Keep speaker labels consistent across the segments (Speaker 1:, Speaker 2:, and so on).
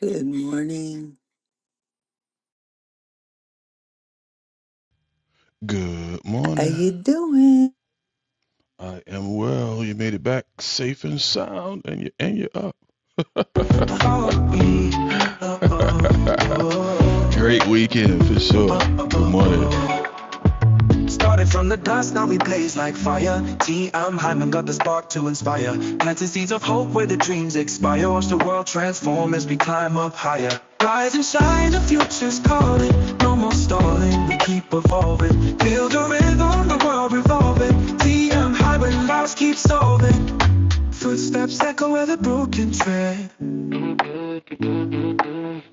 Speaker 1: Good morning.
Speaker 2: Good
Speaker 1: How
Speaker 2: morning.
Speaker 1: you doing?
Speaker 2: I am well. You made it back safe and sound, and you and you're up. Great weekend for sure. Good morning. Started from the dust, now we blaze like fire. T, I'm Hyman, got the spark to inspire. Planting seeds of hope where the dreams expire. Watch the world transform as we climb up higher. Rise and shine, the future's calling. No more stalling, we keep evolving. Build a rhythm, the world revolving. T, I'm Hyman, lives keep solving. Footsteps echo where the broken tread.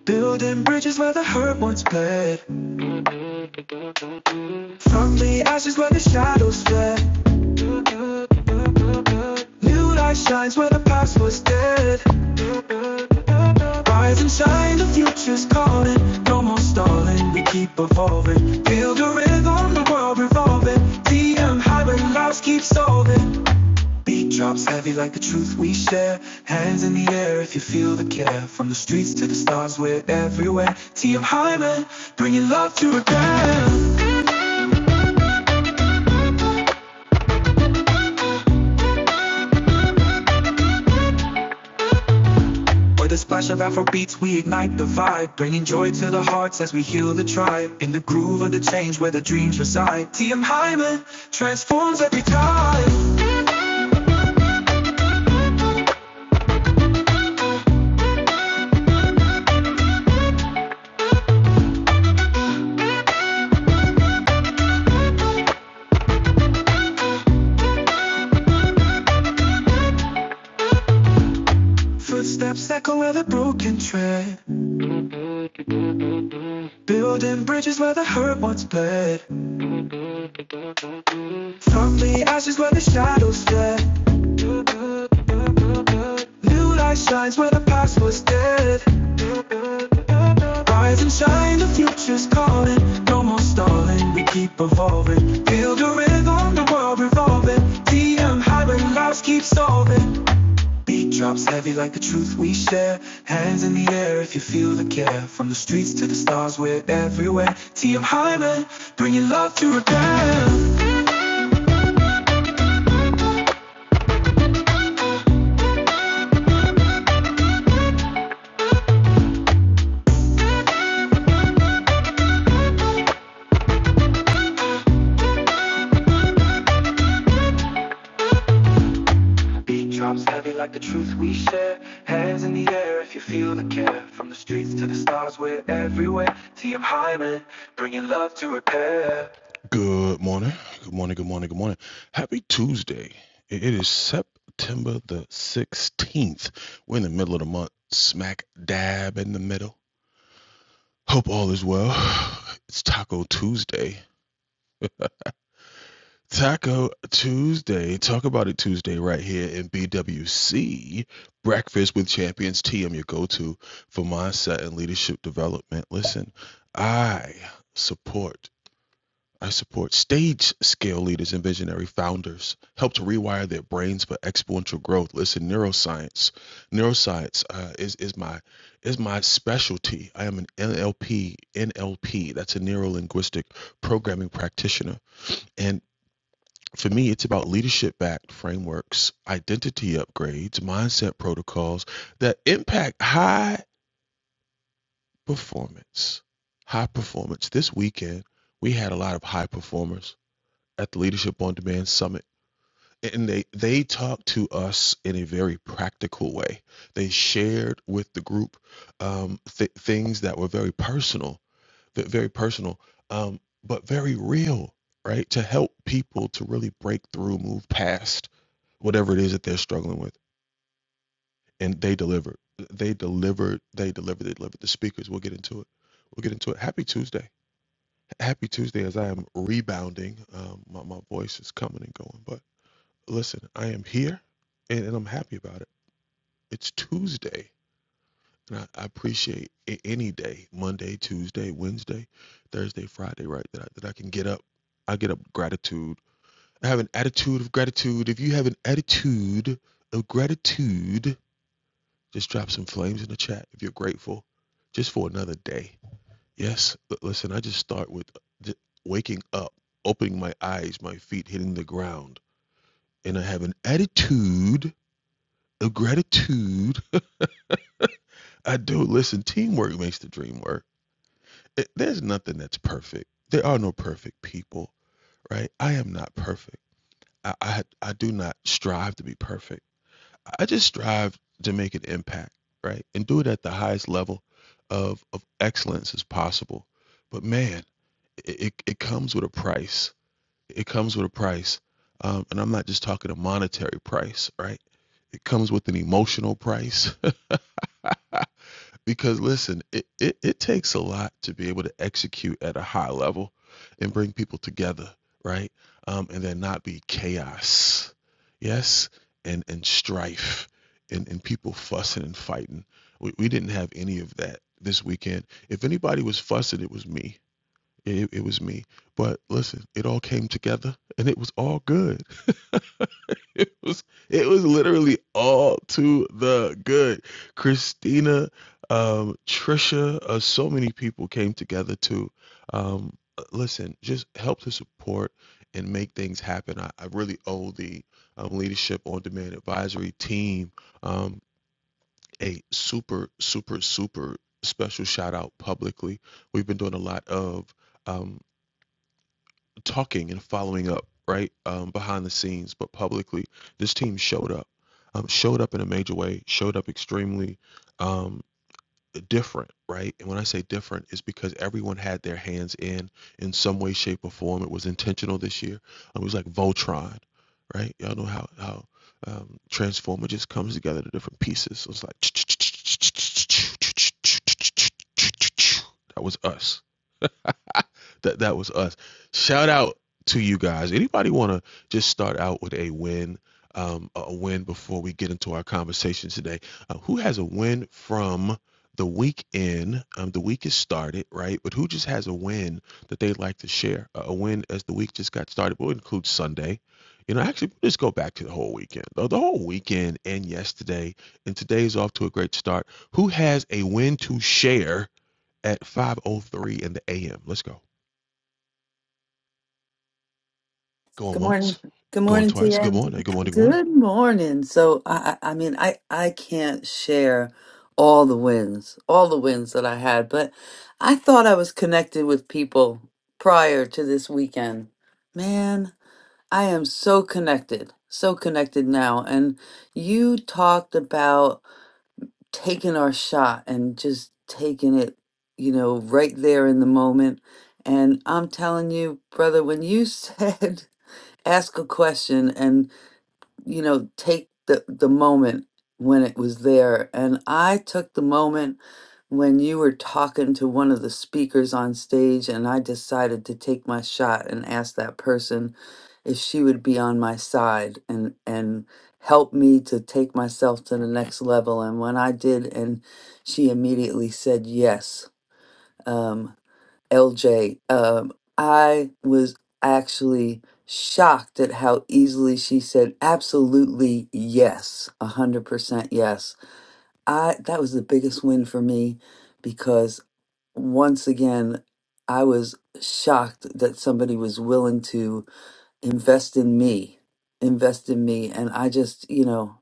Speaker 2: Building bridges where the hurt once bled. From the ashes where the shadows fled. New light shines where the past was dead. Rise and shine, the future's calling. No more stalling, we keep evolving. Build a rhythm, the world revolving. DM high lives keep solving. Beat drops heavy like the truth we share. Hands in the air if you feel the care. From the streets to the stars, we're everywhere. TM Hyman, bringing love to repair. With a splash of Afro beats, we ignite the vibe, bringing joy to the hearts as we heal the tribe. In the groove of the change where the dreams reside, TM Hyman transforms every time. Footsteps echo where the broken tread, building bridges where the hurt once bled. From the ashes where the shadows fled, new light shines where the past was dead. Rise and shine, the future's calling. No more stalling, we keep evolving. Build a rhythm, the world revolving. DM high when lives keep solving. Beat drops heavy like the truth we share. Hands in the air if you feel the care. From the streets to the stars, we're everywhere. TM Hyman, bringing love to repair. Beat drops heavy like the truth we share. Hands in the air if you feel the care. From the streets to the stars, we're everywhere. TM Hyman, bringing love to repair. Good morning. Good morning. Good morning. Good morning. Happy Tuesday. it is September the 16th. We're in the middle of the month, smack dab in the middle. Hope all is well. It's Taco Tuesday. Taco Tuesday, talk about it Tuesday right here in BWC Breakfast with Champions TM, your go-to for mindset and leadership development. Listen, I support I support stage scale leaders and visionary founders. Help to rewire their brains for exponential growth. Listen, neuroscience, neuroscience uh, is is my is my specialty. I am an NLP NLP. That's a neuro linguistic programming practitioner and for me, it's about leadership backed frameworks, identity upgrades, mindset protocols that impact high performance. High performance. This weekend, we had a lot of high performers at the Leadership on Demand Summit, and they, they talked to us in a very practical way. They shared with the group um, th- things that were very personal ve- very personal, um, but very real, right? To help people to really break through, move past whatever it is that they're struggling with, and they delivered. They delivered. They delivered. They delivered. The speakers. We'll get into it. We'll get into it. Happy Tuesday. Happy Tuesday. As I am rebounding, um, my my voice is coming and going. But listen, I am here, and, and I'm happy about it. It's Tuesday And I, I appreciate a- any day, Monday, Tuesday, Wednesday, Thursday, Friday, right? That I, that I can get up. I get up gratitude. I have an attitude of gratitude. If you have an attitude of gratitude, just drop some flames in the chat if you're grateful just for another day. Yes, l- listen, I just start with j- waking up, opening my eyes, my feet hitting the ground, and I have an attitude of gratitude. I do. Listen, teamwork makes the dream work it, there's nothing that's perfect. There are no perfect people, right? I am not perfect. I, I I do not strive to be perfect. I just strive to make an impact, right? And do it at the highest level of of excellence as possible. But man, it it, it comes with a price. It comes with a price. Um, and I'm not just talking a monetary price, right? It comes with an emotional price. Because listen, it, it, it takes a lot to be able to execute at a high level and bring people together, right? Um, and then not be chaos, yes, and and strife and, and people fussing and fighting. We, we didn't have any of that this weekend. If anybody was fussing, it was me. It, it was me. But listen, it all came together and it was all good. It was it was literally all to the good. Christina, um, Trisha, uh, so many people came together to um, uh, listen, just help to support and make things happen. I, I really owe the um, Leadership on Demand Advisory team um, a super, super, super special shout out publicly. We've been doing a lot of um, talking and following up, right? Um, behind the scenes, but publicly, this team showed up. Um, showed up in a major way, showed up extremely um, different, right? And when I say different, it's because everyone had their hands in in some way, shape, or form. It was intentional this year. Um, it was like Voltron, right? Y'all know how how um, Transformer just comes together to different pieces. So it's like that was us that that was us. Shout out to you guys. Anybody want to just start out with a win? Um, a win before we get into our conversation today. Uh, who has a win from the weekend? Um, the week has started, right? But who just has a win that they'd like to share? A a win as the week just got started. We'll include Sunday. You know, actually, we'll just go back to the whole weekend. The the whole weekend and yesterday, and today's off to a great start. Who has a win to share at 5:03 in the a.m.? Let's go. Going
Speaker 1: Good
Speaker 2: once,
Speaker 1: morning. Good
Speaker 2: going
Speaker 1: morning,
Speaker 2: twice. Good
Speaker 1: TM.
Speaker 2: morning. Good morning. Good morning.
Speaker 1: Good morning. So I, I I mean, I, I can't share all the wins, all the wins that I had, but I thought I was connected with people prior to this weekend. Man, I am so connected, so connected now. And you talked about taking our shot and just taking it, you know, right there in the moment. And I'm telling you, brother, when you said ask a question and you know take the the moment when it was there and i took the moment when you were talking to one of the speakers on stage and i decided to take my shot and ask that person if she would be on my side and and help me to take myself to the next level and when i did and she immediately said yes um, LJ. Um, I was actually shocked at how easily she said absolutely yes, a hundred percent yes. I that was the biggest win for me because once again I was shocked that somebody was willing to invest in me, invest in me, and I just you know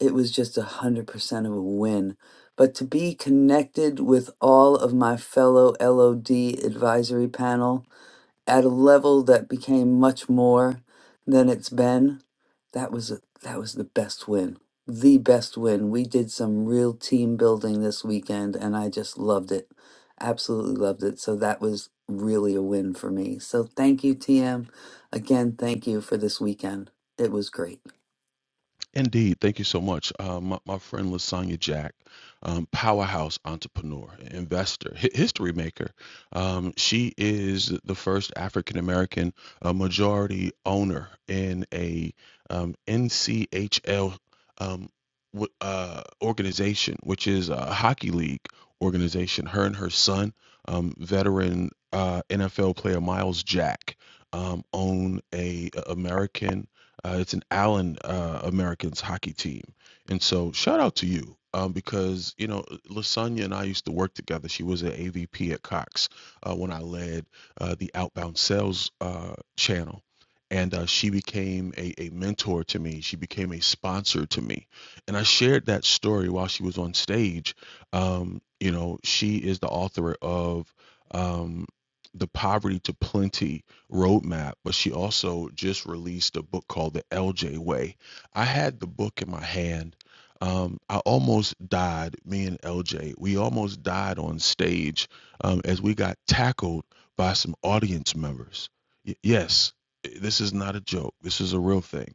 Speaker 1: it was just a hundred percent of a win but to be connected with all of my fellow LOD advisory panel at a level that became much more than it's been that was a, that was the best win the best win we did some real team building this weekend and i just loved it absolutely loved it so that was really a win for me so thank you tm again thank you for this weekend it was great
Speaker 2: Indeed. Thank you so much. Uh, my, my friend Lasagna Jack, um, powerhouse entrepreneur, investor, hi- history maker. Um, she is the first African American uh, majority owner in a um, NCHL um, w- uh, organization, which is a hockey league organization. Her and her son, um, veteran uh, NFL player Miles Jack, um, own a, a American. Uh, it's an Allen uh, Americans hockey team, and so shout out to you um, because you know Lasagna and I used to work together. She was an AVP at Cox uh, when I led uh, the outbound sales uh, channel. And uh, she became a, a mentor to me. She became a sponsor to me. And I shared that story while she was on stage. Um, you know, she is the author of um, The Poverty to Plenty roadmap, but she also just released a book called The LJ Way. I had the book in my hand. Um, I almost died, me and LJ. We almost died on stage um, as we got tackled by some audience members. Y- yes, this is not a joke, this is a real thing.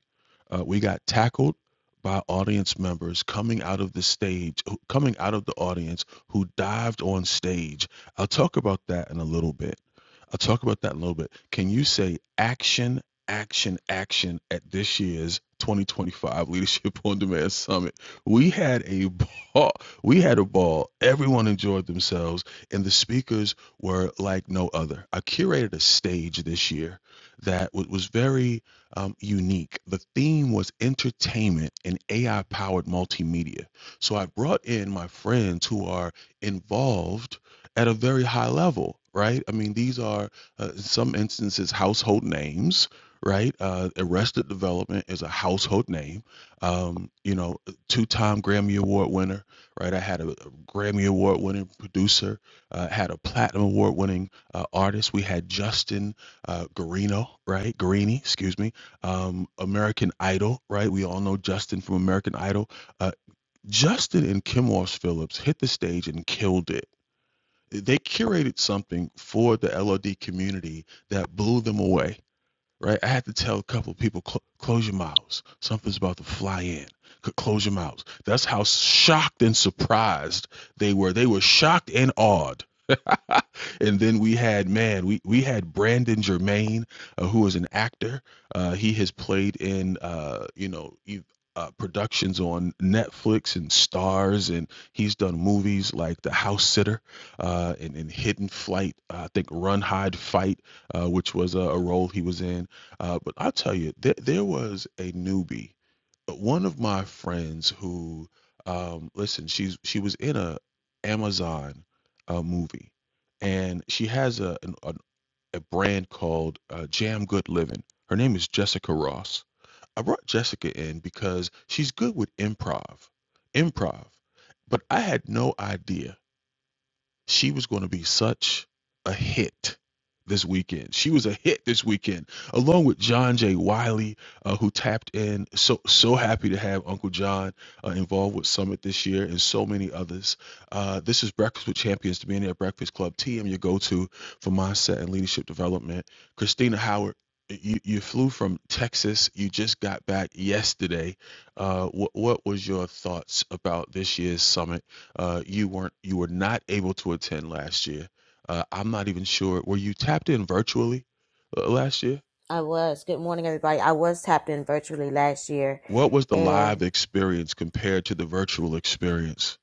Speaker 2: Uh, we got tackled by audience members coming out of the stage, coming out of the audience who dived on stage. I'll talk about that in a little bit I'll talk about that in a little bit. Can you say action, action, action at this year's 2025 Leadership on Demand Summit? We had a ball. We had a ball. Everyone enjoyed themselves, and the speakers were like no other. I curated a stage this year that wa- was very um, unique. The theme was entertainment and AI powered multimedia. So I brought in my friends who are involved at a very high level, right? I mean, these are, uh, in some instances, household names, right? Uh, Arrested Development is a household name. Um, you know, two time Grammy Award winner, right? I had a, a Grammy Award winning producer, uh, had a Platinum Award winning uh, artist. We had Justin uh, Garino, right? Guarini, excuse me. Um, American Idol, right? We all know Justin from American Idol. Uh, Justin and Kim Walsh Phillips hit the stage and killed it they curated something for the LOD community that blew them away, right? I had to tell a couple of people, "Clo- close your mouths. Something's about to fly in. C- Close your mouths. That's how shocked and surprised they were. They were shocked and awed and then we had man, we we had Brandon Germain, uh, who is an actor. Uh, he has played in uh, you know. e- uh, productions on Netflix and Stars, and he's done movies like The House Sitter uh, and, and Hidden Flight. Uh, I think Run, Hide, Fight, uh, which was a, a role he was in. Uh, but I'll tell you, there, there was a newbie uh, one of my friends who um listen she's she was in a amazon uh, movie and she has a an, an, a brand called uh, Jam Good Living. Her name is Jessica Ross. I brought Jessica in because she's good with improv, improv, but I had no idea she was going to be such a hit this weekend. She was a hit this weekend, along with John J. Wiley, uh, who tapped in. So so happy to have Uncle John uh, involved with Summit this year, and so many others. Uh, this is Breakfast with Champions, the Millionaire Breakfast Club. TM, your go-to for mindset and leadership development. Christina Howard. You, you flew from Texas. You just got back yesterday. Uh, what what was your thoughts about this year's summit? Uh, you weren't you were not able to attend last year. Uh, I'm not even sure. Were you tapped in virtually uh, last year?
Speaker 3: I was. Good morning, everybody. I was tapped in virtually last year.
Speaker 2: What was the live
Speaker 3: And
Speaker 2: experience compared to the virtual experience?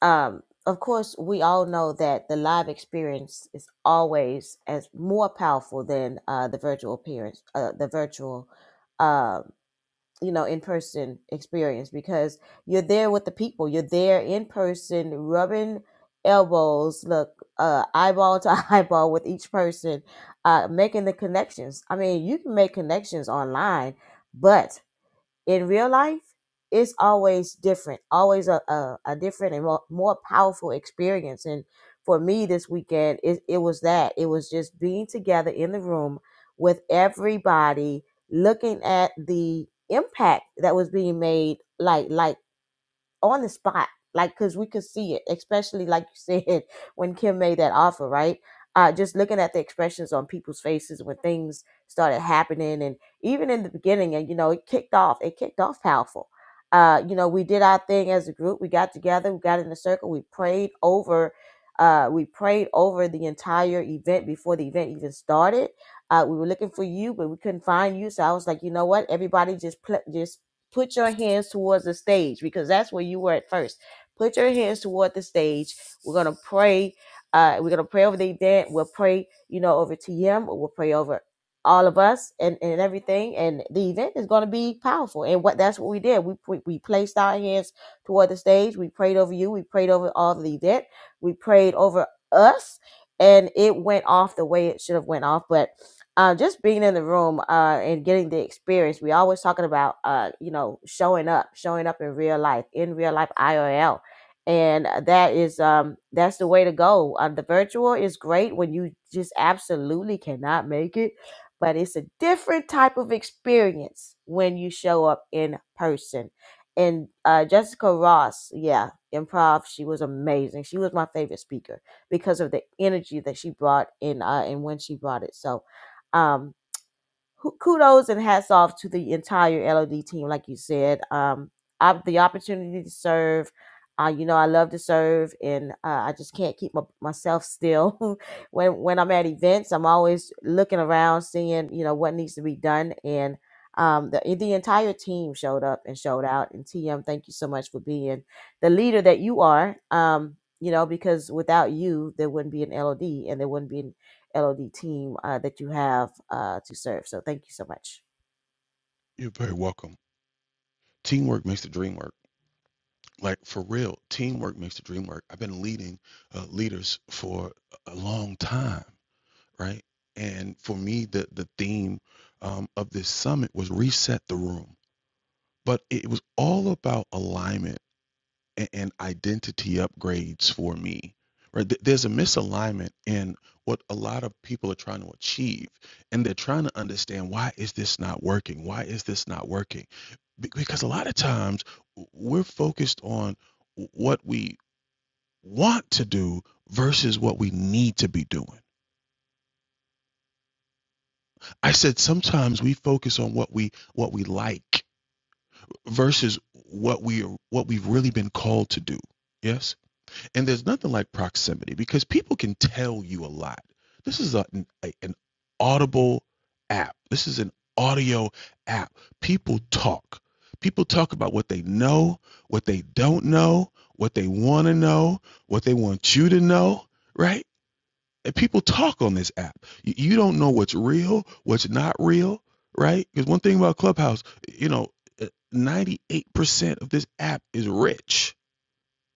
Speaker 3: um, of course, we all know that the live experience is always as more powerful than uh, the virtual appearance, uh, the virtual, uh, you know, in person experience because you're there with the people. You're there in person, rubbing elbows, look, uh, eyeball to eyeball with each person, uh, making the connections. I mean, you can make connections online, but in real life, it's always different, always a, a, a different and more, more powerful experience. And for me this weekend, it, it was that. It was just being together in the room with everybody, looking at the impact that was being made, like like on the spot, like because we could see it, especially like you said when Kim made that offer, right? Uh, just looking at the expressions on people's faces when things started happening, and even in the beginning, and you know, it kicked off. It kicked off powerful. Uh, you know, we did our thing as a group. We got together. We got in a circle. We prayed over. Uh, we prayed over the entire event before the event even started. Uh, we were looking for you, but we couldn't find you. So I was like, you know what? Everybody just play, just put your hands towards the stage because that's where you were at first. Put your hands toward the stage. We're gonna pray. Uh, we're gonna pray over the event. We'll pray, you know, over TM. We'll pray over all of us and, and everything. And the event is gonna be powerful. And what that's what we did. We we, we placed our hands toward the stage. We prayed over you. We prayed over all of the event. We prayed over us, and it went off the way it should have went off. But uh, just being in the room uh, and getting the experience. We always talking about uh, you know showing up, showing up in real life, in real life IRL, and uh, that is um, that's the way to go. Uh, the virtual is great when you just absolutely cannot make it, but it's a different type of experience when you show up in person. And uh, Jessica Ross, yeah, improv. She was amazing. She was my favorite speaker because of the energy that she brought in uh, and when she brought it. So um, hu- kudos and hats off to the entire LOD team, like you said. Um, op- the opportunity to serve, uh, you know, I love to serve, and uh, I just can't keep my, myself still. when when I'm at events, I'm always looking around, seeing you know what needs to be done, and um, the the entire team showed up and showed out. And TM, thank you so much for being the leader that you are. Um, you know, because without you, there wouldn't be an LOD, and there wouldn't be LOD team uh, that you have uh, to serve. So thank you so much.
Speaker 2: You're very welcome. Teamwork makes the dream work. Like for real, teamwork makes the dream work. I've been leading uh, leaders for a long time, right? And for me, the the theme um, of this summit was reset the room, but it was all about alignment and, and identity upgrades for me right Th- there's a misalignment in what a lot of people are trying to achieve and they're trying to understand why is this not working why is this not working Be- because a lot of times w- we're focused on what we want to do versus what we need to be doing i said sometimes we focus on what we what we like versus what we are what we've really been called to do yes And there's nothing like proximity because people can tell you a lot. This is a, an, a- an audible app. This is an audio app. People talk. People talk about what they know, what they don't know, what they want to know, what they want you to know, right? And people talk on this app. You, you don't know what's real, what's not real, right? Because one thing about Clubhouse, you know, uh, 98% of this app is rich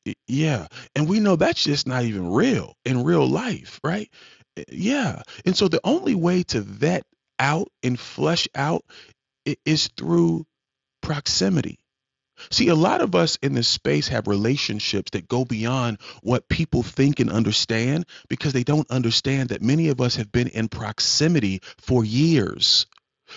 Speaker 2: Y yeah, and we know that's just not even real in real life, right? Eh, yeah, and so the only way to vet out and flesh out i- is through proximity. See, a lot of us in this space have relationships that go beyond what people think and understand because they don't understand that many of us have been in proximity for years.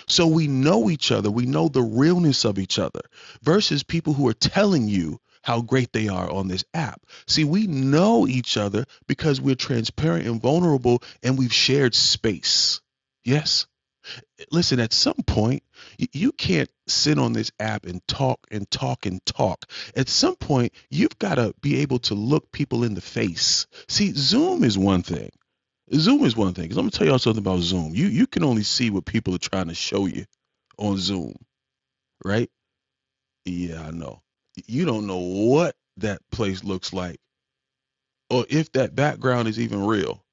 Speaker 2: So we know each other. We know the realness of each other versus people who are telling you how great they are on this app. See, we know each other because we're transparent and vulnerable and we've shared space. Yes. Listen, at some point, you can't sit on this app and talk and talk and talk. At some point, you've got to be able to look people in the face. See, Zoom is one thing. Zoom is one thing. Because I'm going to tell y'all something about Zoom. You, you can only see what people are trying to show you on Zoom, right? Yeah, I know. You don't know what that place looks like or if that background is even real.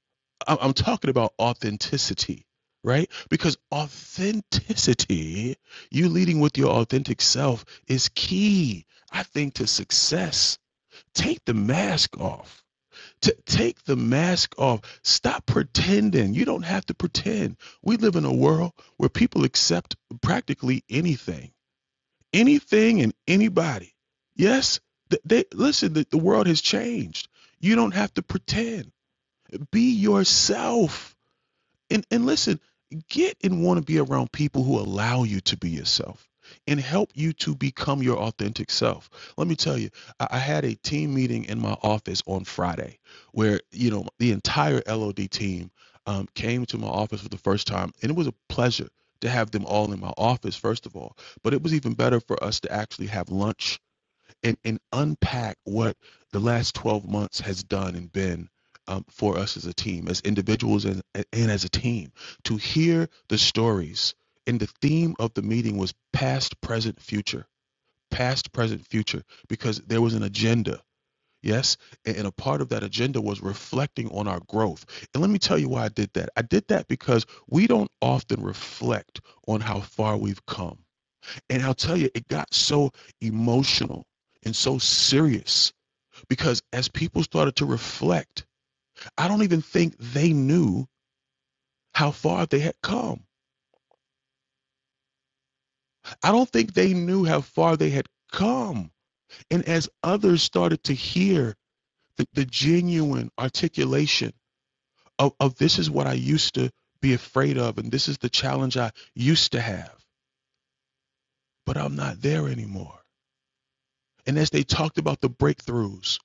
Speaker 2: I- am talking about authenticity, right? Because authenticity, you leading with your authentic self, is key, I think, to success. Take the mask off. To take the mask off. Stop pretending. You don't have to pretend. We live in a world where people accept practically anything anything and anybody. Yes, th- they listen. The, the world has changed. You don't have to pretend. Be yourself. And and listen, get and want to be around people who allow you to be yourself and help you to become your authentic self. Let me tell you, I, I had a team meeting in my office on Friday where, you know, the entire LOD team um, came to my office for the first time. And it was a pleasure to have them all in my office, first of all. But it was even better for us to actually have lunch and, and unpack what the last 12 months has done and been um, for us as a team, as individuals and, and as a team, to hear the stories. And the theme of the meeting was past, present, future, past, present, future, because there was an agenda. Yes. And and a part of that agenda was reflecting on our growth. And let me tell you why I did that. I did that because we don't often reflect on how far we've come and I'll tell you, it got so emotional and so serious because as people started to reflect, I don't even think they knew how far they had come. I don't think they knew how far they had come. And as others started to hear the, the genuine articulation of, of this is what I used to be afraid of, and this is the challenge I used to have, but I'm not there anymore. And as they talked about the breakthroughs,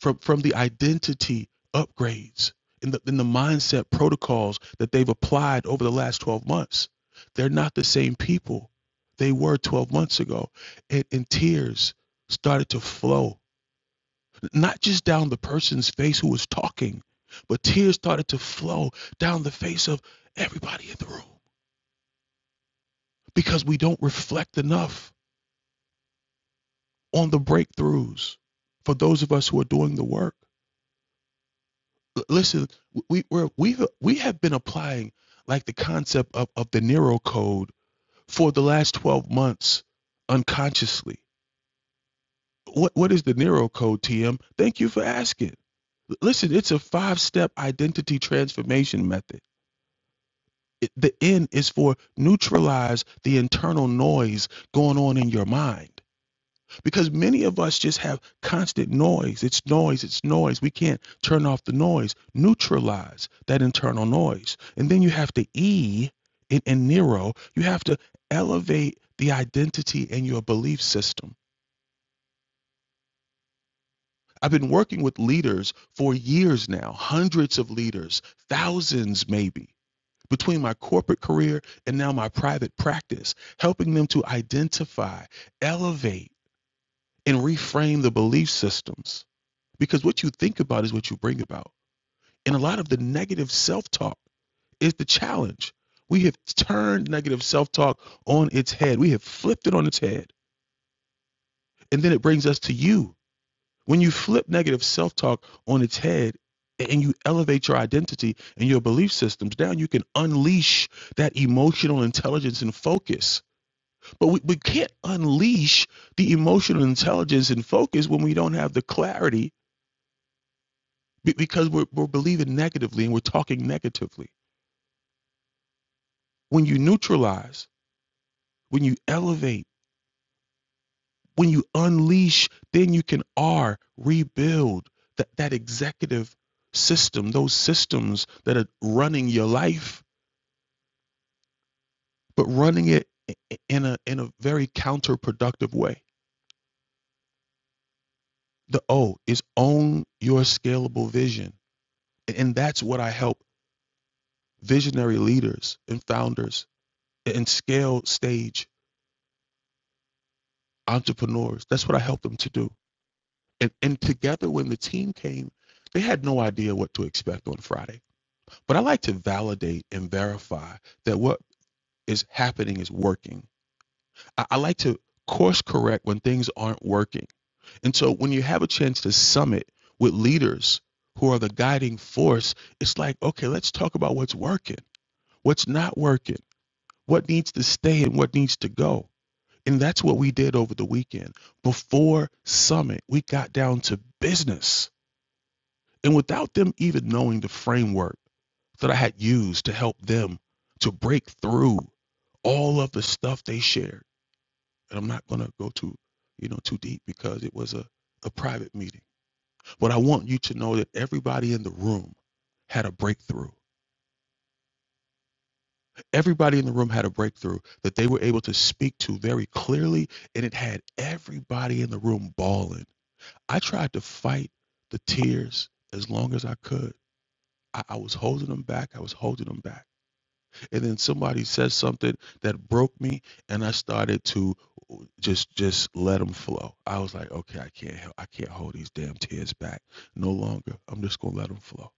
Speaker 2: from from the identity upgrades and the, and the mindset protocols that they've applied over the last 12 months they're not the same people they were 12 months ago and, and tears started to flow not just down the person's face who was talking but tears started to flow down the face of everybody in the room because we don't reflect enough on the breakthroughs for those of us who are doing the work l- listen, we we're, we've we have been applying like the concept of of the Nero code for the last twelve months unconsciously. What what is the Nero code, TM? Thank you for asking. L- Listen, it's a five step identity transformation method. It, the N is for neutralize the internal noise going on in your mind. because many of us just have constant noise. It's noise, it's noise. We can't turn off the noise, neutralize that internal noise. And then you have to E in, in Nero, you have to elevate the identity and your belief system. I've been working with leaders for years now, hundreds of leaders, thousands maybe, between my corporate career and now my private practice, helping them to identify, elevate, and reframe the belief systems because what you think about is what you bring about. And a lot of the negative self talk is the challenge. We have turned negative self talk on its head, we have flipped it on its head. And then it brings us to you. When you flip negative self talk on its head, and you elevate your identity and your belief systems down, you can unleash that emotional intelligence and focus. But we, we can't unleash the emotional intelligence and focus when we don't have the clarity Be- because we're, we're believing negatively and we're talking negatively. When you neutralize, when you elevate, when you unleash, then you can R, rebuild that, that executive system, those systems that are running your life, but running it in a, in a very counterproductive way. The O is own your scalable vision. And that's what I help visionary leaders and founders and scale stage entrepreneurs. That's what I help them to do and, and together when the team came they had no idea what to expect on friday but i like to validate and verify that what is happening is working i, I like to course correct when things aren't working and so when you have a chance to summit with leaders who are the guiding force it's like okay let's talk about what's working what's not working what needs to stay and what needs to go and that's what we did over the weekend before summit we got down to business And without them even knowing the framework that I had used to help them to break through all of the stuff they shared. And I'm not going to go too, you know, too deep because it was a, a private meeting. But I want you to know that everybody in the room had a breakthrough. Everybody in the room had a breakthrough that they were able to speak to very clearly, and it had everybody in the room bawling. I tried to fight the tears as long as I could. I, I was holding them back. I was holding them back and then somebody said something that broke me and i started to just just let them flow i was like okay i can't help i can't hold these damn tears back no longer i'm just gonna let them flow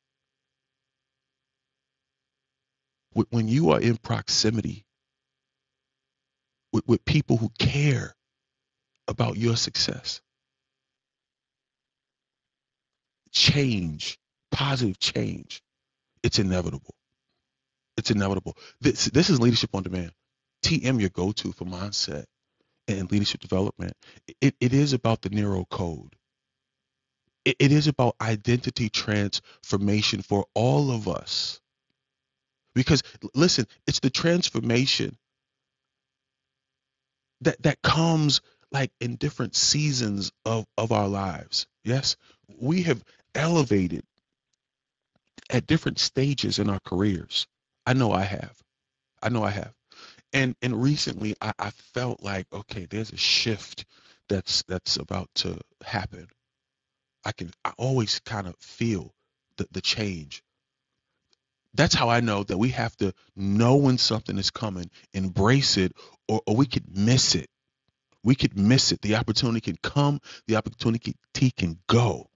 Speaker 2: Wh- when you are in proximity with, with people who care about your success change positive change it's inevitable it's inevitable this this is leadership on demand tm your go-to for mindset and leadership development it, it is about the narrow code it, it is about identity transformation for all of us because listen it's the transformation that that comes like in different seasons of of our lives yes we have elevated at different stages in our careers i know i have i know i have and and recently i, I felt like okay there's a shift that's that's about to happen i can i always kind of feel the, the change that's how I know that we have to know when something is coming, embrace it, or, or we could miss it. We could miss it. The opportunity can come, the opportunity can go.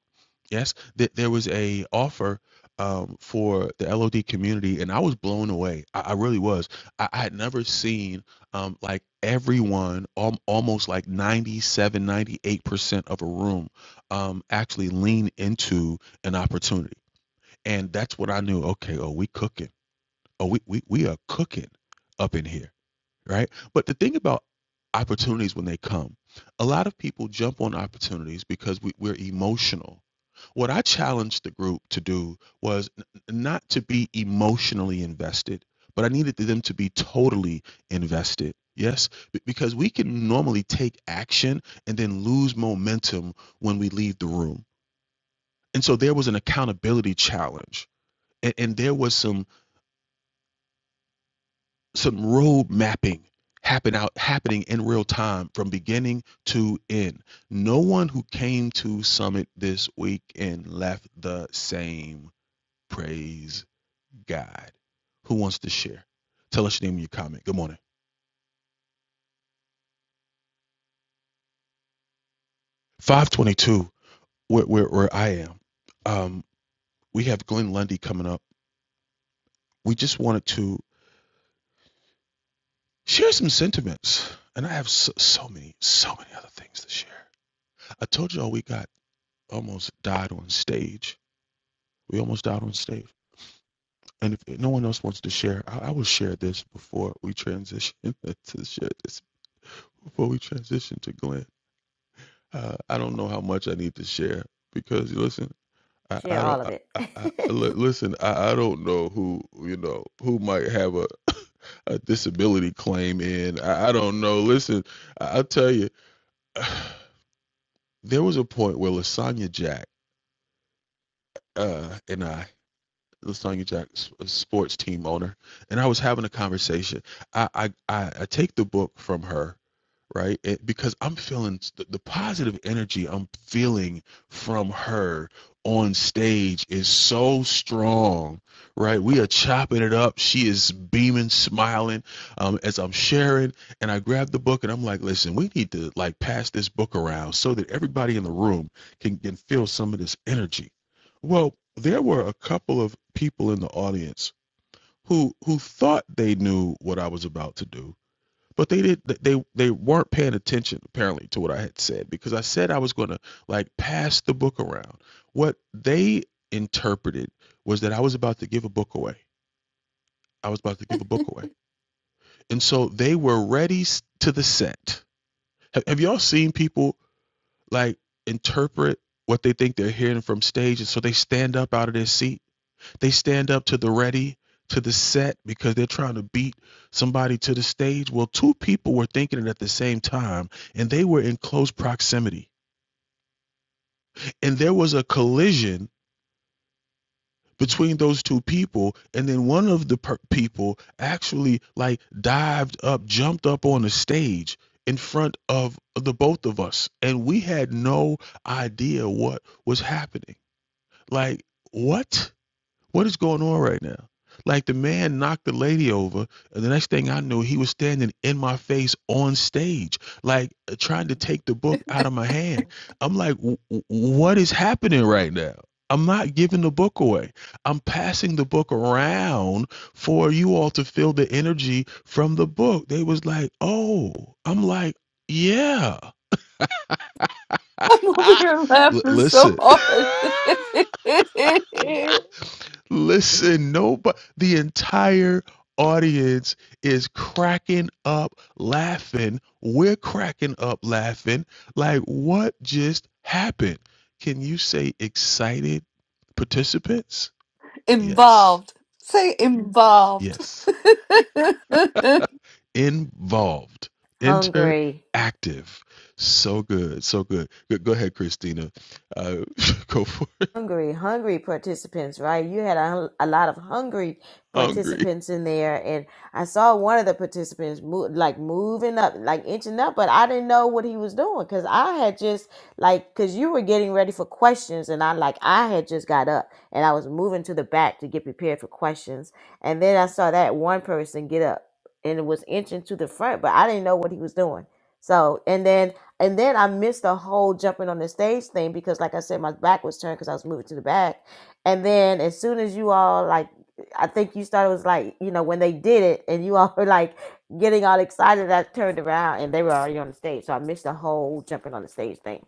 Speaker 2: Yes, Th- there was a offer um, for the LOD community, and I was blown away. I, I really was. I, I had never seen um, like everyone, al- almost like ninety seven, ninety eight percent of a room um, actually lean into an opportunity. And that's what I knew. Okay, oh, we cooking Oh, we, we we are cooking up in here, right? But the thing about opportunities when they come, a lot of people jump on opportunities because we, we're emotional. What I challenged the group to do was n- not to be emotionally invested, but I needed them to be totally invested. Yes, B- because we can normally take action and then lose momentum when we leave the room. And so there was an accountability challenge. And, and there was some some road mapping happen out happening in real time from beginning to end. No one who came to summit this weekend left the same. Praise God. Who wants to share? Tell us your name and your comment. Good morning. 522, where where, where I am. Um, we have Glenn Lundy coming up. We just wanted to share some sentiments. And I have so, so many, so many other things to share. I told y'all we got almost died on stage We almost died on stage. And if if no one else wants to share, I, I will share this before we transition to share this before we transition to Glenn. Uh, I don't know how much I need to share because listen, I, I
Speaker 3: Share
Speaker 2: don't.
Speaker 3: all of
Speaker 2: I,
Speaker 3: it.
Speaker 2: I, I, li- listen, I, I don't know who you know who might have a a disability claim in. I, I don't know. Listen, I, I'll tell you, there was a point where Lasagna Jack uh, and I Lasagna Jack's sports team owner, and I was having a conversation. I I I take the book from her right? It, because I'm feeling the, the positive energy I'm feeling from her on stage is so strong, right? We are chopping it up. She is beaming, smiling um, as I'm sharing. And I grab the book and I'm like, listen, we need to like pass this book around so that everybody in the room can, can feel some of this energy. Well, there were a couple of people in the audience who who thought they knew what I was about to do but they did they they weren't paying attention apparently to what I had said because I said I was going to like pass the book around. What they interpreted was that I was about to give a book away. I was about to give a book away. And so they were ready to the set. Have, have y'all seen people like interpret what they think they're hearing from stage and so they stand up out of their seat they stand up to the ready, to the set, because they're trying to beat somebody to the stage. Well, two people were thinking it at the same time, and they were in close proximity. And there was a collision between those two people and then one of the per- people actually like dived up jumped up on the stage in front of the both of us and we had no idea what was happening like what What is going on right now? Like the man knocked the lady over, and the next thing I knew, he was standing in my face on stage, like uh, trying to take the book out of my hand. I'm like, what is happening right now? I'm not giving the book away. I'm passing the book around for you all to feel the energy from the book. They was like, oh, I'm like, yeah.
Speaker 1: i'm over here laughing so
Speaker 2: listen.
Speaker 1: hard
Speaker 2: Listen, nobody, the entire audience is cracking up laughing. We're cracking up laughing. Like, what just happened? Can you say excited participants? Yes,
Speaker 1: Involved. Say involved.
Speaker 2: yes.
Speaker 1: I
Speaker 2: Involved, interactive.
Speaker 3: Hungry.
Speaker 2: So good, so good. Go, go ahead, Christina. Uh, go for it.
Speaker 3: hungry, hungry participants, right? You had a, a lot of hungry
Speaker 2: Hungry,
Speaker 3: participants in there, and I saw one of the participants move, like moving up, like inching up, but I didn't know what he was doing because I had just like because you were getting ready for questions, and I like I had just got up and I was moving to the back to get prepared for questions, and then I saw that one person get up and was inching to the front, but I didn't know what he was doing. So, and then and then I missed the whole jumping on the stage thing because, like I said, my back was turned because I was moving to the back. And then as soon as you all like, I think you started was like, you know, when they did it, and you all were like getting all excited. I turned around and they were already on the stage, so I missed the whole jumping on the stage thing.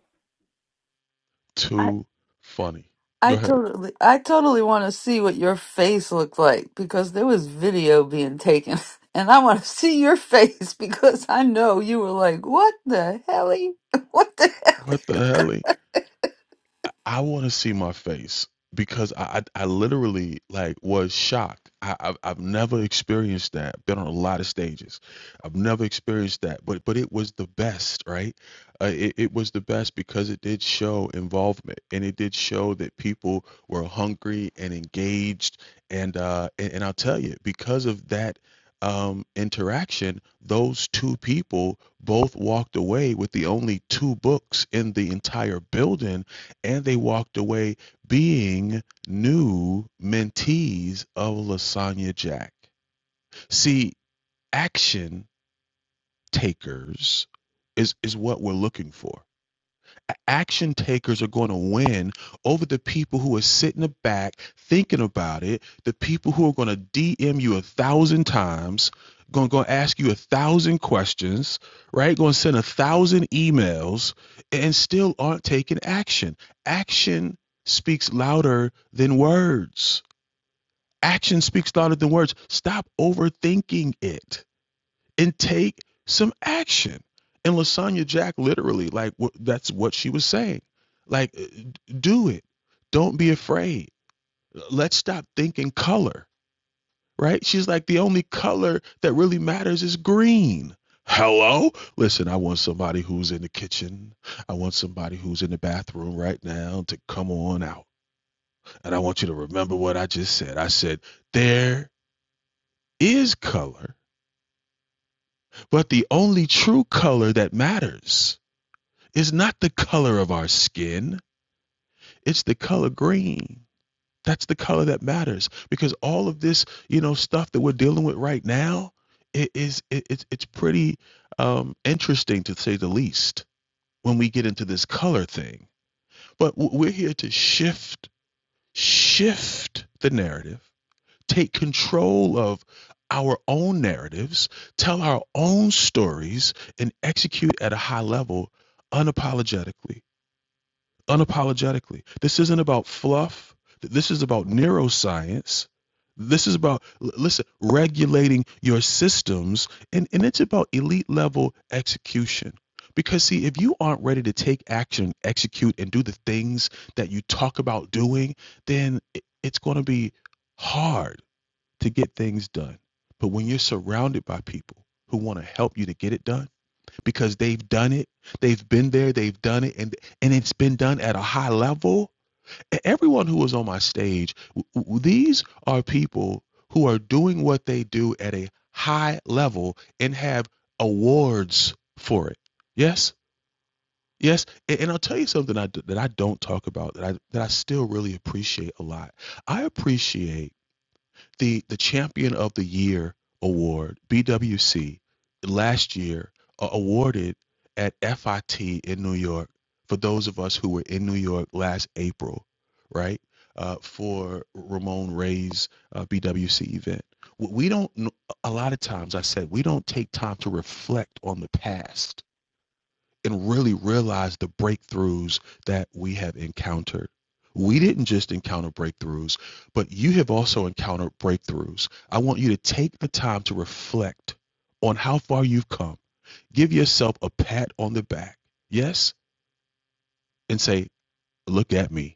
Speaker 2: too funny.
Speaker 1: I
Speaker 2: Go ahead.
Speaker 1: totally I totally want to see what your face looked like because there was video being taken and I want to see your face because I know you were like, "What the hell? What the
Speaker 2: What the hell? I, I want to see my face because I, I I literally like was shocked. I I've, I've never experienced that. Been on a lot of stages. I've never experienced that, but but it was the best, right? Uh, it it was the best because it did show involvement and it did show that people were hungry and engaged and uh and, and I'll tell you because of that um interaction those two people both walked away with the only two books in the entire building and they walked away being new mentees of Lasagna Jack. See, action takers is is what we're looking for action takers are going to win over the people who are sitting in the back thinking about it the people who are going to dm you a thousand times going to ask you a thousand questions right going to send a thousand emails and still aren't taking action action speaks louder than words action speaks louder than words stop overthinking it and take some action. And Lasanya Jack literally, like, wh- that's what she was saying. Like, uh, do it. Don't be afraid. Let's stop thinking color, right? She's like, the only color that really matters is green. Hello? Listen, I want somebody who's in the kitchen. I want somebody who's in the bathroom right now to come on out. And I want you to remember what I just said. I said, there is color, but the only true color that matters Is not the color of our skin, it's the color green. That's the color that matters because all of this, you know, stuff that we're dealing with right now, it is it, it's it's pretty um, interesting to say the least when we get into this color thing. But w- we're here to shift shift the narrative, take control of our own narratives, tell our own stories, and execute at a high level unapologetically unapologetically. This isn't about fluff. This is about neuroscience. This is about, listen, regulating your systems. And, and it's about elite level execution. Because, see, if you aren't ready to take action, execute, and do the things that you talk about doing, then it's going to be hard to get things done. But when you're surrounded by people who want to help you to get it done, because they've done it. They've been there, they've done it, and and it's been done at a high level. E- Everyone who was on my stage, w- these are people who are doing what they do at a high level and have awards for it. Yes, yes, A- and, I'll tell you something I d that I don't talk about that I that I still really appreciate a lot. I appreciate the the champion of the year award bwc last year uh, awarded at fit in new york for those of us who were in new york last april right uh, for ramon ray's uh, bwc event we don't a lot of times i said we don't take time to reflect on the past and really realize the breakthroughs that we have encountered. We didn't just encounter breakthroughs, but you have also encountered breakthroughs. I want you to take the time to reflect on how far you've come. Give yourself a pat on the back, yes, and say, Look at me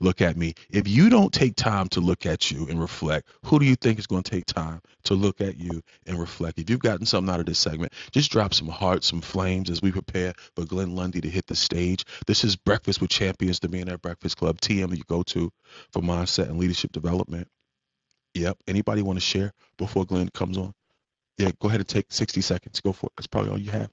Speaker 2: look at me. If you don't take time to look at you and reflect, who do you think is going to take time to look at you and reflect? If you've gotten something out of this segment, just drop some hearts, some flames as we prepare for Glenn Lundy to hit the stage. This is Breakfast with Champions, the Millionaire Breakfast Club, TM that you go to for mindset and leadership development. Yep. Anybody want to share before Glenn comes on? Yeah, go ahead and take 60 seconds. Go for it. That's probably all you have.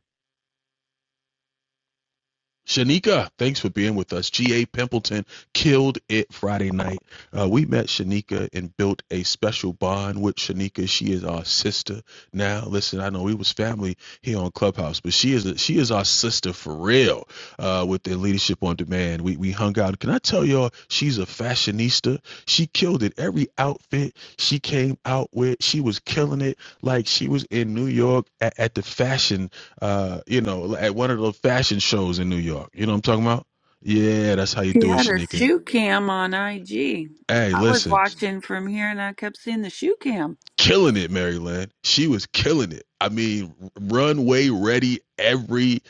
Speaker 2: Shanika, thanks for being with us. G.A. Pimpleton killed it Friday night. Uh, we met Shanika and built a special bond with Shanika. She is our sister now. Listen, I know we was family here on Clubhouse, but she is a, she is our sister for real. Uh, with the Leadership on Demand, we we hung out. Can I tell y'all? She's a fashionista. She killed it. Every outfit she came out with, she was killing it. Like she was in New York at, at the fashion uh, you know, at one of those fashion shows in New York. You know what I'm talking about? Yeah, that's how you
Speaker 4: She
Speaker 2: do it,
Speaker 4: had her
Speaker 2: Shanika.
Speaker 4: shoe cam on IG.
Speaker 2: Hey,
Speaker 4: I was
Speaker 2: listen,
Speaker 4: watching from here and I kept seeing the shoe cam.
Speaker 2: killing it, Maryland. She was killing it. I mean, runway ready every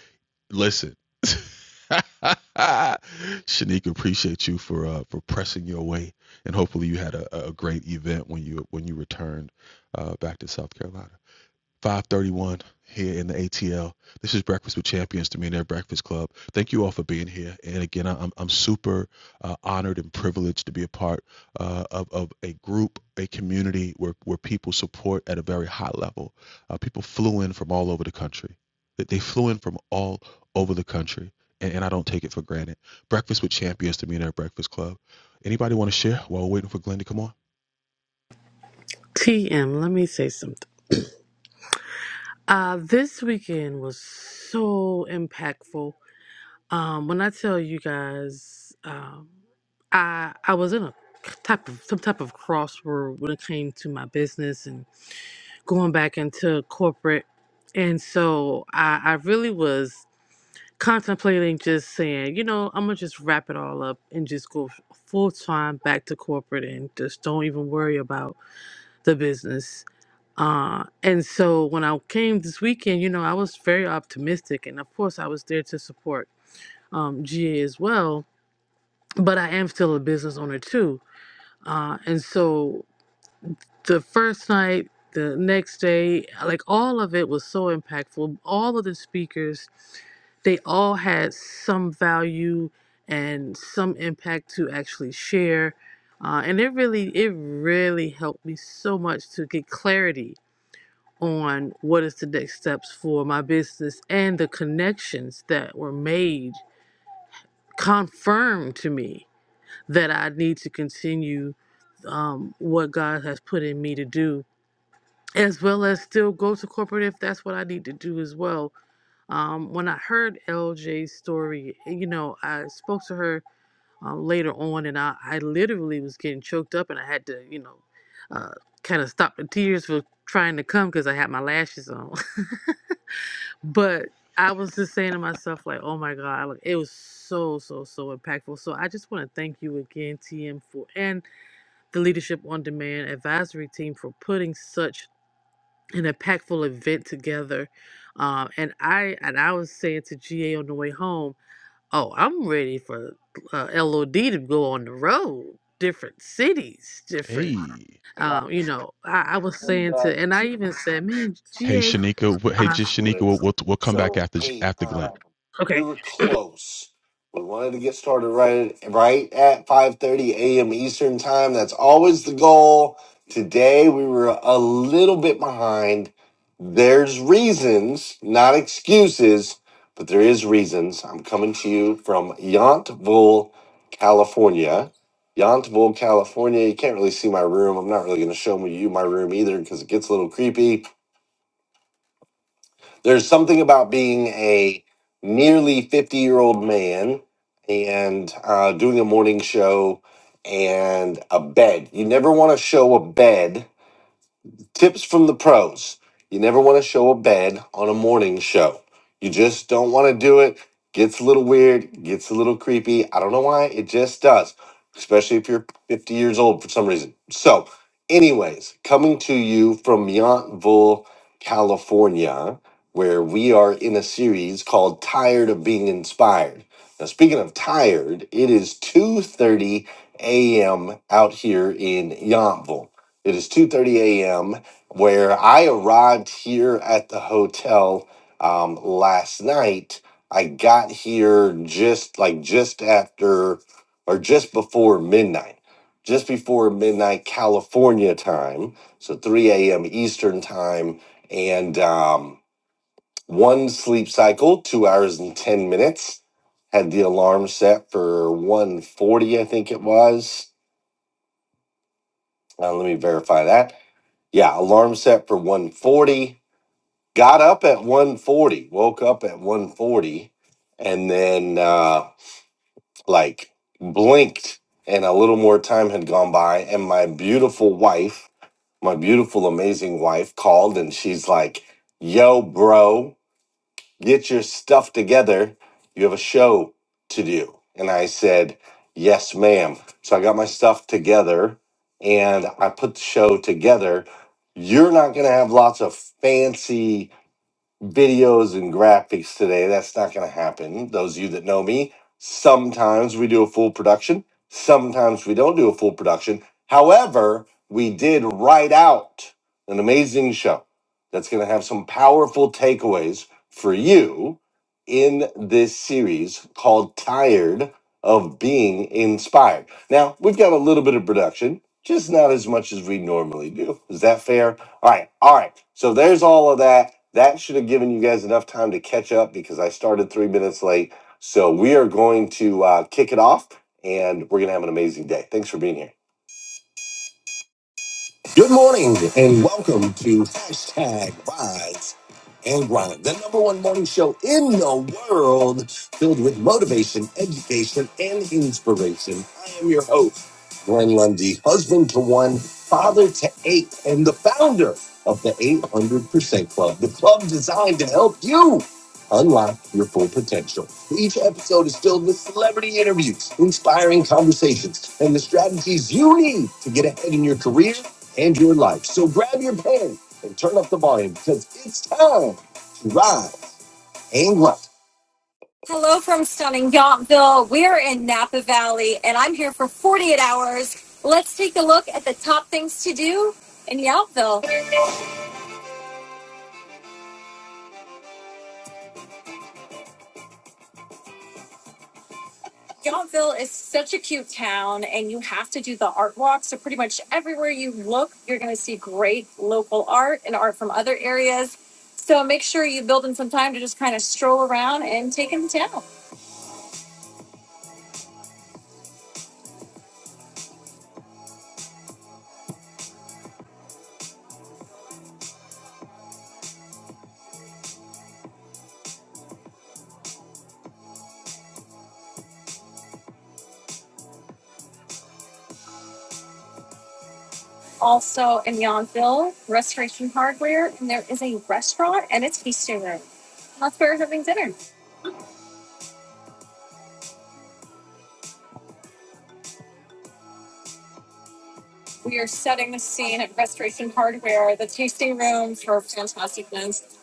Speaker 2: listen. Shanika, appreciate you for uh, for pressing your way, and hopefully you had a, a a great event when you when you returned uh, back to South Carolina. 531 here in the ATL. This is Breakfast with Champions, the Millionaire Breakfast Club. Thank you all for being here. And again, I- am I'm super uh, honored and privileged to be a part uh, of, of a group, a community where, where people support at a very high level. Uh, people flew in from all over the country. They they flew in from all over the country. And, and I don't take it for granted. Breakfast with Champions, the Millionaire Breakfast Club. Anybody want to share while we're waiting for Glenn to come on?
Speaker 5: TM, let me say something. Uh, this weekend was so impactful. Um, when I tell you guys, um, I I was in a type of some type of crossroad when it came to my business and going back into corporate, and so I, I really was contemplating just saying, you know, I'm gonna just wrap it all up and just go full time back to corporate and just don't even worry about the business. Uh, and so when I came this weekend, you know, I was very optimistic. And of course, I was there to support um, GA as well. But I am still a business owner too. Uh, and so the first night, the next day, like all of it was so impactful. All of the speakers, they all had some value and some impact to actually share. Uh, and it really, it really helped me so much to get clarity on what is the next steps for my business and the connections that were made confirmed to me that I need to continue um, what God has put in me to do, as well as still go to corporate if that's what I need to do as well. Um, when I heard LJ's story, you know, I spoke to her um, later on, and I, I literally was getting choked up, and I had to, you know, uh, kind of stop the tears for trying to come because I had my lashes on. But I was just saying to myself, like, oh my God, like, it was so, so, so impactful. So I just want to thank you again, TM, for and the Leadership on Demand advisory team for putting such an impactful event together. Um, and I and I was saying to GA on the way home, oh, I'm ready for uh, LOD to go on the road, different cities, different,
Speaker 2: Hey.
Speaker 1: hell?"
Speaker 5: um, you know. I, I was saying to, and I even said, man,
Speaker 2: Hey
Speaker 5: GA,
Speaker 2: Shanika, hey
Speaker 5: uh,
Speaker 2: just Shanika, we'll, we'll we'll come back after after Glenn.
Speaker 1: We
Speaker 5: okay.
Speaker 1: were close. We wanted to get started right right at 5:30 a.m. Eastern time. That's always the goal. Today we were a little bit behind. There's reasons, not excuses, but there is reasons. I'm coming to you from Yountville, California. Yountville, California. You can't really see my room. I'm not really going to show you my room either because it gets a little creepy. There's something about being a nearly 50 year old man and uh, doing a morning show and a bed. You never want to show a bed Tips from the pros. You never want to show a bed on a morning show. You just don't want to do it. Gets a little weird, gets a little creepy. I don't know why, it just does, especially if you're 50 years old for some reason. So, anyways, coming to you from Yountville, California, where we are in a series called Tired of Being Inspired. Now, speaking of tired, it is 2:30 a.m. out here in Yountville. It is 2:30 a.m where I arrived here at the hotel um, last night. I got here just like just after or just before midnight, just before midnight California time, so 3 a.m. Eastern time, and um, one sleep cycle, two hours and 10 minutes. Had the alarm set for 140, I think it was. Uh, let me verify that. Yeah, alarm set for 140 got up at 140 woke up at 140 and then uh like blinked and a little more time had gone by and my beautiful wife my beautiful amazing wife called and she's like yo bro get your stuff together you have a show to do and i said yes ma'am so i got my stuff together and i put the show together you're not going to have lots of fancy videos and graphics today. That's not going to happen. Those of you that know me, sometimes we do a full production, sometimes we don't do a full production. However, we did write out an amazing show that's going to have some powerful takeaways for you in this series called Tired of Being Inspired. Now, we've got a little bit of production, just not as much as we normally do. Is that fair? All right, all right. So there's all of that. That should have given you guys enough time to catch up because I started three minutes late. So we are going to uh, kick it off, and we're gonna have an amazing day. Thanks for being here. Good morning and welcome to hashtag Rise and Grind, the number one morning show in the world filled with motivation, education, and inspiration. I am your host, Glenn Lundy, husband to one, father to eight, and the founder of the 800% Club, the club designed to help you unlock your full potential. Each episode is filled with celebrity interviews, inspiring conversations, and the strategies you need to get ahead in your career and your life. So grab your pen and turn up the volume because it's time to ride and grind. Hello from stunning Yountville. We're in Napa Valley and I'm here for 48 hours. Let's take a look at the top things to do in Yountville. Yountville is such a cute town and you have to do the art walk. So pretty much everywhere you look, you're going to see great local art and art from other areas. So make sure you build in some time to just kind of stroll around and take in the town. also in Yountville, Restoration Hardware, and there is a restaurant and a tasting room. That's where we're having dinner. We are setting the scene at Restoration Hardware, the tasting room for fantastic things.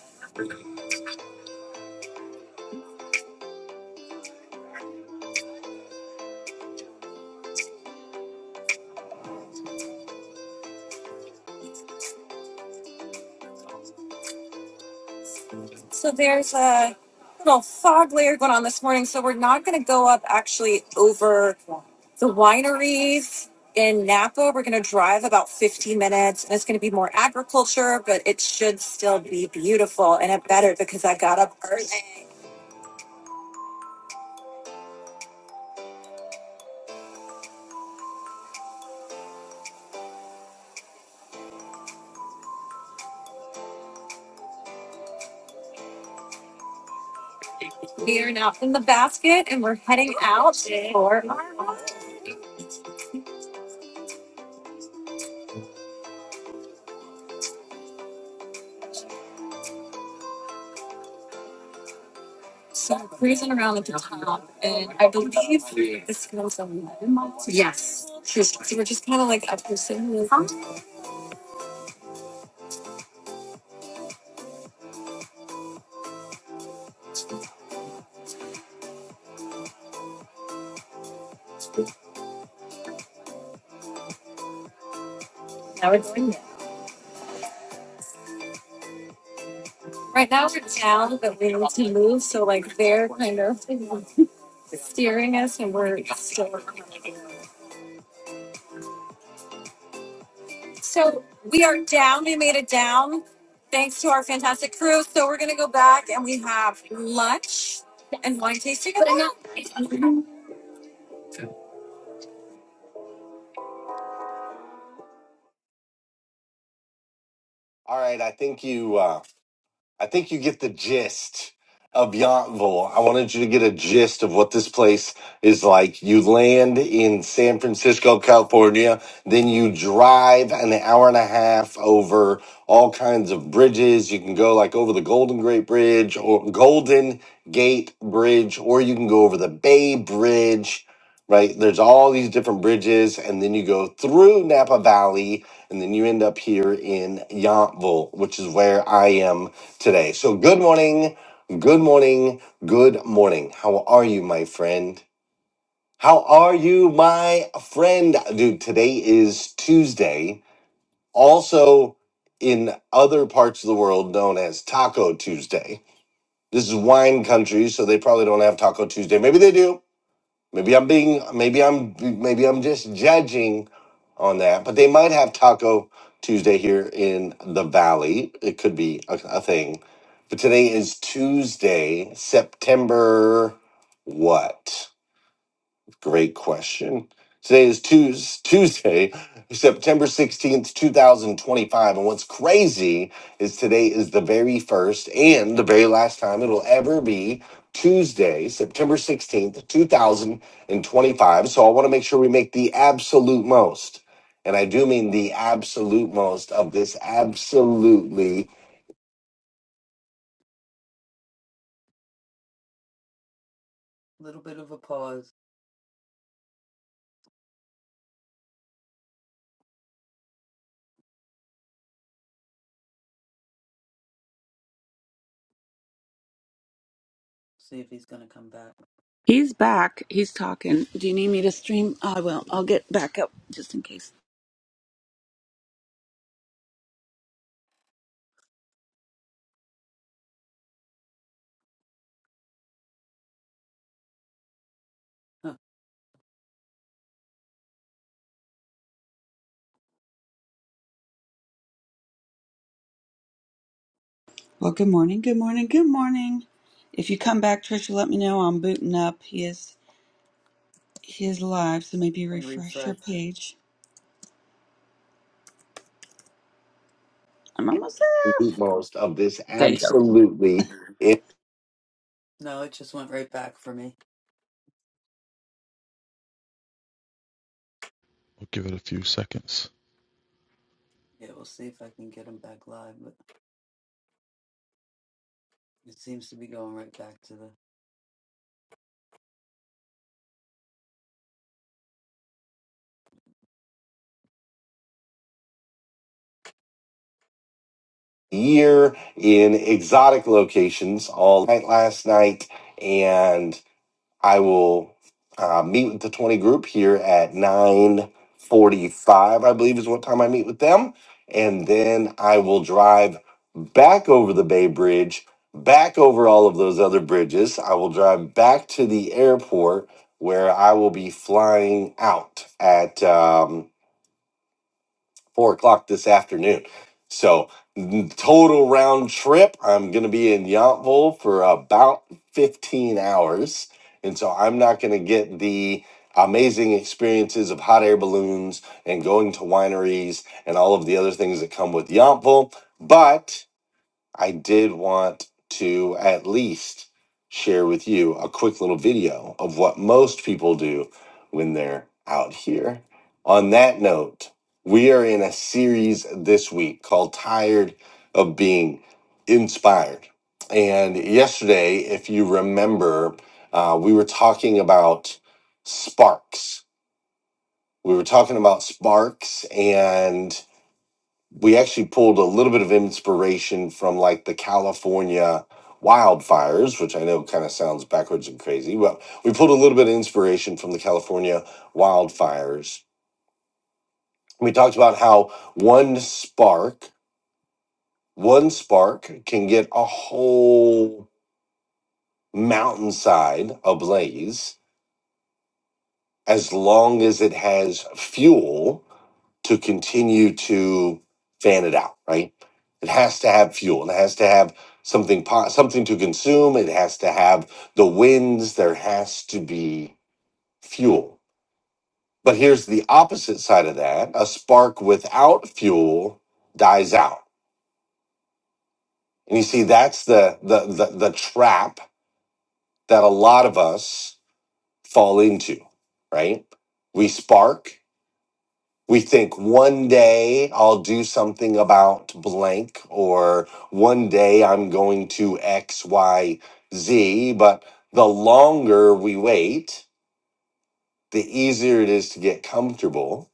Speaker 1: So there's a little fog layer going on this morning. So we're not going to go up actually over the wineries in Napa. We're going to drive about 15 minutes and it's going to be more agriculture, but it should still be beautiful and it better because I got up early We are now in the basket and we're heading out for our ride. So we're cruising around at the top, and I believe this goes on. Yes. She's- So we're just kind of like up here sitting. with- them. Now we're doing Right now we're down, but we need to move. So like they're kind of steering us, and we're still. So we are down. We made it down, thanks to our fantastic crew. So we're gonna go back, and we have lunch and wine tasting. All right. I think you. uh, I think you get the gist of Yountville. I wanted you to get a gist of what this place is like. You land in San Francisco, California, then you drive an hour and a half over all kinds of bridges. You can go like over the Golden Gate Bridge or Golden Gate Bridge, or you can go over the Bay Bridge. Right, there's all these different bridges, and then you go through Napa Valley, and then you end up here in Yountville, which is where I am today. So, good morning, good morning, good morning. How are you, my friend? How are you, my friend? Dude, today is Tuesday, also in other parts of the world known as Taco Tuesday. This is wine country, so they probably don't have Taco Tuesday. Maybe they do. Maybe I'm being, maybe I'm, maybe I'm just judging on that. But they might have Taco Tuesday here in the Valley. It could be a, a thing. But today is Tuesday, September what? Great question. Today is Tues- Tuesday, September 16th, 2025. And what's crazy is today is the very first and the very last time it'll ever be Tuesday, September 16th, 2025. So I want to make sure we make the absolute most. And I do mean the absolute most of this absolutely Little bit of a pause. See if he's going to come back.
Speaker 4: He's back. He's talking. Do you need me to stream? Oh, I will. I'll get back up just in case.
Speaker 1: Huh.
Speaker 4: Well, good morning. Good morning. Good morning. If you come back, Trisha, let me know. I'm booting up his his live, so
Speaker 1: I'm just
Speaker 4: maybe
Speaker 1: gonna
Speaker 4: refresh your
Speaker 1: refresh.
Speaker 4: page. I'm almost there.
Speaker 1: absolute most of this
Speaker 4: There you go.
Speaker 1: absolutely No, it just went right back for me.
Speaker 2: We'll give it a few seconds.
Speaker 1: Yeah, we'll see if I can get him back live, but it seems to be going right back to the. year in exotic locations all night last night. and. I will uh, meet with the 20 group here at 9:45, I believe is what time I meet with them, and then I will drive back over the Bay Bridge, back over all of those other bridges. I will drive back to the airport where I will be flying out at. um, four o'clock this afternoon. So n- total round trip, I'm gonna be in Yountville for about 15 hours, and so I'm not gonna get the amazing experiences of hot air balloons and going to wineries and all of the other things that come with Yountville, but I did want to at least share with you a quick little video of what most people do when they're out here. On that note, we are in a series this week called Tired of Being Inspired. And yesterday, if you remember, uh, we were talking about sparks. We were talking about sparks and we actually pulled a little bit of inspiration from like the California wildfires, which I know kind of sounds backwards and crazy. Well, we pulled a little bit of inspiration from the California wildfires. We talked about how one spark, one spark can get a whole mountainside ablaze as long as it has fuel to continue to fan it out, right? It has to have fuel. It has to have something po- something to consume. It has to have the winds. There has to be fuel. But here's the opposite side of that: a spark without fuel dies out. And you see, that's the the the, the trap that a lot of us fall into, right? We spark we think one day I'll do something about blank, or one day I'm going to X, Y, Z. But the longer we wait, the easier it is to get comfortable.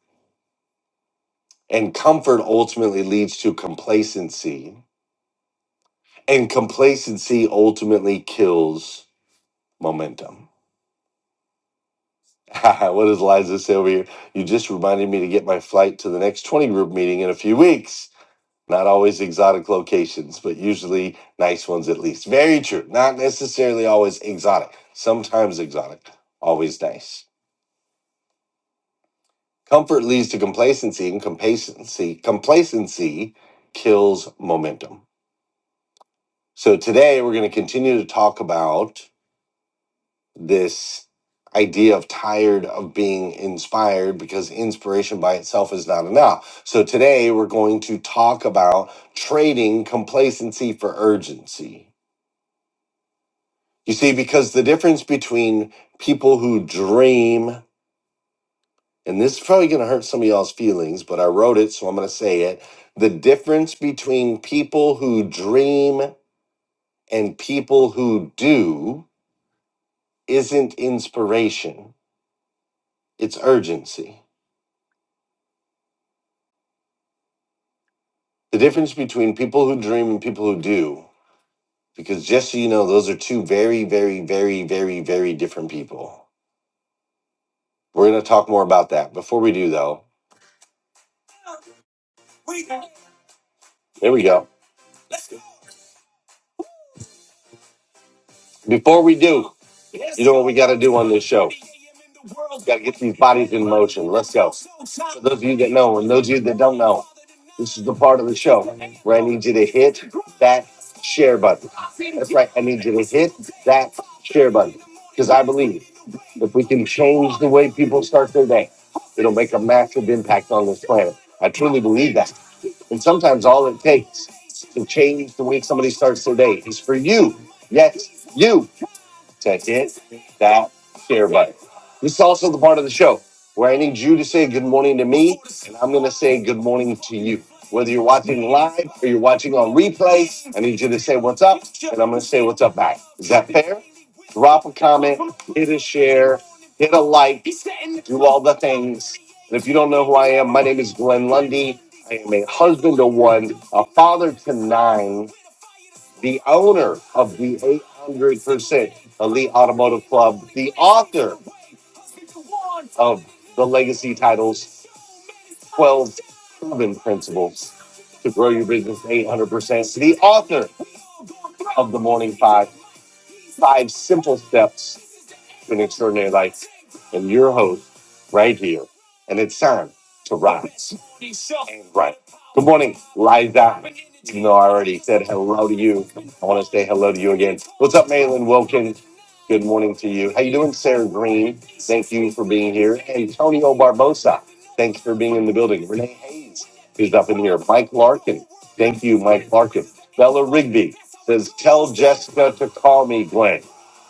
Speaker 1: And comfort ultimately leads to complacency. And complacency ultimately kills momentum. what does Liza say over here? You just reminded me to get my flight to the next 20 group meeting in a few weeks. Not always exotic locations, but usually nice ones at least. Very true. Not necessarily always exotic. Sometimes exotic, always nice. Comfort leads to complacency, and complacency complacency kills momentum. So today we're going to continue to talk about this idea of tired of being inspired because inspiration by itself is not enough. So today we're going to talk about trading complacency for urgency You see, because the difference between people who dream, and this is probably going to hurt some of y'all's feelings, but I wrote it, so I'm going to say it. The difference between people who dream and people who do isn't inspiration, it's urgency. The difference between people who dream and people who do, because just so you know, those are two very, very, very, very, very different people. We're going to talk more about that. Before we do, though, there we go. Before we do, doing got to do For those of you that know, and those of you that don't know, this is the part of the show where I need you to hit that share button. That's right. I need you to hit that share button because I believe if we can change the way people start their day, it'll make a massive impact on this planet. I truly believe that. And sometimes all it takes to change the way somebody starts their day is for you. Yes, you to hit that share button. This is also the part of the show where I need you to say good morning to me, and I'm going to say good morning to you. Whether you're watching live or you're watching on replay, I need you to say what's up. I'm going to say what's up back. Is that fair? Drop a comment, hit a share, hit a like, do all the things. And if you don't know who I am, my name is Glenn Lundy. I am a husband to one, a father to nine the owner of the 800% Elite Automotive Club, the author of the legacy titles 12 Proven Principles to Grow Your Business 800%, the author of The Morning Five, Five Simple Steps to an Extraordinary Life, and your host right here. And it's time to rise. Right. Good morning, Liza. Even though I already said hello to you, I want to say hello to you again. What's up, Malin Wilkins? Good morning to you. How you doing, Sarah Green? Thank you for being here. Hey, Antonio Barbosa, thanks for being in the building. Renee Hayes is up in here. Mike Larkin, thank you, Mike Larkin. Bella Rigby says, tell Jessica to call me, Glenn.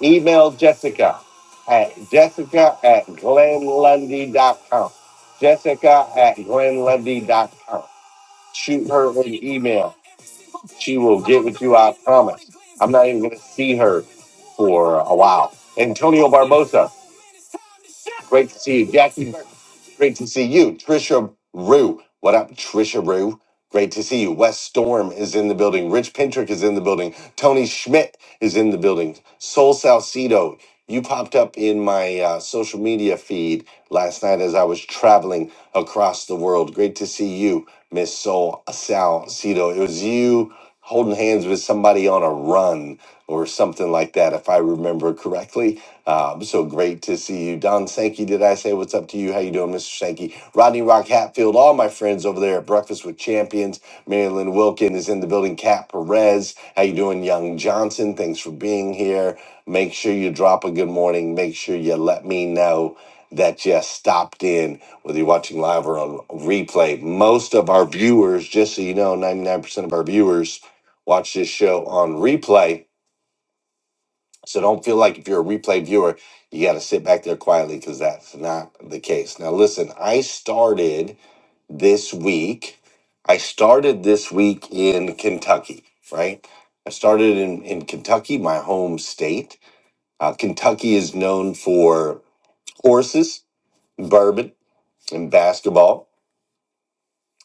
Speaker 1: Email Jessica at jessica at glenlundy dot com. Jessica at glenlevy.com. Shoot her an email. She will get with you, I promise. I'm not even going to see her for a while. Antonio Barbosa. Great to see you, Jackie. Great to see you, Trisha Rue. What up, Trisha Rue? Great to see you. Wes Storm is in the building. Rich Pintrick is in the building. Tony Schmidt is in the building. Sol Salcido, you popped up in my uh, social media feed last night as I was traveling across the world. Great to see you, Miss Sol Salcido. It was you holding hands with somebody on a run or something like that, if I remember correctly. Um, so great to see you, Don Sankey. Did I say what's up to you? How you doing, Mr. Sankey? Rodney Rock Hatfield, all my friends over there at Breakfast with Champions. Marilyn Wilkin is in the building. Kat Perez, how you doing, Young Johnson? Thanks for being here. Make sure you drop a good morning. Make sure you let me know that you stopped in, whether you're watching live or on replay. Most of our viewers, just so you know, 99% of our viewers watch this show on replay. So don't feel like if you're a replay viewer, you got to sit back there quietly because that's not the case. Now, listen, I started this week. I started this week in Kentucky, right? I started in, in Kentucky, my home state. Uh, Kentucky is known for horses, bourbon, and basketball.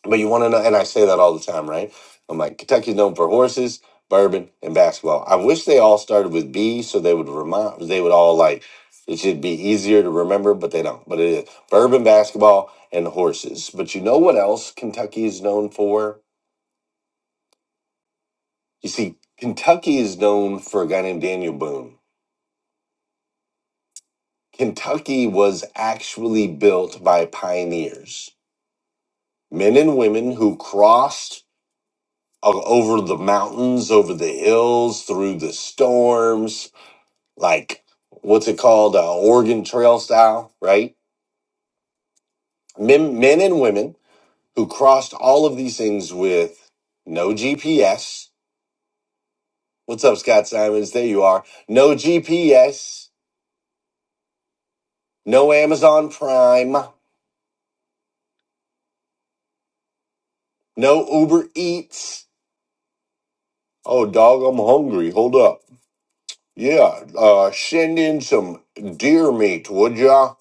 Speaker 1: But you want to know, and I say that all the time, right? I'm like, Kentucky's known for horses, bourbon, and basketball. I wish they all started with B, so they would remind, they would all like, it should be easier to remember, but they don't. But it is bourbon, basketball, and horses. But you know what else Kentucky is known for? You see, Kentucky is known for a guy named Daniel Boone. Kentucky was actually built by pioneers, men and women who crossed o- over the mountains, over the hills, through the storms, like what's it called, uh, Oregon Trail style, right? Men, men and women who crossed all of these things with no GPS. What's up, Scott Simons? There you are. No GPS, no Amazon Prime, no Uber Eats. Oh, dog, I'm hungry. Hold up. Yeah, uh, send in some deer meat, would ya?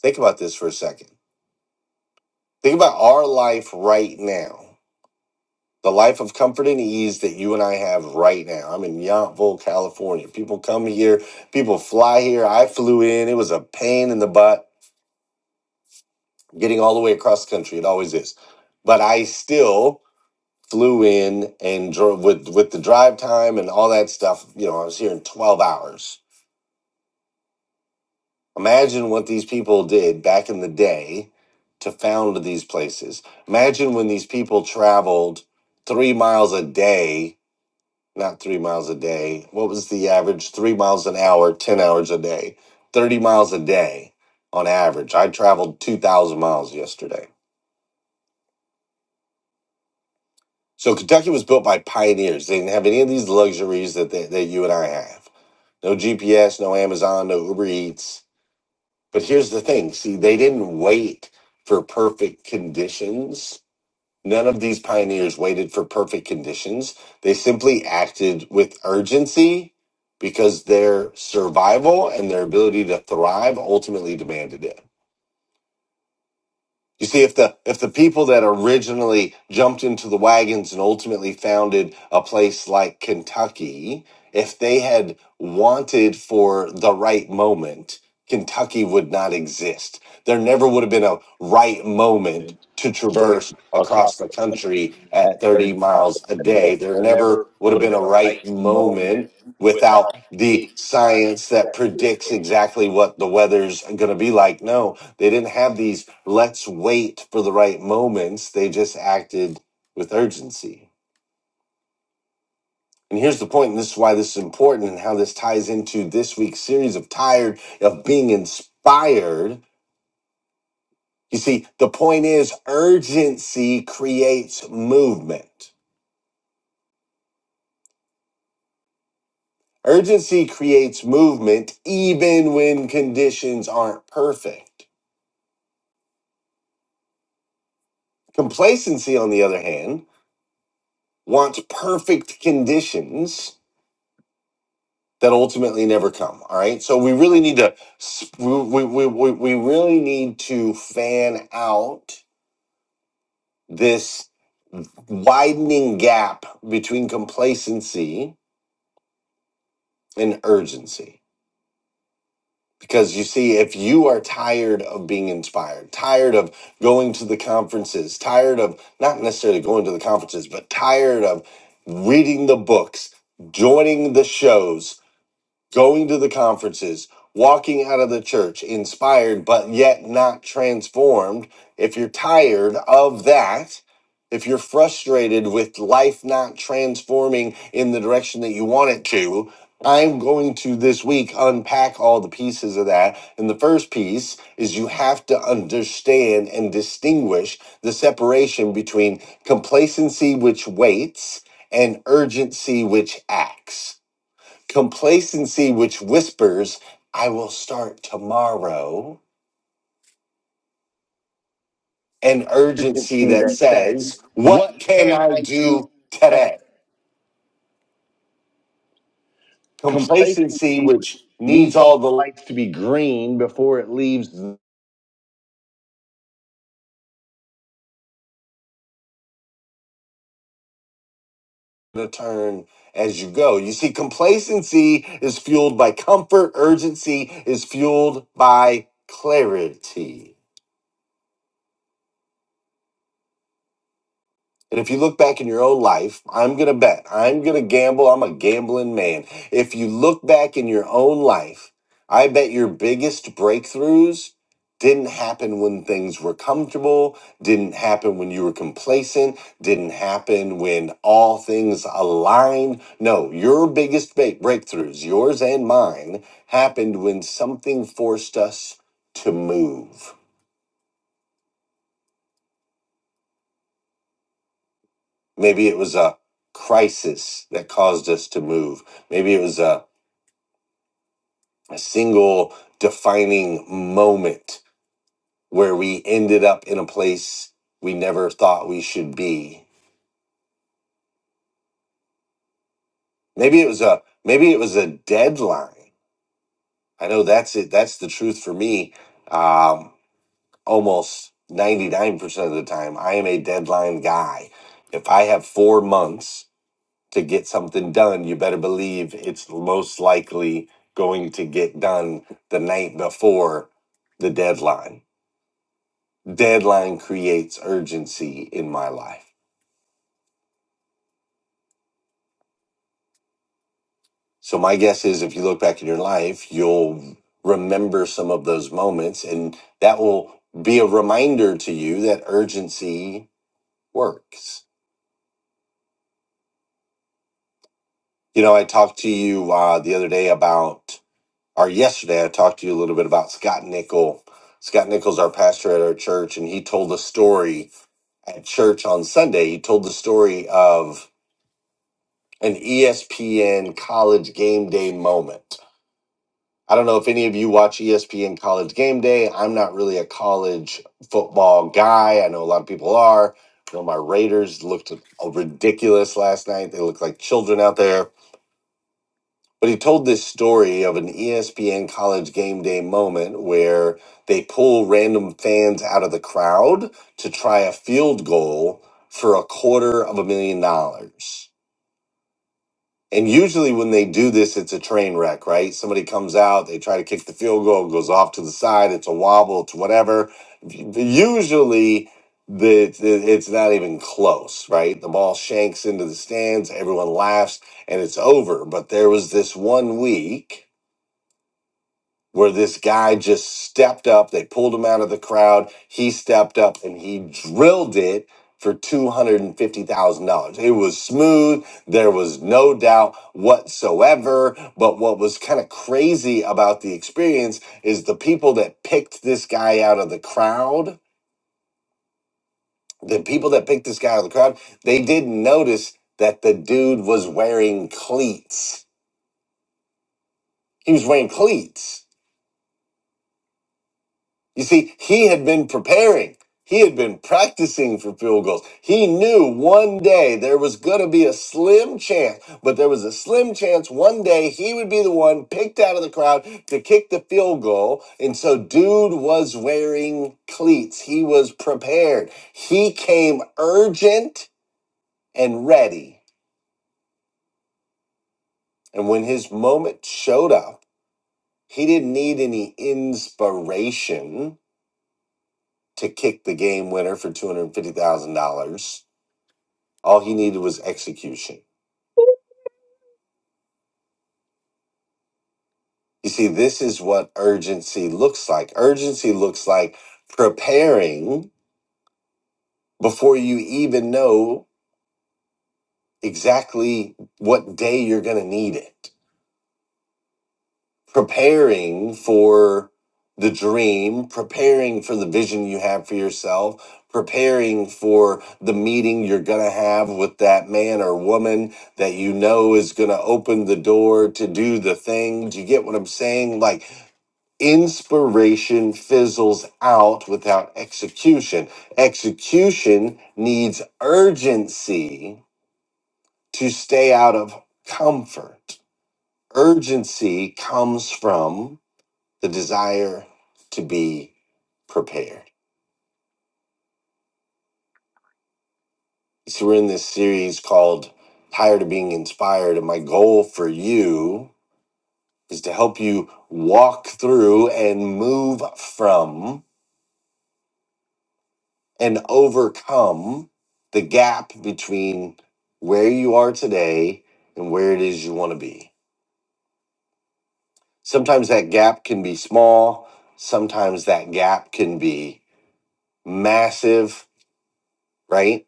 Speaker 1: Think about this for a second Think about our life right now. The life of comfort and ease that you and I have right now. I'm in Yountville, California. People come here, people fly here. I flew in. It was a pain in the butt getting all the way across the country. It always is. But I still flew in and drove with with the drive time and all that stuff. You know, I was here in 12 hours. Imagine what these people did back in the day to found these places. Imagine when these people traveled three miles a day not three miles a day. What was the average? Three miles an hour, 10 hours a day, 30 miles a day on average. I traveled 2,000 miles yesterday. So Kentucky was built by pioneers. They didn't have any of these luxuries that, they, that you and I have no GPS, no Amazon, no Uber Eats. But here's the thing see, they didn't wait for perfect conditions None of these pioneers waited for perfect conditions. They simply acted with urgency because their survival and their ability to thrive ultimately demanded it. You see, if the if the people that originally jumped into the wagons and ultimately founded a place like Kentucky, if they had wanted for the right moment, Kentucky would not exist. There never would have been a right moment
Speaker 4: and
Speaker 1: to
Speaker 4: traverse
Speaker 1: traverse across
Speaker 4: across
Speaker 1: the
Speaker 4: the country
Speaker 1: country at
Speaker 4: at
Speaker 1: 30
Speaker 4: 30 miles
Speaker 1: miles a
Speaker 4: a
Speaker 1: day.
Speaker 4: day.
Speaker 1: There
Speaker 4: There
Speaker 1: never
Speaker 4: never
Speaker 1: would have
Speaker 4: would have
Speaker 1: been a
Speaker 4: been a
Speaker 1: right
Speaker 4: right moment
Speaker 1: moment
Speaker 4: without
Speaker 1: without the
Speaker 4: the science
Speaker 1: science that
Speaker 4: that
Speaker 1: predicts exactly what the weather's going to be like. No, they didn't have these let's wait for the right moments. They just acted with urgency. And here's the point, and this is why this is important and how this ties into this week's series of Tired of Being Inspired. You see, the point is urgency creates movement. Urgency creates movement even when conditions aren't perfect. Complacency, on the other hand, wants perfect conditions that ultimately never come. All right. So we really need to, s- we, we, we we really need to fan out this widening gap between complacency and urgency. Because you see, if you are tired of being inspired, tired of going to the conferences, tired of not necessarily going to the conferences, but tired of reading the books, joining the shows, going to the conferences, walking out of the church inspired but yet not transformed, if you're tired of that, if you're frustrated with life not transforming in the direction that you want it to, I'm going to this week unpack all the pieces of that. And the first piece is you have to understand and distinguish the separation between complacency, which waits, and urgency, which acts complacency which whispers i will start tomorrow and urgency
Speaker 4: urgency
Speaker 1: that
Speaker 4: that says,
Speaker 1: says what
Speaker 4: what
Speaker 1: can
Speaker 4: can
Speaker 1: i
Speaker 4: I
Speaker 1: do
Speaker 4: do today?
Speaker 1: today complacency
Speaker 4: Complacency,
Speaker 1: which
Speaker 4: which
Speaker 1: needs
Speaker 4: needs all
Speaker 1: all
Speaker 4: the
Speaker 1: the
Speaker 4: lights to be green before it leaves. the-
Speaker 1: to turn as you go you see complacency is fueled by comfort urgency is fueled by clarity And if you look back in your own life, I'm going to bet, I'm going to gamble, I'm a gambling man. If you look back in your own life, I bet your biggest breakthroughs didn't happen when things were comfortable, didn't happen when you were complacent, didn't happen when all things aligned. No, your biggest ba- breakthroughs, yours and mine, happened when something forced us to move Maybe it was a crisis that caused us to move. Maybe it was a, a single defining moment where we ended up in a place we never thought we should be. Maybe it was a maybe it was a deadline. I know that's it. That's the truth for me. Um, almost ninety nine percent of the time, I am a deadline guy. If I have four months to get something done, you better believe it's most likely going to get done the night before the deadline. Deadline creates urgency in my life. So, my guess is if you look back in your life, you'll remember some of those moments, and that will be a reminder to you that urgency works. You know, I talked to you uh, the other day about or yesterday, I talked to you a little bit about Scott Nickel. Scott Nickel's our pastor at our church, and he told a story at church on Sunday. He told the story of an ESPN college game day moment. I don't know if any of you watch ESPN college game day. I'm not really a college football guy. I know a lot of people are. You know, my Raiders looked ridiculous last night. They looked like children out there But he told this story of an ESPN college game day moment where they pull random fans out of the crowd to try a field goal for a quarter of a million dollars. And usually when they do this, it's a train wreck, right? Somebody comes out, they try to kick the field goal, it goes off to the side, it's a wobble, it's whatever. Usually the, it's not even close, right? The ball shanks into the stands, everyone laughs, and it's over. But there was this one week where this guy just stepped up. They pulled him out of the crowd. He stepped up and he drilled it for $250,000. It was smooth. There was no doubt whatsoever. But what was kind of crazy about the experience is the people that picked this guy out of the crowd, the people that picked this guy out of the crowd, they didn't notice that the dude was wearing cleats. He was wearing cleats You see, he had been preparing. He had been practicing for field goals. He knew one day there was going to be a slim chance, but there was a slim chance one day he would be the one picked out of the crowd to kick the field goal. And so, dude was wearing cleats. He was prepared. He came urgent and ready. And when his moment showed up, he didn't need any inspiration to kick the game winner for $250,000 All he needed was execution. You see, this is what urgency looks like. Urgency looks like preparing before you even know exactly what day you're going to need it, preparing for the dream, preparing for the vision you have for yourself, preparing for the meeting you're going to have with that man or woman that you know is going to open the door to do the thing. Do you get what I'm saying? Like, Inspiration fizzles out without execution. Execution needs urgency to stay out of comfort. Urgency comes from the desire to be prepared. So, we're in this series called Tired of Being Inspired, and my goal for you is to help you walk through and move from. and overcome the gap between where you are today and where it is you want to be. Sometimes that gap can be small, sometimes that gap can be massive, right?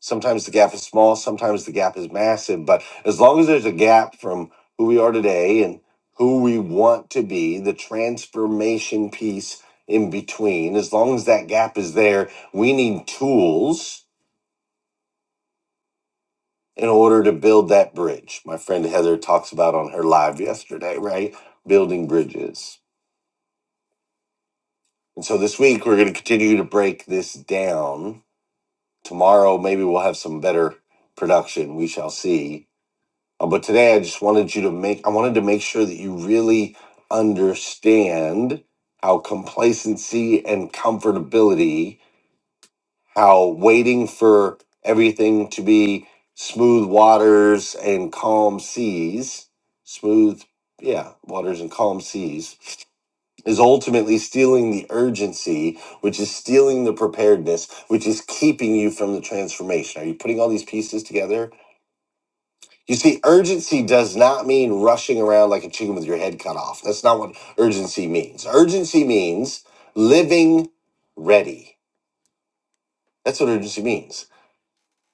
Speaker 1: Sometimes the gap is small, sometimes the gap is massive, but as long as there's a gap from who we are today and who we want to be, the transformation piece in between, as long as that gap is there, we need tools in order to build that bridge. My friend Heather talks about on her live yesterday, right? Building bridges. And so this week we're going to continue to break this down. Tomorrow maybe we'll have some better production. We shall see. Uh, but today I just wanted you to make I wanted to make sure that you really understand how complacency and comfortability how waiting for everything to be smooth waters and calm seas, smooth, yeah, waters and calm seas, is ultimately stealing the urgency, which is stealing the preparedness, which is keeping you from the transformation. Are you putting all these pieces together? You see, urgency does not mean rushing around like a chicken with your head cut off. That's not what urgency means. Urgency means living ready. That's what urgency means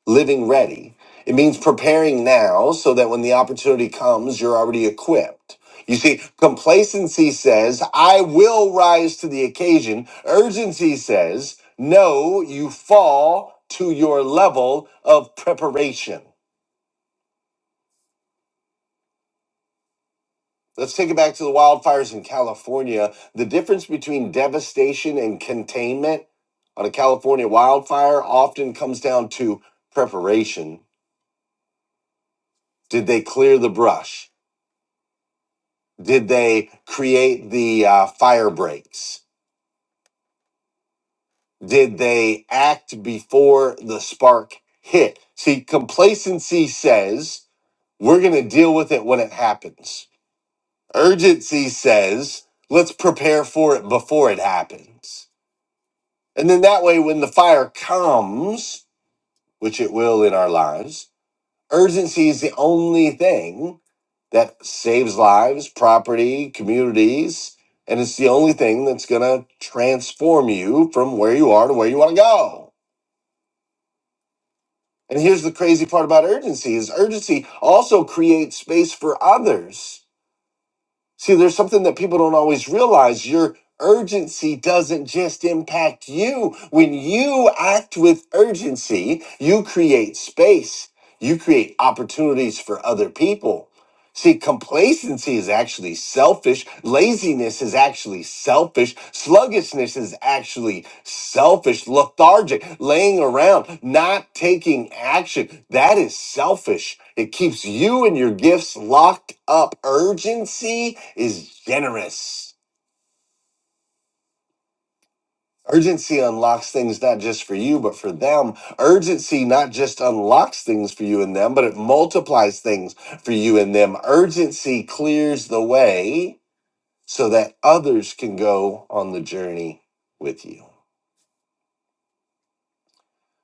Speaker 1: living ready. It means preparing now so that when the opportunity comes, you're already equipped. You see, complacency says, I will rise to the occasion. Urgency says, no, you fall to your level of preparation. Let's take it back to the wildfires in California. The difference between devastation and containment on a California wildfire often comes down to preparation. Did they clear the brush? Did they create the uh, fire breaks? Did they act before the spark hit? See, complacency says we're going to deal with it when it happens. Urgency says let's prepare for it before it happens. And then that way, when the fire comes, which it will in our lives, urgency is the only thing that saves lives, property, communities, and it's the only thing that's going to transform you from where you are to where you want to go. And here's the crazy part about urgency is urgency also creates space for others. See, there's something that people don't always realize. Your urgency doesn't just impact you. When you act with urgency, you create space. You create opportunities for other people See, complacency is actually selfish. Laziness is actually selfish. Sluggishness is actually selfish. Lethargic, laying around, not taking action. That is selfish. It keeps you and your gifts locked up. Urgency is generous. Urgency unlocks things not just for you, but for them. Urgency not just unlocks things for you and them, but it multiplies things for you and them. Urgency clears the way so that others can go on the journey with you.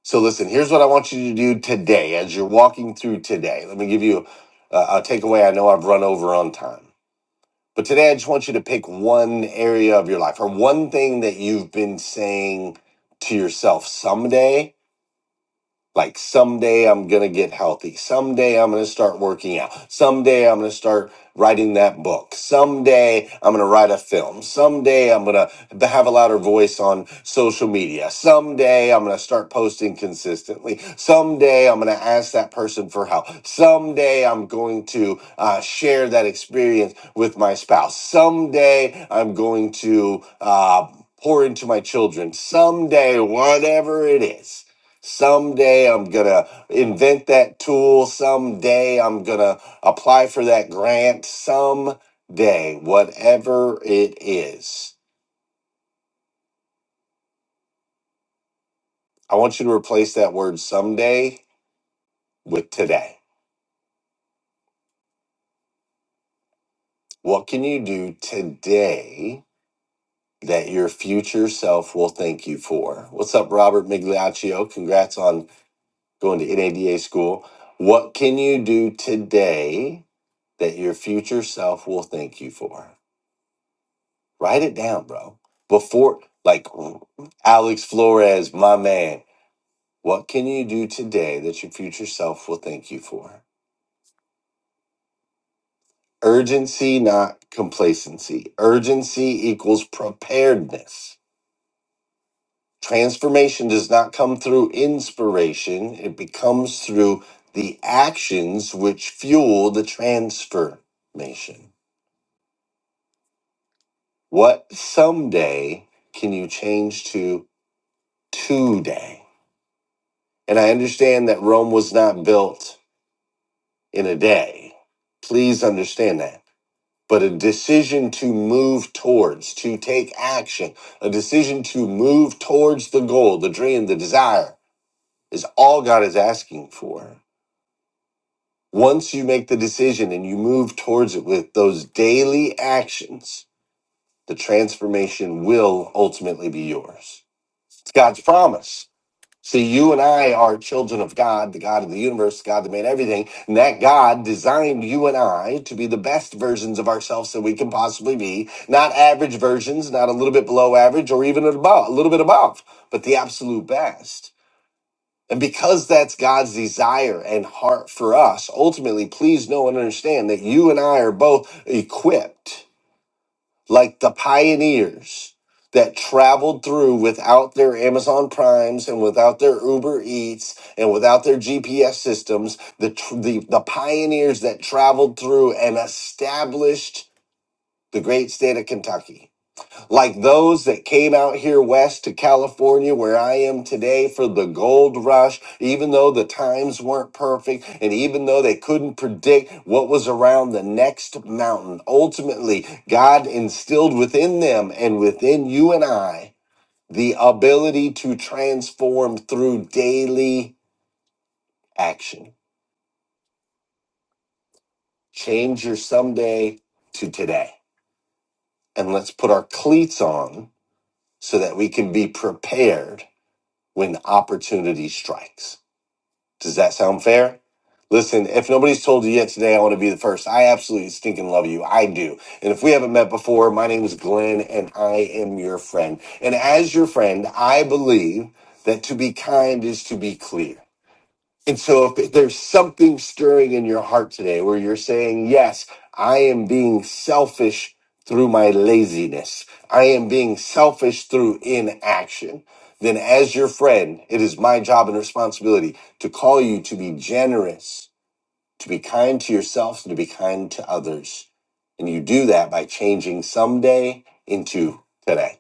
Speaker 1: So, listen, here's what I want you to do today as you're walking through today. Let me give you a, a takeaway. I know I've run over on time, but today I just want you to pick one area of your life or one thing that you've been saying to yourself someday. Like someday I'm going to get healthy. Someday I'm going to start working out. Someday I'm going to start writing that book. Someday I'm going to write a film. Someday I'm going to have a louder voice on social media. Someday I'm going to start posting consistently. Someday I'm going to ask that person for help. Someday I'm going to uh, share that experience with my spouse. Someday I'm going to uh, pour into my children. Someday, whatever it is Someday I'm gonna invent that tool. Someday I'm gonna apply for that grant. Someday, whatever it is. I want you to replace that word someday with today. What can you do today that your future self will thank you for? What's up, Robert Migliaccio? Congrats on going to NADA school. What can you do today that your future self will thank you for? Write it down, bro. Before, like Alex Flores, my man, what can you do today that your future self will thank you for? Urgency, not complacency. Urgency equals preparedness. Transformation does not come through inspiration, it becomes through the actions which fuel the transformation. What someday can you change to today? And I understand that Rome was not built in a day. Please understand that. But a decision to move towards, to take action, a decision to move towards the goal, the dream, the desire is all God is asking for. Once you make the decision and you move towards it with those daily actions, the transformation will ultimately be yours. It's God's promise. See, you and I are children of God, the God of the universe, God that made everything. And that God designed you and I to be the best versions of ourselves that we can possibly be. Not average versions, not a little bit below average or even above, a little bit above, but the absolute best. And because that's God's desire and heart for us, ultimately, please know and understand that you and I are both equipped like the pioneers that traveled through without their Amazon Primes and without their Uber Eats and without their GPS systems, the, tr- the, the pioneers that traveled through and established the great state of Kentucky like those that came out here west to California, where I am today, for the gold rush, even though the times weren't perfect and even though they couldn't predict what was around the next mountain. Ultimately, God instilled within them and within you and I the ability to transform through daily action. Change your someday to today. And let's put our cleats on so that we can be prepared when opportunity strikes. Does that sound fair? Listen, if nobody's told you yet today, I want to be the first. I absolutely stinking love you. I do. And if we haven't met before, my name is Glenn and I am your friend. And as your friend, I believe that to be kind is to be clear. And so, if there's something stirring in your heart today where you're saying, Yes, I am being selfish through my laziness, I am being selfish through inaction, then as your friend, it is my job and responsibility to call you to be generous, to be kind to yourself, and to be kind to others. And you do that by changing someday into today.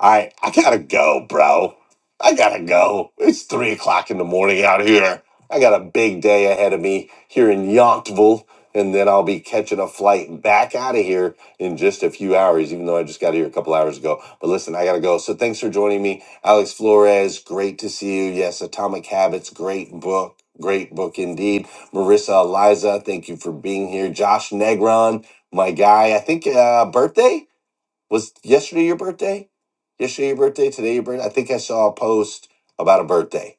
Speaker 1: I I gotta go, bro. I gotta go. It's three o'clock in the morning out here. I got a big day ahead of me here in Yonkville, and then I'll be catching a flight back out of here in just a few hours, even though I just got here a couple hours ago. But listen, I gotta go. So thanks for joining me. Alex Flores, great to see you. Yes, Atomic Habits, great book. Great book indeed. Marissa Eliza, thank you for being here. Josh Negron, my guy, I think uh birthday? Was yesterday your birthday? Yesterday your birthday? Today your birthday? I think I saw a post about a birthday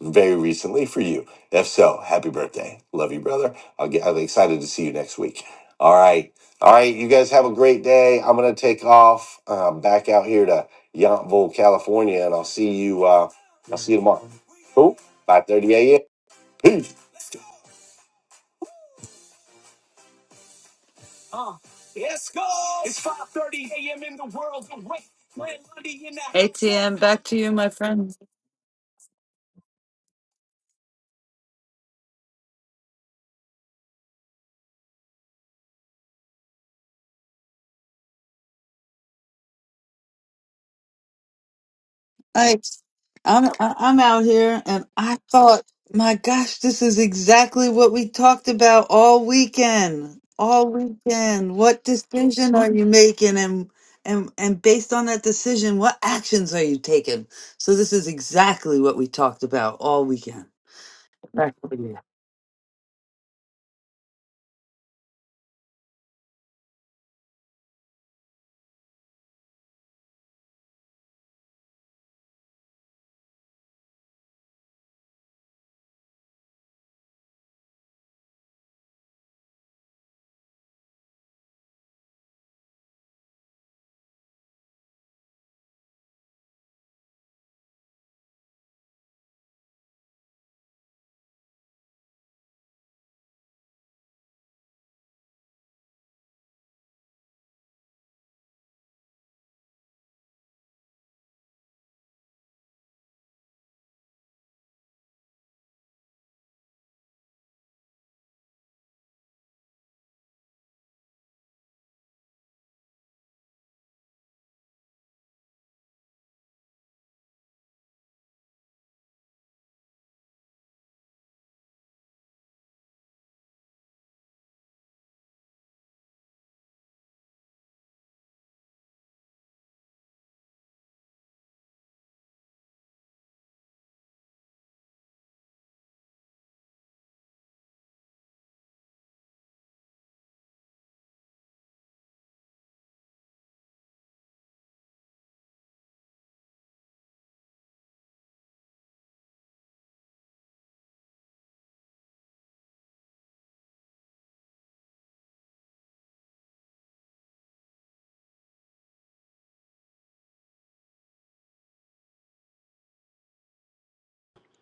Speaker 1: very recently for you. If so, happy birthday. Love you, brother. I'll get, I'm excited to see you next week. All right. All right. You guys have a great day. I'm going to take off um, back out here to Yountville, California, and I'll see you. Uh, I'll see you tomorrow. Cool. 5.30 a.m. Peace. Yes, go. It's 5:30 a.m. in the world. ATM, back to you, my friend. Like I'm I- I'm out here and I thought, my gosh, this is exactly what we talked about all weekend. All weekend. What decision are you making and and and based on that decision, what actions are you taking? So this is exactly what we talked about all weekend.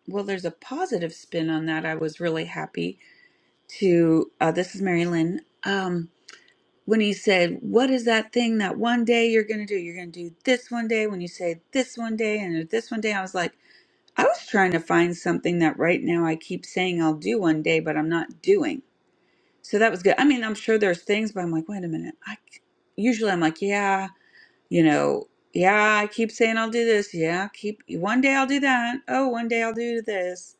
Speaker 4: Well, there's a positive spin on that. I was really happy to. Uh, this is Mary Lynn. Um, when he said, What is that thing that one day you're going to do? You're going to do this one day. When you say this one day and this one day, I was like, I was trying to find something that right now I keep saying I'll do one day, but I'm not doing. So that was good. I mean, I'm sure there's things, but I'm like, wait a minute. I c- usually I'm like, yeah, you know, yeah, I keep saying I'll do this. Yeah, keep one day I'll do that. Oh, one day I'll do this.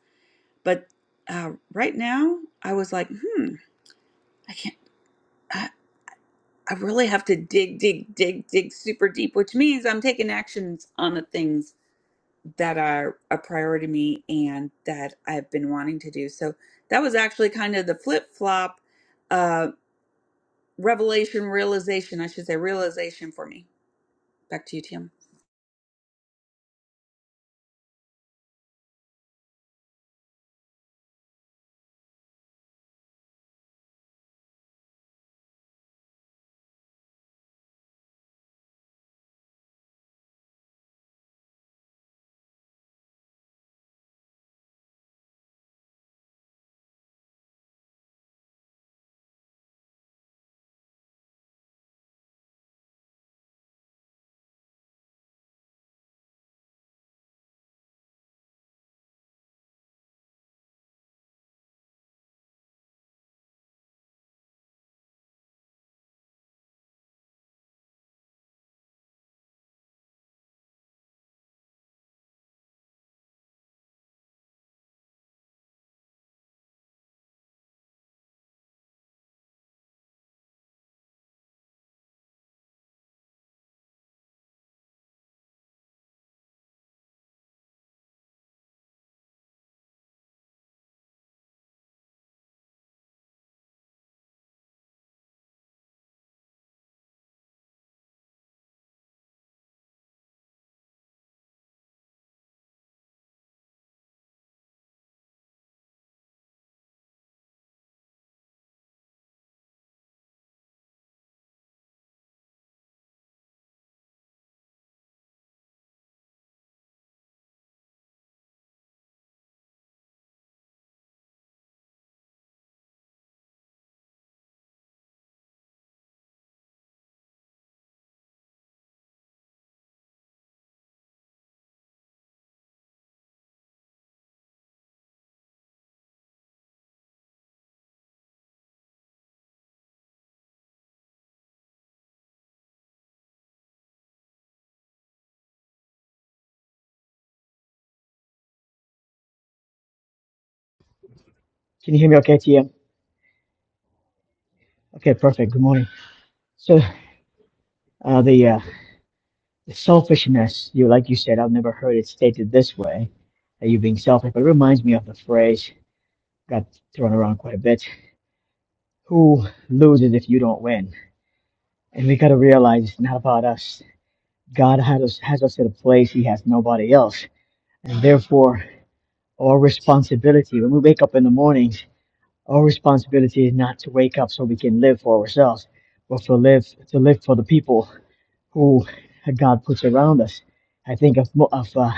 Speaker 4: But uh, right now, I was like, hmm, I can't. I really have to dig, dig, dig, dig super deep, which means I'm taking actions on the things that are a priority to me and that I've been wanting to do. So that was actually kind of the flip flop uh, revelation, realization, I should say, realization for me. Back to you, Tim.
Speaker 6: Can you hear me okay, TM? Okay, perfect. Good morning. So, uh, the, uh, the selfishness, you like you said, I've never heard it stated this way, that you're being selfish, but it reminds me of the phrase got thrown around quite a bit. Who loses if you don't win? And we got to realize it's not about us. God had us, has us at a place He has nobody else. And therefore, our responsibility, when we wake up in the mornings, our responsibility is not to wake up so we can live for ourselves, but to live, to live for the people who God puts around us. I think of of uh,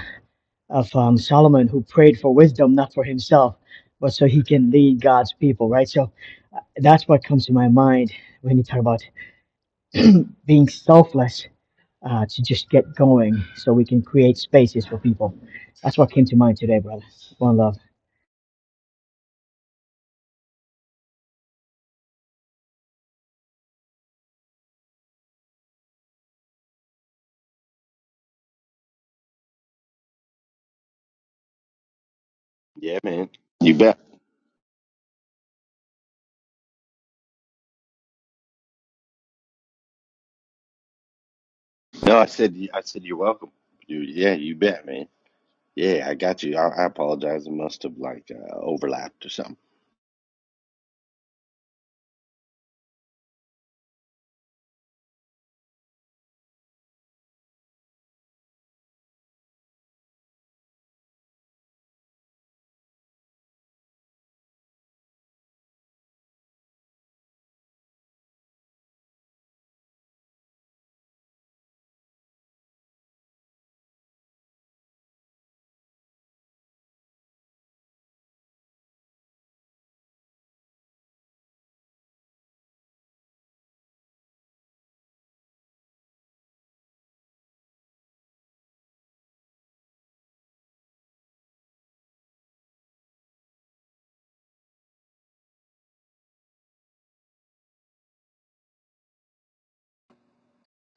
Speaker 6: of um, Solomon who prayed for wisdom, not for himself, but so he can lead God's people, right? So that's what comes to my mind when you talk about being selfless uh, to just get going, so we can create spaces for people. That's what came to mind today, brother. One love.
Speaker 7: Yeah, man. You bet. No, I said I said you're welcome. You, yeah, you bet, man. Yeah, I got you. I, I apologize. I must have like uh, overlapped or something.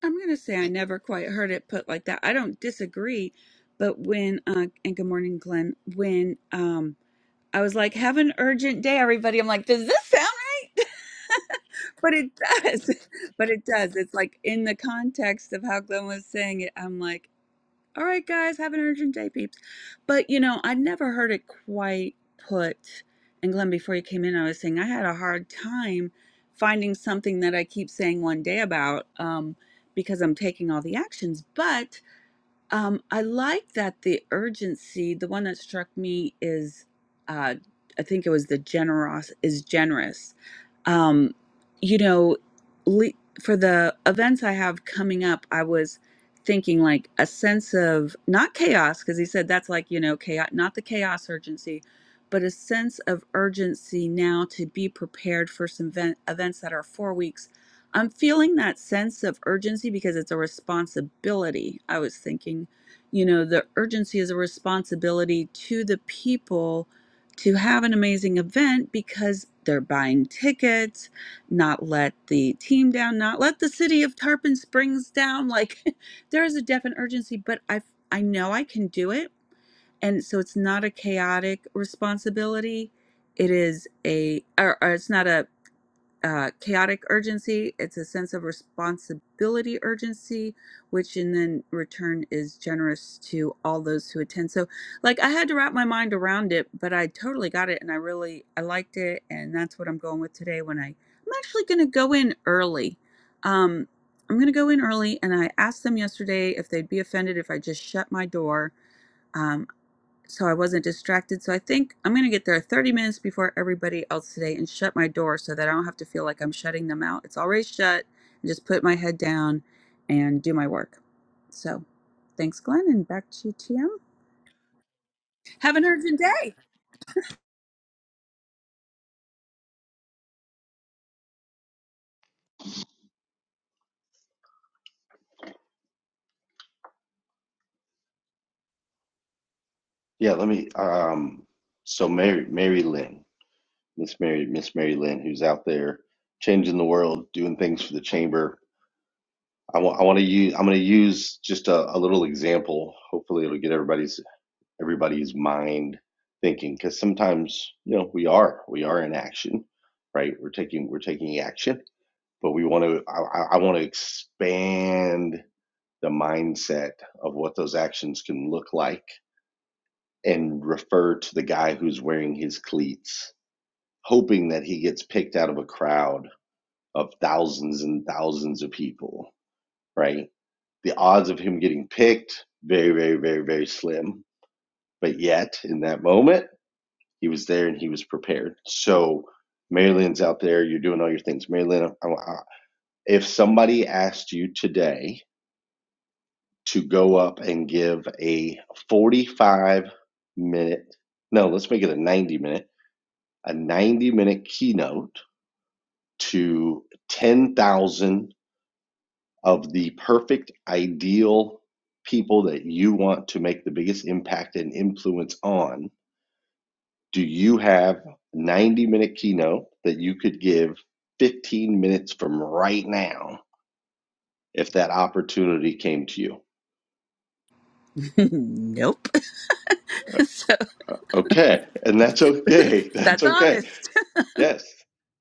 Speaker 4: I'm going to say I never quite heard it put like that. I don't disagree, but when, uh, and good morning, Glenn, when, um, I was like, have an urgent day, everybody. I'm like, does this sound right? but it does. But it does. It's like in the context of how Glenn was saying it, I'm like, all right, guys, have an urgent day, peeps. But you know, I never heard it quite put. And Glenn, before you came in, I was saying I had a hard time finding something that I keep saying one day about um, because I'm taking all the actions. But um, I like that the urgency, the one that struck me is uh, I think it was the generous is generous. Um, you know, le- for the events I have coming up, I was thinking like a sense of not chaos, because he said that's like, you know, chaos, not the chaos urgency, but a sense of urgency now to be prepared for some event, events that are four weeks. I'm feeling that sense of urgency because it's a responsibility. I was thinking, you know, the urgency is a responsibility to the people to have an amazing event because they're buying tickets, not let the team down, not let the city of Tarpon Springs down. Like there is a definite urgency, but I I know I can do it. And so it's not a chaotic responsibility. It is a or, or it's not a uh, chaotic urgency. It's a sense of responsibility urgency, which in then return is generous to all those who attend. So, like, I had to wrap my mind around it, but I totally got it, and I really I liked it, and that's what I'm going with today. When I I'm actually going to go in early. Um, I'm going to go in early, and I asked them yesterday if they'd be offended if I just shut my door Um, so I wasn't distracted. So I think I'm going to get there 30 minutes before everybody else today and shut my door so that I don't have to feel like I'm shutting them out. It's already shut. And just put my head down and do my work. So thanks, Glenn, and back to you, TM. Have an urgent day.
Speaker 7: Yeah, let me. Um, so Mary, Mary Lynn, Miss Mary, Miss Mary Lynn, who's out there changing the world, doing things for the chamber. I want. I want to use. I'm going to use just a, a little example. Hopefully, it'll get everybody's everybody's mind thinking because sometimes you know we are we are in action, right? We're taking we're taking action but we want to I, I want to expand the mindset of what those actions can look like and refer to the guy who's wearing his cleats hoping that he gets picked out of a crowd of thousands and thousands of people right the odds of him getting picked very very very very slim but yet in that moment he was there and he was prepared so Maryland's out there you're doing all your things Maryland I- if somebody asked you today to go up and give a 45 minute, no, let's make it a 90 minute, a 90 minute keynote to 10,000 of the perfect, ideal people that you want to make the biggest impact and influence on. Do you have a 90 minute keynote that you could give 15 minutes from right now if that opportunity came to you?
Speaker 4: nope. so
Speaker 7: Okay, and that's okay. That's
Speaker 4: that's
Speaker 7: okay
Speaker 4: honest.
Speaker 7: Yes.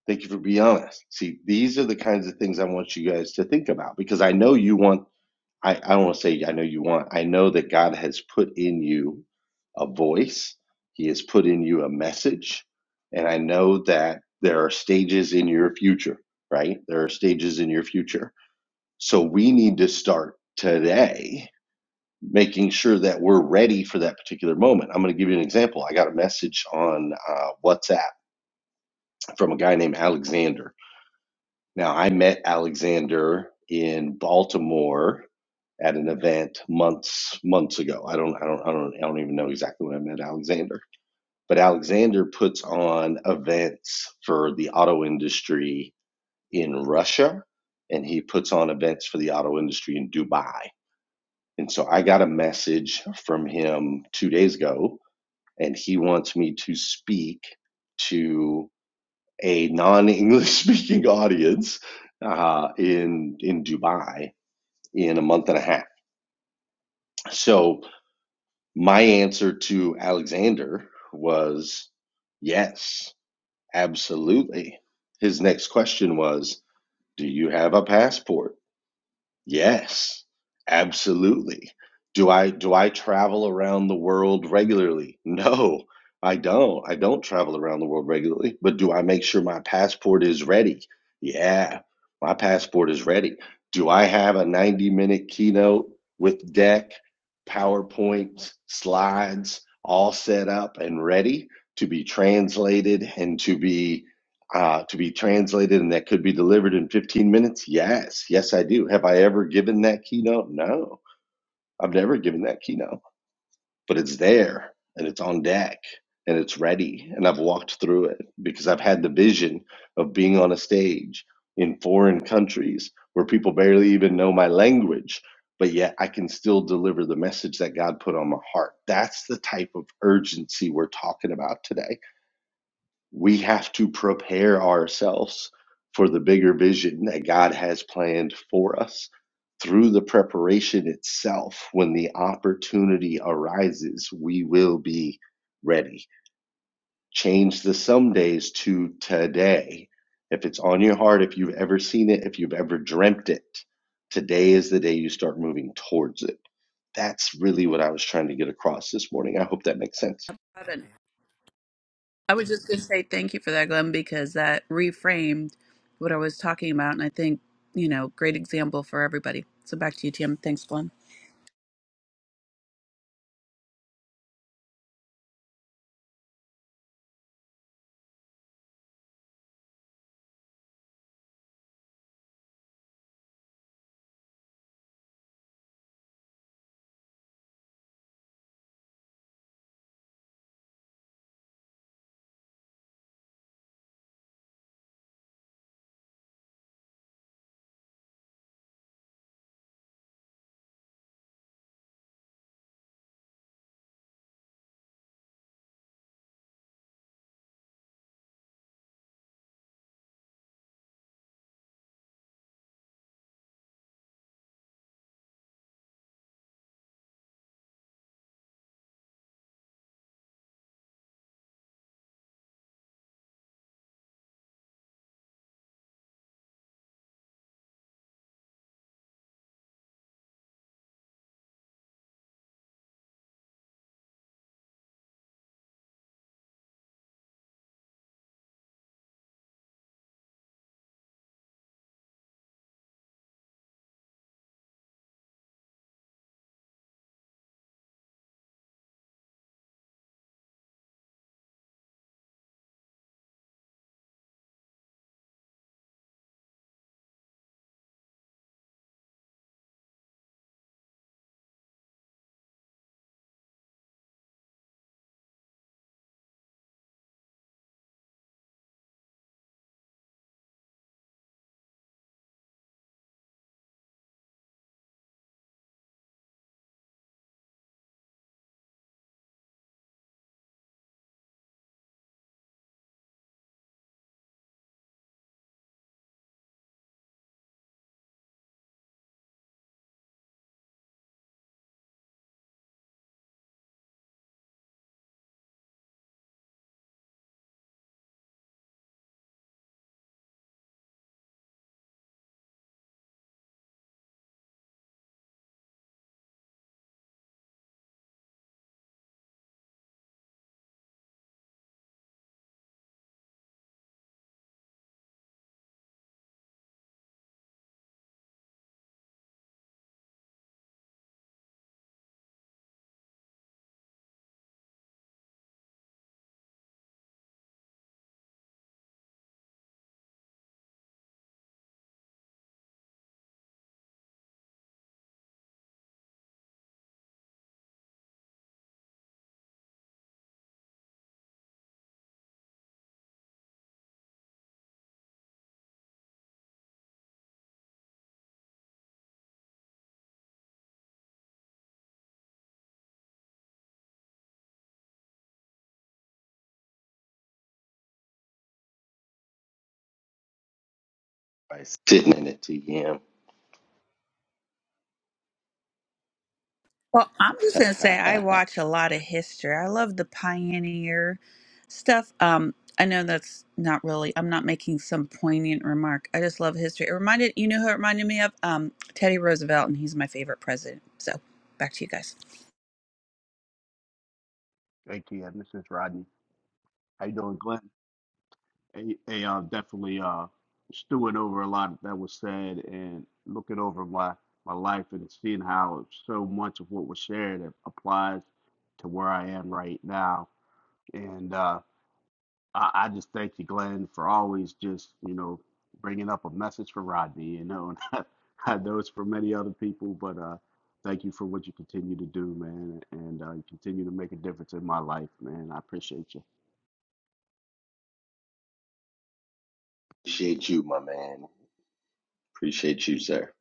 Speaker 7: Thank you for being honest. See, these are the kinds of things I want you guys to think about because I know you want, I, I don't want to say I know you want, I know that God has put in you a voice, He has put in you a message. And I know that there are stages in your future, right? There are stages in your future. So we need to start today making sure that we're ready for that particular moment. I'm going to give you an example. I got a message on uh, WhatsApp from a guy named Alexander Now, I met Alexander in Baltimore at an event months months ago. I don't I don't I don't I don't even know exactly when I met Alexander. But Alexander puts on events for the auto industry in Russia and he puts on events for the auto industry in Dubai. And so I got a message from him 2 days ago and he wants me to speak to a non-English speaking audience uh, in in Dubai in a month and a half. So my answer to Alexander was yes, absolutely. His next question was, "Do you have a passport?" Yes, absolutely. Do I do I travel around the world regularly? No, I don't. I don't travel around the world regularly, but do I make sure my passport is ready? Yeah, my passport is ready. Do I have a 90-minute keynote with deck, PowerPoint, slides all set up and ready to be translated and to be uh, to be translated and that could be delivered in 15 minutes? Yes. Yes, I do. Have I ever given that keynote? No, I've never given that keynote, but it's there and it's on deck and it's ready. And I've walked through it because I've had the vision of being on a stage in foreign countries where people barely even know my language. But yet, I can still deliver the message that God put on my heart. That's the type of urgency we're talking about today we have to prepare ourselves for the bigger vision that God has planned for us. Through the preparation itself, when the opportunity arises, we will be ready. Change the some days to today. If it's on your heart, if you've ever seen it, if you've ever dreamt it, today is the day you start moving towards it. That's really what I was trying to get across this morning. I hope that makes sense
Speaker 4: I don't know. I was just going to say thank you for that, Glenn, because that reframed what I was talking about. And I think, you know, great example for everybody. So back to you, TM. Thanks, Glenn.
Speaker 7: by sitting in it, TM.
Speaker 4: Well, I'm just gonna say I watch a lot of history. I love the pioneer stuff. Um, I know that's not really. I'm not making some poignant remark. I just love history. It reminded you know who it reminded me of um Teddy Roosevelt, and he's my favorite president. So back to you guys.
Speaker 8: Thank you, yeah, this is Rodney. How you doing, Glenn? Hey, hey, uh, definitely uh, stewing over a lot that was said and looking over my my life and seeing how so much of what was shared applies to where I am right now. And uh, I, I just thank you, Glenn, for always just you know bringing up a message for Rodney. You know, and I, I know it's for many other people, but uh, thank you for what you continue to do, man, and uh, you continue to make a difference in my life, man. I appreciate you.
Speaker 7: Appreciate you, my man. Appreciate you, sir.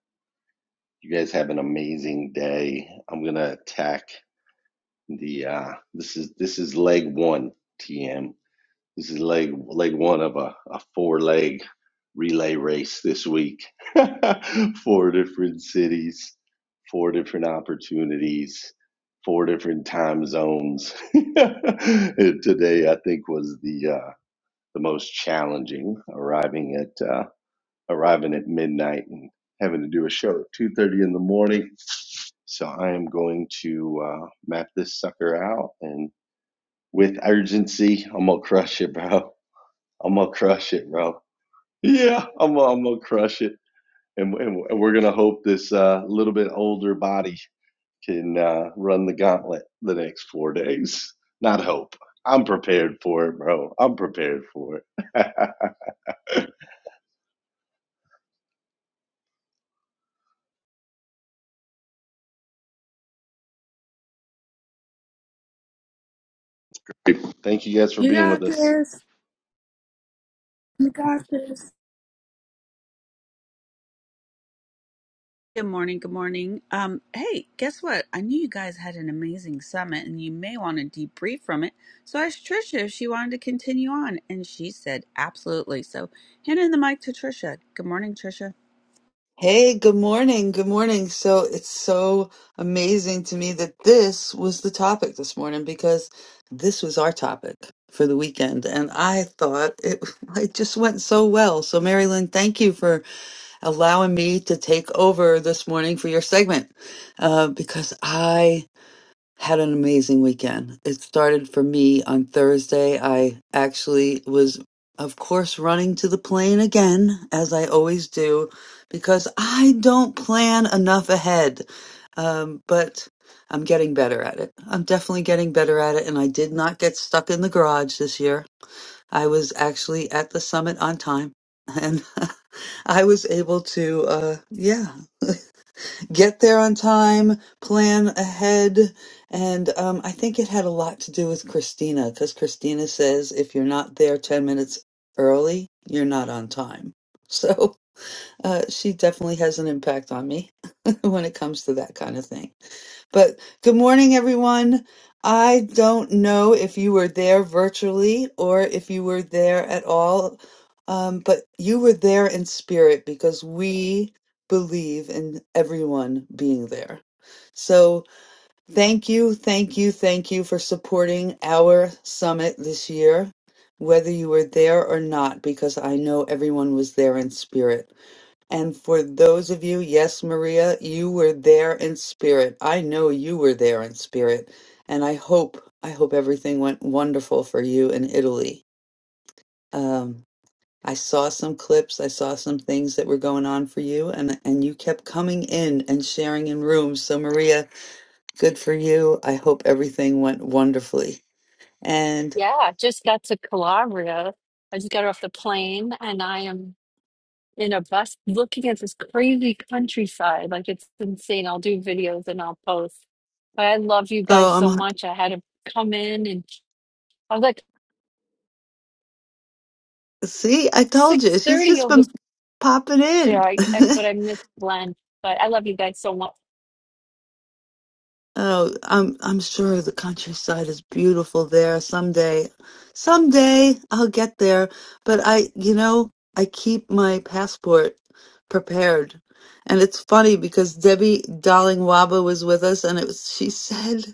Speaker 7: You guys have an amazing day. I'm gonna attack the uh this is this is leg one, TM. This is leg leg one of a, a four leg relay race this week. four different cities, four different opportunities, four different time zones. And Today, I think was the uh, the most challenging. Arriving at uh, arriving at midnight and having to do a show at two thirty in the morning. So I am going to uh, map this sucker out and with urgency, I'm gonna crush it, bro. I'm gonna crush it, bro. Yeah, I'm gonna, I'm gonna crush it, and, and we're gonna hope this uh, little bit older body can uh, run the gauntlet the next four days. Not hope. I'm prepared for it, bro. I'm prepared for it. Thank you guys for
Speaker 4: You
Speaker 7: being with
Speaker 4: got
Speaker 7: us.
Speaker 4: this. Good morning. Good morning. Um, hey, guess what? I knew you guys had an amazing summit, and you may want to debrief from it. So I asked Trisha if she wanted to continue on, and she said absolutely. So handing the mic to Trisha. Good morning, Trisha.
Speaker 1: Hey, good morning. Good morning. So it's so amazing to me that this was the topic this morning because this was our topic for the weekend. And I thought it, it just went so well. So, Marilyn, thank you for allowing me to take over this morning for your segment uh, because I had an amazing weekend. It started for me on Thursday. I actually was, of course, running to the plane again, as I always do, because I don't plan enough ahead. Um, but I'm getting better at it. I'm definitely getting better at it, and I did not get stuck in the garage this year. I was actually at the summit on time, and I was able to, uh, yeah get there on time, plan ahead. And um, I think it had a lot to do with Christina because Christina says if you're not there 10 minutes early, you're not on time. So uh, she definitely has an impact on me when it comes to that kind of thing. But good morning, everyone. I don't know if you were there virtually or if you were there at all, um, but you were there in spirit because we believe in everyone being there. So thank you, thank you, thank you for supporting our summit this year, whether you were there or not, because I know everyone was there in spirit. And for those of you, yes, Maria, you were there in spirit. I know you were there in spirit. And I hope, I hope everything went wonderful for you in Italy. Um, I saw some clips, I saw some things that were going on for you, and, and you kept coming in and sharing in rooms. So, Maria, good for you. I hope everything went wonderfully. And,
Speaker 9: Yeah, I just got to Calabria. I just got off the plane and I am in a bus looking at this crazy countryside. Like it's insane. I'll do videos and I'll post. But I love you guys
Speaker 1: oh,
Speaker 9: so
Speaker 1: I'm,
Speaker 9: much. I had to come in and I was like
Speaker 1: see, I told you, she's
Speaker 9: 6:30
Speaker 1: just
Speaker 9: over
Speaker 1: been popping
Speaker 9: there.
Speaker 1: in.
Speaker 9: I, I but I missed Glenn. But I love you guys so much.
Speaker 1: Oh, I'm I'm sure the countryside is beautiful there someday. Someday I'll get there, but I, you know, I keep my passport prepared. And it's funny because Debbie Darling Waba was with us and it was, she said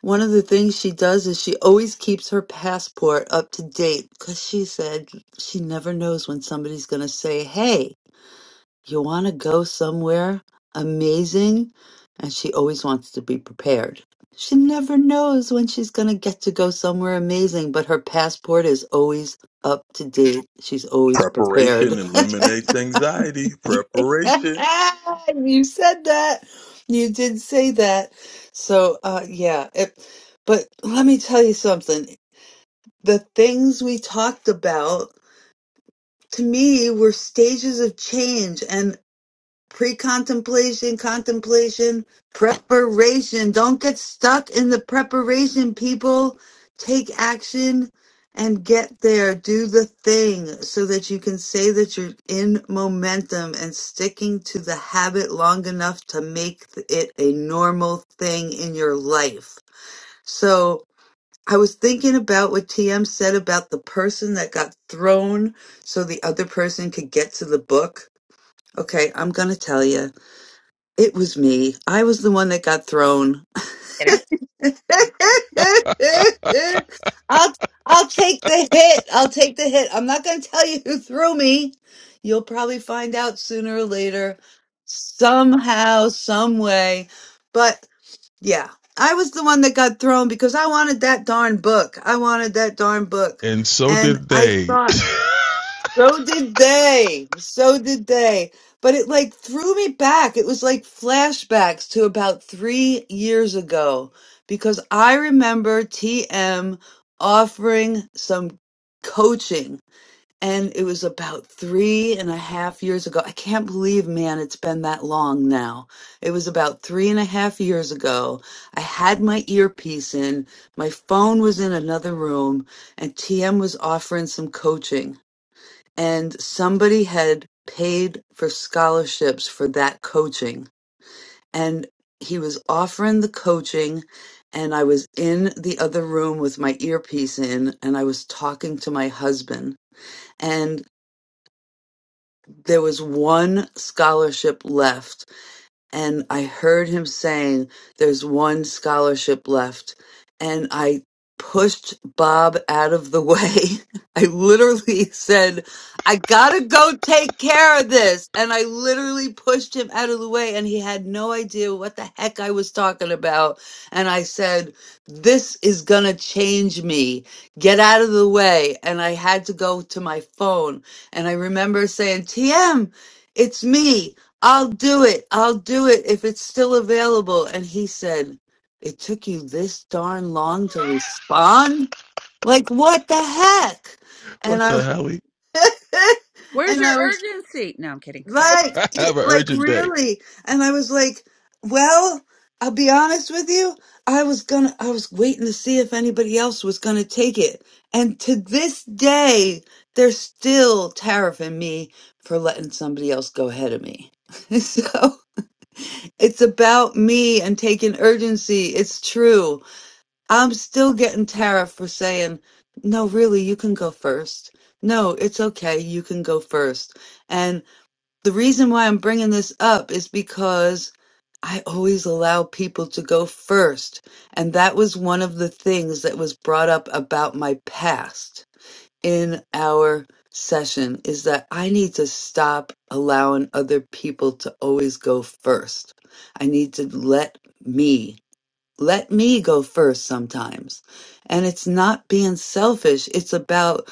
Speaker 1: one of the things she does is she always keeps her passport up to date because she said she never knows when somebody's going to say, "Hey, you want to go somewhere amazing and she always wants to be prepared she never knows when she's going to get to go somewhere amazing but her passport is always up to date she's always
Speaker 2: Preparation
Speaker 1: prepared
Speaker 2: eliminates anxiety. Preparation.
Speaker 1: you said that you did say that so uh yeah it, but let me tell you something the things we talked about to me were stages of change pre-contemplation, contemplation, preparation. Don't get stuck in the preparation, people. Take action and get there. Do the thing so that you can say that you're in momentum and sticking to the habit long enough to make it a normal thing in your life. So, I was thinking about what TM said about the person that got thrown so the other person could get to the book. Okay, I'm going to tell you. It was me. I was the one that got thrown.
Speaker 4: kidding.
Speaker 1: I'll I'll take the hit. I'll take the hit. I'm not going to tell you who threw me. You'll probably find out sooner or later, somehow, some way. But yeah, I was the one that got thrown because I wanted that darn book. I wanted that darn book,
Speaker 2: And so
Speaker 1: and
Speaker 2: did
Speaker 1: I
Speaker 2: they.
Speaker 1: thought. So did they. So did they. But it like threw me back. It was like flashbacks to about three years ago because I remember TM offering some coaching and it was about three and a half years ago. I can't believe, man, it's been that long now. It was about three and a half years ago. I had my earpiece in, my phone was in another room, and TM was offering some coaching and somebody had paid for scholarships for that coaching and he was offering the coaching and I was in the other room with my earpiece in and I was talking to my husband and there was one scholarship left and I heard him saying there's one scholarship left and I pushed Bob out of the way. I literally said, I gotta go take care of this. And I literally pushed him out of the way and he had no idea what the heck I was talking about. And I said, this is gonna change me. Get out of the way. And I had to go to my phone. And I remember saying, TM, it's me. I'll do it. I'll do it if it's still available. And he said, It took you this darn long to respond? Like, what the heck? And
Speaker 2: what
Speaker 1: I
Speaker 2: the hell?
Speaker 4: Where's
Speaker 1: and
Speaker 4: your
Speaker 1: I was
Speaker 4: urgency? No, I'm kidding. Sorry.
Speaker 1: like,
Speaker 2: I
Speaker 1: "Eh,
Speaker 2: Have an
Speaker 1: like
Speaker 2: urgent day.
Speaker 1: really? And I was like, well, I'll be honest with you. I was gonna I was waiting to see if anybody else was gonna take it. And to this day, they're still tariffing me for letting somebody else go ahead of me. so it's about me and taking urgency. It's true. I'm still getting tariff for saying, no, really, you can go first. No, it's okay. You can go first. And the reason why I'm bringing this up is because I always allow people to go first. And that was one of the things that was brought up about my past in our session is that I need to stop allowing other people to always go first. I need to let me, let me go first sometimes. And it's not being selfish, it's about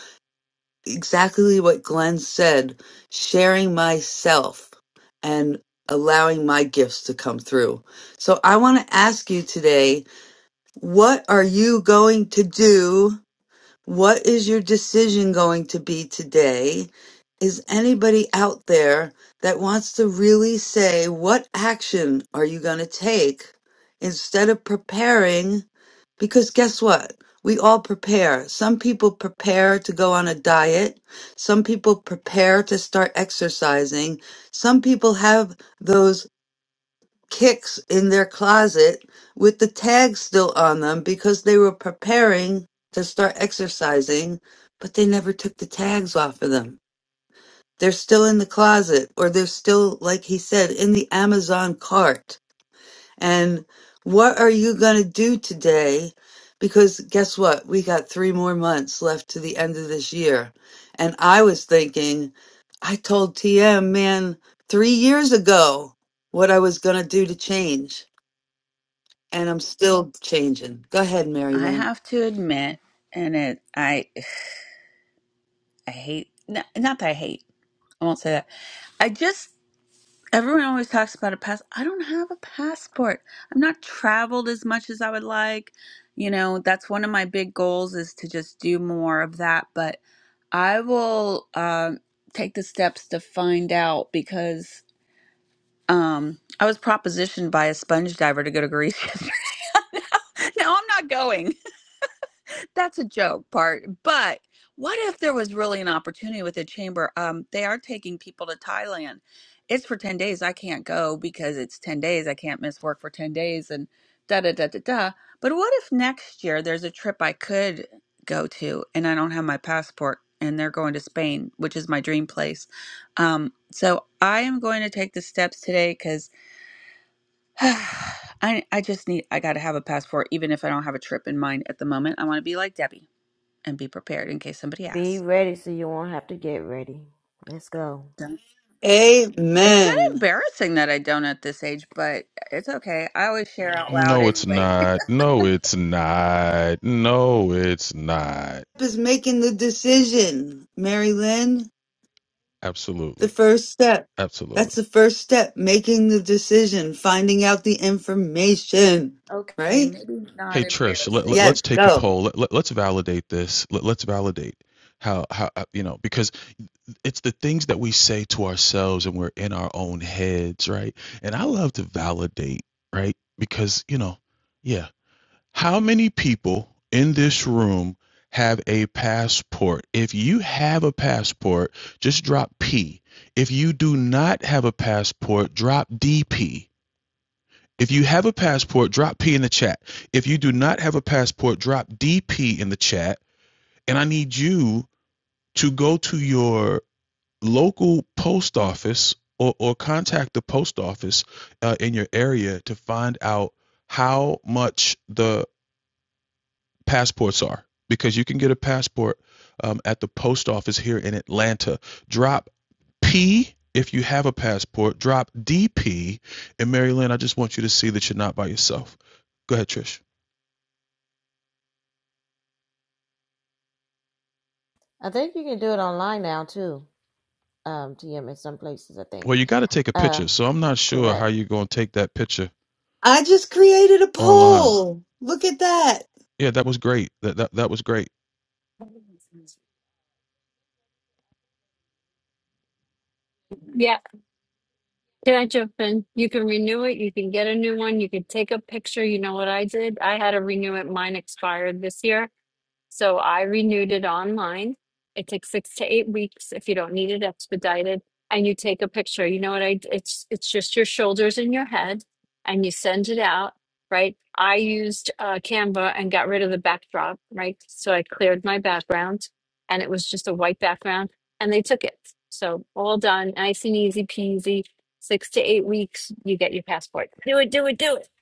Speaker 1: exactly what Glenn said sharing myself and allowing my gifts to come through. So I want to ask you today what are you going to do? What is your decision going to be today? Is anybody out there that wants to really say, what action are you going to take instead of preparing? Because guess what? We all prepare. Some people prepare to go on a diet. Some people prepare to start exercising. Some people have those kicks in their closet with the tags still on them because they were preparing to start exercising, but they never took the tags off of them. They're still in the closet, or they're still, like he said, in the Amazon cart. And what are you going to do today? Because guess what? We got three more months left to the end of this year. And I was thinking, I told TM, man, three years ago what I was going to do to change and I'm still changing. Go ahead, Mary
Speaker 4: I
Speaker 1: Lynn.
Speaker 4: have to admit, and it, I, I hate. n- Not that I hate. I won't say that. I just Everyone always talks about a pass. I don't have a passport. I'm not traveled as much as I would like. You know, that's one of my big goals is to just do more of that. But I will um, take the steps to find out because um, I was propositioned by a sponge diver to go to Greece yesterday. no, I'm not going that's a joke part. But what if there was really an opportunity with the chamber? Um, they are taking people to Thailand. It's for ten days. I can't go because it's ten days. I can't miss work for ten days and da da da da da. But what if next year there's a trip I could go to and I don't have my passport and they're going to Spain, which is my dream place. Um, so I am going to take the steps today because I I just need I got to have a passport even if I don't have a trip in mind at the moment. I want to be like Debbie and be prepared in case somebody
Speaker 3: Be
Speaker 4: asks.
Speaker 3: ready, so you won't have to get ready. Let's go.
Speaker 4: So, It's kind of
Speaker 1: Amen.
Speaker 4: embarrassing that I don't at this age, but it's okay. I always share out loud
Speaker 2: No, it's
Speaker 4: anyway.
Speaker 2: not. No, it's not. No, it's not.
Speaker 1: Is making the decision, Mary Lynn. The
Speaker 2: Absolutely.
Speaker 1: first step.
Speaker 2: Absolutely.
Speaker 1: That's the first step. Making the decision, finding out the information.
Speaker 4: Okay,
Speaker 1: Right?
Speaker 4: maybe not
Speaker 2: Hey Trish, let, let,
Speaker 4: embarrassing.
Speaker 1: Yes,
Speaker 2: us take a
Speaker 1: go.
Speaker 2: poll. Let, let, us validate this. Let, let's validate how how uh, you know because it's the things that we say to ourselves and we're in our own heads, right? And I love to validate, right? Because, you know, yeah, how many people in this room have a passport? If you have a passport, just drop P. If you do not have a passport, drop DP. If you have a passport, drop P in the chat. If you do not have a passport, drop DP in the chat. And I need you to go to your local post office or, or contact the post office uh, in your area to find out how much the passports are because you can get a passport um, at the post office here in Atlanta. Drop P if you have a passport, drop DP. And Mary Lynn, I just want you to see that you're not by yourself. Go ahead, Trish.
Speaker 3: I think you can do it online now too. Um, TM in some places, I think.
Speaker 2: Well, you got to take a
Speaker 3: Uh,
Speaker 2: picture. So I'm not sure how
Speaker 3: correct.
Speaker 2: you're going to take that picture
Speaker 1: I just created a
Speaker 2: online.
Speaker 1: poll. Look at that.
Speaker 2: Yeah, that was great. That, that, that was great.
Speaker 9: Yeah, can I jump in? You can renew it. You can get a new one. You can take a picture. You know what I did? I had to renew it. Mine expired this year. So I renewed it online. It takes six to eight weeks if you don't need it expedited, and you take a picture. You know what I? d- It's it's just your shoulders and your head, and you send it out. Right. I used uh, Canva and got rid of the backdrop. Right. So I cleared my background, and it was just a white background, and they took it. So all done, nice and easy peasy. Six to eight weeks, you get your passport. Do it. Do it. Do it.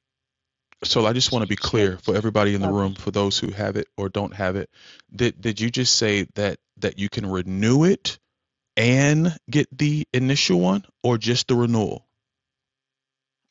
Speaker 2: So I just want to be
Speaker 10: Check.
Speaker 2: clear for everybody in the
Speaker 10: Okay.
Speaker 2: room, for those who have it or don't have it. Did did you just say that that you can renew it and get the initial one, or just the renewal?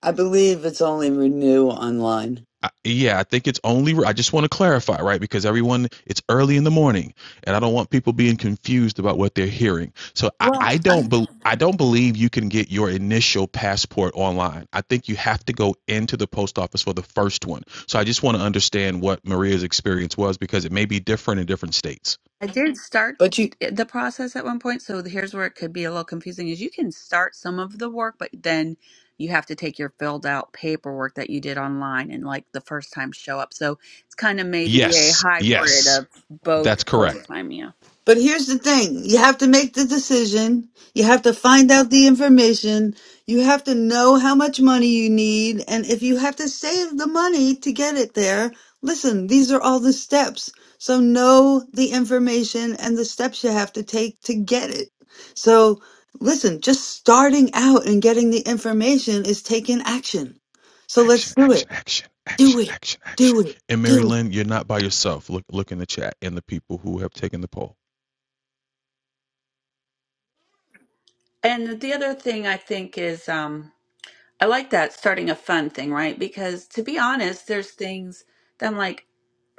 Speaker 1: I believe it's only Renew Online.
Speaker 2: I, yeah, I think it's only. I just want to clarify, right? Because everyone, it's early in the morning, and I don't want people being confused about what they're hearing. So I,
Speaker 4: Well,
Speaker 2: I don't.
Speaker 4: I
Speaker 2: Be, I don't believe you can get your initial passport online. I think you have to go into the post office for the first one. So I just want to understand what Maria's experience was because it may be different in different states.
Speaker 4: I did start
Speaker 1: But you.
Speaker 4: it- the process at one point, so here's where it could be a little confusing is you can start some of the work, but then you have to take your filled out paperwork that you did online and like the first time show up. So it's kind of maybe a
Speaker 2: Yes,
Speaker 4: hybrid
Speaker 2: yes,
Speaker 4: of
Speaker 2: that's
Speaker 4: both first
Speaker 2: correct.
Speaker 4: time, yeah.
Speaker 1: But here's the thing you have to make the decision, you have to find out the information, you have to know how much money you need, and if you have to save the money to get it there, listen, these are all the steps. So know the information and the steps you have to take to get it. So listen, just starting out and getting the information is taking action. So let's
Speaker 2: Action,
Speaker 1: do
Speaker 2: action,
Speaker 1: it.
Speaker 2: action,
Speaker 1: Do
Speaker 2: action,
Speaker 1: it.
Speaker 2: action, action.
Speaker 1: Do it.
Speaker 2: And Mary
Speaker 1: Do it.
Speaker 2: Lynn, you're not by yourself. Look, look in the chat and the people who have taken the poll.
Speaker 4: And the other thing I think is um I like that starting a fun thing, right? Because to be honest, there's things that I'm like,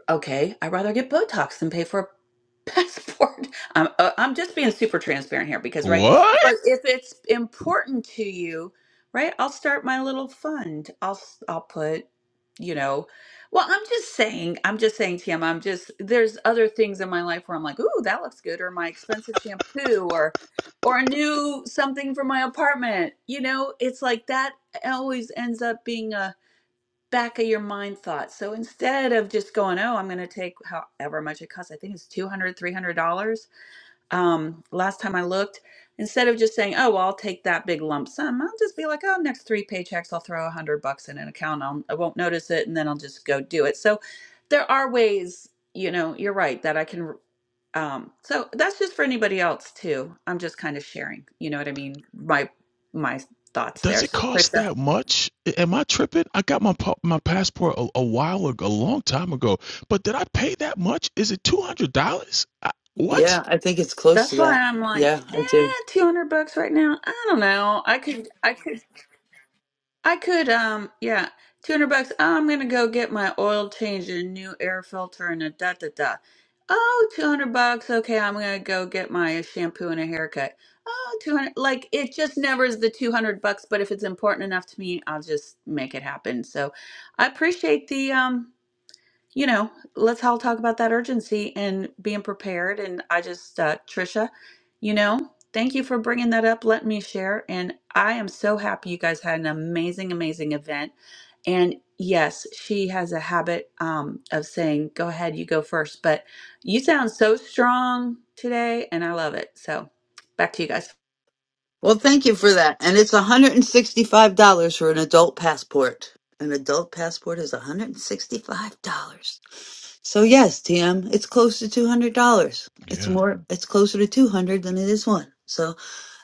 Speaker 4: okay, I'd rather get Botox than pay for a passport. I'm, uh, I'm just being super transparent here because, right? But
Speaker 2: What?
Speaker 4: if it's important to you, right? I'll start my little fund. I'll s- I'll put, you know, well, I'm just saying, I'm just saying, Tim, I'm just there's other things in my life where I'm like, ooh, that looks good, or my expensive shampoo, or or a new something for my apartment. You know, it's like that always ends up being a back of your mind thought. So instead of just going, oh, I'm going to take however much it costs, I think it's $200, $300. Um, last time I looked, instead of just saying, oh, well, I'll take that big lump sum, I'll just be like, oh, next three paychecks, I'll throw a hundred bucks in an account. I'll, I won't notice it. And then I'll just go do it. So there are ways, you know, you're right that I can, um, so that's just for anybody else too. I'm just kind of sharing, you know what I mean? My, my thoughts
Speaker 2: Does
Speaker 4: there.
Speaker 2: it
Speaker 4: So,
Speaker 2: cost
Speaker 4: Krista.
Speaker 2: that much? A- Am I tripping? I got my pa- my passport a, a while ago, a long time ago. But did I pay that much? Is it two hundred dollars? What?
Speaker 1: Yeah, I think it's close
Speaker 4: That's
Speaker 1: to
Speaker 4: why
Speaker 1: that.
Speaker 4: I'm like,
Speaker 1: Yeah, I do.
Speaker 4: eh, two hundred bucks right now. I don't know. I could, I could, I could. Um, yeah, two hundred bucks. Oh, I'm gonna go get my oil change and a new air filter and a da da da. Oh, 200 bucks. Okay, I'm gonna go get my uh, shampoo and a haircut. Oh, 200. Like it just never is the 200 bucks, but if it's important enough to me, I'll just make it happen. So, I appreciate the um you know, let's all talk about that urgency and being prepared. And I just, uh, Trisha, you know, thank you for bringing that up, letting me share. And I am so happy you guys had an amazing, amazing event. And yes, she has a habit um, of saying, go ahead, you go first. But you sound so strong today, and I love it. So back to you guys.
Speaker 1: Well, thank you for that. And it's $165 for an adult passport. An adult passport is $165. So yes, TM, it's close to $200. It's
Speaker 2: Yeah.
Speaker 1: more it's closer to 200 than it is one. So,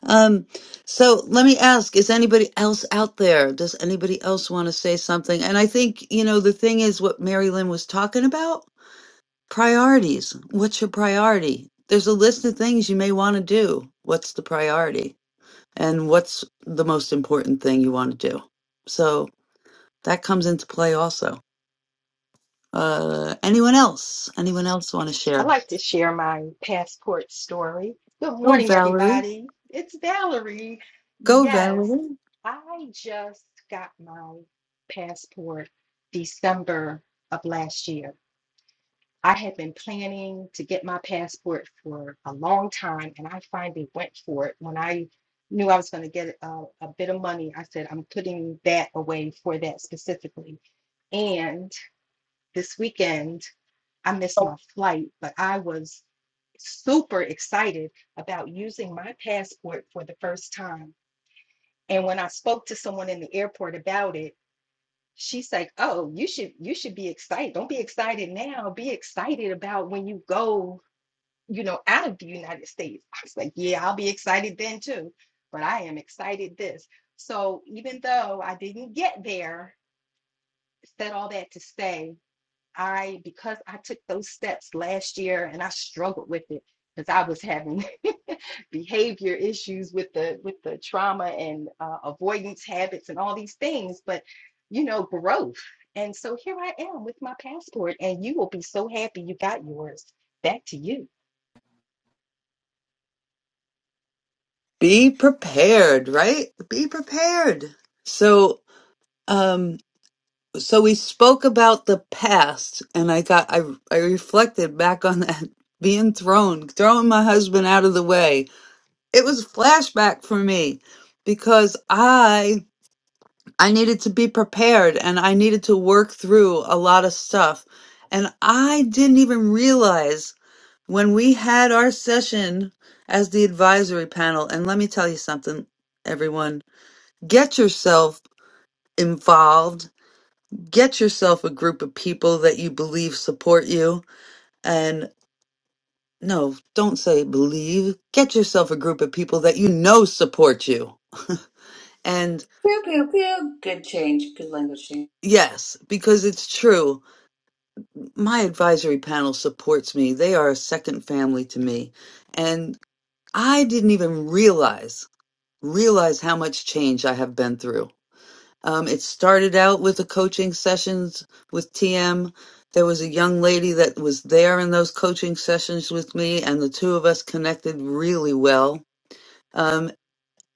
Speaker 1: um so let me ask, is anybody else out there? Does anybody else want to say something? And I think, you know, the thing is what Mary Lynn was talking about, priorities. What's your priority? There's a list of things you may want to do. What's the priority? and what's the most important thing you want to do. So that comes into play also. Uh, anyone else? Anyone else want to
Speaker 10: I'd
Speaker 1: share?
Speaker 10: like to share my passport story. Good
Speaker 1: Go,
Speaker 10: morning,
Speaker 1: Valerie.
Speaker 10: everybody. It's Valerie.
Speaker 1: Go,
Speaker 10: Yes,
Speaker 1: Valerie.
Speaker 10: I just got my passport December of last year. I had been planning to get my passport for a long time, and I finally went for it. When I knew I was going to get a, a bit of money, I said, I'm putting that away for that specifically. And this weekend, I missed my flight, but I was super excited about using my passport for the first time. And when I spoke to someone in the airport about it, she's like, "Oh, you should you should be excited. Don't be excited now. Be excited about when you go, you know, out of the United States." I was like, "Yeah, I'll be excited then too, but I am excited this." So even though I didn't get there, said all that to say I, because I took those steps last year and I struggled with it because I was having behavior issues with the with the trauma and uh, avoidance habits and all these things, but you know, growth. And so here I am with my passport, and you will be so happy you got yours. Back to you.
Speaker 1: Be prepared, right? Be prepared. So, um, so we spoke about the past, and I got I I reflected back on that being thrown, throwing my husband out of the way. It was a flashback for me because I I needed to be prepared and I needed to work through a lot of stuff. And I didn't even realize when we had our session as the advisory panel. And let me tell you something, everyone get yourself involved, get yourself a group of people that you believe support you. And no, don't say believe, get yourself a group of people that you know support you. And
Speaker 4: Pew, pew, pew. Good change. Good language change.
Speaker 1: yes, because it's true my advisory panel supports me. They are a second family to me. And I didn't even realize realize how much change I have been through. Um, it started out with the coaching sessions with TM. There was a young lady that was there in those coaching sessions with me, and the two of us connected really well. Um,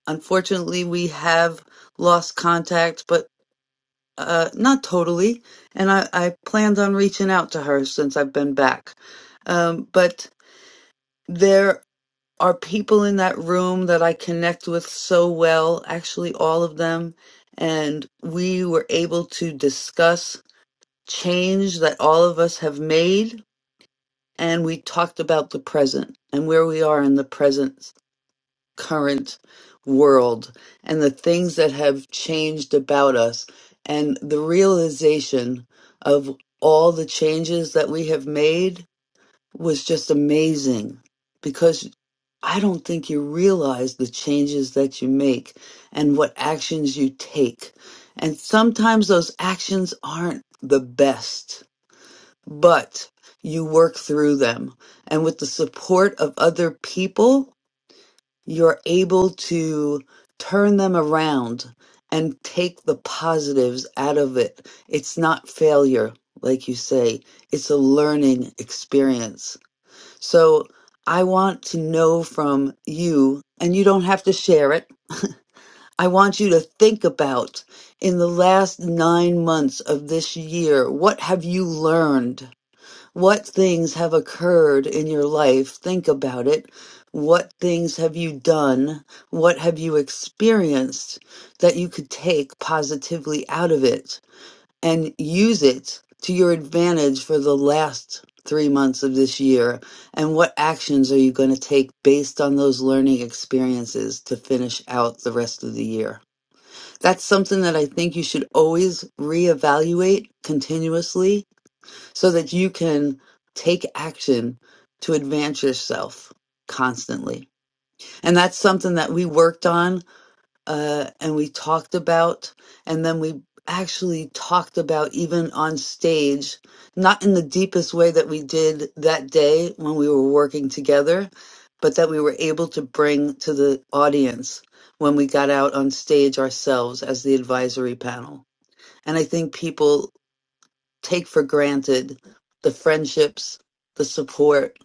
Speaker 1: unfortunately, we have lost contact, but uh, not totally. And I, I planned on reaching out to her since I've been back. Um, but there are people in that room that I connect with so well, actually, all of them. And we were able to discuss change that all of us have made. And we talked about the present and where we are in the present current world and the things that have changed about us and the realization of all the changes that we have made was just amazing because I don't think you realize the changes that you make and what actions you take. And sometimes those actions aren't the best, but you work through them. And with the support of other people, you're able to turn them around and take the positives out of it. It's not failure, like you say, it's a learning experience. So I want to know from you, and you don't have to share it. I want you to think about in the last nine months of this year, what have you learned? What things have occurred in your life? Think about it. What things have you done? What have you experienced that you could take positively out of it and use it to your advantage for the last three months of this year? And what actions are you going to take based on those learning experiences to finish out the rest of the year? That's something that I think you should always reevaluate continuously so that you can take action to advance yourself constantly. And that's something that we worked on uh, and we talked about. And then we actually talked about even on stage, not in the deepest way that we did that day when we were working together, but that we were able to bring to the audience when we got out on stage ourselves as the advisory panel. And I think people take for granted the friendships, the support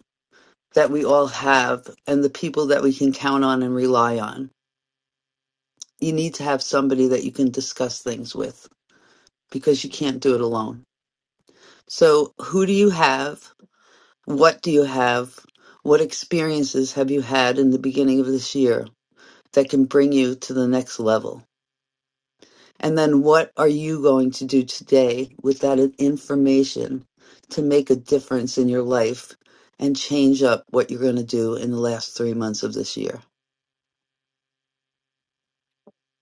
Speaker 1: that we all have, and the people that we can count on and rely on. You need to have somebody that you can discuss things with because you can't do it alone. So, who do you have? What do you have? What experiences have you had in the beginning of this year that can bring you to the next level? And then what are you going to do today with that information to make a difference in your life and change up what you're going to do in the last three months of this year?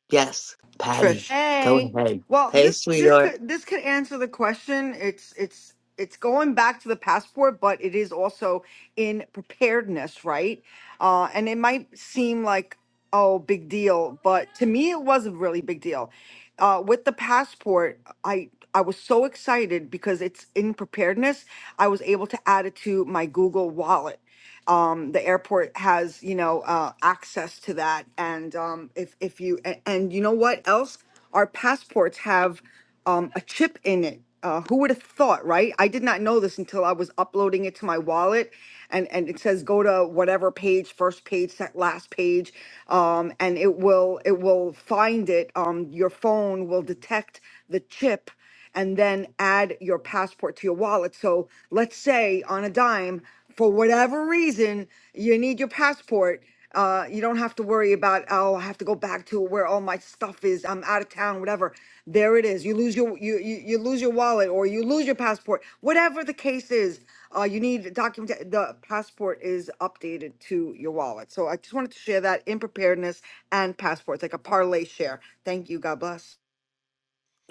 Speaker 1: Yes,
Speaker 11: Trish.
Speaker 1: Patty, go
Speaker 11: Hey,
Speaker 1: ahead.
Speaker 11: well,
Speaker 1: Hey,
Speaker 11: this this
Speaker 1: sweetheart.
Speaker 11: could this could answer the question. It's it's it's going back to the passport, but it is also in preparedness, right? Uh, and it might seem like oh, big deal, but to me, it was a really big deal. Uh, with the passport, I I was so excited because it's in preparedness. I was able to add it to my Google Wallet um, the airport has you know uh, access to that and um, if, if you and, and you know what else our passports have um, a chip in it uh, who would have thought right i did not know this until i was uploading it to my wallet and and it says go to whatever page first page sec- last page um, and it will it will find it um, your phone will detect the chip and then add your passport to your wallet. So let's say on a dime, for whatever reason, you need your passport. Uh, you don't have to worry about oh I have to go back to where all my stuff is I'm out of town whatever there it is you lose your you you, you lose your wallet or you lose your passport whatever the case is uh, you need document the passport is updated to your wallet so I just wanted to share that in preparedness and passports like a parlay share thank you God bless.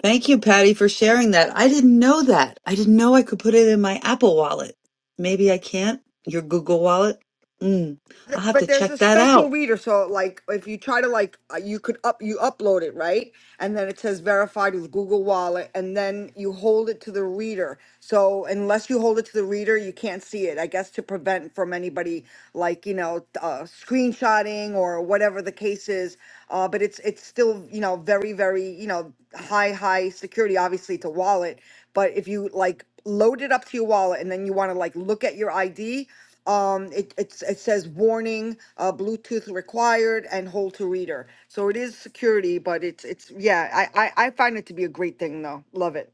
Speaker 1: Thank you, Patty, for sharing that. I didn't know that. I didn't know I could put it in my Apple wallet. Maybe I can't. Your Google wallet? Mm, I'll
Speaker 11: Th-
Speaker 1: have
Speaker 11: but
Speaker 1: to
Speaker 11: there's
Speaker 1: check
Speaker 11: a
Speaker 1: that out.
Speaker 11: special reader so like if you try to like uh, you could up you upload it right and then it says verified with google wallet and then you hold it to the reader so unless you hold it to the reader you can't see it i guess to prevent from anybody like you know uh, screenshotting or whatever the case is uh, but it's it's still you know very very you know high high security obviously it's a wallet but if you like load it up to your wallet and then you want to like look at your id um, it, it's, it says warning, uh, Bluetooth required and hold to reader. So it is security, but it's, it's, yeah, I, I, I find it to be a great thing though. Love it.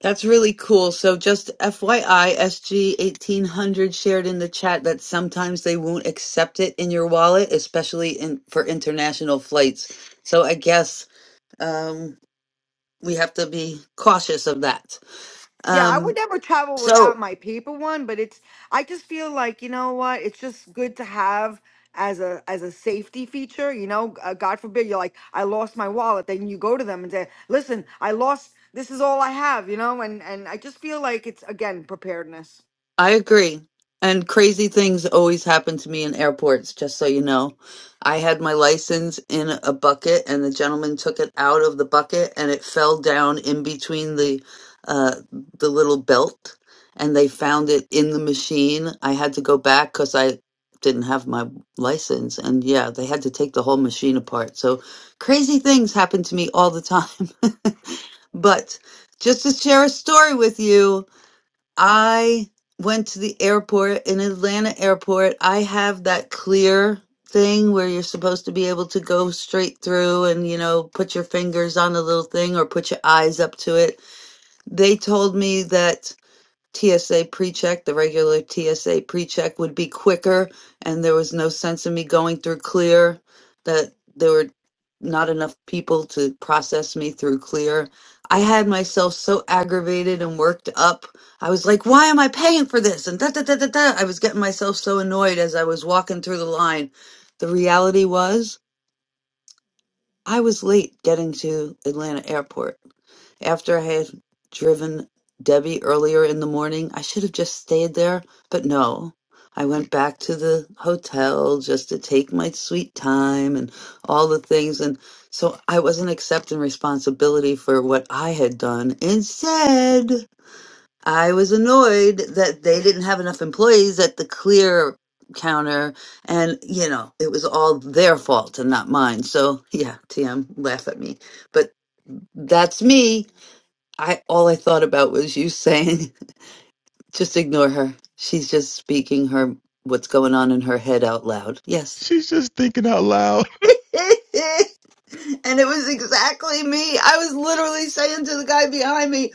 Speaker 1: That's really cool. So just FYISG 1800 shared in the chat that sometimes they won't accept it in your wallet, especially in for international flights. So I guess um, we have to be cautious of that.
Speaker 11: Yeah, I would
Speaker 1: Um,
Speaker 11: never travel
Speaker 1: so
Speaker 11: without my paper one, but it's, I just feel like, you know what? It's just good to have as a, as a safety feature, you know, uh, God forbid you're like, I lost my wallet. Then you go to them and say, listen, I lost, this is all I have, you know? And, and I just feel like it's again, preparedness.
Speaker 1: I agree. And crazy things always happen to me in airports, just so you know. I had my license in a bucket, and the gentleman took it out of the bucket, and it fell down in between the uh, the little belt, and they found it in the machine. I had to go back because I didn't have my license, and yeah, they had to take the whole machine apart. So crazy things happen to me all the time. but just to share a story with you, I went to the airport in Atlanta airport. I have that clear thing where you're supposed to be able to go straight through and you know put your fingers on the little thing or put your eyes up to it. They told me that TSA pre-check, the regular TSA pre-check would be quicker, and there was no sense in me going through Clear, that there were not enough people to process me through Clear. I had myself so aggravated and worked up. I was like, why am I paying for this? And da da da da da. I was getting myself so annoyed as I was walking through the line. The reality was I was late getting to Atlanta Airport. After I had driven Debbie earlier in the morning, I should have just stayed there, but no. I went back to the hotel just to take my sweet time and all the things. And so I wasn't accepting responsibility for what I had done. Instead, I was annoyed that they didn't have enough employees at the clear counter and you know it was all their fault and not mine so yeah tm laugh at me but that's me i all i thought about was you saying just ignore her she's just speaking her what's going on in her head out loud yes
Speaker 2: She's just thinking out loud.
Speaker 1: and it was exactly me. I was literally saying to the guy behind me,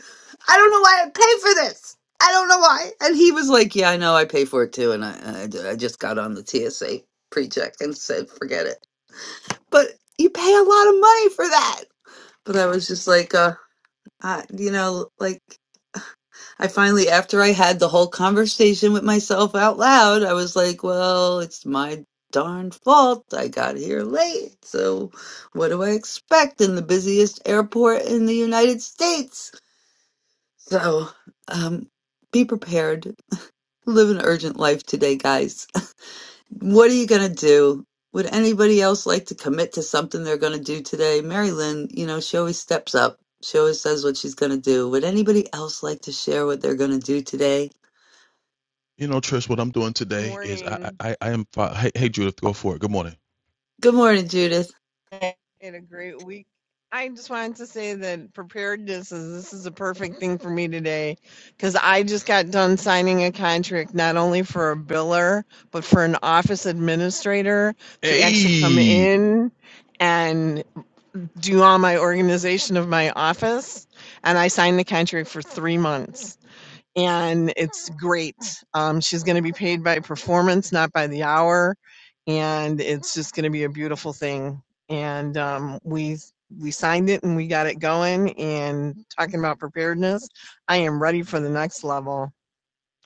Speaker 1: I don't know why I pay for this. I don't know why. And he was like, Yeah, I know. I pay for it too. And I, I, d- I just got on the TSA pre check and said, Forget it. But you pay a lot of money for that. But I was just like, uh, I, you know, like. I finally, after I had the whole conversation with myself out loud, I was like, well, it's my darn fault. I got here late. So, what do I expect in the busiest airport in the United States? So, um, be prepared. Live an urgent life today, guys. What are you going to do? Would anybody else like to commit to something they're going to do today? Mary Lynn, you know, she always steps up. She always says what she's going to do. Would anybody else like to share what they're going to do today?
Speaker 2: You know, Trish, what I'm doing today is I
Speaker 12: morning
Speaker 2: I, I am. Fi- hey, hey, Judith, go for it. Good morning.
Speaker 1: Good morning, Judith.
Speaker 12: and a great week. I just wanted to say that preparedness is this is a perfect thing for me today because I just got done signing a contract not only for a biller but for an office administrator to actually come
Speaker 2: Hey,
Speaker 12: in and do all my organization of my office. And I signed the contract for three months. and it's great. Um, she's going to be paid by performance, not by the hour, and it's just going to be a beautiful thing. And um, we we signed it and we got it going. And talking about preparedness, I am ready for the next level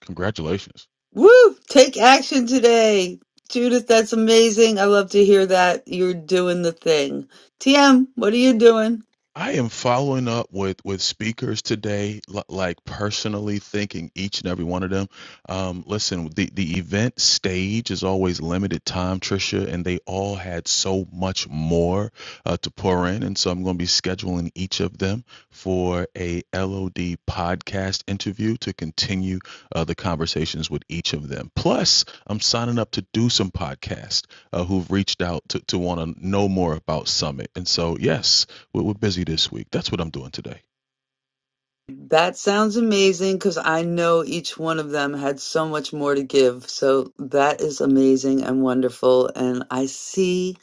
Speaker 2: congratulations.
Speaker 1: Woo! Take action today. Judith, that's amazing. I love to hear that. You're doing the thing. TM, what are you doing?
Speaker 2: I am following up with with speakers today, li- like personally thanking each and every one of them. Um, listen, the the event stage is always limited time, Trisha, and they all had so much more uh, to pour in, and so I'm going to be scheduling each of them for a LOD podcast interview to continue uh, the conversations with each of them. Plus, I'm signing up to do some podcasts uh, who've reached out to to want to know more about Summit, and so yes we're, we're busy this week. That's what I'm doing today.
Speaker 1: That sounds amazing because I know each one of them had so much more to give. So that is amazing and wonderful. And I see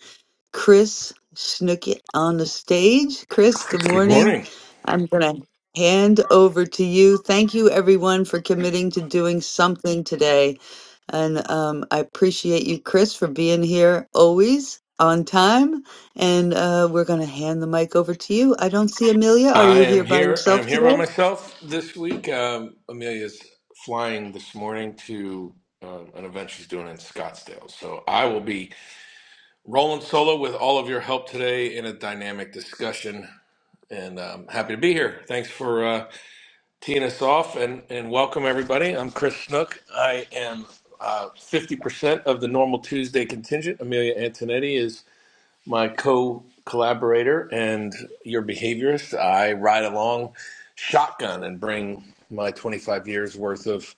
Speaker 1: Chris Snookit on the stage. Chris, good
Speaker 13: Good
Speaker 1: morning.
Speaker 13: morning.
Speaker 1: I'm going to hand over to you. Thank you, everyone, for committing to doing something today. And um, I appreciate you, Chris, for being here always on time. And uh, we're going to hand the mic over to you. I don't see Amelia. Are
Speaker 13: I
Speaker 1: you here
Speaker 13: am
Speaker 1: by
Speaker 13: here. I am
Speaker 1: yourself
Speaker 13: here by
Speaker 1: today?
Speaker 13: myself this week. Um, Amelia's flying this morning to uh, an event she's doing in Scottsdale, so I will be rolling solo with all of your help today in a dynamic discussion. And um, happy to be here. Thanks for uh, teeing us off, and and welcome everybody. I'm Chris Snook. I am. Uh, 50% of the normal Tuesday contingent. Amelia Antonetti is my co-collaborator and your behaviorist. I ride along shotgun and bring my 25 years worth of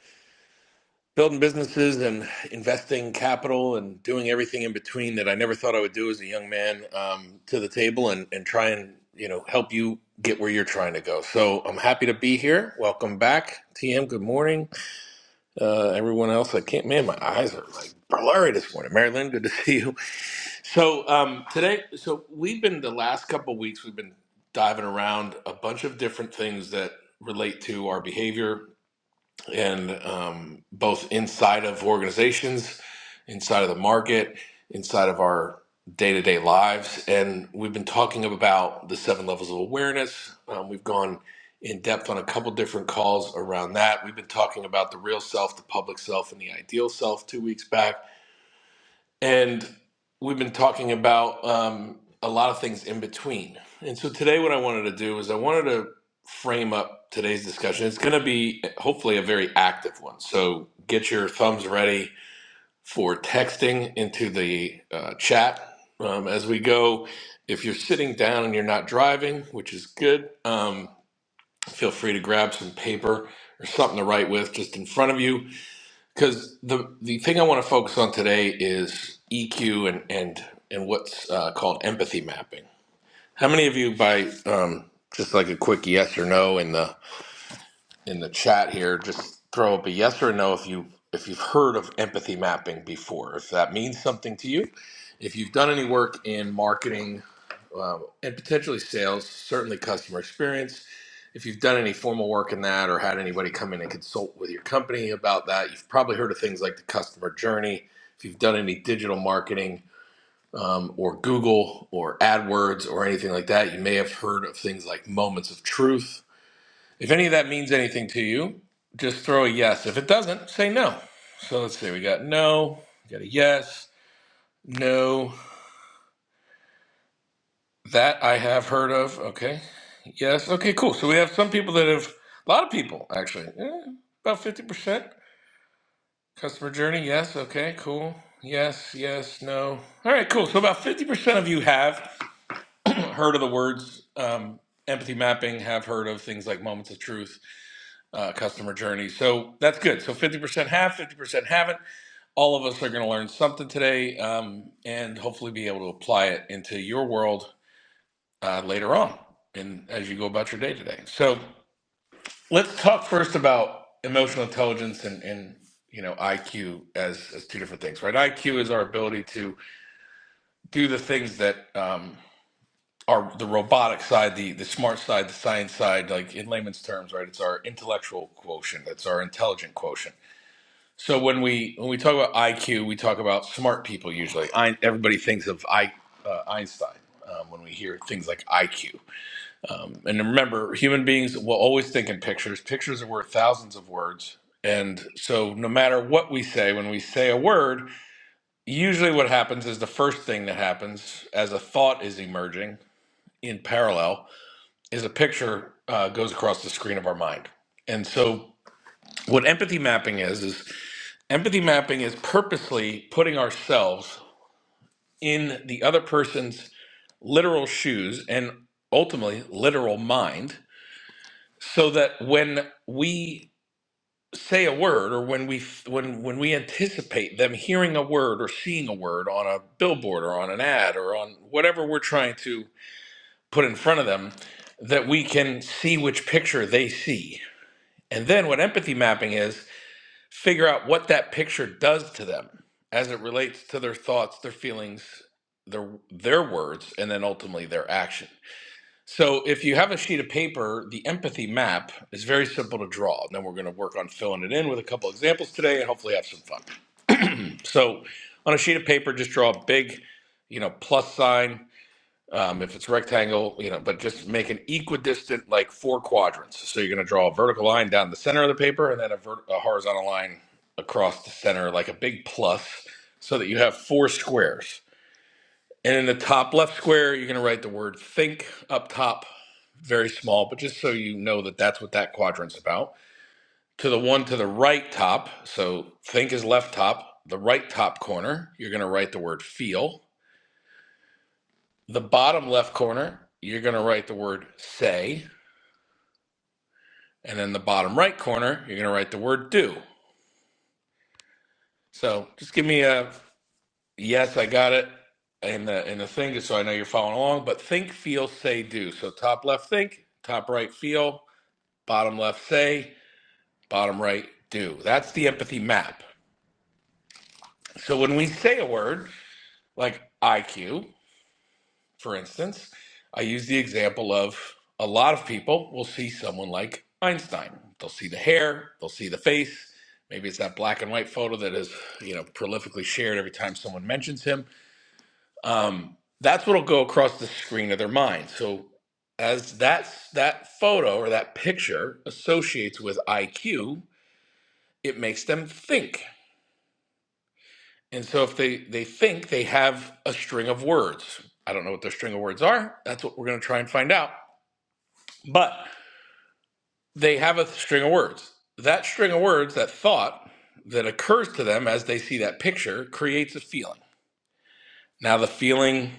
Speaker 13: building businesses and investing capital and doing everything in between that I never thought I would do as a young man um, to the table and, and try and you know help you get where you're trying to go. So I'm happy to be here. Welcome back, TM. Good morning, uh, everyone else. I can't man, my eyes are like blurry this morning. Marilyn, good to see you. So um, today, so we've been the last couple of weeks, we've been diving around a bunch of different things that relate to our behavior and um, both inside of organizations, inside of the market, inside of our day to day lives. And we've been talking about the seven levels of awareness. Um, we've gone in depth on a couple different calls around that. We've been talking about the real self, the public self, and the ideal self two weeks back and we've been talking about um, a lot of things in between. And so today, what I wanted to do is I wanted to frame up today's discussion. It's going to be hopefully a very active one. So get your thumbs ready for texting into the uh, chat um, as we go. If you're sitting down and you're not driving, which is good, um, feel free to grab some paper or something to write with just in front of you because the the thing I want to focus on today is EQ and and and what's uh, called empathy mapping. How many of you, by um, just like a quick yes or no in the in the chat here, just throw up a yes or a no if you if you've heard of empathy mapping before, if that means something to you, if you've done any work in marketing uh, and potentially sales, certainly customer experience. If you've done any formal work in that or had anybody come in and consult with your company about that, you've probably heard of things like the customer journey. If you've done any digital marketing um, or Google or AdWords or anything like that, you may have heard of things like moments of truth if any of that means anything to you, just throw a yes. If it doesn't, say no. So let's see, we got no, we got a yes, no, that I have heard of. Okay. Yes. Okay, cool. So we have some people that have, a lot of people actually, eh, about 50%. Customer journey, yes. Okay, cool. Yes, yes, no. All right, cool. So about 50% of you have heard of the words um, empathy mapping, have heard of things like moments of truth, uh, customer journey. So that's good. So 50% have, 50% haven't. all of us are going to learn something today um, and hopefully be able to apply it into your world uh, later on and as you go about your day today so let's talk first about emotional intelligence and, and you know iq as, as two different things right iq is our ability to do the things that um, are the robotic side the, the smart side the science side like in layman's terms right it's our intellectual quotient that's our intelligent quotient So when we when we talk about IQ, we talk about smart people usually. I, everybody thinks of I, uh, Einstein um, when we hear things like IQ. Um, and remember, human beings will always think in pictures. Pictures are worth thousands of words. And so, no matter what we say, when we say a word, usually what happens is the first thing that happens as a thought is emerging in parallel is a picture uh, goes across the screen of our mind. And so, what empathy mapping is is Empathy mapping is purposely putting ourselves in the other person's literal shoes and ultimately literal mind so that when we say a word or when we when when we anticipate them hearing a word or seeing a word on a billboard or on an ad or on whatever we're trying to put in front of them that we can see which picture they see. And then what empathy mapping is figure out what that picture does to them as it relates to their thoughts, their feelings, their their words, and then ultimately their action. So if you have a sheet of paper, the empathy map is very simple to draw. And then we're going to work on filling it in with a couple examples today and hopefully have some fun. So on a sheet of paper, just draw a big, you know, plus sign um, if it's rectangle, you know, but just make an equidistant, like four quadrants. So you're going to draw a vertical line down the center of the paper and then a, vert- a horizontal line across the center, like a big plus, so that you have four squares. And in the top left square, you're going to write the word think up top, very small, but just so you know that that's what that quadrant's about. To the one to the right top, so think is left top, the right top corner, you're going to write the word feel The bottom left corner, you're going to write the word say. And then the bottom right corner, you're going to write the word do. So just give me a yes, I got it in the in the thing, just so I know you're following along. But think, feel, say, do. So top left think, top right feel, bottom left say, bottom right do. That's the empathy map. So when we say a word like IQ, For instance, I use the example of a lot of people will see someone like Einstein. They'll see the hair, they'll see the face. Maybe it's that black and white photo that is, you know, prolifically shared every time someone mentions him. Um, that's what'll go across the screen of their mind. So as that that photo or that picture associates with IQ, it makes them think. And so if they they think they have a string of words, I don't know what their string of words are. That's what we're going to try and find out. But they have a string of words. That string of words, that thought that occurs to them as they see that picture, creates a feeling. Now, the feeling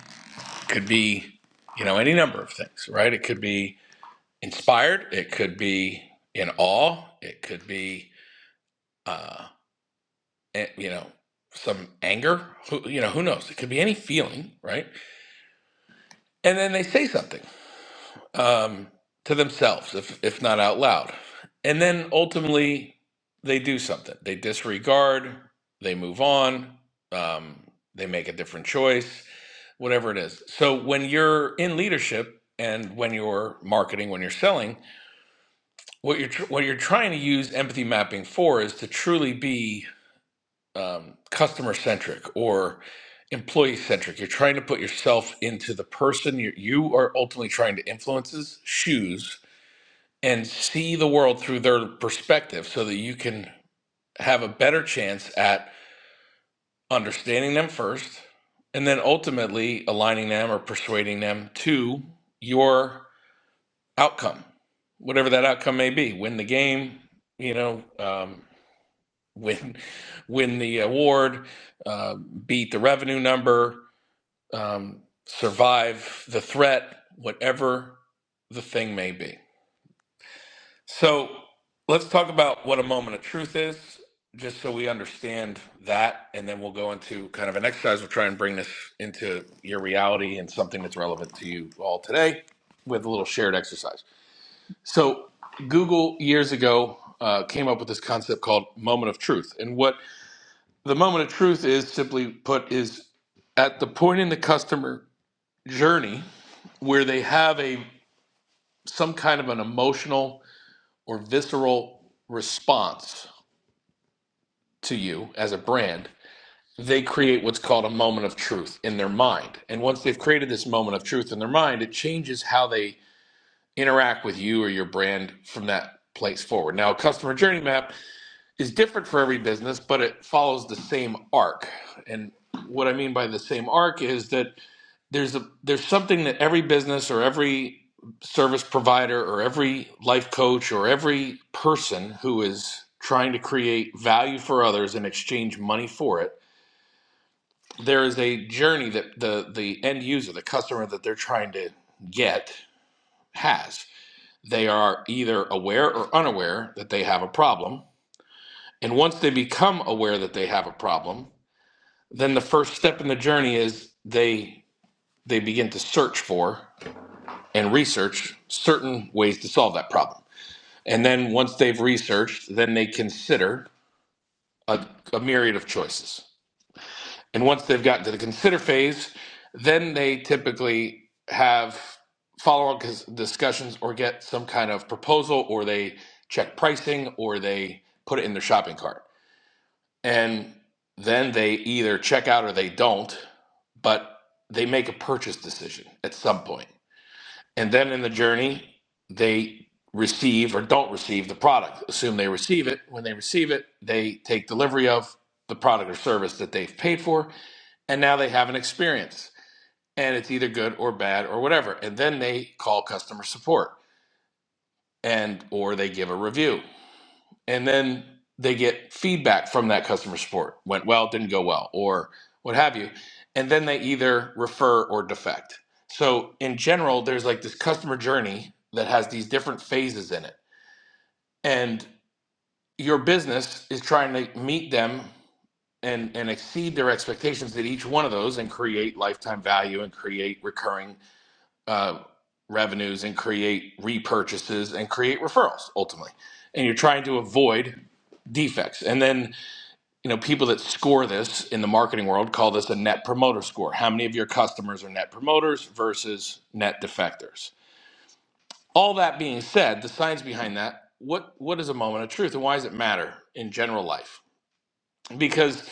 Speaker 13: could be, you know, any number of things, right? It could be inspired, it could be in awe, it could be, uh, eh, you know, some anger, who, you know, who knows? It could be any feeling, right? And then they say something. um, to themselves, if if not out loud, and then ultimately they do something. They disregard. They move on. Um, they make a different choice, whatever it is. So when you're in leadership and when you're marketing, when you're selling, what you're tr- what you're trying to use empathy mapping for is to truly be um, customer centric or employee centric. You're trying to put yourself into the person you, you are ultimately trying to influence's shoes and see the world through their perspective so that you can have a better chance at understanding them first and then ultimately aligning them or persuading them to your outcome whatever that outcome may be win the game you know um, win win the award uh, beat the revenue number um, survive the threat whatever the thing may be So let's talk about what a moment of truth is, just so we understand that, and then we'll go into kind of an exercise. We'll try and bring this into your reality and something that's relevant to you all today with a little shared exercise. So Google years ago uh, came up with this concept called moment of truth, and what the moment of truth is, simply put, is at the point in the customer journey where they have a some kind of an emotional or visceral response to you as a brand, they create what's called a moment of truth in their mind. And once they've created this moment of truth in their mind, it changes how they interact with you or your brand from that place forward. Now, a customer journey map is different for every business, but it follows the same arc. And what I mean by the same arc is that there's a there's something that every business or every service provider or every life coach or every person who is trying to create value for others and exchange money for it there is a journey that the the end user the customer that they're trying to get has they are either aware or unaware that they have a problem and once they become aware that they have a problem then the first step in the journey is they they begin to search for and research certain ways to solve that problem. And then once they've researched, then they consider a, a myriad of choices. And once they've gotten to the consider phase, then they typically have follow up discussions or get some kind of proposal or they check pricing or they put it in their shopping cart. And then they either check out or they don't, but they make a purchase decision at some point. And then in the journey, they receive or don't receive the product. Assume they receive it. When they receive it, they take delivery of the product or service that they've paid for. And now they have an experience. And it's either good or bad or whatever. And then they call customer support and or they give a review and then they get feedback from that customer support went well didn't go well or what have you and then they either refer or defect so in general there's like this customer journey that has these different phases in it and your business is trying to meet them and and exceed their expectations at each one of those and create lifetime value and create recurring uh, revenues and create repurchases and create referrals ultimately and you're trying to avoid defects and then you know people that score this in the marketing world call this a net promoter score how many of your customers are net promoters versus net defectors all that being said the science behind that what what is a moment of truth and why does it matter in general life because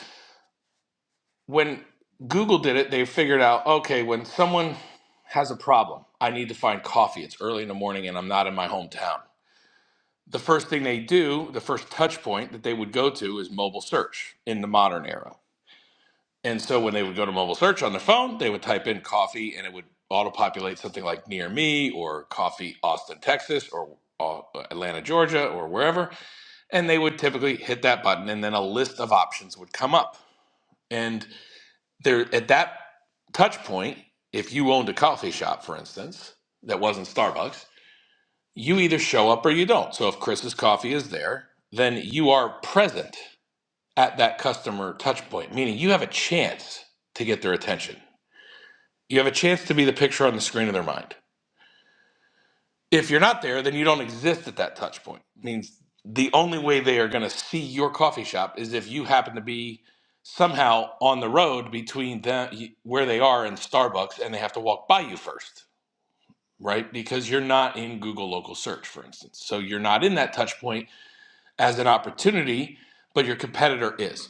Speaker 13: when google did it they figured out okay when someone has a problem i need to find coffee it's early in the morning and i'm not in my hometown the first thing they do the first touch point that they would go to is mobile search in the modern era And so when they would go to mobile search on their phone, they would type in coffee and it would auto populate something like near me or coffee Austin, Texas or uh, Atlanta, Georgia or wherever. And they would typically hit that button and then a list of options would come up. And there at that touch point, if you owned a coffee shop, for instance, that wasn't Starbucks, you either show up or you don't. So if Chris's coffee is there, then you are present at that customer touch point, meaning you have a chance to get their attention You have a chance to be the picture on the screen of their mind. If you're not there, then you don't exist at that touch point. means the only way they are going to see your coffee shop is if you happen to be somehow on the road between them where they are and Starbucks and they have to walk by you first, right? Because you're not in Google local search for instance. So you're not in that touch point as an opportunity, but your competitor is.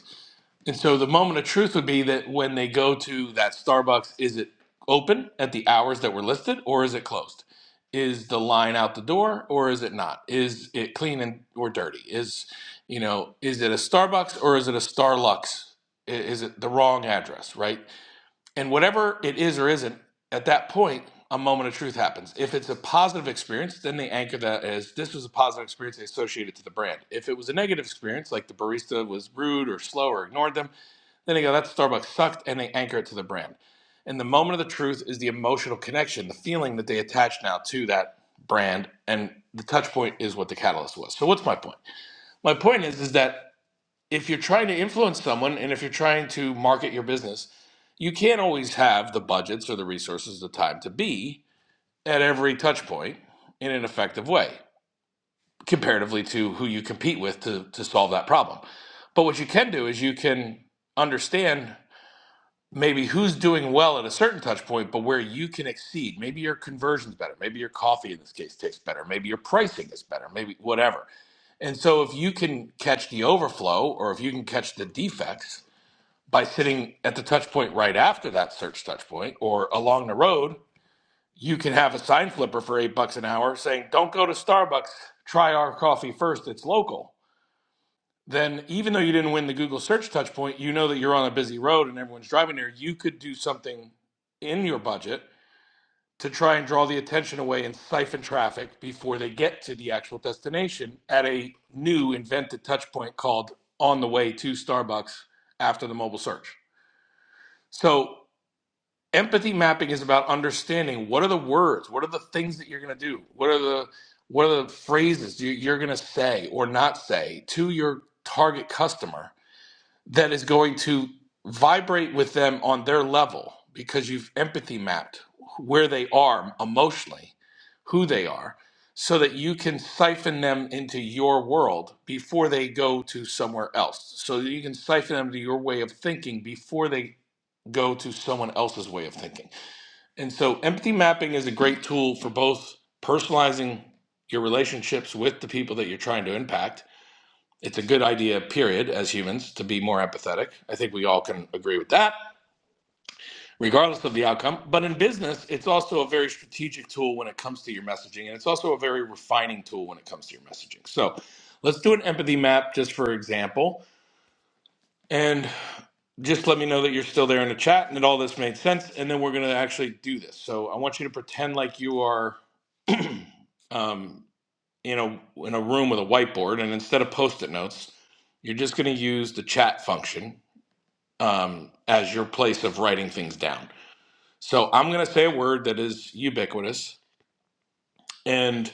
Speaker 13: And so the moment of truth would be that when they go to that Starbucks, is it open at the hours that were listed or is it closed? Is the line out the door or is it not? Is it clean and or dirty? Is you know, is it a Starbucks or is it a Starlux? I- Is it the wrong address, right? And whatever it is or isn't, at that point, a moment of truth happens. If it's a positive experience, then they anchor that as this was a positive experience, they associate it to the brand. If it was a negative experience, like the barista was rude or slow or ignored them, then they go, that Starbucks sucked, and they anchor it to the brand. And the moment of the truth is the emotional connection, the feeling that they attach now to that brand, and the touch point is what the catalyst was. So what's my point? My point is is that if you're trying to influence someone and if you're trying to market your business, you can't always have the budgets or the resources, the time to be at every touch point in an effective way, comparatively to who you compete with to, to solve that problem. But what you can do is you can understand maybe who's doing well at a certain touch point, but where you can exceed. Maybe your conversion's better. Maybe your coffee in this case tastes better. Maybe your pricing is better. Maybe whatever. And so if you can catch the overflow or if you can catch the defects by sitting at the touch point right after that search touch point or along the road, you can have a sign flipper for eight bucks an hour saying, Don't go to Starbucks, try our coffee first, it's local then even though you didn't win the Google search touch point, you know that you're on a busy road and everyone's driving there. You could do something in your budget to try and draw the attention away and siphon traffic before they get to the actual destination at a new invented touch point called on the way to Starbucks after the mobile search. So empathy mapping is about understanding what are the words, what are the things that you're going to do? What are the what are the phrases you- are going to say or not say to your target customer that is going to vibrate with them on their level because you've empathy mapped where they are emotionally, who they are, so that you can siphon them into your world before they go to somewhere else. So that you can siphon them to your way of thinking before they go to someone else's way of thinking. And so empathy mapping is a great tool for both personalizing your relationships with the people that you're trying to impact it's a good idea, period, as humans, to be more empathetic. I think we all can agree with that, regardless of the outcome. But in business, it's also a very strategic tool when it comes to your messaging, and it's also a very refining tool when it comes to your messaging. So let's do an empathy map just for example. And just let me know that you're still there in the chat and that all this made sense and then we're going to actually do this so i want you to pretend like you are um, in a in a room with a whiteboard and instead of post-it notes you're just going to use the chat function um, as your place of writing things down. So I'm going to say a word that is ubiquitous, and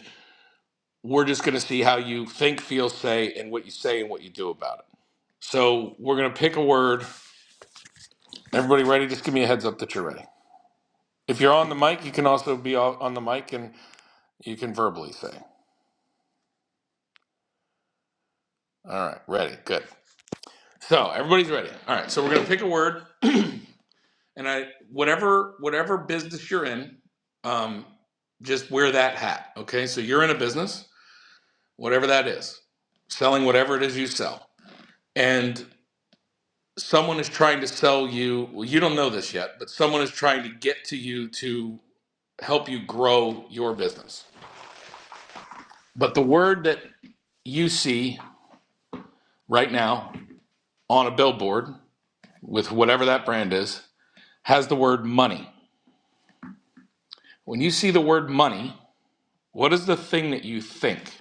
Speaker 13: we're just going to see how you think, feel, say, and what you say and what you do about it. So we're going to pick a word. Everybody ready? Just give me a heads up that you're ready. If you're on the mic, you can also be on the mic and you can verbally say. All right, ready. Good. So everybody's ready. All right, so we're going to pick a word, and I whatever whatever business you're in, um, just wear that hat. Okay, so you're in a business whatever that is, selling whatever it is you sell. And someone is trying to sell you, well, you don't know this yet, but someone is trying to get to you to help you grow your business. But the word that you see right now on a billboard with whatever that brand is has the word money. When you see the word money, what is the thing that you think?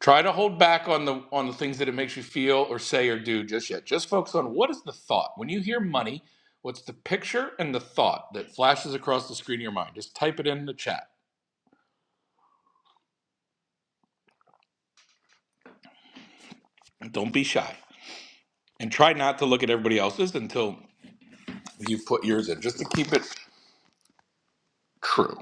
Speaker 13: Try to hold back on the on the things that it makes you feel or say or do just yet. Just focus on what is the thought. When you hear money, what's the picture and the thought that flashes across the screen of your mind? Just type it in the chat. Don't be shy. And try not to look at everybody else's until you put yours in, just to keep it true.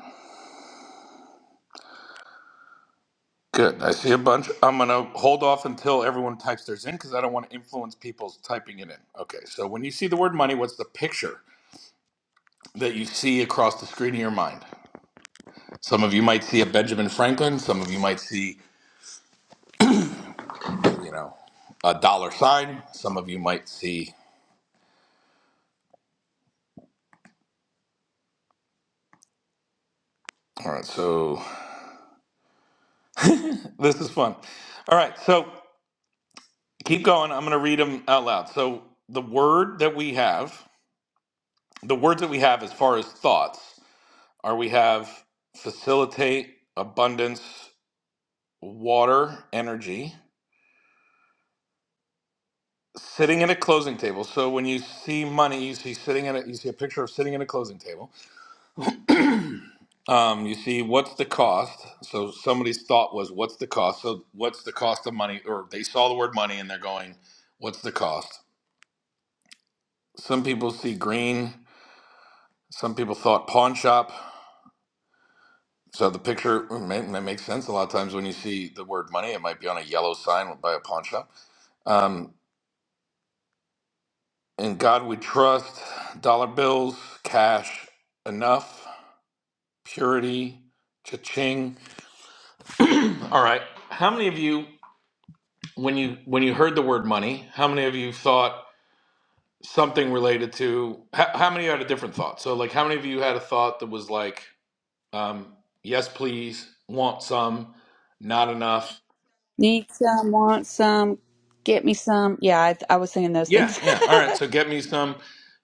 Speaker 13: Good. I see a bunch. I'm going to hold off until everyone types theirs in because I don't want to influence people's typing it in. Okay. So when you see the word money, what's the picture that you see across the screen of your mind? Some of you might see a Benjamin Franklin. Some of you might see, you know, a dollar sign. Some of you might see. All right, so this is fun. All right, so keep going. I'm going to read them out loud. So the word that we have, the words that we have as far as thoughts, are we have facilitate, abundance, water, energy, sitting at a closing table. So when you see money, you see sitting at a, you see a picture of sitting at a closing table Um, you see, what's the cost? So somebody's thought was, what's the cost? So what's the cost of money? Or they saw the word money and they're going, what's the cost? Some people see green. Some people thought pawn shop. So the picture mm, may, may make sense. A lot of times when you see the word money, it might be on a yellow sign by a pawn shop. Um, in God we trust, dollar bills, cash, enough, purity, cha-ching. All right. How many of you? when you when you heard the word money, how many of you thought something related to how, how many had a different thought? So like how many of you had a thought that was like um yes please, want some, not enough.
Speaker 4: Need some, want some, get me some. Yeah, I, I was saying those
Speaker 13: Yeah,
Speaker 4: things.
Speaker 13: yeah. All right, so get me some.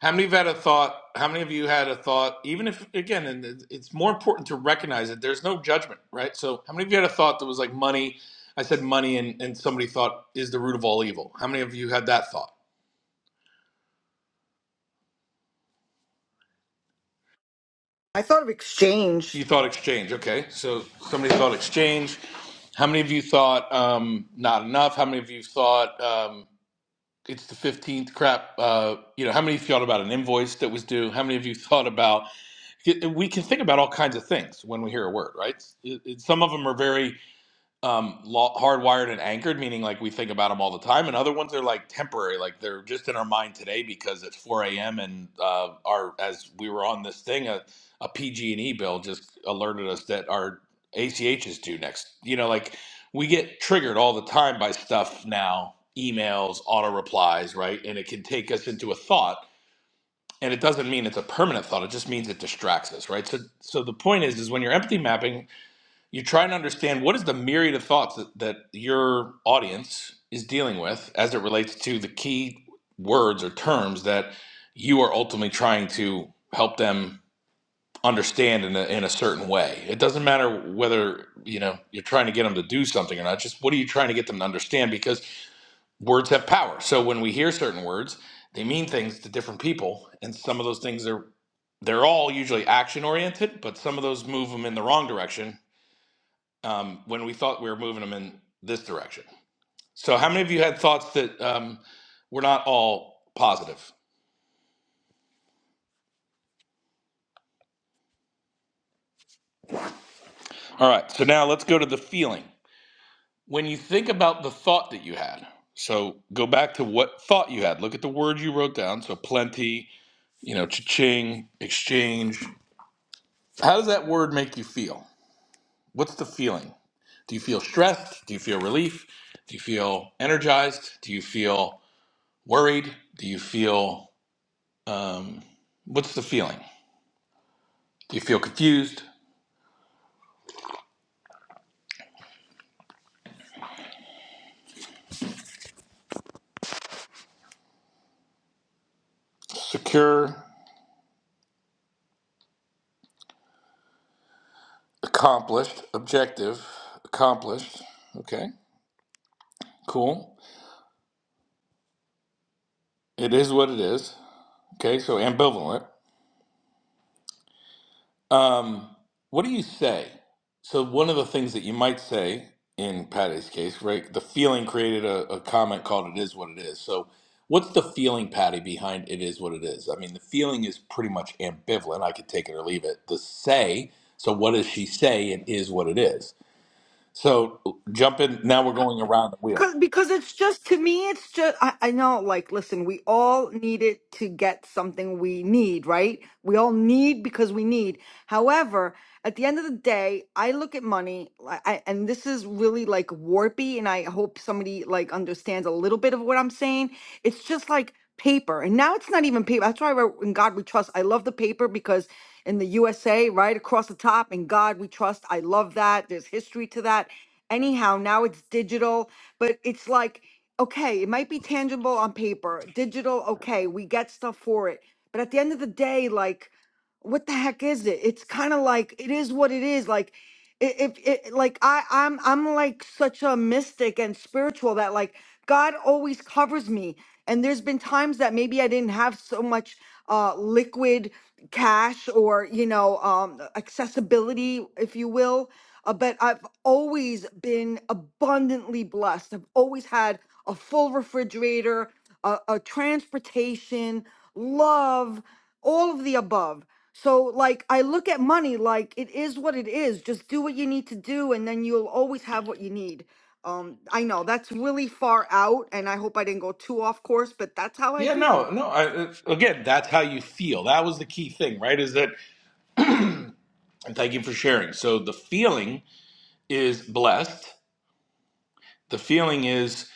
Speaker 13: How many of you had a thought? How many of you had a thought even if again and it- it's more important to recognize it. There's no judgment, right? So how many of you had a thought that was like money I said money and, and somebody thought is the root of all evil. How many of you had that thought?
Speaker 11: I thought of exchange.
Speaker 13: You thought exchange. Okay. So somebody thought exchange. How many of you thought um, not enough? How many of you thought um, it's the 15th crap? Uh, you know, how many of you thought about an invoice that was due? How many of you thought about, we can think about all kinds of things when we hear a word, right? It- it- some of them are very um law, hardwired and anchored meaning like we think about them all the time and other ones are like temporary like they're just in our mind today because it's 4 a.m and uh our as we were on this thing a, a pg&e bill just alerted us that our ach is due next you know like we get triggered all the time by stuff now emails auto replies right and it can take us into a thought and it doesn't mean it's a permanent thought it just means it distracts us right so so the point is is when you're empathy mapping you try and understand what is the myriad of thoughts that, that your audience is dealing with as it relates to the key words or terms that you are ultimately trying to help them understand in a, in a certain way it doesn't matter whether you know you're trying to get them to do something or not just what are you trying to get them to understand because words have power so when we hear certain words they mean things to different people and some of those things are they're all usually action oriented but some of those move them in the wrong direction um, when we thought we were moving them in this direction. So, how many of you had thoughts that um, were not all positive? All right, so now let's go to the feeling. When you think about the thought that you had, so go back to what thought you had. Look at the word you wrote down. So, plenty, you know, cha-ching, exchange. How does that word make you feel? What's the feeling? Do you feel stressed? Do you feel relief? Do you feel energized? Do you feel worried? Do you feel um, what's the feeling? Do you feel confused, secure, accomplished, objective, accomplished? Okay, cool. It is what it is. Okay, so ambivalent. Um, what do you say? So, one of the things that you might say in Patty's case, right? The feeling created a, a comment called It Is What It Is. So, what's the feeling, Patty, behind It Is What It Is? I mean, the feeling is pretty much ambivalent. I could take it or leave it. The say, so what does she say? It is what it is So jump in. Now we're going around the wheel.
Speaker 11: because because it's just to me it's just I, I know like listen we all need it to get something we need right we all need because we need however at the end of the day i look at money like I, and this is really like warpy and i hope somebody like understands a little bit of what i'm saying it's just like paper and now it's not even paper that's why I wrote, in god we trust i love the paper because in the usa right across the top in god we trust i love that there's history to that anyhow now it's digital but it's like, okay, it might be tangible on paper, digital, okay, we get stuff for it. But at the end of the day, like, what the heck is it? It's kind of like it is what it is. Like, i- if it like I I'm I'm like such a mystic and spiritual that like God always covers me. And there's been times that maybe I didn't have so much uh liquid cash or you know um accessibility if you will uh, but I've always been abundantly blessed. I've always had a full refrigerator, a, a transportation, love, all of the above. So, like, I look at money like it is what it is. Just do what you need to do, and then you'll always have what you need. Um, I know that's really far out, and I hope I didn't go too off course, but that's how I
Speaker 13: Yeah,
Speaker 11: feel.
Speaker 13: no, no. I, it's- again, that's how you feel. That was the key thing, right? Is that, and thank you for sharing. So the feeling is blessed. The feeling is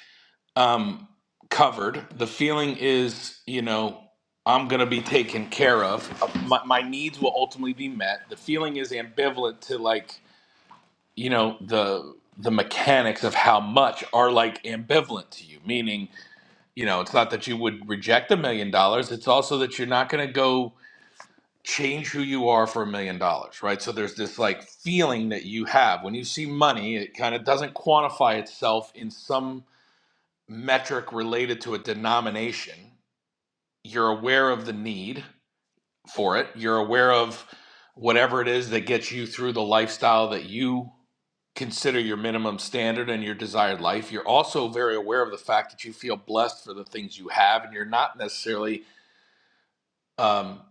Speaker 13: um, covered. The feeling is, you know, I'm going to be taken care of. Uh, My, my needs will ultimately be met. The feeling is ambivalent to like, you know, the the mechanics of how much are like ambivalent to you, meaning you know, it's not that you would reject a million dollars. It's also that you're not going to go change who you are for a million dollars, right? So there's this like feeling that you have when you see money, it kind of doesn't quantify itself in some metric related to a denomination. You're aware of the need for it, you're aware of whatever it is that gets you through the lifestyle that you consider your minimum standard and your desired life. You're also very aware of the fact that you feel blessed for the things you have and you're not necessarily um,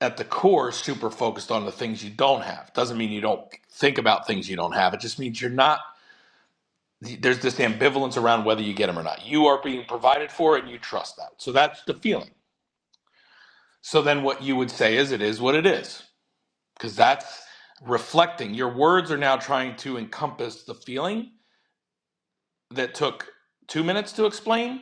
Speaker 13: at the core super focused on the things you don't have. Doesn't mean you don't think about things you don't have. It just means you're not. There's this ambivalence around whether you get them or not. You are being provided for, and you trust that. So that's the feeling. So then, what you would say is, it is what it is, because that's reflecting. Your words are now trying to encompass the feeling that took two minutes to explain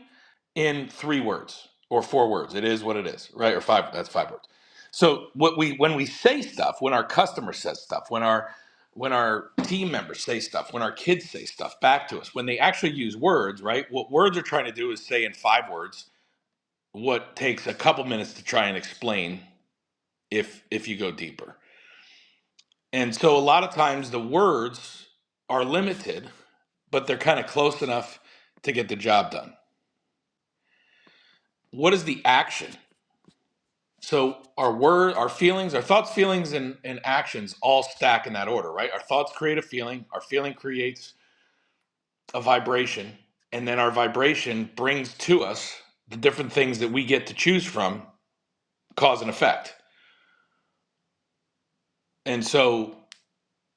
Speaker 13: in three words or four words. It is what it is, right? Or five. That's five words. So what we when we say stuff, when our customer says stuff, when our when our team members say stuff, when our kids say stuff back to us, when they actually use words, right? What words are trying to do is say in five words what takes a couple minutes to try and explain if if you go deeper. And so a lot of times the words are limited, but they're kind of close enough to get the job done. what is the action? So our word, our feelings, our thoughts, feelings, and, and actions all stack in that order, right? Our thoughts create a feeling, our feeling creates a vibration, and then our vibration brings to us the different things that we get to choose from, cause and effect. And so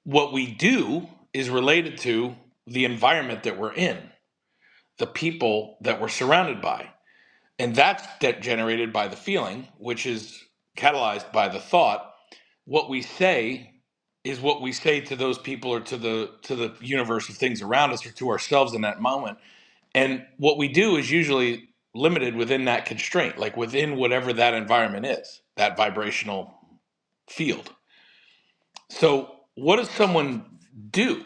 Speaker 13: what we do is related to the environment that we're in, the people that we're surrounded by. And that's de- generated by the feeling, which is catalyzed by the thought what we say is what we say to those people or to the to the universe of things around us or to ourselves in that moment and what we do is usually limited within that constraint like within whatever that environment is that vibrational field so what does someone do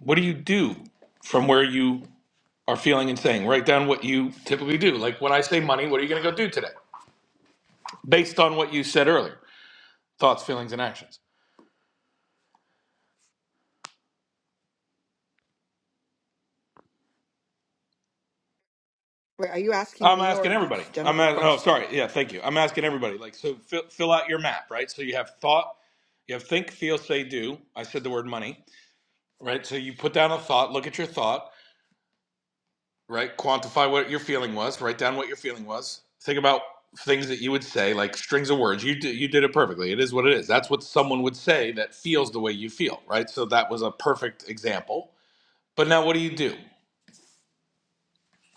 Speaker 13: what do you do from where you are feeling and saying write down what you typically do like when i say money what are you going to go do today based on what you said earlier thoughts feelings and actions
Speaker 11: Wait, are you asking
Speaker 13: I'm
Speaker 11: me
Speaker 13: asking
Speaker 11: or
Speaker 13: everybody.
Speaker 11: just
Speaker 13: I'm
Speaker 11: general
Speaker 13: a- oh
Speaker 11: question?
Speaker 13: sorry yeah thank you. I'm asking everybody like so fill, fill out your map right. So you have thought, you have think, feel, say, do. I said the word money right. So you put down a thought, look at your thought right, quantify what your feeling was, write down what your feeling was, think about things that you would say like strings of words. You d- you did it perfectly. It is what it is. That's what someone would say that feels the way you feel right. So that was a perfect example. But now what do you do?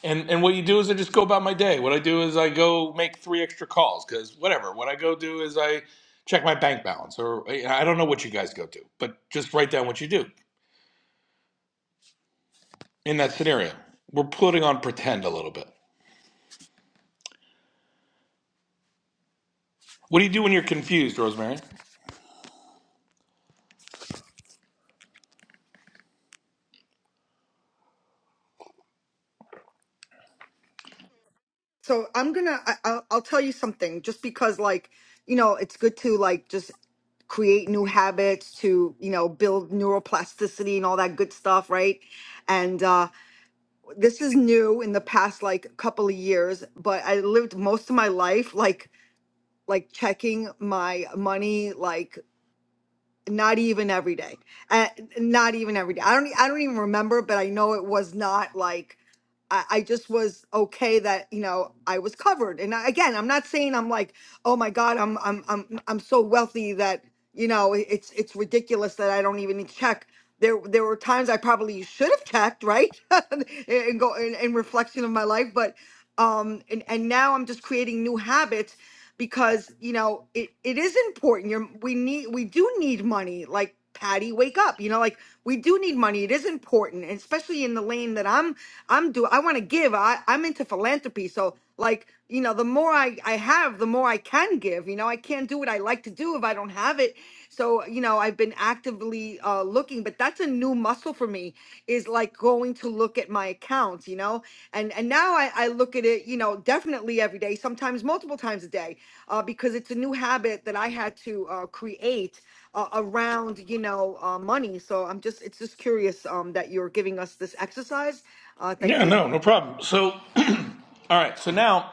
Speaker 13: And and what you do is I just go about my day. What I do is I go make three extra calls because whatever. What I go do is I check my bank balance or eh, I don't know what you guys go do, but just write down what you do in that scenario. We're putting on pretend a little bit. What do you do when you're confused, Rosemary?
Speaker 11: so i'm gonna I, I'll, I'll tell you something just because like you know it's good to like just create new habits to you know build neuroplasticity and all that good stuff right and uh, this is new in the past like couple of years but i lived most of my life like like checking my money like not even every day uh, not even every day i don't I i don't even remember but i know it was not like I, I just was okay that you know i was covered and I, again i'm not saying i'm like oh my god i'm i'm i'm, I'm so wealthy that you know it- it's it's ridiculous that i don't even need to check there, there were times I probably should have checked, right? and go in, in reflection of my life, but um, and, and now I'm just creating new habits because you know it, it is important you're we need we do need money like patty wake up you know like we do need money it is important and especially in the lane that i'm i'm do i want to give i i'm into philanthropy so like you know the more i i have the more i can give you know i can't do what i like to do if i don't have it so you know i've been actively uh looking but that's a new muscle for me is like going to look at my accounts you know and and now i i look at it you know definitely every day sometimes multiple times a day uh, because it's a new habit that I had to uh, create uh, around, you know, uh, money. So I'm just, it's just curious um, that you're giving us this exercise. Uh, thank
Speaker 13: Yeah,
Speaker 11: you.
Speaker 13: no, no problem. So, all right. So now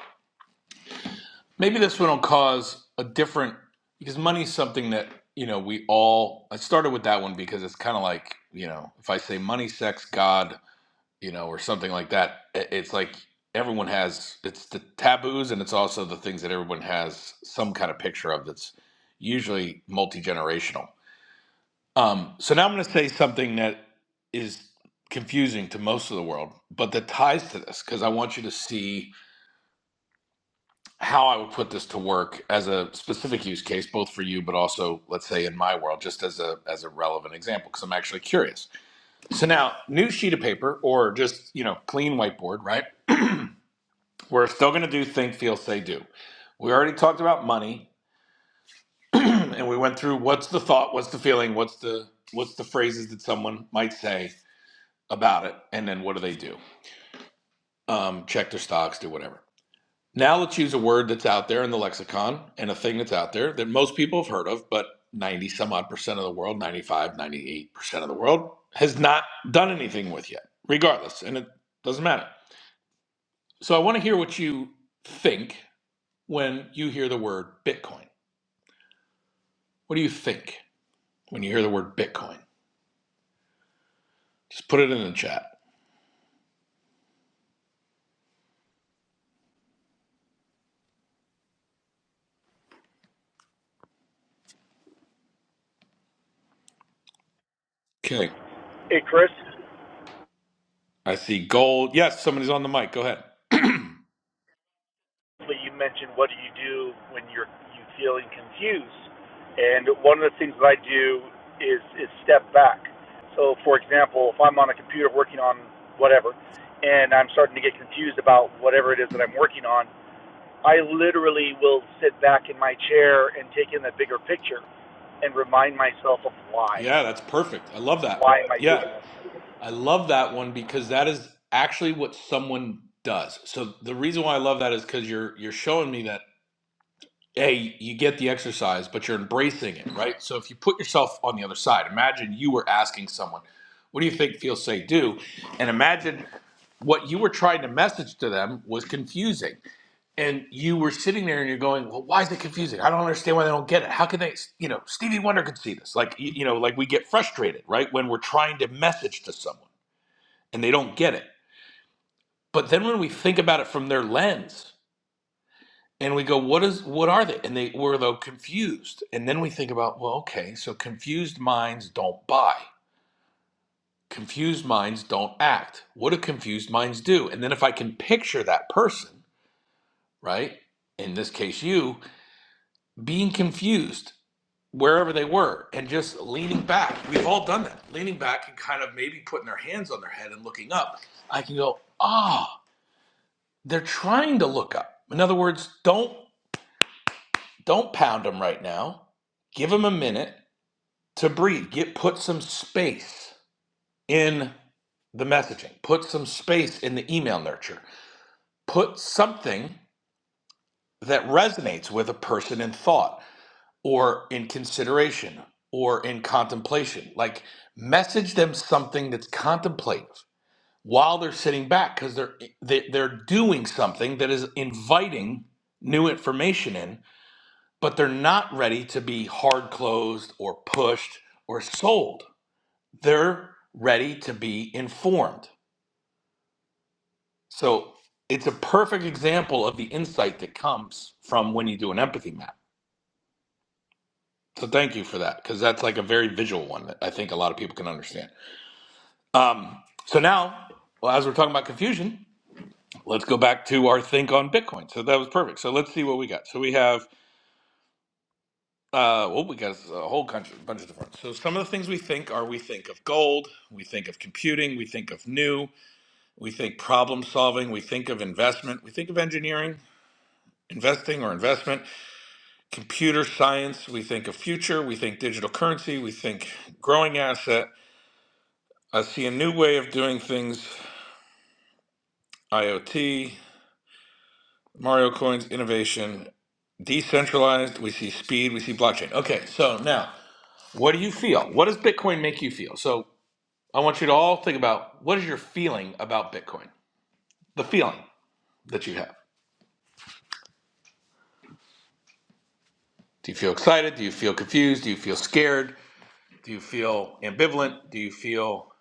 Speaker 13: maybe this one will cause a different because money's something that you know we all. I started with that one because it's kind of like you know if I say money, sex, God you know, or something like that. I- It's like everyone has it's the taboos and it's also the things that everyone has some kind of picture of that's usually multi generational. Um, so now I'm going to say something that is confusing to most of the world, but that ties to this because I want you to see how I would put this to work as a specific use case, both for you, but also let's say in my world, just as a as a relevant example, because I'm actually curious. So now, new sheet of paper or just you know clean whiteboard, right? We're still going to do think, feel, say, do. We already talked about money, and we went through what's the thought, what's the feeling, what's the what's the phrases that someone might say about it, and then what do they do? Um, check their stocks, do whatever. Now let's use a word that's out there in the lexicon and a thing that's out there that most people have heard of, but 90 some odd percent of the world, 95, 98 percent of the world has not done anything with yet, regardless, and it doesn't matter. So I want to hear what you think when you hear the word Bitcoin. What do you think when you hear the word Bitcoin? Just put it in the chat. Okay.
Speaker 14: Hey, Chris,
Speaker 13: I see gold. Yes, somebody's on the mic. Go ahead.
Speaker 14: you mentioned what do you do when you're you feeling confused, and one of the things that I do is is step back. So, for example, if I'm on a computer working on whatever, and I'm starting to get confused about whatever it is that I'm working on, I literally will sit back in my chair and take in the bigger picture and remind myself of why.
Speaker 13: Yeah, that's perfect. I love that.
Speaker 14: Why am I
Speaker 13: Yeah.
Speaker 14: doing this?
Speaker 13: I love that one because that is actually what someone does. So the reason why I love that is cuz you're you're showing me that hey, you get the exercise, but you're embracing it, right? So if you put yourself on the other side, imagine you were asking someone, what do you think feel say do? And imagine what you were trying to message to them was confusing. and you were sitting there and you're going, well, why is it confusing? I don't understand why they don't get it. How can they, you know, Stevie Wonder could see this. Like, you, you know, like we get frustrated, right? When we're trying to message to someone and they don't get it. But then when we think about it from their lens and we go, what is, what are they? And they were though confused. And then we think about, well, okay, so confused minds don't buy. Confused minds don't act. What do confused minds do? And then if I can picture that person, right? In this case, you being confused wherever they were and just leaning back. We've all done that. Leaning back and kind of maybe putting their hands on their head and looking up. I can go, "Ah, oh, they're trying to look up." In other words, don't don't pound them right now. Give them a minute to breathe. Get put some space in the messaging. Put some space in the email nurture. Put something that resonates with a person in thought or in consideration or in contemplation. Like message them something that's contemplative while they're sitting back because they're they, they're doing something that is inviting new information in, but they're not ready to be hard closed or pushed or sold. They're ready to be informed. So it's a perfect example of the insight that comes from when you do an empathy map. So thank you for that because that's like a very visual one that I think a lot of people can understand. Um, so now, well, as we're talking about confusion, let's go back to our think on Bitcoin. So that was perfect. So let's see what we got. So we have, uh, well, we got a whole bunch, bunch of different. So some of the things we think are we think of gold, we think of computing, we think of new, we think problem solving, we think of investment, we think of engineering, investing or investment, computer science, we think of future, we think digital currency, we think growing asset. I see a new way of doing things, IoT, Mario coins, innovation, Decentralized, we see speed, we see blockchain. Okay, so now, what do you feel? What does Bitcoin make you feel? So I want you to all think about what is your feeling about Bitcoin? The feeling that you have. Do you feel excited? Do you feel confused? Do you feel scared? Do you feel ambivalent? Do you feel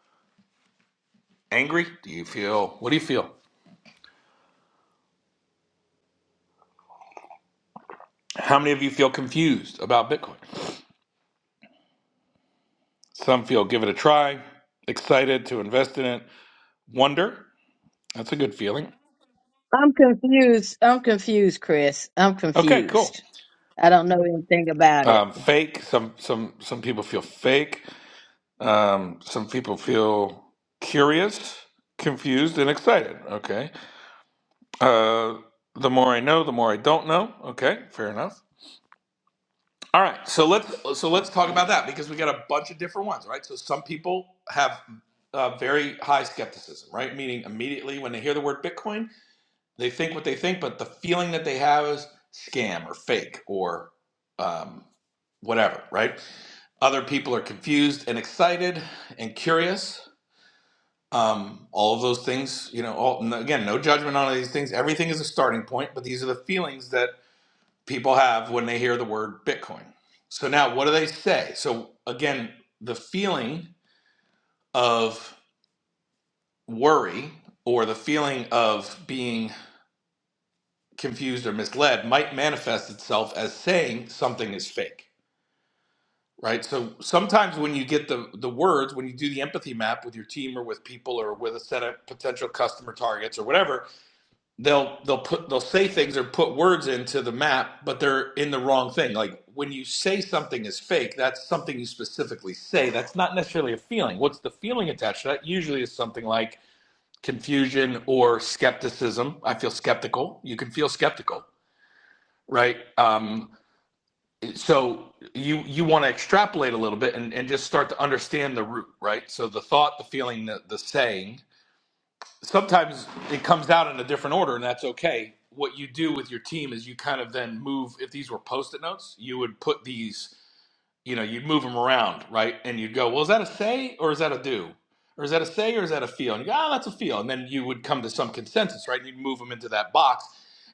Speaker 13: angry? Do you feel, what do you feel? How many of you feel confused about Bitcoin? Some feel give it a try, excited to invest in it, wonder. That's a good feeling.
Speaker 15: I'm confused. I'm confused, Chris. I'm
Speaker 13: Okay, cool.
Speaker 15: confused. I don't know anything about it.
Speaker 13: Um, fake. Some some some people feel fake. Um, some people feel curious, confused, and excited. Okay. Uh, the more I know, the more I don't know. Okay, fair enough. All right. So let's so let's talk about that because we got a bunch of different ones, right? So some people have uh, very high skepticism, right? Meaning immediately when they hear the word Bitcoin, they think what they think, but the feeling that they have is scam or fake or um, whatever, right? Other people are confused and excited and curious. Um, all of those things, you know, all, no, again, no judgment on these things. Everything is a starting point, but these are the feelings that people have when they hear the word Bitcoin. So now what do they say? So again, the feeling of worry or the feeling of being confused or misled might manifest itself as saying something is fake right so sometimes when you get the the words when you do the empathy map with your team or with people or with a set of potential customer targets or whatever they'll they'll put they'll say things or put words into the map but they're in the wrong thing like when you say something is fake that's something you specifically say that's not necessarily a feeling what's the feeling attached to that usually is something like confusion or skepticism i feel skeptical you can feel skeptical right Um so you you want to extrapolate a little bit and, and just start to understand the root right so the thought the feeling the, the saying sometimes it comes out in a different order and that's okay what you do with your team is you kind of then move if these were post-it notes you would put these you know, you'd move them around, right? And you'd go, well, is that a say or is that a do? Or is that a say or is that a feel? And you go, oh, that's a feel. And then you would come to some consensus, right? And you'd move them into that box.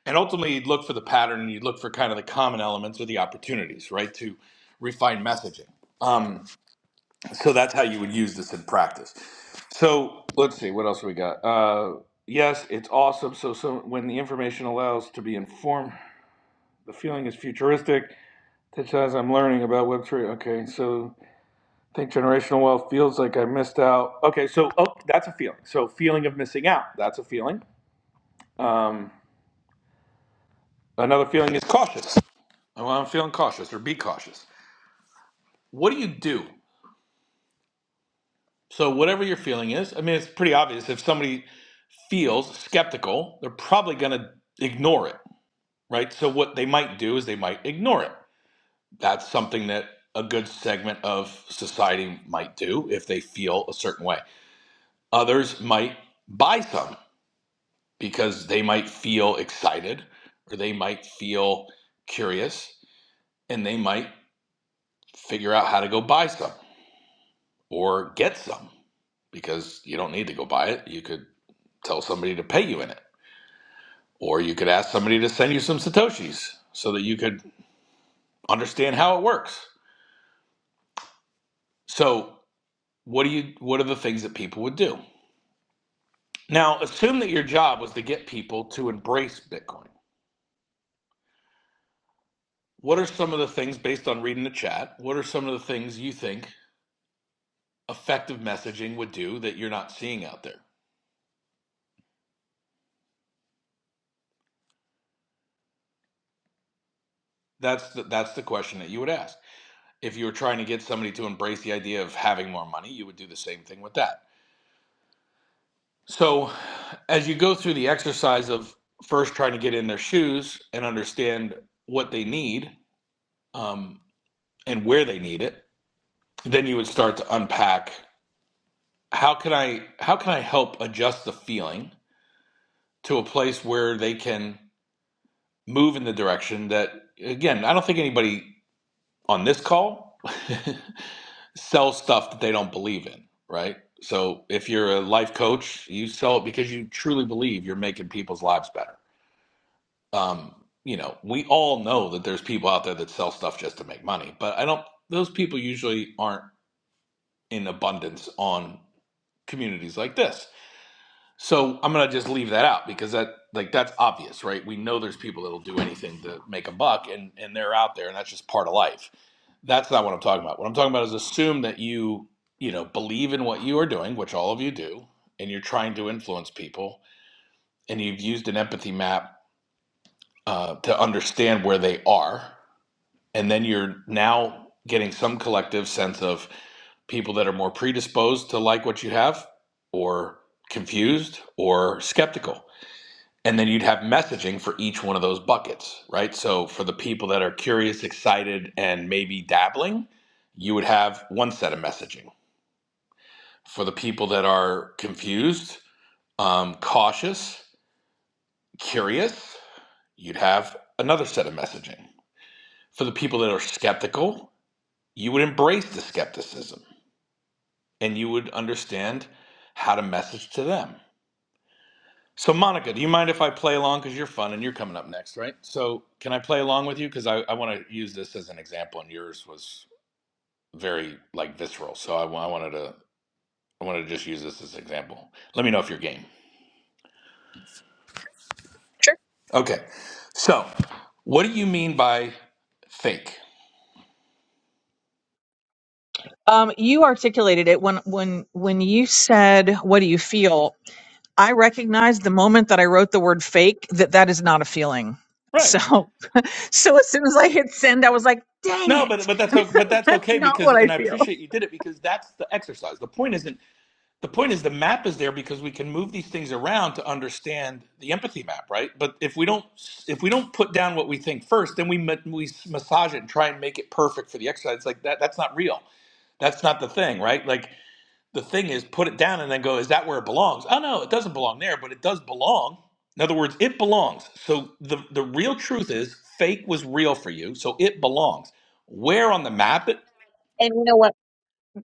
Speaker 13: And ultimately, you'd look for the pattern and you'd look for kind of the common elements or the opportunities, right, to refine messaging. Um, so that's how you would use this in practice. So let's see, what else we got? Uh, yes, it's awesome. So, so when the information allows to be informed, the feeling is futuristic. That says I'm learning about Web3. Okay, so I think generational wealth feels like I missed out. Okay, so oh, that's a feeling. So feeling of missing out, that's a feeling. Um, another feeling is cautious. Well, I'm feeling cautious or be cautious. What do you do? So whatever your feeling is, I mean, it's pretty obvious. If somebody feels skeptical, they're probably going to ignore it, right? So what they might do is they might ignore it. That's something that a good segment of society might do if they feel a certain way. Others might buy some because they might feel excited or they might feel curious and they might figure out how to go buy some or get some because you don't need to go buy it. You could tell somebody to pay you in it or you could ask somebody to send you some satoshis so that you could understand how it works. So, what do you what are the things that people would do? Now, assume that your job was to get people to embrace Bitcoin. What are some of the things based on reading the chat? What are some of the things you think effective messaging would do that you're not seeing out there? That's the, that's the question that you would ask. If you were trying to get somebody to embrace the idea of having more money, you would do the same thing with that. So, as you go through the exercise of first trying to get in their shoes and understand what they need um, and where they need it, then you would start to unpack how can I how can I help adjust the feeling to a place where they can move in the direction that again I don't think anybody on this call sell stuff that they don't believe in, right? So if you're a life coach, you sell it because you truly believe you're making people's lives better. Um, you know, we all know that there's people out there that sell stuff just to make money, but I don't, those people usually aren't in abundance on communities like this. So I'm going to just leave that out because that, like, that's obvious, right? We know there's people that'll do anything to make a buck and, and they're out there and that's just part of life That's not what I'm talking about. What I'm talking about is assume that you, you know, believe in what you are doing, which all of you do, and you're trying to influence people, and you've used an empathy map uh, to understand where they are, and then you're now getting some collective sense of people that are more predisposed to like what you have, or confused, or skeptical and then you'd have messaging for each one of those buckets, right? So for the people that are curious, excited, and maybe dabbling, you would have one set of messaging. For the people that are confused, um, cautious, curious, you'd have another set of messaging. For the people that are skeptical, you would embrace the skepticism and you would understand how to message to them. So, Monica, do you mind if I play along? Because you're fun and you're coming up next, right? So, can I play along with you? Because I, I want to use this as an example, and yours was very like visceral. So, I, wa- I wanted to I wanted to just use this as an example. Let me know if you're game. Okay. So, what do you mean by fake?
Speaker 16: Um, you articulated it when when when you said, "What do you feel?" I recognized the moment that I wrote the word "fake" that that is not a feeling.
Speaker 13: Right.
Speaker 16: So, so as soon as I hit send, I was like, "Dang
Speaker 13: No, but
Speaker 16: it,
Speaker 13: but that's o- but that's
Speaker 16: that's
Speaker 13: okay
Speaker 16: not
Speaker 13: because,
Speaker 16: what I
Speaker 13: and I
Speaker 16: feel."
Speaker 13: appreciate you did it because that's the exercise. The point isn't the point is the map is there because we can move these things around to understand the empathy map right but if we don't if we don't put down what we think first then we ma- we massage it and try and make it perfect for the exercise It's like that that's not real that's not the thing right like the thing is put it down and then go is that where it belongs oh no it doesn't belong there but it does belong in other words it belongs so the the real truth is fake was real for you so it belongs where on the map it
Speaker 16: And you know what?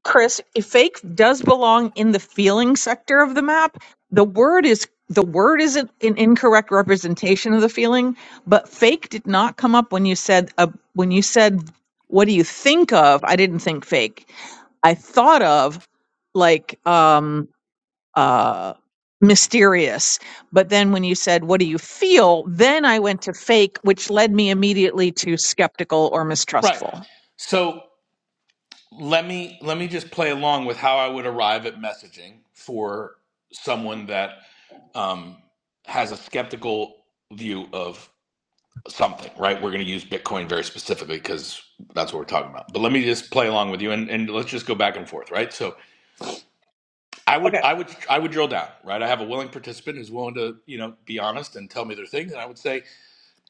Speaker 16: Chris, if fake does belong in the feeling sector of the map, the word is the word isn't an incorrect representation of the feeling, but fake did not come up when you said uh, when you said what do you think of? I didn't think fake. I thought of like um uh mysterious. But then when you said what do you feel? Then I went to fake, which led me immediately to skeptical or
Speaker 13: right
Speaker 16: mistrustful.
Speaker 13: so let me let me just play along with how I would arrive at messaging for someone that um, has a skeptical view of something. Right? We're going to use Bitcoin very specifically because that's what we're talking about. But let me just play along with you, and, and let's just go back and forth. Right? So I would
Speaker 16: Okay.
Speaker 13: I would I would drill down. Right? I have a willing participant who's willing to you know be honest and tell me their things, and I would say,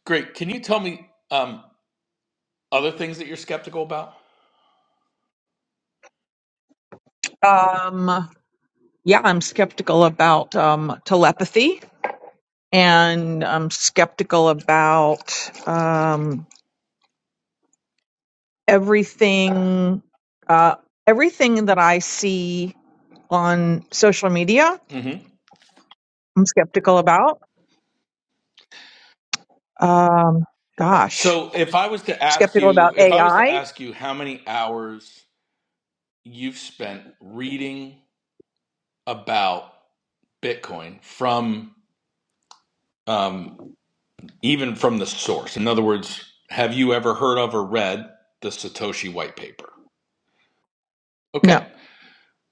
Speaker 13: great. Can you tell me um, other things that you're skeptical about?
Speaker 16: Uh, Um yeah, I'm skeptical about um, telepathy and I'm skeptical about um, everything, uh, everything that I see on social media.
Speaker 13: Mm-hmm.
Speaker 16: I'm skeptical about. Um, gosh.
Speaker 13: So if I was to ask
Speaker 16: skeptical about
Speaker 13: you, if I was to
Speaker 16: AI.
Speaker 13: ask you how many hours you've spent reading about Bitcoin from um, even from the source, in other words, have you ever heard of or read the Satoshi white paper? Okay.
Speaker 16: No.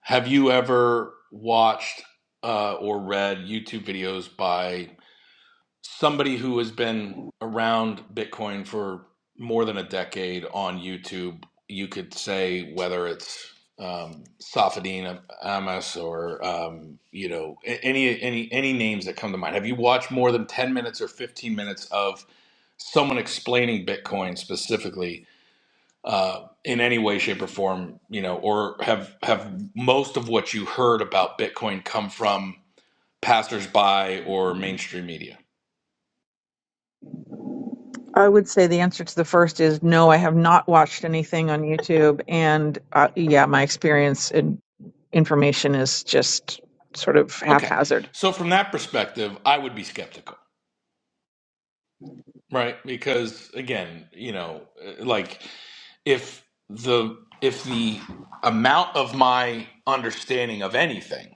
Speaker 13: Have you ever watched uh, or read YouTube videos by somebody who has been around Bitcoin for more than a decade on YouTube, you could say whether it's um, Safadine Amos or um, you know any any any names that come to mind. Have you watched more than ten minutes or fifteen minutes of someone explaining Bitcoin specifically? Uh, in any way, shape, or form, you know, or have have most of what you heard about Bitcoin come from passersby or mainstream media?
Speaker 16: I would say the answer to the first is no, I have not watched anything on YouTube. And uh, yeah, my experience and information is just sort of
Speaker 13: Okay.
Speaker 16: haphazard.
Speaker 13: So from that perspective, I would be skeptical, right? Because again, you know, uh, like if the if the amount of my understanding of anything,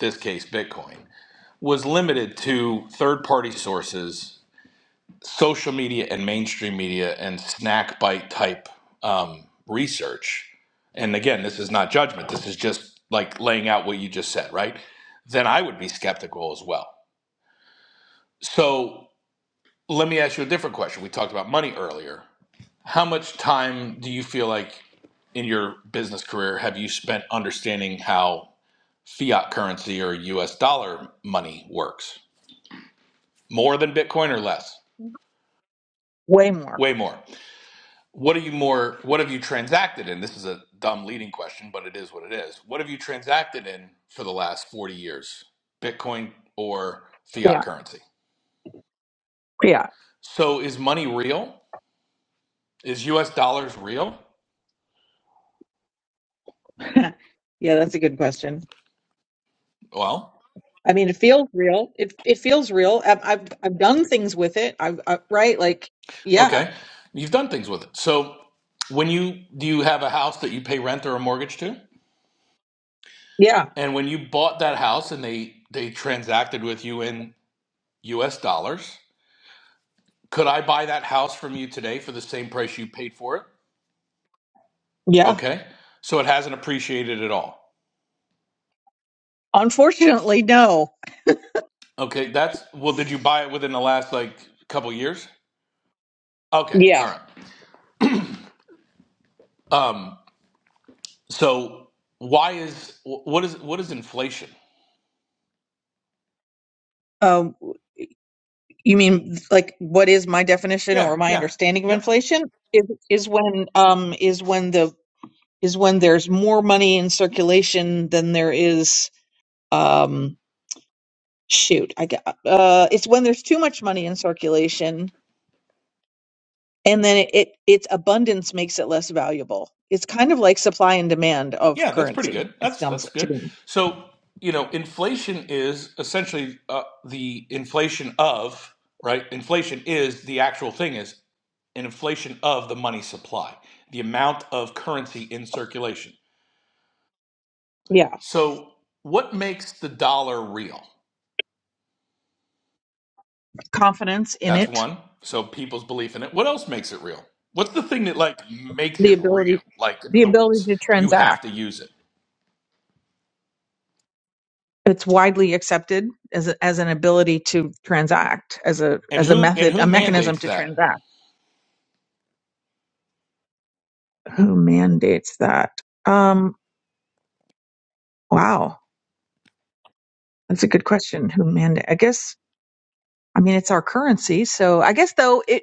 Speaker 13: this case Bitcoin, was limited to third-party sources, social media and mainstream media and snack bite type um, research, and again, this is not judgment. This is just like laying out what you just said, right? Then I would be skeptical as well. So Let me ask you a different question. We talked about money earlier. How much time do you feel like in your business career have you spent understanding how fiat currency or US dollar money works? More than Bitcoin or less?
Speaker 16: Way more.
Speaker 13: Way more. What are you more what have you transacted in? This is a dumb leading question, but it is what it is. What have you transacted in for the last 40 years? Bitcoin or
Speaker 16: Yeah.
Speaker 13: fiat currency?
Speaker 16: Yeah.
Speaker 13: So is money real? Is US dollars real?
Speaker 16: yeah, that's a good question.
Speaker 13: Well,
Speaker 16: I mean, it feels real. It it feels real. I've I've, I've done things with it. I've I, right like yeah.
Speaker 13: Okay. You've done things with it. So when you do you have a house that you pay rent or a mortgage to?
Speaker 16: Yeah.
Speaker 13: And when you bought that house and they they transacted with you in US dollars, could I buy that house from you today for the same price you paid for it?
Speaker 16: Yeah.
Speaker 13: Okay. So it hasn't appreciated at all.
Speaker 16: Unfortunately, no.
Speaker 13: Okay, that's well did you buy it within the last like couple years? Okay,
Speaker 16: Yeah.
Speaker 13: all right. Um so why is wh- what is what is inflation?
Speaker 16: Um, you mean like what is my definition
Speaker 13: Yeah,
Speaker 16: or my
Speaker 13: yeah.
Speaker 16: understanding of
Speaker 13: Yep.
Speaker 16: inflation is is when um is when the is when there's more money in circulation than there is um shoot I got uh it's when there's too much money in circulation and then it, it its abundance makes it less valuable. It's kind of like supply and demand of
Speaker 13: Yeah, that's pretty
Speaker 16: currency.
Speaker 13: good.
Speaker 16: It
Speaker 13: That's
Speaker 16: sounds
Speaker 13: that's
Speaker 16: like to
Speaker 13: good.
Speaker 16: me.
Speaker 13: So, you know, inflation is essentially uh, the inflation of, right? Inflation is the actual thing is an inflation of the money supply, the amount of currency in circulation.
Speaker 16: Yeah,
Speaker 13: So, what makes the dollar real?
Speaker 16: confidence in
Speaker 13: That's
Speaker 16: it,
Speaker 13: one. So, people's belief in it. What else makes it real? What's the thing that like makes
Speaker 16: the
Speaker 13: it real?
Speaker 16: ability,
Speaker 13: Like in
Speaker 16: the
Speaker 13: other
Speaker 16: ability
Speaker 13: words,
Speaker 16: to
Speaker 13: you
Speaker 16: transact.
Speaker 13: have to use it.
Speaker 16: it's widely accepted as a, as an ability to transact as a
Speaker 13: And
Speaker 16: as a
Speaker 13: who and
Speaker 16: method
Speaker 13: who
Speaker 16: a mechanism
Speaker 13: mandates
Speaker 16: to
Speaker 13: that?
Speaker 16: transact who mandates that um wow that's a good question who mandate i guess i mean it's our currency so i guess though it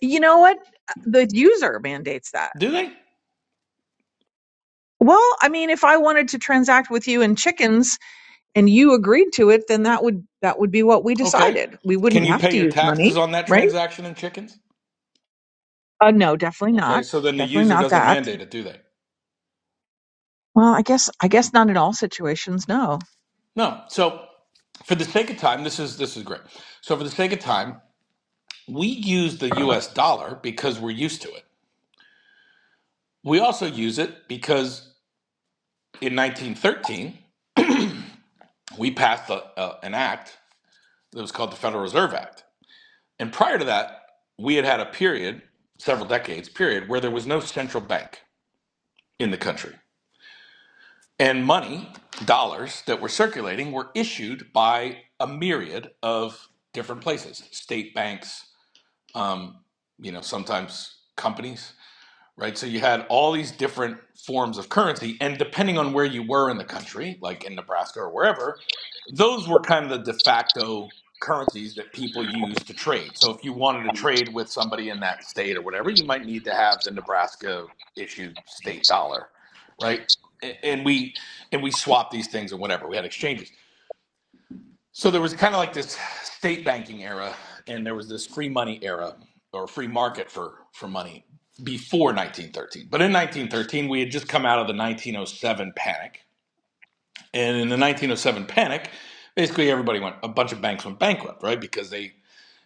Speaker 16: you know what the user mandates that
Speaker 13: Do they?
Speaker 16: well i mean if i wanted to transact with you in chickens and you agreed to it then that would that would be what we
Speaker 13: Okay.
Speaker 16: decided we wouldn't
Speaker 13: Can you
Speaker 16: have
Speaker 13: pay
Speaker 16: to
Speaker 13: your
Speaker 16: use money
Speaker 13: taxes on that
Speaker 16: right
Speaker 13: transaction in chickens?
Speaker 16: uh no definitely
Speaker 13: Okay,
Speaker 16: not
Speaker 13: so then the
Speaker 16: definitely
Speaker 13: user
Speaker 16: not
Speaker 13: doesn't
Speaker 16: that
Speaker 13: mandate it, do they?
Speaker 16: Well, I guess I guess not in all situations. No.
Speaker 13: No. So for the sake of time, this is this is great. So for the sake of time, we use the US dollar because we're used to it. We also use it because in 1913, we passed a, a, an act that was called the Federal Reserve Act. And prior to that, we had had a period, several decades period, where there was no central bank in the country. And money, dollars that were circulating were issued by a myriad of different places, state banks, um, you know, sometimes companies right? So you had all these different forms of currency, and depending on where you were in the country, like in Nebraska or wherever, those were kind of the de facto currencies that people used to trade. So if you wanted to trade with somebody in that state or whatever, you might need to have the Nebraska issued state dollar, right? A- And we and we swapped these things or whatever. We had exchanges. So there was kind of like this state banking era, and there was this free money era or free market for, for money before 1913. But in 1913, we had just come out of the 1907 panic. And in the 1907 panic, basically everybody went, a bunch of banks went bankrupt, right? Because they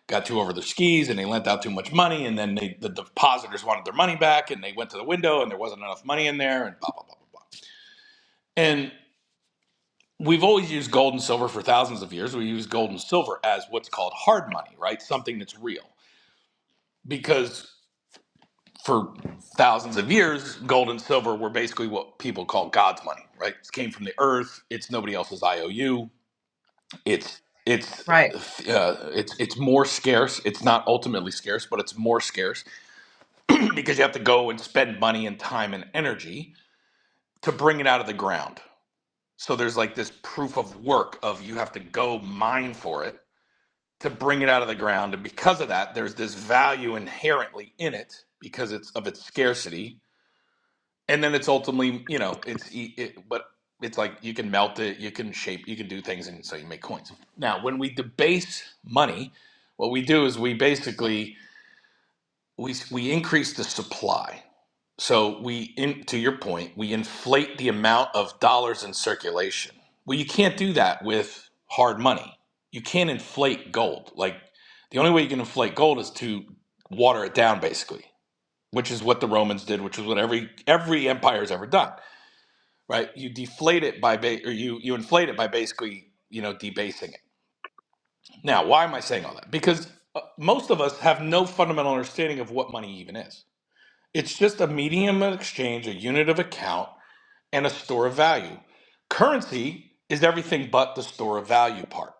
Speaker 13: got too over their skis and they lent out too much money, and then they, the depositors wanted their money back, and they went to the window, and there wasn't enough money in there, and blah, blah, blah, blah, blah. And we've always used gold and silver for thousands of years. We use gold and silver as what's called hard money, right? Something that's real. Because for thousands of years, gold and silver were basically what people call God's money, right? It came from the earth. It's nobody else's IOU. It's it's
Speaker 16: Right.
Speaker 13: uh, it's it's more scarce. It's not ultimately scarce, but it's more scarce because you have to go and spend money and time and energy to bring it out of the ground. So there's like this proof of work of you have to go mine for it to bring it out of the ground. And because of that, there's this value inherently in it because it's of its scarcity. And then it's ultimately, you know, it's e- it, but it's like you can melt it, you can shape, you can do things, and so you make coins. Now, when we debase money, what we do is we basically we we increase the supply. So we, in, to your point, we inflate the amount of dollars in circulation. Well, you can't do that with hard money. You can't inflate gold. Like the only way you can inflate gold is to water it down, basically, which is what the Romans did, which is what every every empire has ever done, right? You deflate it by, ba- or you you inflate it by basically, you know, debasing it. Now, why am I saying all that? Because uh, most of us have no fundamental understanding of what money even is. It's just a medium of exchange, a unit of account and a store of value. Currency is everything but the store of value part,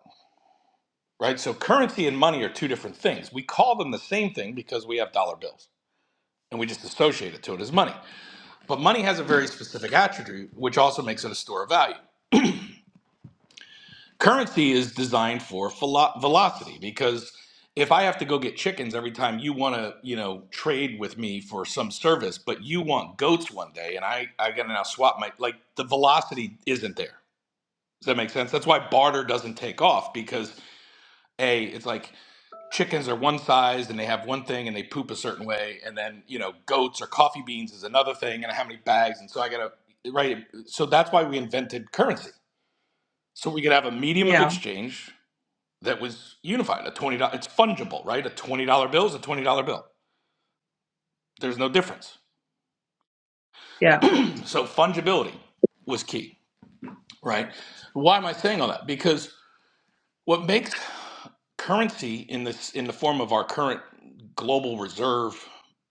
Speaker 13: right? So currency and money are two different things. We call them the same thing because we have dollar bills and we just associate it to it as money. But money has a very specific attribute, which also makes it a store of value. Currency is designed for velo- velocity because if I have to go get chickens every time you want to, you know, trade with me for some service, but you want goats one day and I, I got to now swap my, like the velocity isn't there Does that make sense? That's why barter doesn't take off because a it's like chickens are one size and they have one thing and they poop a certain way, and then you know goats or coffee beans is another thing, and how many bags, and so I gotta right. So that's why we invented currency, so we could have a medium of
Speaker 16: Yeah.
Speaker 13: exchange that was unified. A twenty dollars, it's fungible, right? A twenty dollar bill is a twenty dollar bill. There's no difference.
Speaker 16: Yeah.
Speaker 13: So fungibility was key, right? Why am I saying all that? Because what makes currency in this in the form of our current global reserve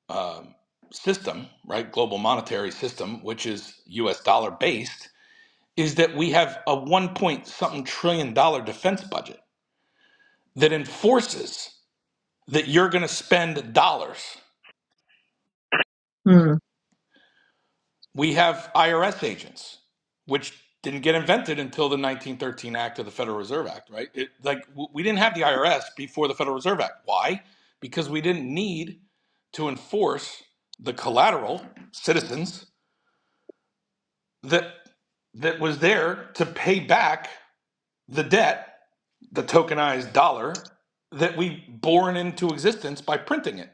Speaker 13: um, system, right? Global monetary system, which is U.S. dollar based, is that we have a one point something trillion dollar defense budget that enforces that you're going to spend dollars.
Speaker 16: Hmm.
Speaker 13: We have IRS agents, which didn't get invented until the 1913 Act or the Federal Reserve Act, right? It, like w- we didn't have the IRS before the Federal Reserve Act. Why? Because we didn't need to enforce the collateral citizens that that was there to pay back the debt, the tokenized dollar that we born into existence by printing it.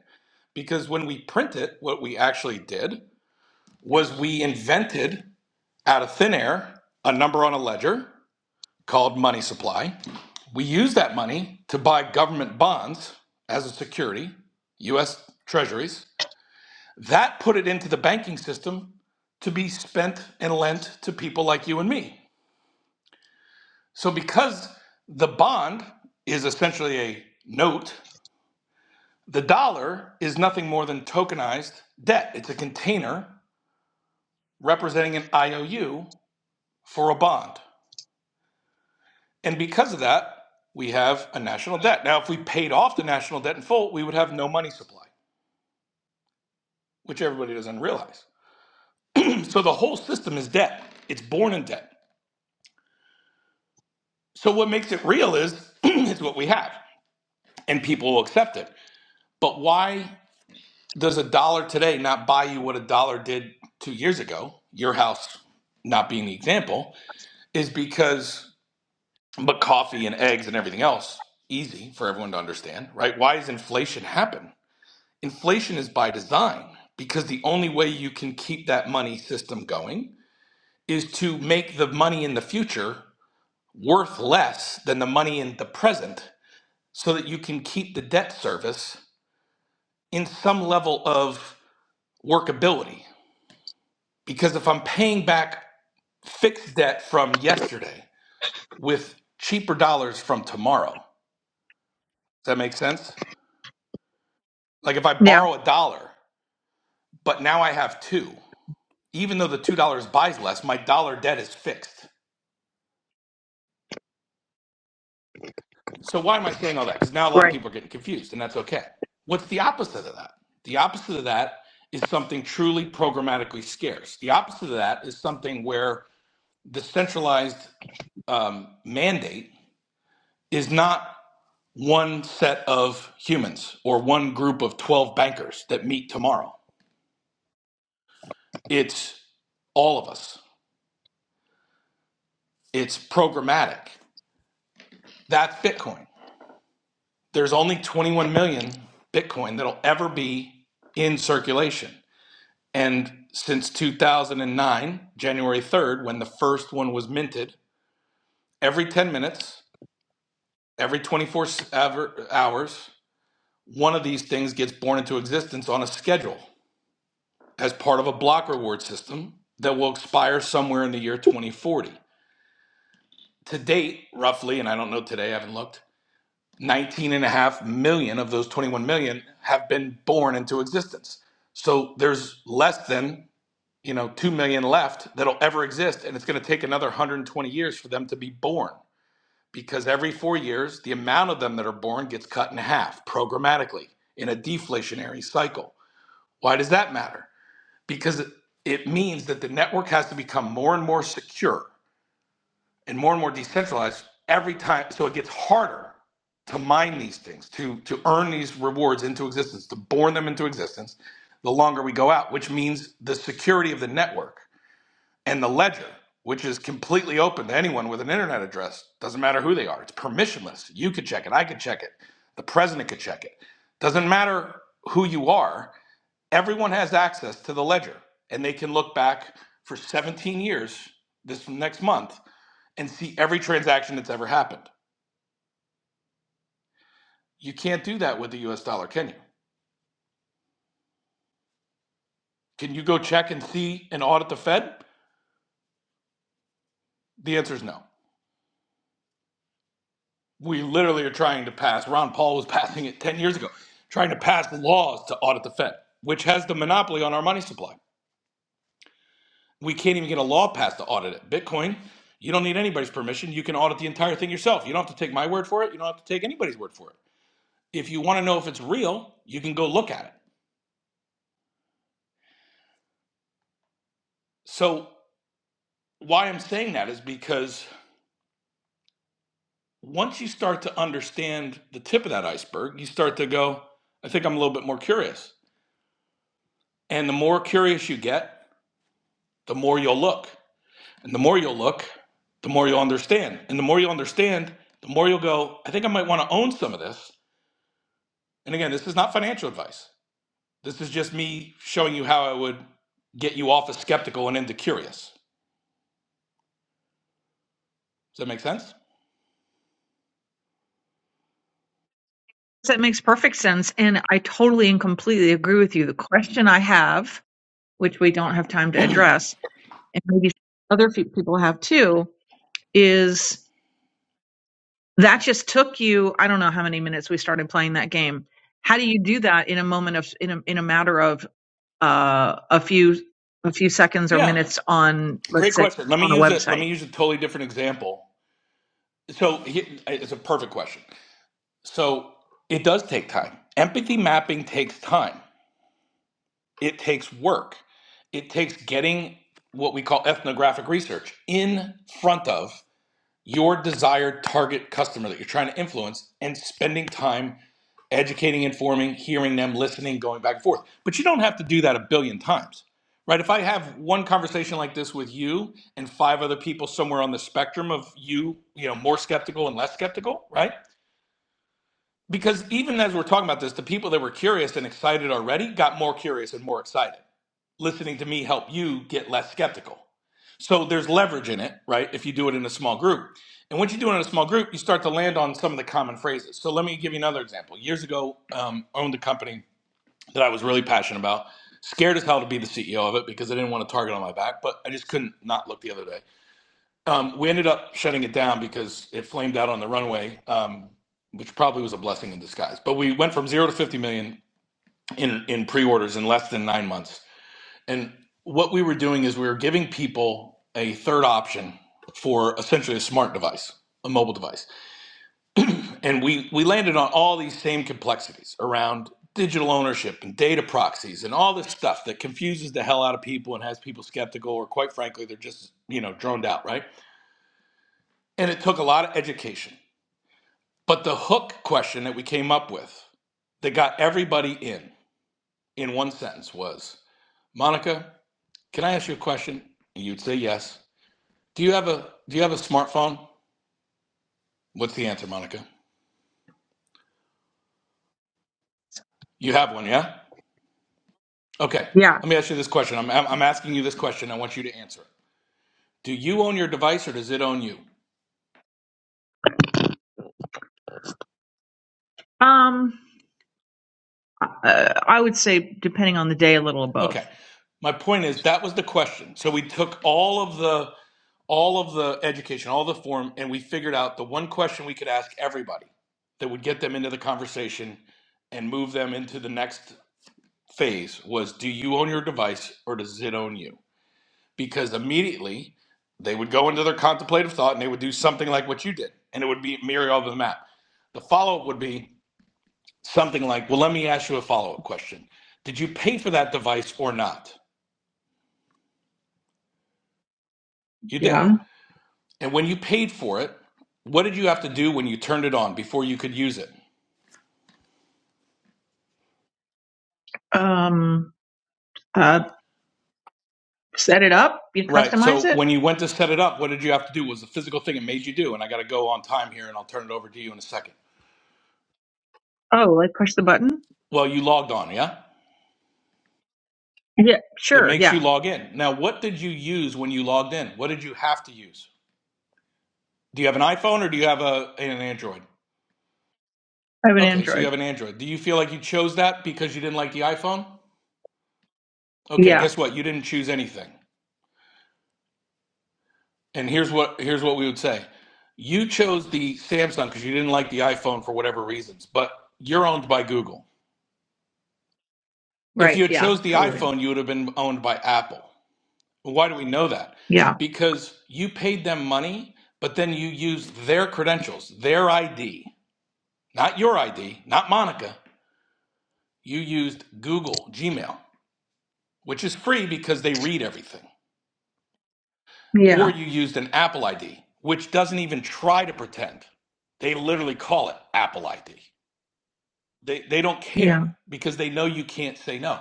Speaker 13: Because when we print it, what we actually did was we invented out of thin air a number on a ledger called money supply. We used that money to buy government bonds as a security, US treasuries, That put it into the banking system to be spent and lent to people like you and me. So, because the bond is essentially a note, the dollar is nothing more than tokenized debt. It's a container representing an IOU for a bond. And because of that, we have a national debt. Now, if we paid off the national debt in full, we would have no money supply, which everybody doesn't realize. So, the whole system is debt, it's born in debt. So what makes it real is it's what we have, and people will accept it. But why does a dollar today not buy you what a dollar did two years ago? Your house not being the example is because, but coffee and eggs and everything else easy for everyone to understand, right? Why does inflation happen? Inflation is by design because the only way you can keep that money system going is to make the money in the future worth less than the money in the present so that you can keep the debt service in some level of workability. Because if I'm paying back fixed debt from yesterday with cheaper dollars from tomorrow, does that make sense? Like if I
Speaker 16: Yeah.
Speaker 13: borrow a dollar, but now I have two, even though the $2 buys less, my dollar debt is fixed. So why am I saying all that? Because now a lot of
Speaker 16: Right.
Speaker 13: people are getting confused, and that's okay. What's the opposite of that? The opposite of that is something truly programmatically scarce. The opposite of that is something where the centralized um, mandate is not one set of humans or one group of 12 bankers that meet tomorrow. It's all of us, it's programmatic. That's Bitcoin. There's only 21 million Bitcoin that'll ever be in circulation. And since 2009, January 3rd, when the first one was minted, every 10 minutes, every 24 hours, one of these things gets born into existence on a schedule as part of a block reward system that will expire somewhere in the year 2040. To date, roughly, and I don't know today, I haven't looked, nineteen and a half million of those 21 million have been born into existence. So there's less than, you know, 2 million left that'll ever exist and it's going to take another 120 years for them to be born because every 4 years the amount of them that are born gets cut in half programmatically in a deflationary cycle. Why does that matter? because it it means that the network has to become more and more secure and more and more decentralized every time. So it gets harder to mine these things, to to earn these rewards into existence, to born them into existence. The longer we go out, which means the security of the network and the ledger, which is completely open to anyone with an internet address, doesn't matter who they are. It's permissionless. You could check it. I could check it. The president could check it. Doesn't matter who you are everyone has access to the ledger and they can look back for 17 years this next month and see every transaction that's ever happened. You can't do that with the US dollar, can you? Can you go check and see and audit the Fed? The answer is no. We literally are trying to pass, Ron Paul was passing it 10 years ago, trying to pass laws to audit the Fed, which has the monopoly on our money supply. We can't even get a law passed to audit it. Bitcoin, you don't need anybody's permission. You can audit the entire thing yourself. You don't have to take my word for it. You don't have to take anybody's word for it. If you want to know if it's real, you can go look at it. So, why I'm saying that is because once you start to understand the tip of that iceberg, you start to go, I think I'm a little bit more curious. And the more curious you get, the more you'll look. And the more you'll look, the more you'll understand. And the more you understand, the more you'll go, I think I might want to own some of this. And again, this is not financial advice. This is just me showing you how I would get you off of skeptical and into curious. Does that make sense?
Speaker 16: That makes perfect sense. And I totally and completely agree with you. The question I have, which we don't have time to address, and maybe other fe- people have too, is that just took you, I don't know how many minutes we started playing that game. How do you do that in a moment of, in a, in a matter of uh, a few, a few seconds or
Speaker 13: Yeah.
Speaker 16: minutes on,
Speaker 13: Great
Speaker 16: let's say,
Speaker 13: question. Let me
Speaker 16: on a
Speaker 13: use a let me
Speaker 16: website?
Speaker 13: use a totally different example. So here- it's a perfect question. So it does take time. Empathy mapping takes time. It takes work. It takes getting what we call ethnographic research in front of your desired target customer that you're trying to influence and spending time educating, informing, hearing them, listening, going back and forth. But you don't have to do that a billion times, right? If I have one conversation like this with you and five other people somewhere on the spectrum of you, you know, more skeptical and less skeptical, right? Because even as we're talking about this, the people that were curious and excited already got more curious and more excited. Listening to me help you get less skeptical. So there's leverage in it, right? If you do it in a small group. And once you do it in a small group, you start to land on some of the common phrases. So let me give you another example. Years ago, um, owned a company that I was really passionate about. Scared as hell to be the CEO of it because I didn't want a target on my back, but I just couldn't not look the other day. Um, we ended up shutting it down because it flamed out on the runway, um, which probably was a blessing in disguise. But we went from zero to 50 million in, in pre orders in less than nine months. And what we were doing is we were giving people a third option for essentially a smart device, a mobile device and we we landed on all these same complexities around digital ownership and data proxies and all this stuff that confuses the hell out of people and has people skeptical or quite frankly they're just you know droned out right and it took a lot of education but the hook question that we came up with that got everybody in in one sentence was monica can i ask you a question and you'd say yes do you have a do you have a smartphone what's the answer monica you have one yeah okay
Speaker 16: Yeah.
Speaker 13: let me ask you this question i'm, I'm asking you this question i want you to answer it Do you own your device or does it own you?
Speaker 16: Um, Uh, I would say, depending on the day, a little of
Speaker 13: Okay.
Speaker 16: both.
Speaker 13: My point is that was the question. So we took all of the all of the education, all the form, and we figured out the one question we could ask everybody that would get them into the conversation and move them into the next phase was do you own your device or does it own you? Because immediately they would go into their contemplative thought and they would do something like what you did. And it would be mirror of the map. The follow up would be something like, well, let me ask you a follow up question. Did you pay for that device or not? You did.
Speaker 16: Yeah.
Speaker 13: And when you paid for it, what did you have to do when you turned it on before you could use it?
Speaker 16: Um, uh, set it up, you
Speaker 13: Right.
Speaker 16: customize
Speaker 13: So
Speaker 16: it.
Speaker 13: when you went to set it up, what did you have to do? What Was the physical thing it made you do? And I got to go on time here and I'll turn it over to you in a second.
Speaker 16: Oh, like push the button?
Speaker 13: Well, you logged on, yeah?
Speaker 16: Yeah,
Speaker 13: It
Speaker 16: sure.
Speaker 13: makes you
Speaker 16: Yeah.
Speaker 13: log in. Now, what did you use when you logged in? What did you have to use? Do you have an iPhone or do you have a, an Android?
Speaker 16: I have an
Speaker 13: Okay, so you
Speaker 16: Android.
Speaker 13: have an Android. Do you feel like you chose that because you didn't like the iPhone? Okay,
Speaker 16: Yeah.
Speaker 13: guess what? You didn't choose anything. And here's what here's what we would say. You chose the Samsung because you didn't like the iPhone for whatever reasons, but you're owned by Google. If you
Speaker 16: Right.
Speaker 13: had
Speaker 16: Yeah.
Speaker 13: chose the
Speaker 16: Totally.
Speaker 13: iPhone, you would have been owned by Apple. Why do we know that?
Speaker 16: Yeah.
Speaker 13: Because you paid them money, but then you used their credentials, their ID, not your ID, not Monica. You used Google Gmail, which is free because they read everything. or
Speaker 16: Yeah.
Speaker 13: you used an Apple ID, which doesn't even try to pretend. They literally call it Apple ID. They, they don't care
Speaker 16: Yeah.
Speaker 13: because they know you can't say no.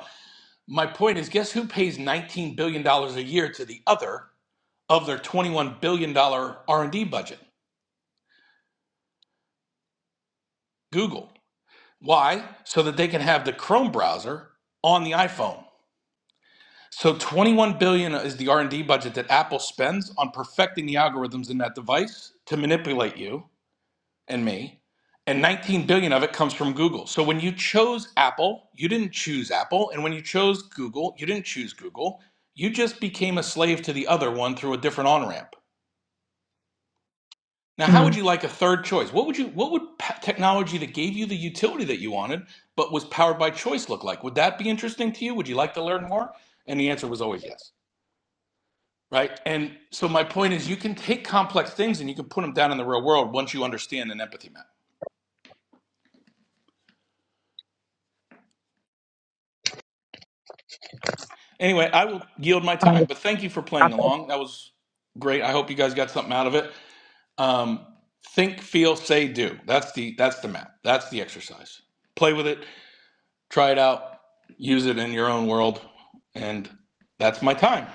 Speaker 13: My point is guess who pays $19 billion dollars a year to the other of their $21 billion R&D budget? Google. Why? So that they can have the Chrome browser on the iPhone. So 21 billion dollars is the R&D budget that Apple spends on perfecting the algorithms in that device to manipulate you and me, and 19 billion of it comes from Google. So when you chose Apple, you didn't choose Apple, and when you chose Google, you didn't choose Google. You just became a slave to the other one through a different on-ramp. Now, how would
Speaker 16: Mm.
Speaker 13: you like a third choice? What would you what would pa- technology that gave you the utility that you wanted but was powered by choice look like? Would that be interesting to you? Would you like to learn more? And the answer was always yes. Right? And so my point is you can take complex things and you can put them down in the real world once you understand an empathy map. Anyway, I will yield my time, but thank you for
Speaker 16: Uh,
Speaker 13: playing along. That was great. I hope you guys got something out of it. Um, think, feel, say, do. That's the that's the map. That's the exercise. Play with it, try it out, use it in your own world, and that's my time.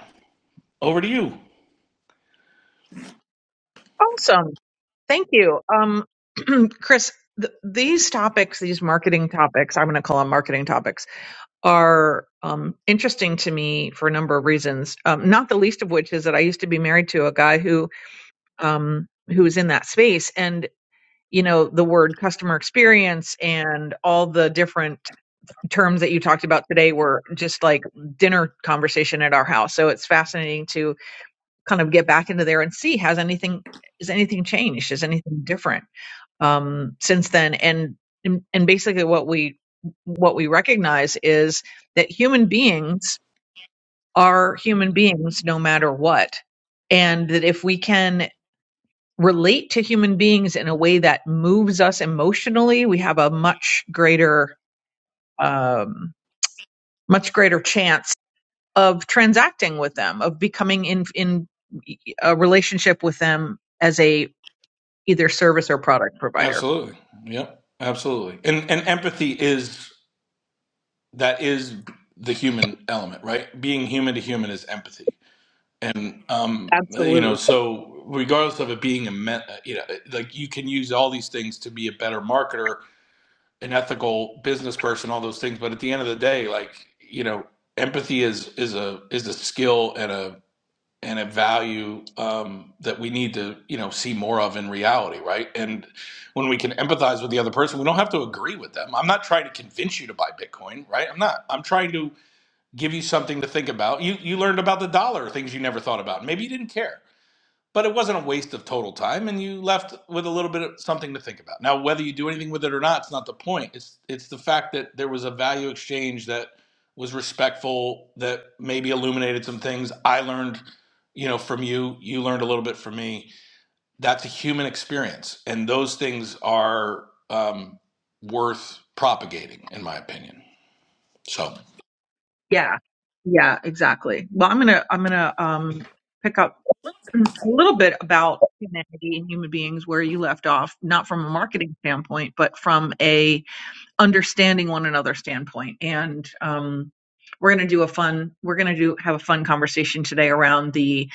Speaker 13: Over to you.
Speaker 16: Awesome. Thank you. Um, Chris, th- these topics, these marketing topics, I'm going to call them marketing topics, are um, interesting to me for a number of reasons. Um, not the least of which is that I used to be married to a guy who um, who was in that space, and. you know, the word customer experience and all the different terms that you talked about today were just like dinner conversation at our house. So it's fascinating to kind of get back into there and see has anything is anything changed? Is anything different um, since then? And and and basically what we what we recognize is that human beings are human beings no matter what. And that if we can relate to human beings in a way that moves us emotionally, we have a much greater, um, much greater chance of transacting with them, of becoming in in a relationship with them as a either service or product provider.
Speaker 13: Absolutely. Yep. Absolutely. And and empathy is that is the human element, right? Being human to human is empathy. And um, you know,
Speaker 16: Absolutely.
Speaker 13: so regardless of it being a me- you know, like you can use all these things to be a better marketer, an ethical business person, all those things. But at the end of the day, like you know, empathy is is a is a skill and a and a value um, that we need to you know see more of in reality, right? And when we can empathize with the other person, we don't have to agree with them. I'm not trying to convince you to buy Bitcoin, right? I'm not. I'm trying to give you something to think about. You you learned about the dollar, things you never thought about. Maybe you didn't care, but it wasn't a waste of total time, and you left with a little bit of something to think about. Now, whether you do anything with it or not, it's not the point. It's it's the fact that there was a value exchange that was respectful, that maybe illuminated some things. I learned, you know, from you. You learned a little bit from me. That's a human experience, and those things are um, worth propagating, in my opinion. So.
Speaker 16: Yeah. Yeah. Exactly. Well, I'm gonna I'm gonna um, pick up a little bit about humanity and human beings where you left off, not from a marketing standpoint, but from a understanding one another's standpoint. And um, we're going to do a fun, we're going to do have a fun conversation today around the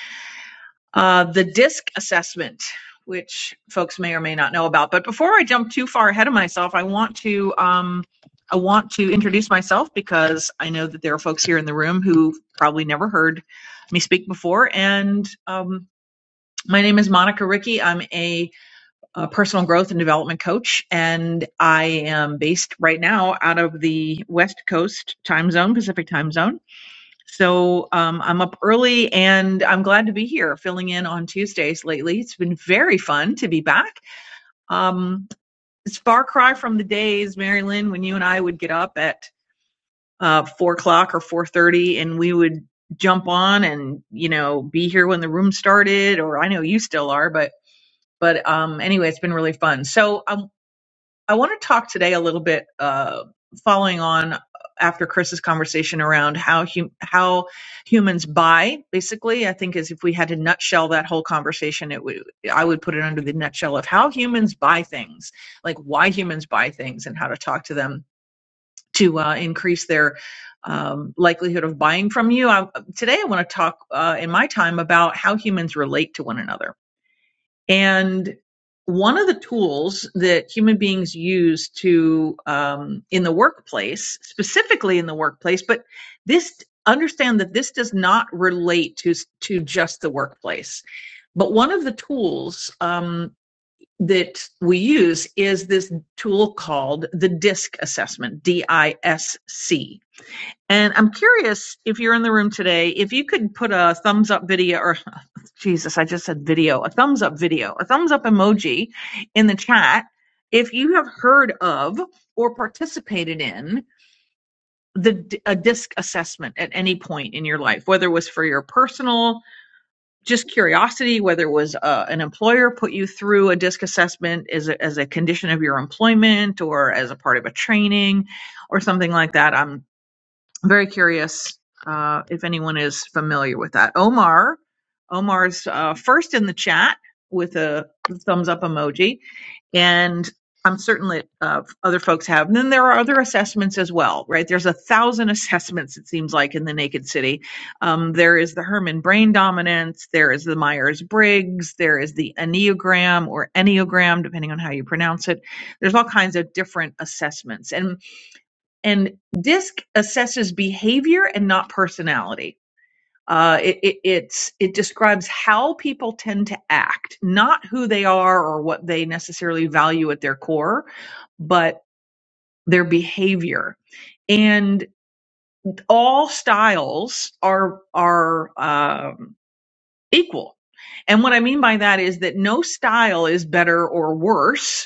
Speaker 16: uh, the DISC assessment, which folks may or may not know about. But before I jump too far ahead of myself, I want to um, I want to introduce myself because I know that there are folks here in the room who probably never heard me speak before. And um, my name is Monica Ricky. I'm a a personal growth and development coach, and I am based right now out of the West Coast time zone, Pacific time zone. So um, I'm up early and I'm glad to be here filling in on Tuesdays lately. It's been very fun to be back. Um, it's far cry from the days, Mary Lynn, when you and I would get up at uh, four o'clock or four thirty and we would jump on and, you know, be here when the room started, or I know you still are, but but um, anyway, it's been really fun. So I'm. I want to talk today a little bit, uh, following on after Chris's conversation around how hum- how humans buy. Basically, I think is if we had to nutshell that whole conversation, it would I would put it under the nutshell of how humans buy things, like why humans buy things, and how to talk to them to uh, increase their um, likelihood of buying from you. I, today, I want to talk uh, in my time about how humans relate to one another and one of the tools that human beings use to, um, in the workplace, specifically in the workplace, but this understand that this does not relate to to just the workplace. But one of the tools um, that we use is this tool called the DISC assessment, D I S C. And I'm curious if you're in the room today, if you could put a thumbs up video or Jesus, I just said video, a thumbs up video, a thumbs up emoji in the chat. If you have heard of or participated in the a a disc assessment at any point in your life, whether it was for your personal just curiosity, whether it was uh, an employer put you through a disc assessment as a, as a condition of your employment or as a part of a training or something like that. I'm very curious uh, if anyone is familiar with that. Omar, Omar's uh, first in the chat with a thumbs up emoji, and I'm certain that uh, other folks have. And then there are other assessments as well, right? There's a thousand assessments it seems like in the Naked City. Um, there is the Herman Brain Dominance, there is the Myers Briggs, there is the Enneagram or Enneagram, depending on how you pronounce it. There's all kinds of different assessments, and and DISC assesses behavior and not personality. Uh, it, it, it's, it describes how people tend to act, not who they are or what they necessarily value at their core, but their behavior. And all styles are are um, equal. And what I mean by that is that no style is better or worse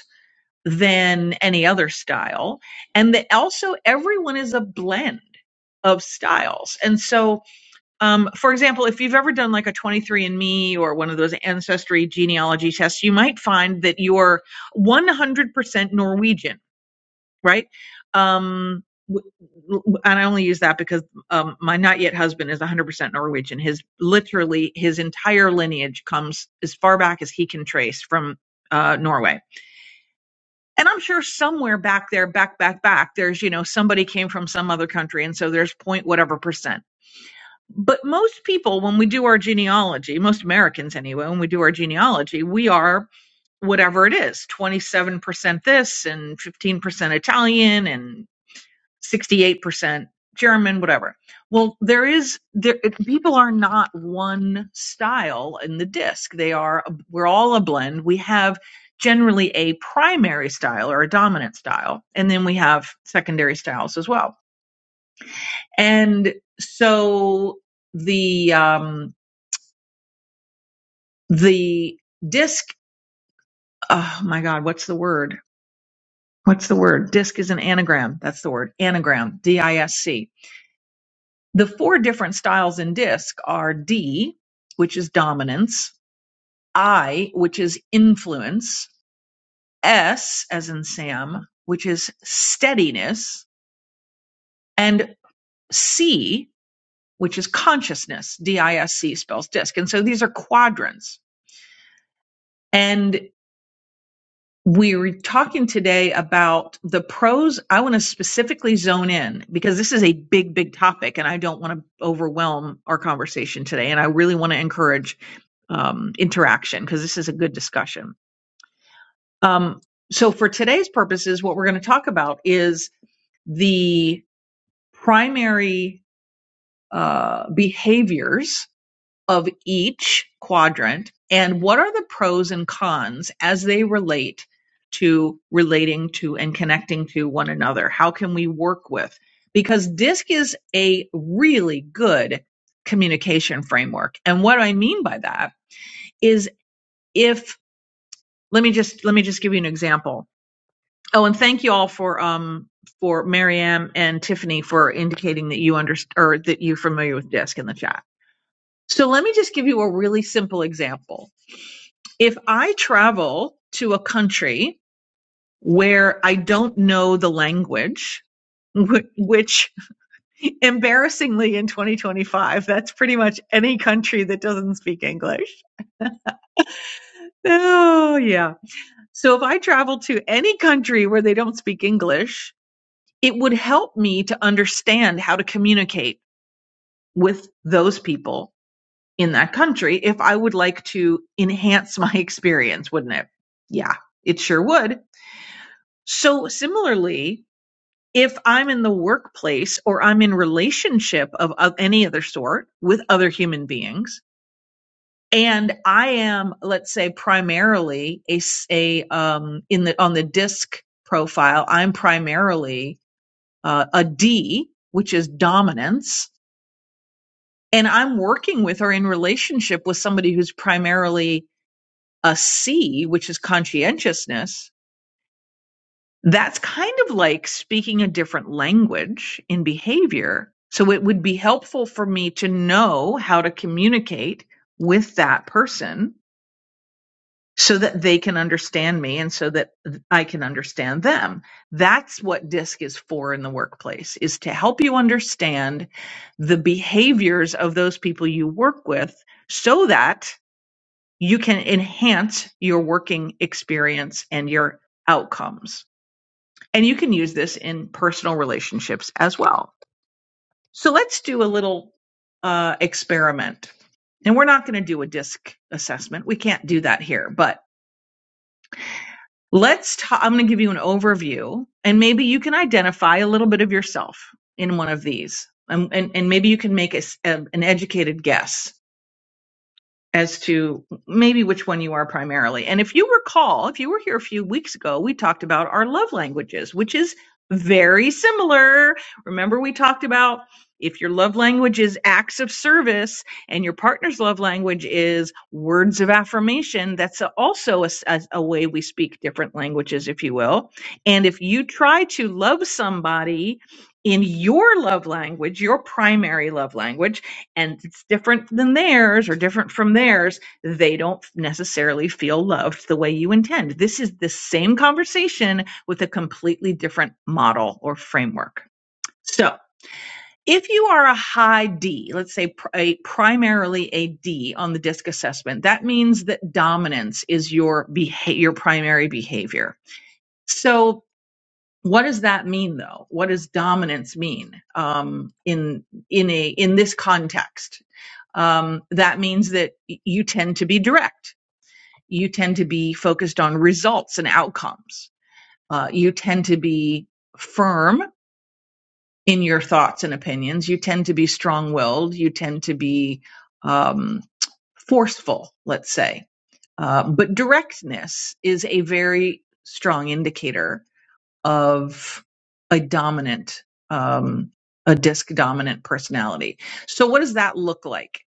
Speaker 16: than any other style. And the, also, everyone is a blend of styles. And so, um, for example, if you've ever done like a 23andMe or one of those ancestry genealogy tests, you might find that you're 100% Norwegian, right? Um, and I only use that because um, my not yet husband is 100% Norwegian. His literally his entire lineage comes as far back as he can trace from uh, Norway and I'm sure somewhere back there, back, back, back, there's, you know, somebody came from some other country. And so there's point whatever percent. But most people, when we do our genealogy, most Americans anyway, when we do our genealogy, we are whatever it is 27% this and 15% Italian and 68% German, whatever. Well, there is there people are not one style in the disc. They are we're all a blend. We have generally a primary style or a dominant style, and then we have secondary styles as well. And so the um the disc oh my god, what's the word? What's the word? Disc is an anagram. That's the word. Anagram, D I S C The four different styles in disc are D, which is dominance, I, which is influence, S, as in Sam, which is steadiness, and C, which is consciousness. D I S C spells disc. And so these are quadrants. And we are talking today about the pros. I want to specifically zone in because this is a big, big topic, and I don't want to overwhelm our conversation today. And I really want to encourage um, interaction because this is a good discussion. Um, so, for today's purposes, what we're going to talk about is the primary uh, behaviors of each quadrant and what are the pros and cons as they relate to relating to and connecting to one another? How can we work with? Because DISC is a really good communication framework. And what I mean by that is if let me just let me just give you an example. Oh, and thank you all for um for Maryam and Tiffany for indicating that you understand or that you're familiar with DISC in the chat. So let me just give you a really simple example If I travel to a country where I don't know the language, wh- which embarrassingly in 2025, that's pretty much any country that doesn't speak English. Oh, yeah. So if I travel to any country where they don't speak English, it would help me to understand how to communicate with those people in that country if I would like to enhance my experience, wouldn't it? Yeah, it sure would. So similarly, if I'm in the workplace or I'm in relationship of, of any other sort with other human beings, and I am, let's say, primarily a, s- a, um, in the on the disc profile, I'm primarily uh, a D, which is dominance, and I'm working with or in relationship with somebody who's primarily a C, which is conscientiousness that's kind of like speaking a different language in behavior. So it would be helpful for me to know how to communicate with that person so that they can understand me and so that I can understand them. That's what DISC is for in the workplace is to help you understand the behaviors of those people you work with so that you can enhance your working experience and your outcomes. And you can use this in personal relationships as well. So let's do a little uh, experiment. And we're not going to do a disc assessment. We can't do that here, but let's ta- I'm going to give you an overview and maybe you can identify a little bit of yourself in one of these. And, and, and maybe you can make a s- a- an educated guess as to maybe which one you are primarily. And if you recall, if you were here a few weeks ago, we talked about our love languages, which is very similar. Remember, we talked about if your love language is acts of service and your partner's love language is words of affirmation, that's a- also a, s- a- a way we speak different languages, if you will. And if you try to love somebody in your love language, your primary love language, and it's different than theirs or different from theirs, they don't necessarily feel loved the way you intend. This is the same conversation with a completely different model or framework. So, if you are a high D, let's say pr- a, primarily a D on the DISC assessment, that means that dominance is your beha- your primary behavior. So what does that mean though what does dominance mean um, in in a in this context um, that means that y- you tend to be direct you tend to be focused on results and outcomes uh, you tend to be firm in your thoughts and opinions you tend to be strong-willed you tend to be um, forceful let's say uh, but directness is a very strong indicator of a dominant, um, a disc dominant personality. So what does that look like?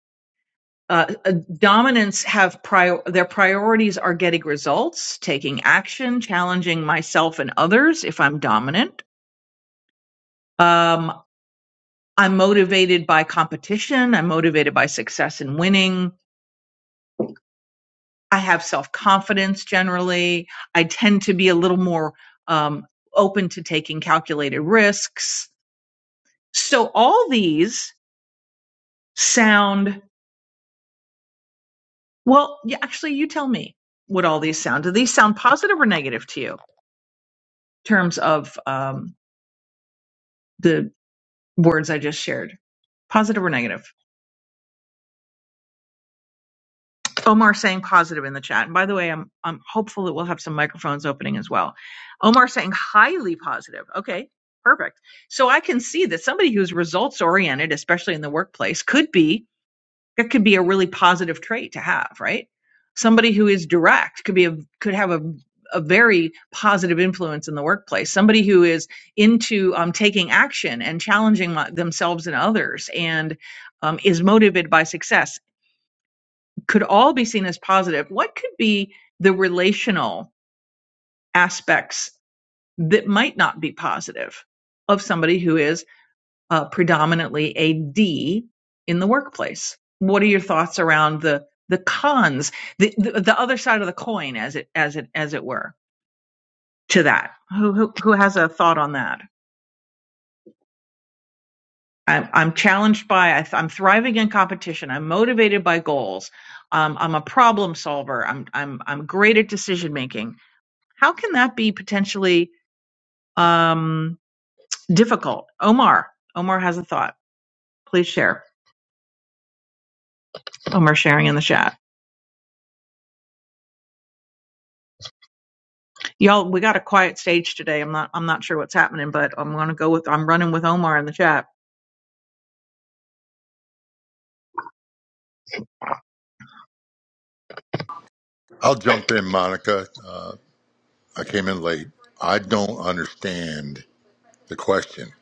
Speaker 16: Uh, uh, dominants have prior, their priorities are getting results, taking action, challenging myself and others if I'm dominant. Um, I'm motivated by competition. I'm motivated by success and winning. I have self confidence generally. I tend to be a little more um, open to taking calculated risks. So all these sound well y- actually you tell me what all these sound do these sound positive or negative to you in terms of um, the words i just shared positive or negative omar saying positive in the chat and by the way i'm i'm hopeful that we'll have some microphones opening as well omar saying highly positive okay perfect so i can see that somebody who's results oriented especially in the workplace could be that could be a really positive trait to have, right? Somebody who is direct could be a could have a a very positive influence in the workplace. Somebody who is into um, taking action and challenging my- themselves and others, and um, is motivated by success, could all be seen as positive. What could be the relational aspects that might not be positive of somebody who is uh, predominantly a D in the workplace. What are your thoughts around the the cons, the, the the other side of the coin, as it as it as it were, to that? Who who, who has a thought on that? I'm, I'm challenged by I th- I'm thriving in competition. I'm motivated by goals. Um, I'm a problem solver. I'm I'm I'm great at decision making. How can that be potentially um, difficult? Omar Omar has a thought. Please share. Omar sharing in the chat. Y'all, we got a quiet stage today. I'm not I'm not sure what's happening, but I'm gonna go with I'm running with Omar in the chat.
Speaker 17: I'll jump in, Monica. Uh, I came in late. I don't understand the question.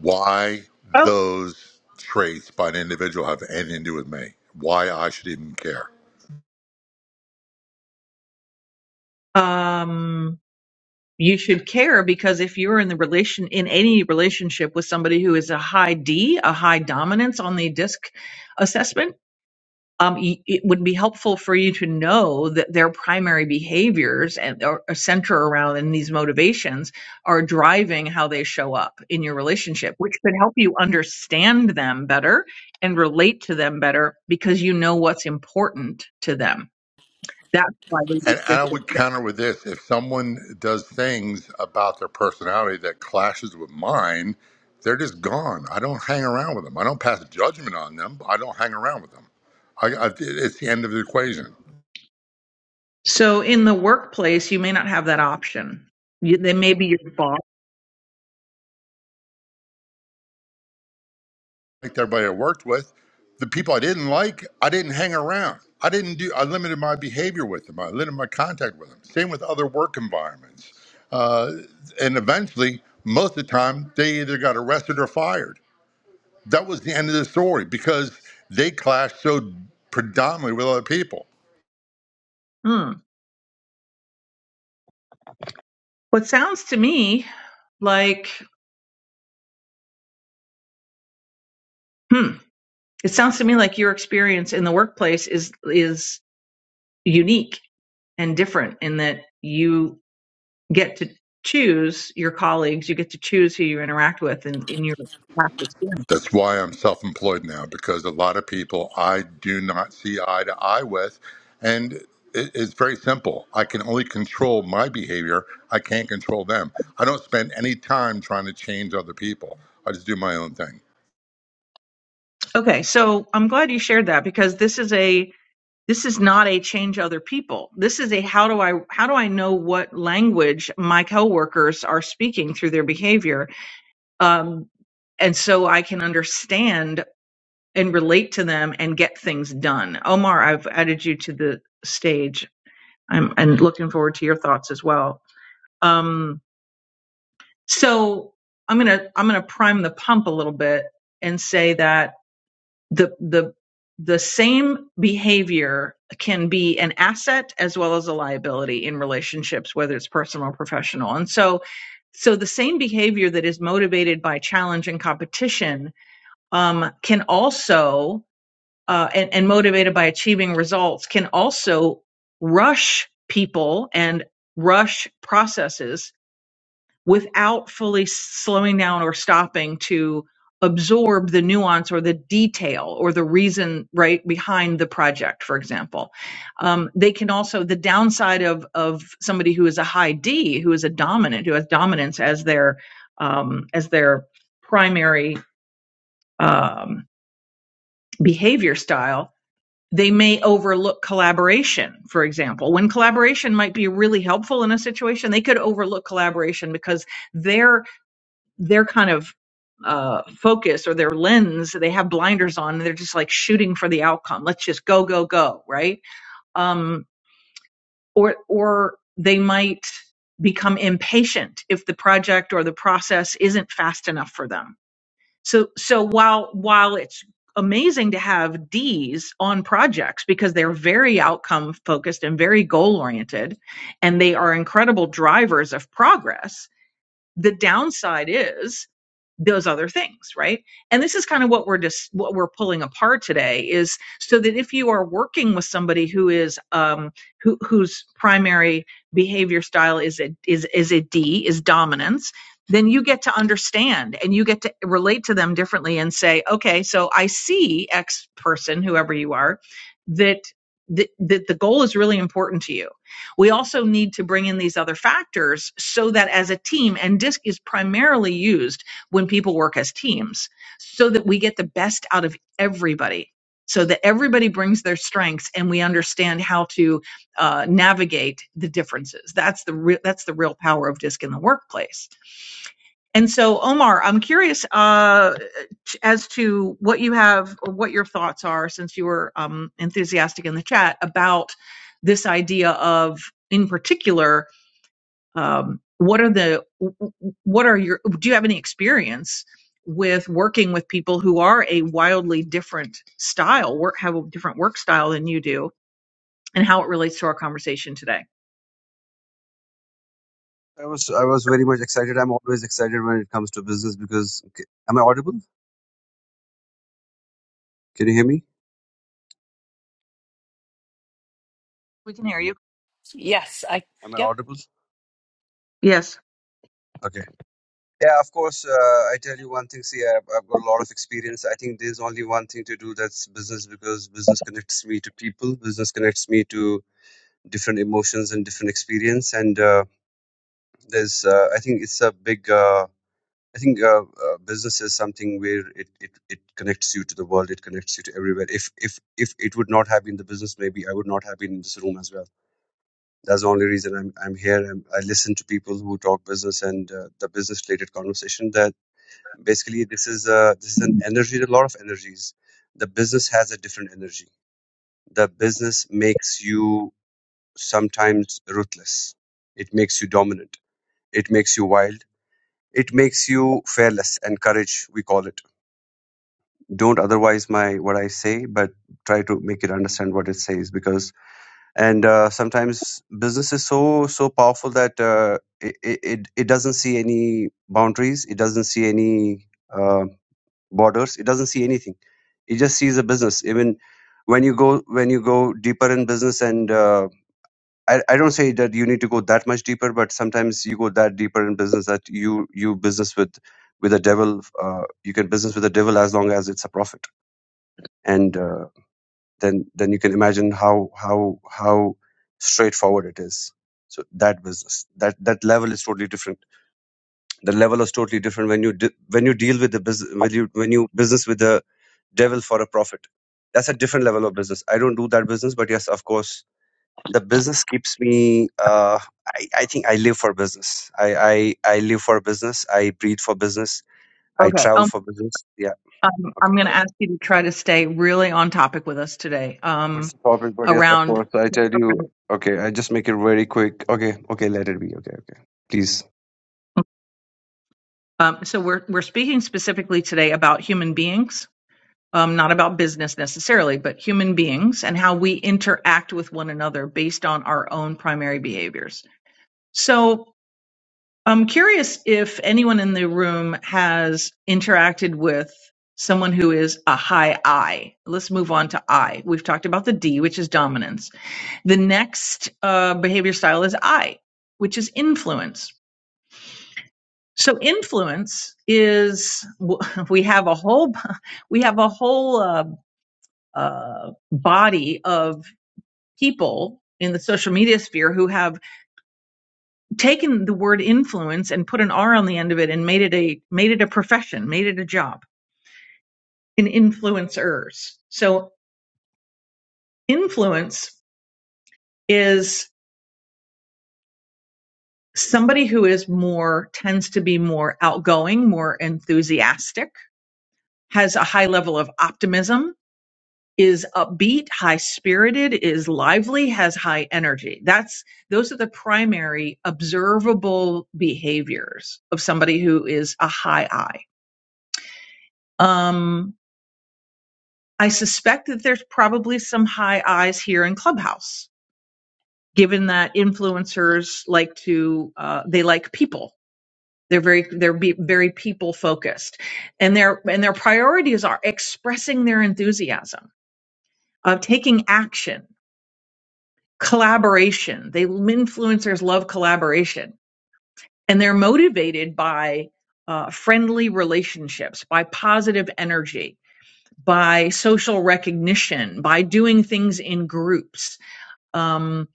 Speaker 17: Why
Speaker 16: Oh.
Speaker 17: those traits by an individual have anything to do with me? Why I should even care?
Speaker 16: Um you should care because if you're in the relation in any relationship with somebody who is a high D, a high dominance on the disc assessment, um, y- it would be helpful for you to know that their primary behaviors and or or center around and these motivations are driving how they show up in your relationship, which could help you understand them better and relate to them better because you know what's important to them. That's why.
Speaker 17: And, and I would counter with this: if someone does things about their personality that clashes with mine, they're just gone. I don't hang around with them. I don't pass judgment on them. I don't hang around with them. I, I, it's the end of the equation.
Speaker 16: So in the workplace, you may not have that option. You, they may be your boss.
Speaker 17: liked everybody I worked with. The people I didn't like, I didn't hang around. I didn't do. I limited my behavior with them. I limited my contact with them. Same with other work environments. Uh, and eventually, most of the time, they either got arrested or fired. That was the end of the story because they clashed so predominantly with other people.
Speaker 16: Hmm. What sounds to me like hmm, it sounds to me like your experience in the workplace is is unique and different in that you get to choose your colleagues, you get to choose who you interact with in, in your class.
Speaker 17: That's why I'm self employed now because a lot of people I do not see eye to eye with. And it, it's very simple. I can only control my behavior, I can't control them. I don't spend any time trying to change other people. I just do my own thing.
Speaker 16: Okay, so I'm glad you shared that because this is a This is not a change other people. This is a how do I how do I know what language my coworkers are speaking through their behavior, um, and so I can understand and relate to them and get things done. Omar, I've added you to the stage. I'm and looking forward to your thoughts as well. Um, so I'm gonna I'm gonna prime the pump a little bit and say that the the the same behavior can be an asset as well as a liability in relationships whether it's personal or professional and so so the same behavior that is motivated by challenge and competition um, can also uh, and, and motivated by achieving results can also rush people and rush processes without fully slowing down or stopping to absorb the nuance or the detail or the reason right behind the project for example um, they can also the downside of of somebody who is a high d who is a dominant who has dominance as their um, as their primary um, behavior style they may overlook collaboration for example when collaboration might be really helpful in a situation they could overlook collaboration because their their kind of uh, focus or their lens, they have blinders on and they're just like shooting for the outcome. Let's just go, go, go, right? Um, or, or they might become impatient if the project or the process isn't fast enough for them. So, so while, while it's amazing to have D's on projects because they're very outcome focused and very goal oriented and they are incredible drivers of progress, the downside is those other things right and this is kind of what we're just what we're pulling apart today is so that if you are working with somebody who is um who whose primary behavior style is a is is a d is dominance then you get to understand and you get to relate to them differently and say okay so i see x person whoever you are that that, that the goal is really important to you we also need to bring in these other factors so that as a team, and DISC is primarily used when people work as teams, so that we get the best out of everybody. So that everybody brings their strengths, and we understand how to uh, navigate the differences. That's the re- that's the real power of DISC in the workplace and so, Omar, I'm curious uh, t- as to what you have or what your thoughts are, since you were um, enthusiastic in the chat about this idea of, in particular, um, what are the what are your do you have any experience with working with people who are a wildly different style work have a different work style than you do and how it relates to our conversation today
Speaker 18: I was I was very much excited. I'm always excited when it comes to business because okay, am I audible? Can you hear me?
Speaker 16: we can hear you
Speaker 19: Yes, I
Speaker 18: Am I
Speaker 19: yep.
Speaker 18: audible?
Speaker 16: yes
Speaker 18: Okay. Yeah, of course. Uh, I tell you one thing. See, I've, I've got a lot of experience. I think there's only one thing to do that's business because business connects me to people. Business connects me to different emotions and different experience. And uh, there's uh, I think it's a big. Uh, I think uh, uh, business is something where it, it, it connects you to the world. It connects you to everywhere. If if if it would not have been the business, maybe I would not have been in this room as well That's the only reason I'm I'm here. I'm, I listen to people who talk business and uh, the business related conversation. That basically this is uh this is an energy. A lot of energies. The business has a different energy. The business makes you sometimes ruthless. It makes you dominant. It makes you wild. It makes you fearless and courage. We call it. Don't otherwise my what I say, but try to make it understand what it says because and uh, sometimes business is so so powerful that uh, it, it it doesn't see any boundaries it doesn't see any uh, borders it doesn't see anything it just sees a business even when you go when you go deeper in business and uh, I, I don't say that you need to go that much deeper but sometimes you go that deeper in business that you you business with with the devil uh, you can business with the devil as long as it's a profit and. uh, then then you can imagine how how how straightforward it is so that business that that level is totally different the level is totally different when you de- when you deal with the business when you when you business with the devil for a profit that's a different level of business i don't do that business but yes of course the business keeps me uh, I, I think i live for business I, I i live for business i breathe for business i
Speaker 16: Okay.
Speaker 18: travel for business yeah
Speaker 16: Um,
Speaker 18: okay
Speaker 16: I'm going to ask you to try to stay really on topic with us today.
Speaker 18: What's
Speaker 16: Um,
Speaker 18: the topic? But yes, of
Speaker 16: around,
Speaker 18: course. I tell you. Okay, I just make it very quick. Okay, okay, let it be. Okay, okay. Please.
Speaker 16: um, so we're we're speaking specifically today about human beings, um, not about business necessarily, but human beings and how we interact with one another based on our own primary behaviors. So I'm curious if anyone in the room has interacted with someone who is a high I. Let's move on to I. We've talked about the D, which is dominance The next uh, behavior style is I, which is influence. So influence is we have a whole we have a whole uh, uh, body of people in the social media sphere who have taken the word influence and put an R on the end of it and made it a made it a profession, made it a job. In influencers, so influence is somebody who is more tends to be more outgoing, more enthusiastic has a high level of optimism, is upbeat, high spirited, is lively, has high energy. That's those are the primary observable behaviors of somebody who is a high I. Um, I suspect that there's probably some high Is here in Clubhouse, given that influencers like to uh, they like people. They're very they're be, very people focused, and their and their priorities are expressing their enthusiasm, of taking action collaboration. They influencers love collaboration, and they're motivated by uh, friendly relationships, by positive energy, by social recognition, by doing things in groups. Um,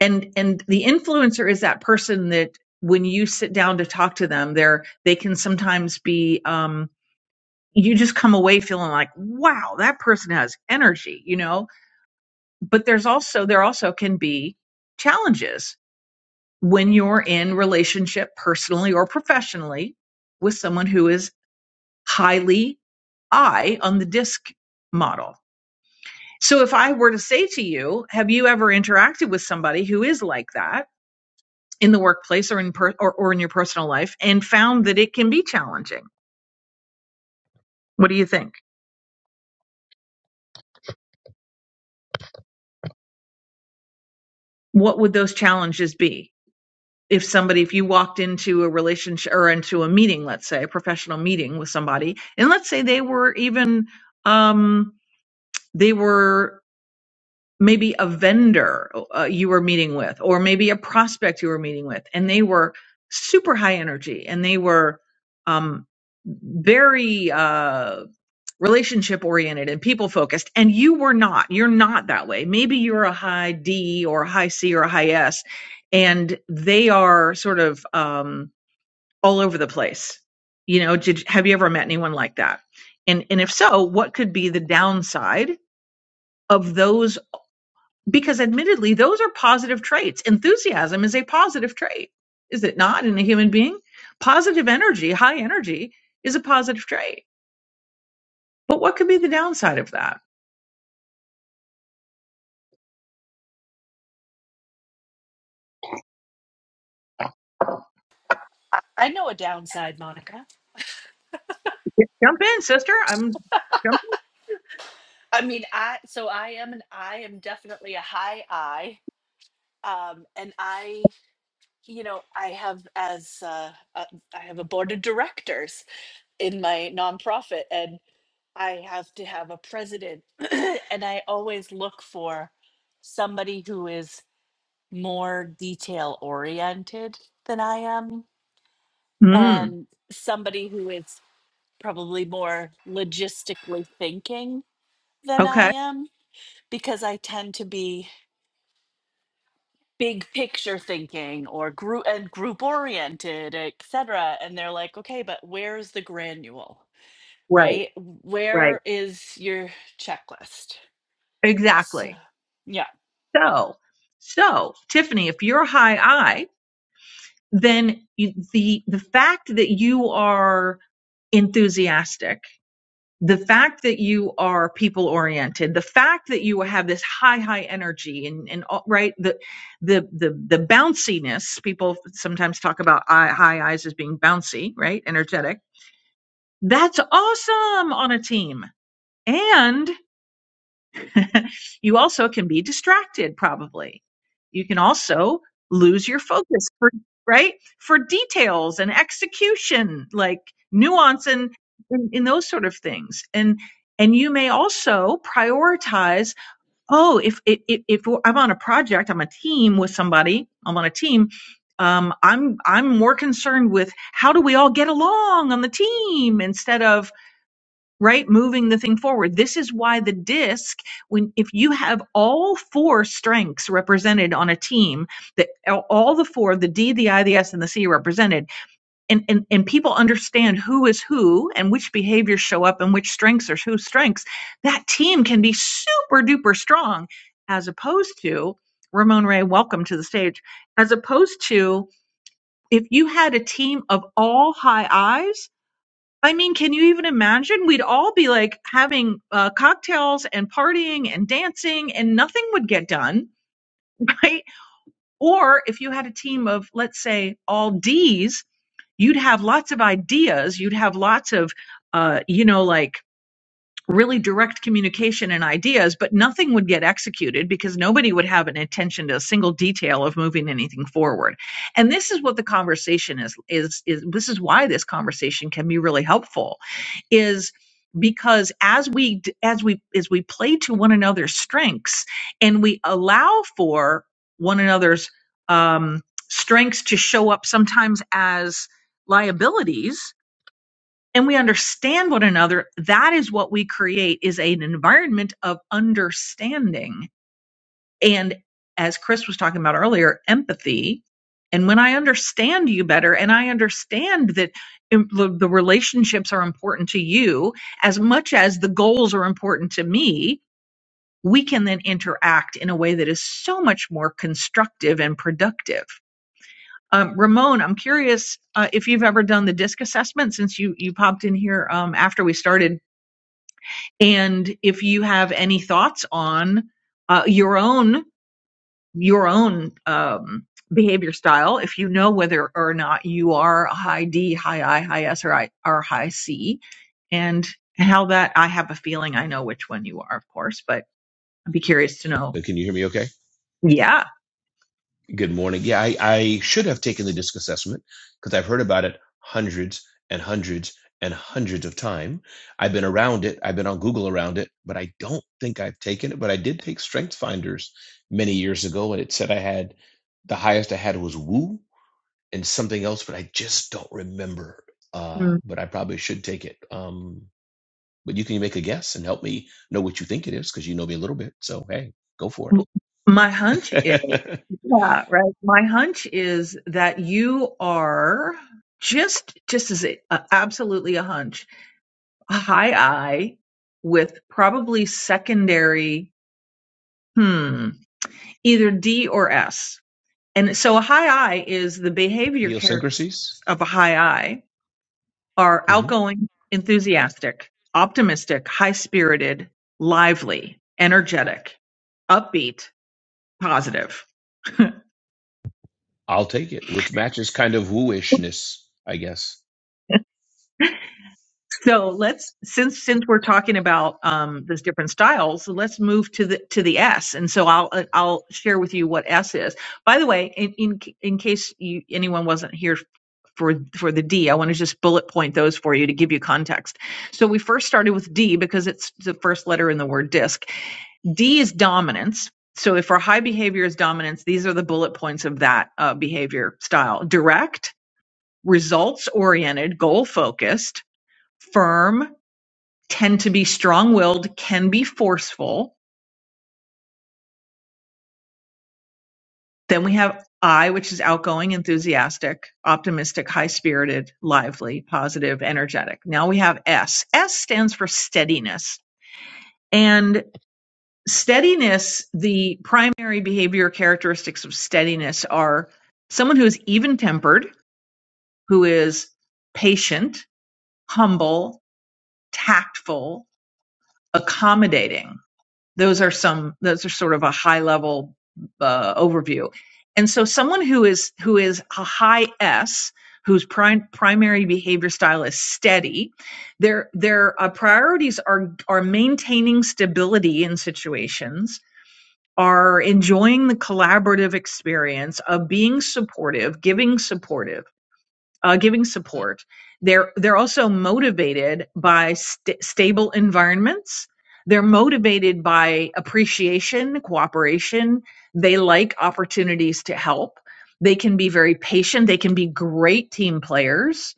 Speaker 16: and and the influencer is that person that when you sit down to talk to them, they're they can sometimes be. Um, you just come away feeling like, wow, that person has energy, you know. But there's also there also can be challenges when you're in relationship personally or professionally with someone who is highly I on the disc model. So if I were to say to you, have you ever interacted with somebody who is like that in the workplace or in per- or, or in your personal life and found that it can be challenging? What do you think? What would those challenges be? If somebody, if you walked into a relationship or into a meeting, let's say a professional meeting with somebody, and let's say they were even, um, they were maybe a vendor uh, you were meeting with or maybe a prospect you were meeting with and they were super high energy and they were um, very uh, relationship oriented and people focused and you were not you're not that way maybe you're a high d or a high c or a high s and they are sort of um, all over the place you know did, have you ever met anyone like that and and if so what could be the downside of those because admittedly those are positive traits enthusiasm is a positive trait is it not in a human being positive energy high energy is a positive trait but what could be the downside of that
Speaker 19: I I know a downside, Monica.
Speaker 16: jump in sister i'm
Speaker 19: I mean, I so I am an I am definitely a high I. Um and I, you know, I have as uh, uh I have a board of directors in my nonprofit and I have to have a president and I always look for somebody who is more detail oriented than I am
Speaker 16: mm,
Speaker 19: and somebody who is probably more logistically thinking than I
Speaker 16: okay
Speaker 19: am because I tend to be big picture thinking or group and group oriented, etc. And they're like, okay, but where's the granule,
Speaker 16: Right.
Speaker 19: right? Where is your checklist? So,
Speaker 16: exactly
Speaker 19: yeah.
Speaker 16: so so tiffany if you're a high i then you, the the fact that you are enthusiastic the fact that you are people oriented the fact that you have this high high energy and and all- right the the the the bounciness people sometimes talk about eye, high eyes as being bouncy right energetic that's awesome on a team and you also can be distracted, probably. You can also lose your focus for, right? For details and execution, like nuance and in, in those sort of things. And, and you may also prioritize, oh, if, if, if if I'm on a project, I'm a team with somebody, I'm on a team, um, I'm I'm more concerned with how do we all get along on the team instead of right moving the thing forward this is why the disc when if you have all four strengths represented on a team that all the four the d the i the s and the c represented and, and and people understand who is who and which behaviors show up and which strengths are whose strengths that team can be super duper strong as opposed to ramon ray welcome to the stage as opposed to if you had a team of all high i's I mean, can you even imagine? We'd all be like having uh, cocktails and partying and dancing, and nothing would get done, right? Or if you had a team of, let's say, all D's, you'd have lots of ideas. You'd have lots of, uh, you know, like really direct communication and ideas, but nothing would get executed because nobody would have an attention to a single detail of moving anything forward. And this is what the conversation is is is this is why this conversation can be really helpful is because as we d- as we as we play to one another's strengths and we allow for one another's um strengths to show up sometimes as liabilities and we understand one another that is what we create is an environment of understanding and as chris was talking about earlier empathy and when i understand you better and i understand that im- the the relationships are important to you as much as the goals are important to me we can then interact in a way that is so much more constructive and productive um, Ramon, I'm curious uh, if you've ever done the DISC assessment since you you popped in here um, after we started and if you have any thoughts on uh, your own your own um, behavior style, if you know whether or not you are a high D, high I, high S, or, I, or high C, and how that I have a feeling I know which one you are, of course, but I'd be curious to know.
Speaker 20: Uh, Can you hear me okay?
Speaker 16: Yeah.
Speaker 20: Good morning. Yeah, I, I should have taken the disc assessment because I've heard about it hundreds and hundreds and hundreds of times. I've been around it. I've been on Google around it, but I don't think I've taken it. But I did take Strength Finders many years ago, and it said I had the highest I had was Woo and something else, but I just don't remember. Uh,
Speaker 16: Mm.
Speaker 20: but I probably should take it. Um, but you can make a guess and help me know what you think it is because you know me a little bit. So hey, go for it.
Speaker 16: My hunch is, yeah, right. My hunch is that you are just, just as a, a- absolutely a hunch A high I with probably secondary, hmm, either D or S. And so a high I is the behavior characteristics
Speaker 20: Idiosyncrasies.
Speaker 16: of a high I are
Speaker 20: hmm
Speaker 16: outgoing, enthusiastic, optimistic, high spirited, lively, energetic, upbeat, positive
Speaker 20: I'll take it, which matches kind of wooishness, I guess.
Speaker 16: So let's since since we're talking about um, those different styles, so let's move to the to the S. And so I'll uh, I'll share with you what S is. By the way, in in, in case you, anyone wasn't here for for the D, I want to just bullet point those for you to give you context. So we first started with D because it's the first letter in the word disc. D is dominance. So if our high behavior is dominance, these are the bullet points of that uh, behavior style: direct, results oriented, goal focused, firm tend to be strong willed, can be forceful. Then we have I, which is outgoing, enthusiastic, optimistic, high spirited, lively, positive, energetic. Now we have S. S stands for steadiness. And steadiness, the primary behavior characteristics of steadiness are someone who is even tempered, who is patient, humble, tactful, accommodating. those are some those are sort of a high level uh, overview and so someone who is who is a high s whose prim- primary behavior style is steady their their uh, priorities are are maintaining stability in situations are enjoying the collaborative experience of being supportive giving supportive uh, giving support. They're they're also motivated by st- stable environments. They're motivated by appreciation, cooperation. They like opportunities to help. They can be very patient. They can be great team players.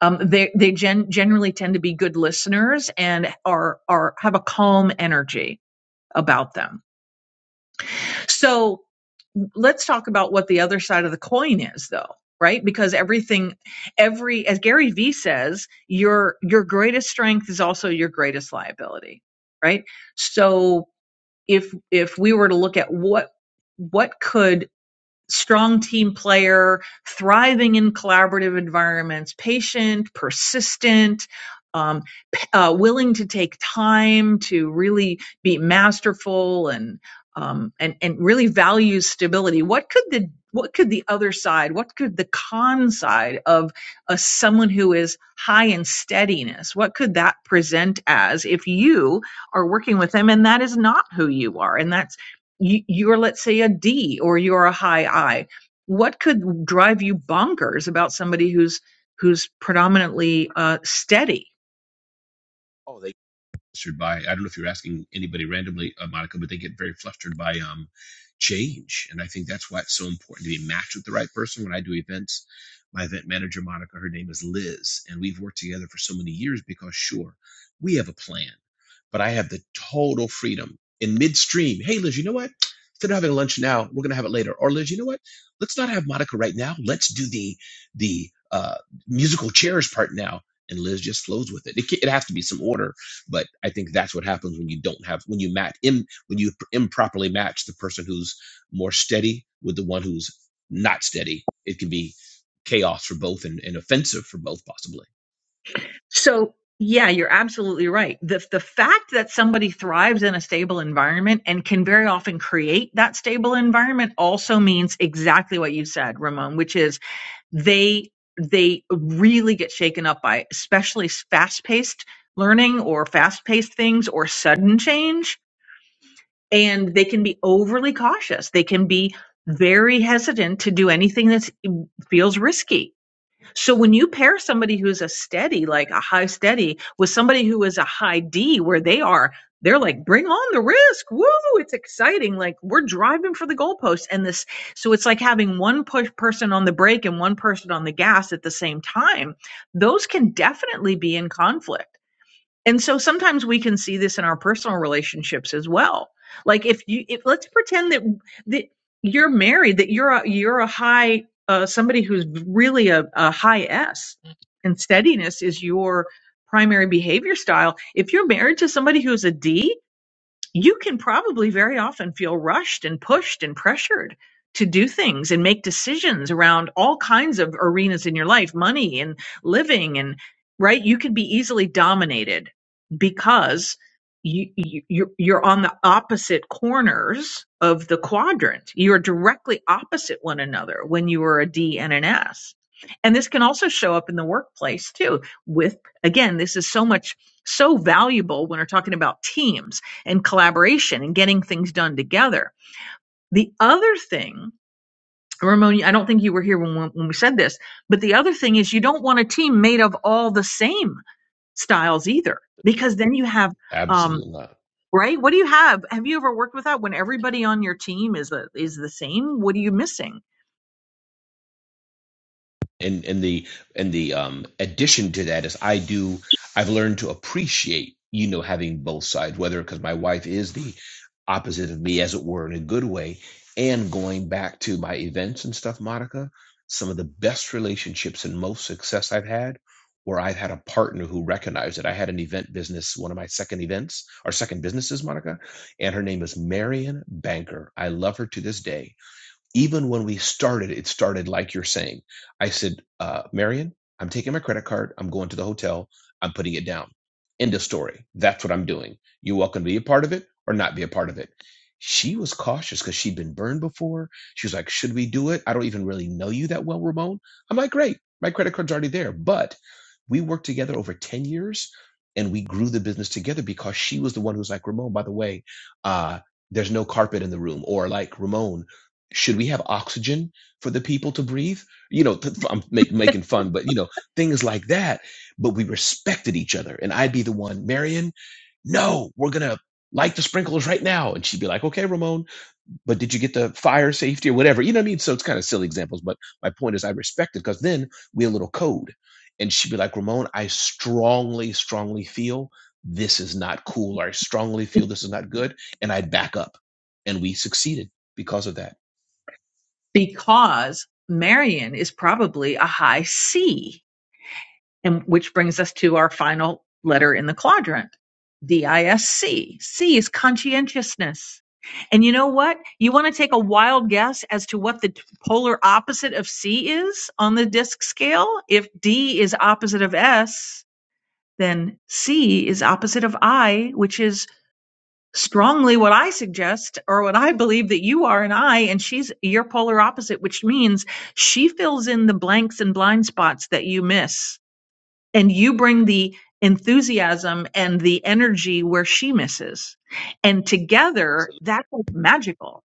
Speaker 16: Um, they they gen- generally tend to be good listeners and are are have a calm energy about them. So let's talk about what the other side of the coin is though right because everything every as gary vee says your your greatest strength is also your greatest liability right so if if we were to look at what what could strong team player, thriving in collaborative environments, patient, persistent, um, uh, willing to take time to really be masterful and um, and and really values stability. What could the what could the other side? What could the con side of a, someone who is high in steadiness? What could that present as if you are working with them and that is not who you are? And that's you, you're let's say a D or you're a high I. What could drive you bonkers about somebody who's who's predominantly uh, steady?
Speaker 20: Oh, they flustered by. I don't know if you're asking anybody randomly, uh, Monica, but they get very flustered by um, change, and I think that's why it's so important to be matched with the right person. When I do events, my event manager, Monica, her name is Liz, and we've worked together for so many years because sure, we have a plan, but I have the total freedom in midstream. Hey, Liz, you know what? Instead of having lunch now, we're going to have it later. Or Liz, you know what? Let's not have Monica right now. Let's do the the uh, musical chairs part now and Liz just flows with it. It, ca- it has to be some order, but I think that's what happens when you don't have when you match Im, when you improperly match the person who's more steady with the one who's not steady. It can be chaos for both and, and offensive for both, possibly.
Speaker 16: So yeah, you're absolutely right. The the fact that somebody thrives in a stable environment and can very often create that stable environment also means exactly what you said, Ramon, which is they they really get shaken up by especially fast paced learning or fast paced things or sudden change and they can be overly cautious. They can be very hesitant to do anything that feels risky. So when you pair somebody who's a steady, like a high steady, with somebody who is a high D, where they are, they're like, bring on the risk. Woo! It's exciting. Like we're driving for the goalpost. And this, so it's like having one push person on the brake and one person on the gas at the same time. Those can definitely be in conflict. And so sometimes we can see this in our personal relationships as well. Like if you, if, let's pretend that that you're married, that you're a, you're a high uh, somebody who's really a, a high S, and steadiness is your primary behavior style. If you're married to somebody who's a D, you can probably very often feel rushed and pushed and pressured to do things and make decisions around all kinds of arenas in your life money and living and right you can be easily dominated because you, you you're you're on the opposite corners of the quadrant you're directly opposite one another when you are a d and an s and this can also show up in the workplace too with again this is so much so valuable when we're talking about teams and collaboration and getting things done together. The other thing, Ramon, I don't think you were here when, when we said this, but the other thing is you don't want a team made of all the same styles either, because then you have, um,
Speaker 20: Absolutely not.
Speaker 16: right? What do you have? Have you ever worked with that when everybody on your team is the, is the same? What are you missing?
Speaker 20: and and the and the um addition to that is i do i've learned to appreciate you know having both sides whether because my wife is the opposite of me as it were in a good way and going back to my events and stuff monica some of the best relationships and most success i've had where i've had a partner who recognized it i had an event business one of my second events our second businesses monica and her name is marion banker i love her to this day even when we started, it started like you're saying. I said, uh, Marion, I'm taking my credit card. I'm going to the hotel. I'm putting it down. End of story. That's what I'm doing. You're welcome to be a part of it or not be a part of it. She was cautious because she'd been burned before. She was like, Should we do it? I don't even really know you that well, Ramon. I'm like, Great. My credit card's already there. But we worked together over 10 years and we grew the business together because she was the one who's like, Ramon, by the way, uh, there's no carpet in the room or like ramon should we have oxygen for the people to breathe? You know, I'm make, making fun, but you know, things like that. But we respected each other. And I'd be the one, Marion, no, we're going to light the sprinklers right now. And she'd be like, okay, Ramon but did you get the fire safety or whatever? You know what I mean? So it's kind of silly examples, but my point is I respect it because then we had a little code. And she'd be like, Ramon, I strongly, strongly feel this is not cool, or I strongly feel this is not good. And I'd back up. And we succeeded because of that.
Speaker 16: Because Marion is probably a high C And which brings us to our final letter in the quadrant, D I S C. C is conscientiousness. And you know what? You want to take a wild guess as to what the polar opposite of C is on the disc scale? If D is opposite of S, then C is opposite of I, which is strongly what I suggest or what I believe that you are an I, and she's your polar opposite, which means she fills in the blanks and blind spots that you miss and you bring the enthusiasm and the energy where she misses. And together, that's like magical.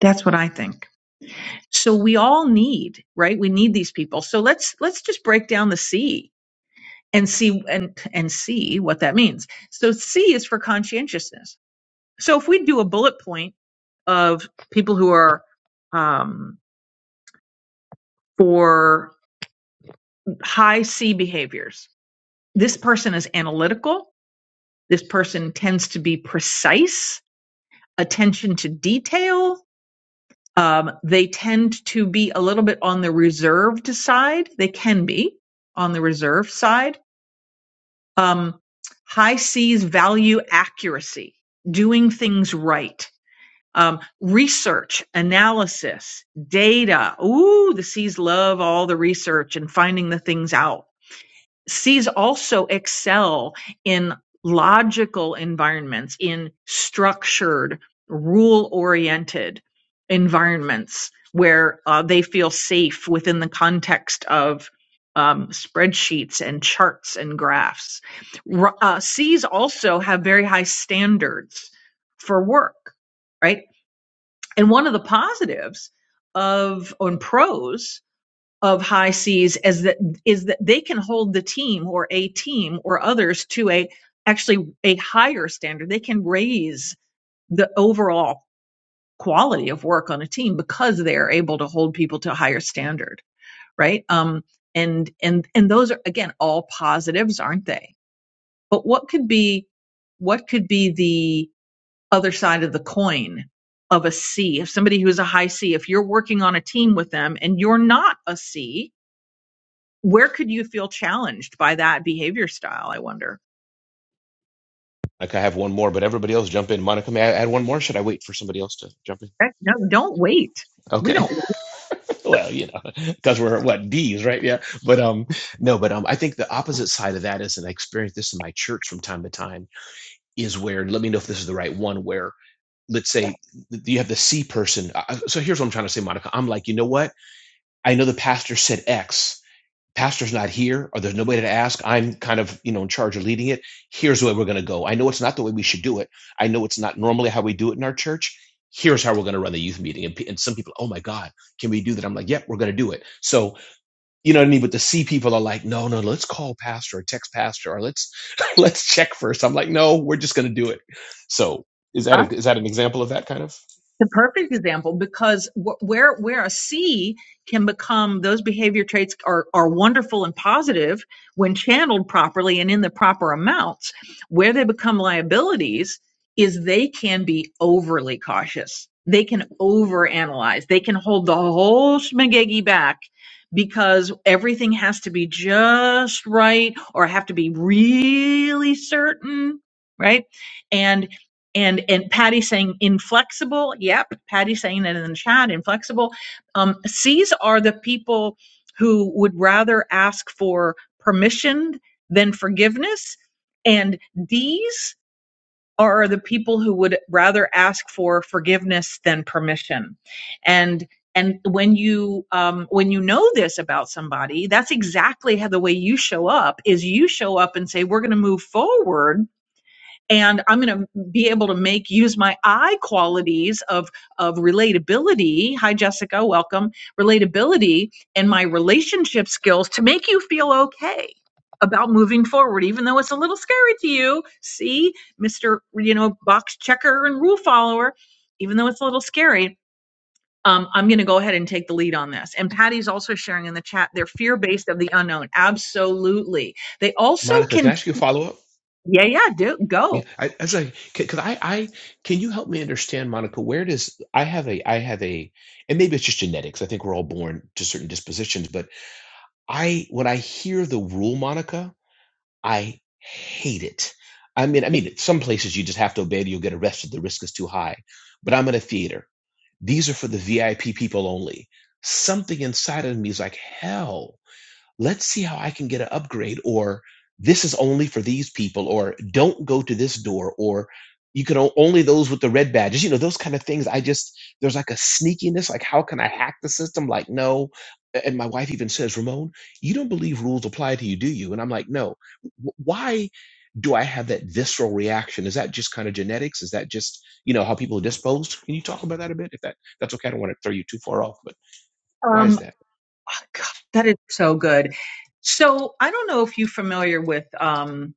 Speaker 16: That's what I think. So we all need, right? We need these people. So let's let's just break down the C and see and and see what that means. So C is for conscientiousness. So if we do a bullet point of people who are um, for high C behaviors, this person is analytical. This person tends to be precise attention to detail. Um, they tend to be a little bit on the reserved side. They can be on the reserved side. Um, high C's value accuracy, doing things right. Um, research, analysis, data. Ooh, the C's love all the research and finding the things out Cs also excel in logical environments, in structured, rule oriented environments where uh, they feel safe within the context of um, spreadsheets and charts and graphs. R- uh, Cs also have very high standards for work, right? And one of the positives of on pros of high seas as that is that they can hold the team or a team or others to a actually a higher standard. They can raise the overall quality of work on a team because they are able to hold people to a higher standard, right? Um, and and and those are again all positives, aren't they? But what could be what could be the other side of the coin of a C? If somebody who is a high C, if you're working on a team with them and you're not a C, where could you feel challenged by that behavior style? I wonder.
Speaker 20: Like I could have one more, but everybody else jump in. Monica, may I add one more? Should I wait for somebody else to jump in?
Speaker 16: Heck, No, don't wait. We
Speaker 20: Okay.
Speaker 16: don't. wait.
Speaker 20: well, you know, because we're what D's, right? Yeah. But um, no, but um, I think the opposite side of that is, and I experience this in my church from time to time, is where let me know if this is the right one. Where let's say you have the C person. So here's what I'm trying to say, Monica. I'm like, you know what? I know the pastor said X. pastor's not here or there's nobody to ask i'm kind of you know in charge of leading it here's where we're going to go i know it's not the way we should do it i know it's not normally how we do it in our church here's how we're going to run the youth meeting and, and some people oh my god can we do that i'm like yep yeah, we're going to do it so you know what I mean? But the C people are like, no, no, let's call pastor or text pastor or let's let's check first. I'm like, no, we're just going to do it. So is that
Speaker 16: Huh?
Speaker 20: a, is that an example of that kind of?
Speaker 16: the perfect example because wh- where where a C can become those behavior traits are are wonderful and positive when channeled properly and in the proper amounts where they become liabilities is they can be overly cautious they can overanalyze they can hold the whole schmagegi back because everything has to be just right or have to be really certain right and and and Patty saying inflexible. Yep, Patty saying it in the chat. Inflexible. Um, C's are the people who would rather ask for permission than forgiveness, and D's are the people who would rather ask for forgiveness than permission. And and when you um, when you know this about somebody, that's exactly how the way you show up is. You show up and say, "We're going to move forward." and I'm going to be able to make use my I qualities of of relatability. Hi, Jessica, welcome. Relatability and my relationship skills to make you feel okay about moving forward, even though it's a little scary to you. See, Mister, you know, box checker and rule follower, even though it's a little scary. Um, I'm going to go ahead and take the lead on this. And Patty's also sharing in the chat, they're fear based of the unknown. Absolutely. They also
Speaker 20: Monica, can
Speaker 16: can,
Speaker 20: I ask you a follow up?
Speaker 16: yeah, yeah, do
Speaker 20: Yeah,
Speaker 16: go.
Speaker 20: I, that's like because I, I can you help me understand, Monica? Where does I have a I have a and maybe it's just genetics. I think we're all born to certain dispositions, but I when I hear the rule, Monica, I hate it. I mean, I mean, some places you just have to obey it. You'll get arrested. The risk is too high. But I'm in a theater. These are for the VIP people only. Something inside of me is like hell let's see how I can get an upgrade, or this is only for these people, or don't go to this door, or you can o- only those with the red badges, you know, those kind of things. I just, there's like a sneakiness, like, how can I hack the system? Like, no. A- And my wife even says, Ramon, you don't believe rules apply to you, do you? And I'm like, no. W- Why do I have that visceral reaction? Is that just kind of genetics? Is that just, you know, how people are disposed? Can you talk about that a bit? If that that's okay, I don't want to throw you too far off, but why
Speaker 16: Um,
Speaker 20: is that?
Speaker 16: That is so good. So I don't know if you're familiar with um,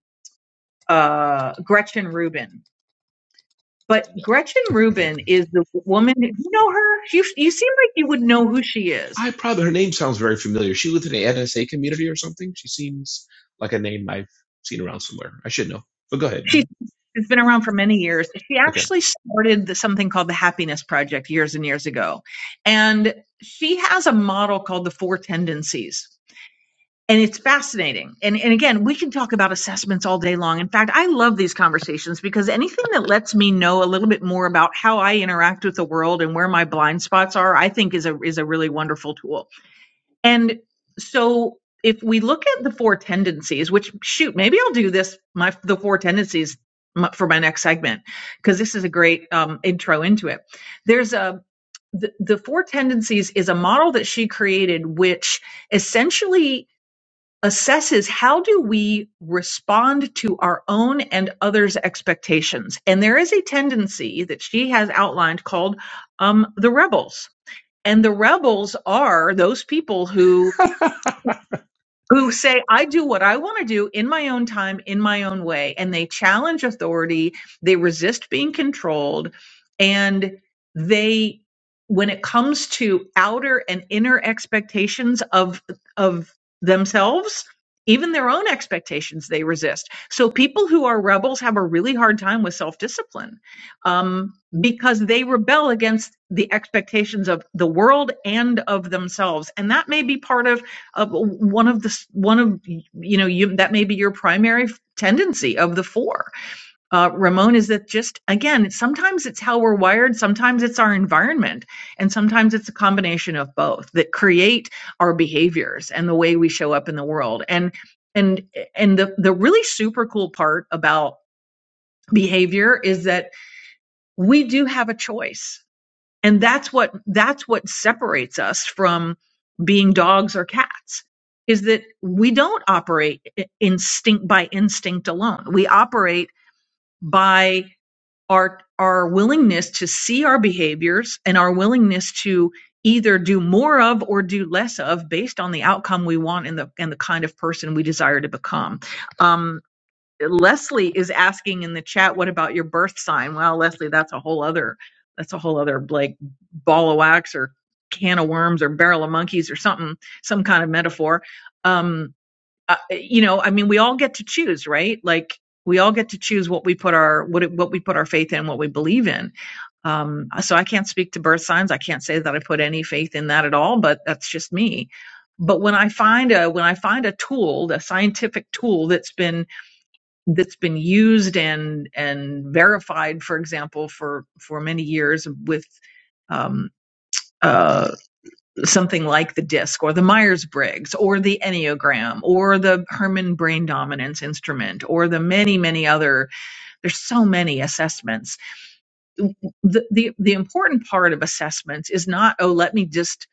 Speaker 16: uh, Gretchen Rubin,
Speaker 20: I
Speaker 16: but
Speaker 20: know.
Speaker 16: Gretchen Rubin is the woman. You know her. You you seem like you would know who she
Speaker 20: I
Speaker 16: is.
Speaker 20: probably her name sounds very familiar. She lives in the NSA community or something. She seems like a name I've seen around somewhere. I should know. But go ahead.
Speaker 16: She's
Speaker 20: Mhm.
Speaker 16: she's been around for many years. She
Speaker 20: Okay.
Speaker 16: actually started the, something called the Happiness Project years and years ago, and she has a model called the Four Tendencies. and it's fascinating and and again we can talk about assessments all day long in fact i love these conversations because anything that lets me know a little bit more about how i interact with the world and where my blind spots are i think is a is a really wonderful tool and so if we look at the four tendencies which shoot maybe i'll do this my the four tendencies for my next segment because this is a great um, intro into it there's a the, the four tendencies is a model that she created which essentially assesses how do we respond to our own and others' expectations. And there is a tendency that she has outlined called um, the rebels. And the rebels are those people who who say, I do what I want to do in my own time, in my own way. And they challenge authority, they resist being controlled, and they when it comes to outer and inner expectations of of themselves even their own expectations they resist so people who are rebels have a really hard time with self-discipline um, because they rebel against the expectations of the world and of themselves and that may be part of uh, one of the one of you know you that may be your primary tendency of the four uh, ramon is that just again sometimes it's how we're wired sometimes it's our environment and sometimes it's a combination of both that create our behaviors and the way we show up in the world and and and the the really super cool part about behavior is that we do have a choice and that's what that's what separates us from being dogs or cats is that we don't operate instinct by instinct alone we operate by our our willingness to see our behaviors and our willingness to either do more of or do less of based on the outcome we want and the and the kind of person we desire to become Um, Leslie is asking in the chat, what about your birth sign? Well, Leslie, that's a whole other that's a whole other like ball of wax or can of worms or barrel of monkeys or something, some kind of metaphor. Um, uh, you know, I mean, we all get to choose, right? Like we all get to choose what we put our what it- what we put our faith in, what we believe in. Um, so I can't speak to birth signs. I can't say that I put any faith in that at all, but that's just me. But when I find a when I find a tool, a scientific tool that's been that's been used and and verified, for example, for for many years with um, uh, something like the DISC or the Myers Briggs or the Enneagram or the Herman Brain Dominance Instrument or the many many other. There's so many assessments. The the the important part of assessments is not oh let me just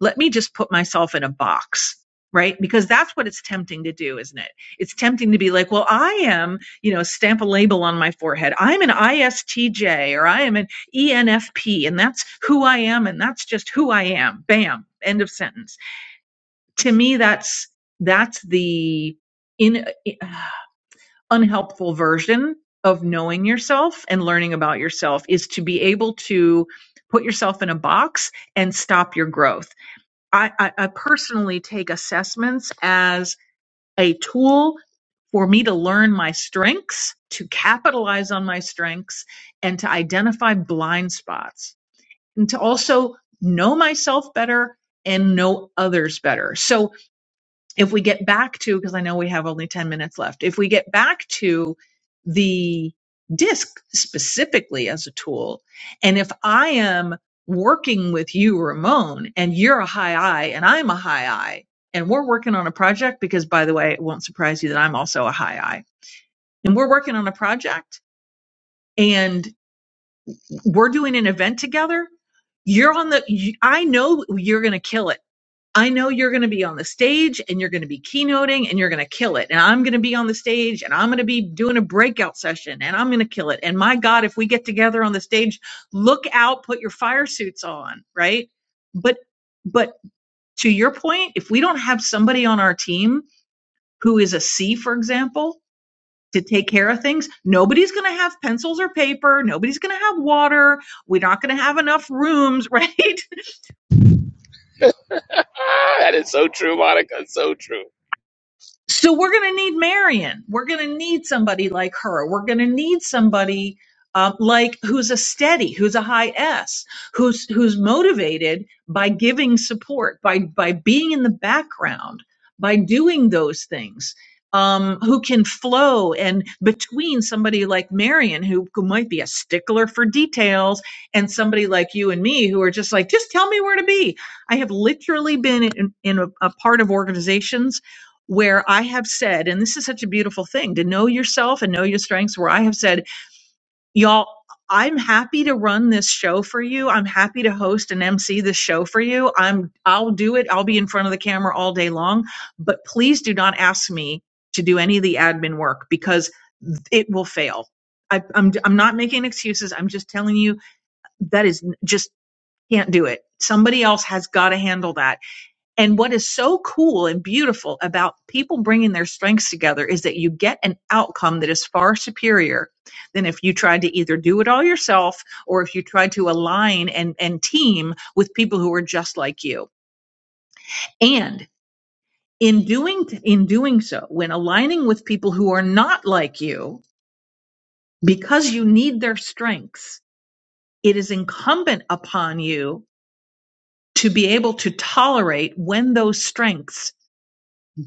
Speaker 16: let me just put myself in a box right because that's what it's tempting to do isn't it it's tempting to be like well i am you know stamp a label on my forehead i'm an istj or i am an enfp and that's who i am and that's just who i am bam end of sentence to me that's that's the in uh, unhelpful version of knowing yourself and learning about yourself is to be able to put yourself in a box and stop your growth I, I, I personally take assessments as a tool for me to learn my strengths, to capitalize on my strengths, and to identify blind spots, and to also know myself better and know others better. So if we get back to because i know we have only 10 minutes left if we get back to the disc specifically as a tool and if i am working with you ramon and you're a high i and i'm a high i and we're working on a project because by the way it won't surprise you that i'm also a high i and we're working on a project and we're doing an event together you're on the you, i know you're going to kill it I know you're going to be on the stage and you're going to be keynoting and you're going to kill it. And I'm going to be on the stage and I'm going to be doing a breakout session and I'm going to kill it. And my God, if we get together on the stage, look out, put your fire suits on, right? But, but to your point, if we don't have somebody on our team who is a C, for example, to take care of things, nobody's going to have pencils or paper. Nobody's going to have water. We're not going to have enough rooms, right?
Speaker 20: that is so true, Monica. So true.
Speaker 16: So we're going to need Marion. We're going to need somebody like her. We're going to need somebody um, like who's a steady, who's a high S, who's who's motivated by giving support, by by being in the background, by doing those things. Um, who can flow and between somebody like Marion, who, who might be a stickler for details, and somebody like you and me, who are just like, just tell me where to be. I have literally been in, in a a part of organizations where I have said, and this is such a beautiful thing to know yourself and know your strengths, where I have said, y'all, I'm happy to run this show for you. I'm happy to host and MC this show for you. I'm I'll do it. I'll be in front of the camera all day long, but please do not ask me to do any of the admin work because it will fail. I, I'm I'm not making excuses. I'm just telling you that is just can't do it. Somebody else has got to handle that and what is so cool and beautiful about people bringing their strengths together is that you get an outcome that is far superior than if you tried to either do it all yourself or if you tried to align and, and team with people who are just like you. And in doing, in doing so, when aligning with people who are not like you, because you need their strengths, it is incumbent upon you to be able to tolerate when those strengths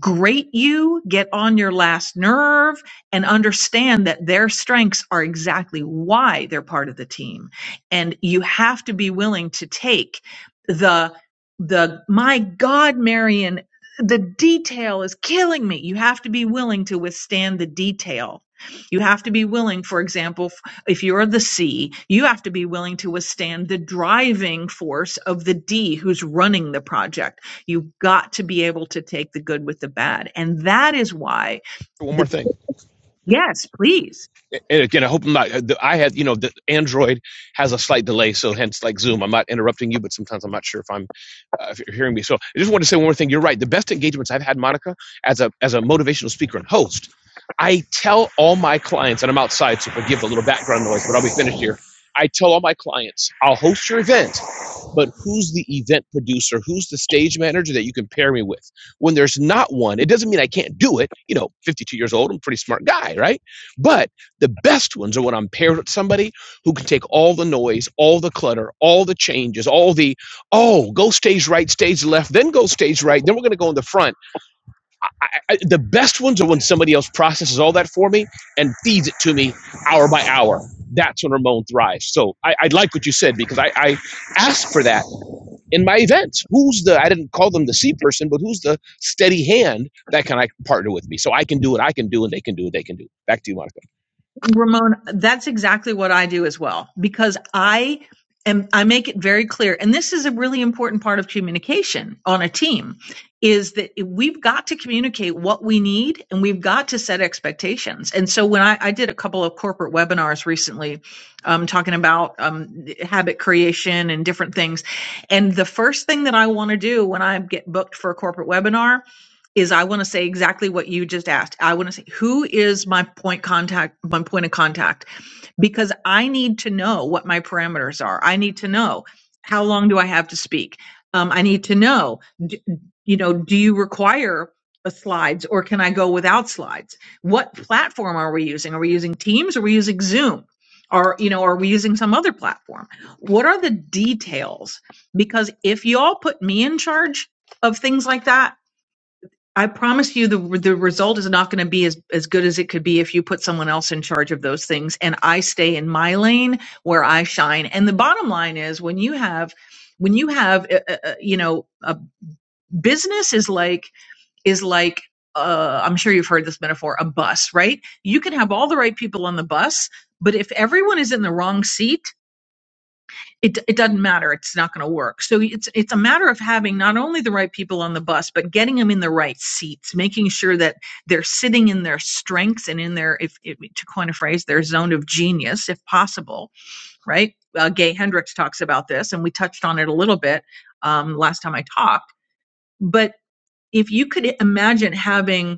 Speaker 16: grate you, get on your last nerve, and understand that their strengths are exactly why they're part of the team. And you have to be willing to take the, the, my God, Marion, the detail is killing me. You have to be willing to withstand the detail. You have to be willing, for example, f- if you're the C, you have to be willing to withstand the driving force of the D who's running the project You've got to be able to take the good with the bad. And that is why
Speaker 20: One more
Speaker 16: the
Speaker 20: thing.
Speaker 16: yes, please.
Speaker 20: and again, I hope I'm not. I had, you know, the Android has a slight delay, so hence, like Zoom, I'm not interrupting you, but sometimes I'm not sure if I'm uh, if you're hearing me. So I just want to say one more thing. You're right. The best engagements I've had, Monica, as a as a motivational speaker and host, I tell all my clients, and I'm outside, so forgive the little background noise, but I'll be finished here. I tell all my clients, I'll host your event, but who's the event producer? Who's the stage manager that you can pair me with? When there's not one, it doesn't mean I can't do it. You know, 52 years old, I'm a pretty smart guy, right? But the best ones are when I'm paired with somebody who can take all the noise, all the clutter, all the changes, all the, oh, go stage right, stage left, then go stage right, then we're going to go in the front. I, I, the best ones are when somebody else processes all that for me and feeds it to me hour by hour. That's when Ramon thrives. So I, I like what you said because I, I ask for that in my events. Who's the, I didn't call them the C person, but who's the steady hand that can I partner with me so I can do what I can do and they can do what they can do. Back to you, Monica.
Speaker 16: Ramon, that's exactly what I do as well because I am I make it very clear and this is a really important part of communication on a team is that we've got to communicate what we need and we've got to set expectations. And so when I, I did a couple of corporate webinars recently um, talking about um, habit creation and different things. And the first thing that I want to do when I get booked for a corporate webinar is I want to say exactly what you just asked. I want to say who is my point contact, my point of contact, because I need to know what my parameters are. I need to know how long do I have to speak. Um, I need to know, d- you know, do you require uh, slides or can I go without slides? What platform are we using? Are we using Teams? Are we using Zoom? Or you know, are we using some other platform? What are the details? Because if y'all put me in charge of things like that I promise you the the result is not going to be as as good as it could be if you put someone else in charge of those things and I stay in my lane where I shine. And the bottom line is when you have when you have uh, uh, uh, you know a business is like is like uh, I'm sure you've heard this metaphor a bus, right? You can have all the right people on the bus, but if everyone is in the wrong seat it it doesn't matter. It's not going to work. So it's it's a matter of having not only the right people on the bus, but getting them in the right seats, making sure that they're sitting in their strengths and in their, if, if to coin a phrase, their zone of genius, if possible. Right? Uh, Gay Hendricks talks about this, and we touched on it a little bit um, last time I talked. But if you could imagine having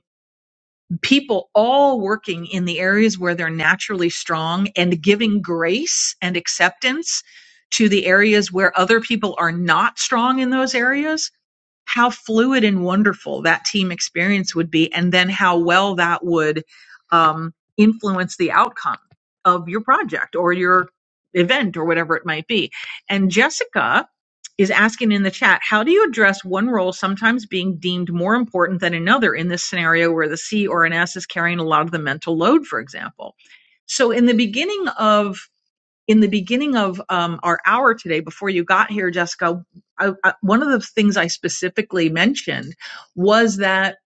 Speaker 16: people all working in the areas where they're naturally strong and giving grace and acceptance to the areas where other people are not strong in those areas how fluid and wonderful that team experience would be, and then how well that would um, influence the outcome of your project or your event or whatever it might be. And Jessica is asking in the chat, how do you address one role sometimes being deemed more important than another in this scenario where the C or an S is carrying a lot of the mental load, for example? So in the beginning of in the beginning of um, our hour today, before you got here, Jessica, I, I, one of the things I specifically mentioned was that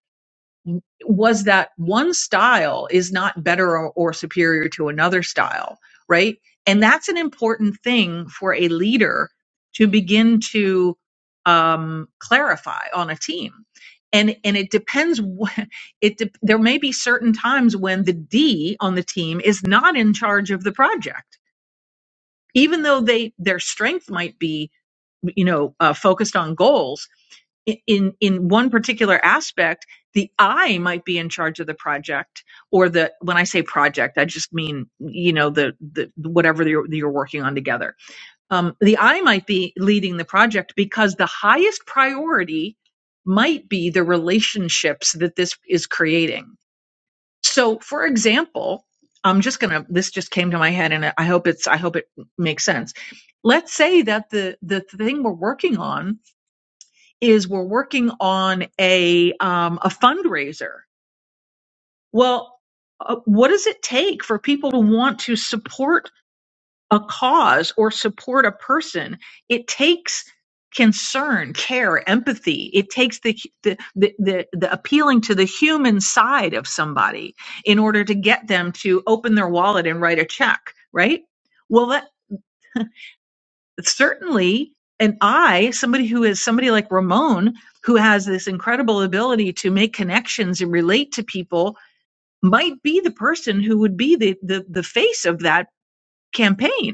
Speaker 16: was that one style is not better or, or superior to another style, right? And that's an important thing for a leader to begin to um, clarify on a team. And and it depends. wh- It de- there may be certain times when the D on the team is not in charge of the project even though they their strength might be you know uh, focused on goals in in one particular aspect the i might be in charge of the project or the when i say project i just mean you know the the whatever you're, that you're working on together um, the i might be leading the project because the highest priority might be the relationships that this is creating so, for example, I'm just gonna. This just came to my head, and I hope it's. I hope it makes sense. Let's say that the the thing we're working on is we're working on a um, a fundraiser. Well, uh, what does it take for people to want to support? a cause or support a person, it takes concern, care, empathy. It takes the, the the the the appealing to the human side of somebody in order to get them to open their wallet and write a check, right? Well, that certainly and I, somebody who is somebody like Ramon, who has this incredible ability to make connections and relate to people, might be the person who would be the the, the face of that campaign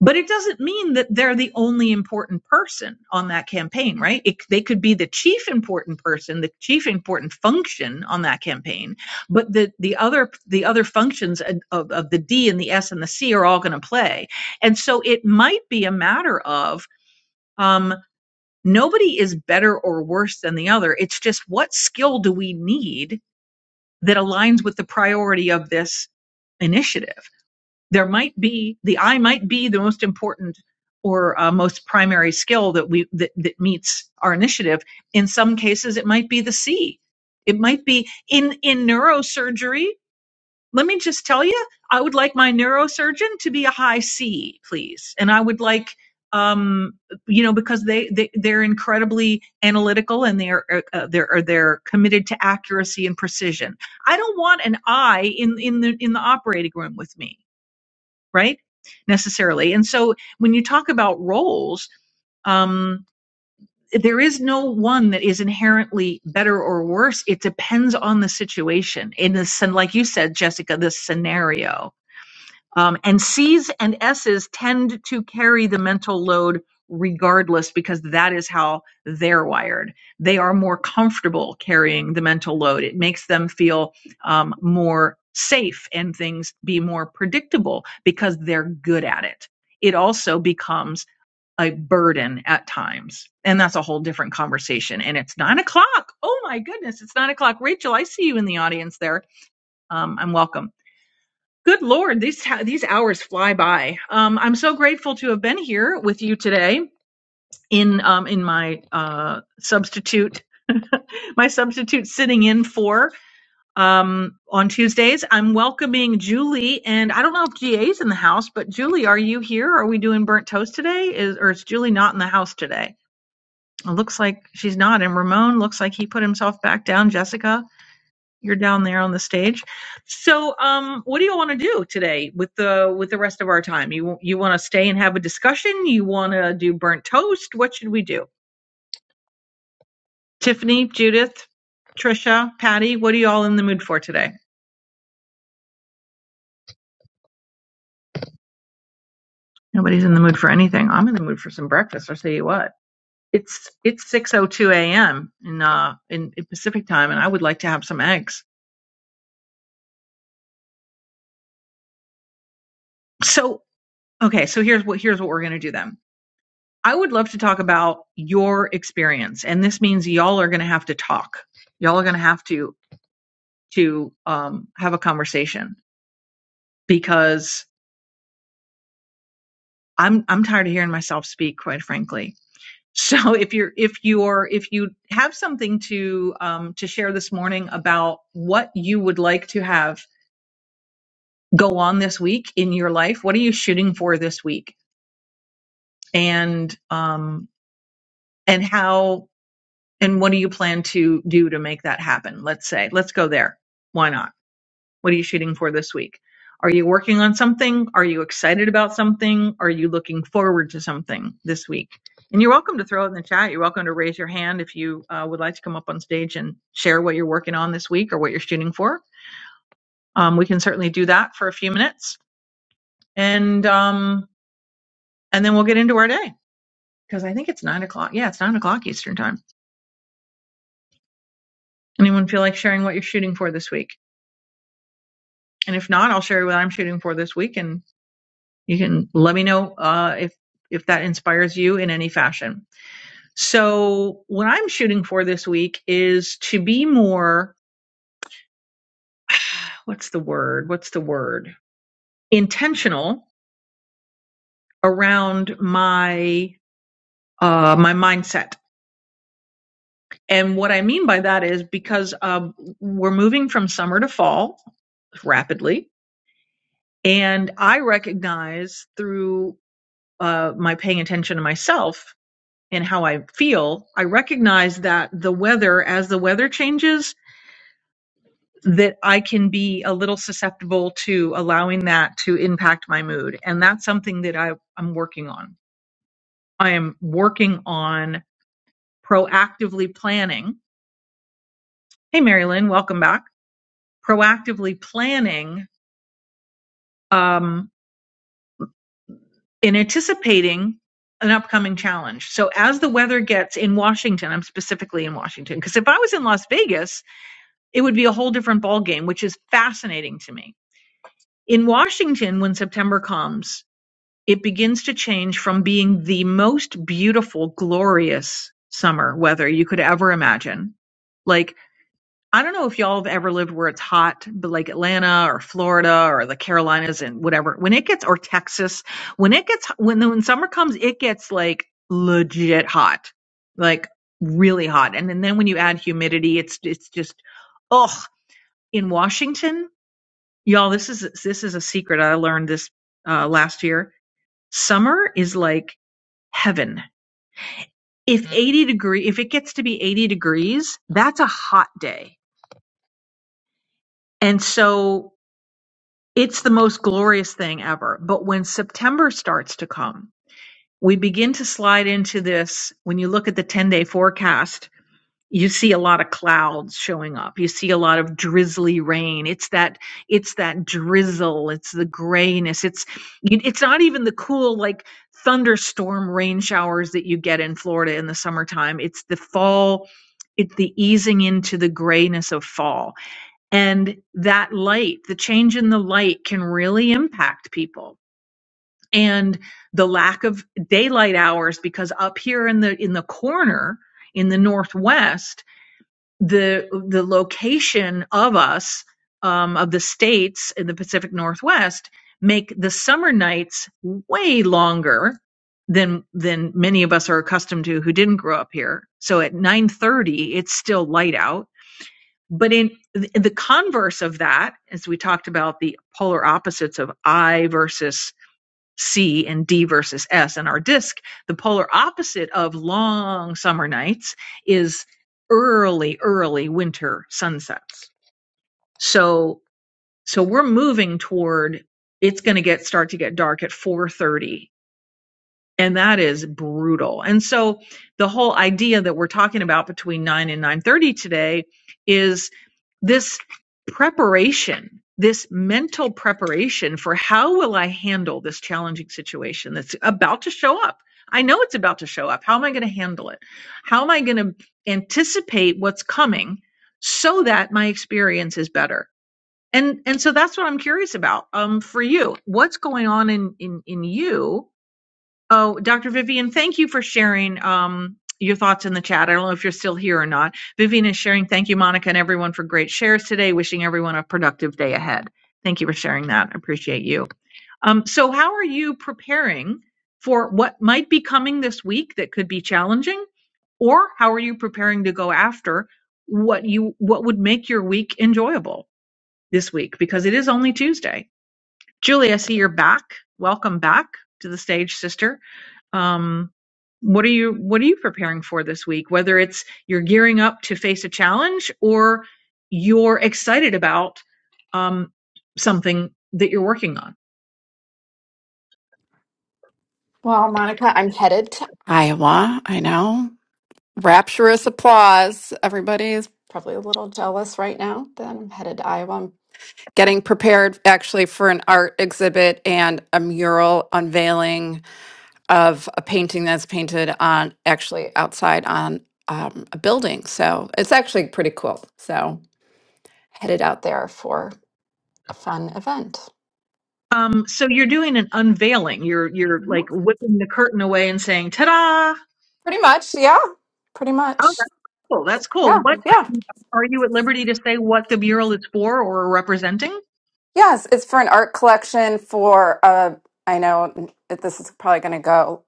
Speaker 16: But it doesn't mean that they're the only important person on that campaign, right? It, they could be the chief important person, the chief important function on that campaign, but the the other the other functions of, of the D and the S and the C are all going to play, and so it might be a matter of um, nobody is better or worse than the other. It's just what skill do we need that aligns with the priority of this initiative there might be the eye might be the most important or uh, most primary skill that we that, that meets our initiative in some cases it might be the c it might be in in neurosurgery let me just tell you i would like my neurosurgeon to be a high c please and i would like um you know because they, they they're incredibly analytical and they're uh, uh, they're they're committed to accuracy and precision i don't want an I in in the in the operating room with me right? Necessarily. And so when you talk about roles, um, there is no one that is inherently better or worse. It depends on the situation in the, scen- like you said, Jessica, the scenario um, and C's and S's tend to carry the mental load regardless because that is how they're wired. They are more comfortable carrying the mental load. It makes them feel um, more safe and things be more predictable because they're good at it. It also becomes a burden at times. And that's a whole different conversation. And it's nine o'clock. Oh my goodness, it's nine o'clock. Rachel, I see you in the audience there. Um, I'm welcome. Good Lord, these these hours fly by. Um, I'm so grateful to have been here with you today in um, in my uh, substitute my substitute sitting in for um, on Tuesdays. I'm welcoming Julie, and I don't know if GA's in the house, but Julie, are you here? Are we doing burnt toast today? Is or is Julie not in the house today? It looks like she's not. And Ramon looks like he put himself back down. Jessica. You're down there on the stage. So, um, what do you want to do today with the with the rest of our time? You you want to stay and have a discussion? You want to do burnt toast? What should we do? Tiffany, Judith, Trisha, Patty, what are you all in the mood for today? Nobody's in the mood for anything. I'm in the mood for some breakfast. I'll tell you what. It's it's 6:02 a.m. in uh in, in Pacific time, and I would like to have some eggs. So, okay, so here's what here's what we're gonna do then I would love to talk about your experience, and this means y'all are going to have to talk. Y'all are going to have to to um, have a conversation because I'm I'm tired of hearing myself speak, quite frankly. So if you're if you're if you have something to um, to share this morning about what you would like to have go on this week in your life, what are you shooting for this week, and um, and how And what do you plan to do to make that happen? Let's say, let's go there. Why not? What are you shooting for this week? Are you working on something? Are you excited about something? Are you looking forward to something this week? And you're welcome to throw it in the chat. You're welcome to raise your hand if you uh, would like to come up on stage and share what you're working on this week or what you're shooting for. Um, we can certainly do that for a few minutes, and um, and then we'll get into our day because I think it's nine o'clock. Yeah, it's nine o'clock Eastern time. Anyone feel like sharing what you're shooting for this week? and if not, I'll share what I'm shooting for this week, and you can let me know uh, if if that inspires you in any fashion. So, what I'm shooting for this week is to be more what's the word? What's the word? Intentional around my uh, my mindset. And what I mean by that is because um, we're moving from summer to fall rapidly, and I recognize through uh, my paying attention to myself and how I feel, I recognize that the weather, as the weather changes, that I can be a little susceptible to allowing that to impact my mood. And that's something that I, I'm working on. I am working on proactively planning. Hey, Marilyn, welcome back. Proactively planning um, and anticipating an upcoming challenge. So as the weather gets in Washington, I'm specifically in Washington, because if I was in Las Vegas, it would be a whole different ballgame, which is fascinating to me. In Washington, when September comes, it begins to change from being the most beautiful, glorious summer weather you could ever imagine. Like, I don't know if y'all have ever lived where it's hot, but like Atlanta or Florida or the Carolinas and whatever, when it gets, or Texas, when it gets, when, when summer comes, it gets like legit hot, like really hot. And, and then when you add humidity, it's, it's just, oh in Washington, y'all, this is this is a secret I learned this uh, last year. Summer is like heaven. If 80 degree, if it gets to be 80 degrees, that's a hot day. And so it's the most glorious thing ever. But when September starts to come, we begin to slide into this when you look at the 10 day forecast you see a lot of clouds showing up you see a lot of drizzly rain it's that it's that drizzle it's the grayness it's you- it's not even the cool like thunderstorm rain showers that you get in Florida in the summertime it's the fall it's the easing into the grayness of fall and that light the change in the light can really impact people and the lack of daylight hours because up here in the in the corner in the northwest the the location of us um, of the states in the Pacific Northwest make the summer nights way longer than than many of us are accustomed to who didn't grow up here. So at 9:30 it's still light out, but in the the converse of that as we talked about the polar opposites of I versus C and D versus S. And our disk, the polar opposite of long summer nights, is early, early winter sunsets. So so we're moving toward it's going to get start to get dark at 4:30 and that is brutal. And so the whole idea that we're talking about between 9 and 9:30 today is this preparation, this mental preparation for how will I handle this challenging situation that's about to show up? I know it's about to show up. How am I going to handle it? How am I going to anticipate what's coming so that my experience is better? And and so that's what I'm curious about. Um for you, what's going on in in in you Oh, Dr. Vivian, thank you for sharing um, your thoughts in the chat. I don't know if you're still here or not. Vivian is sharing. Thank you, Monica, and everyone for great shares today. Wishing everyone a productive day ahead. Thank you for sharing that. I Appreciate you. Um, so, how are you preparing for what might be coming this week that could be challenging, or how are you preparing to go after what you what would make your week enjoyable this week? Because it is only Tuesday. Julie, I see you're back. Welcome back to the stage, sister. Um, what are you What are you preparing for this week? Whether it's you're gearing up to face a challenge, or you're excited about um, something that you're working on.
Speaker 21: Well, Monica, I'm headed to Iowa. I know. Rapturous applause. Everybody is probably a little jealous right now that I'm headed to Iowa. I'm getting prepared actually for an art exhibit and a mural unveiling of a painting that's painted on actually outside on um, a building. So it's actually pretty cool. So headed out there for a fun event.
Speaker 16: Um, so you're doing an unveiling. You're you're
Speaker 21: Mhm.
Speaker 16: like whipping the curtain away and saying, "Ta-da!"
Speaker 21: Pretty much. Yeah. Pretty
Speaker 16: Oh,
Speaker 21: much.
Speaker 16: that's cool. That's cool.
Speaker 21: Yeah.
Speaker 16: What
Speaker 21: Yeah.
Speaker 16: are you at liberty to say? What the mural is for or representing?
Speaker 21: Yes, it's for an art collection for uh I know that this is probably going to go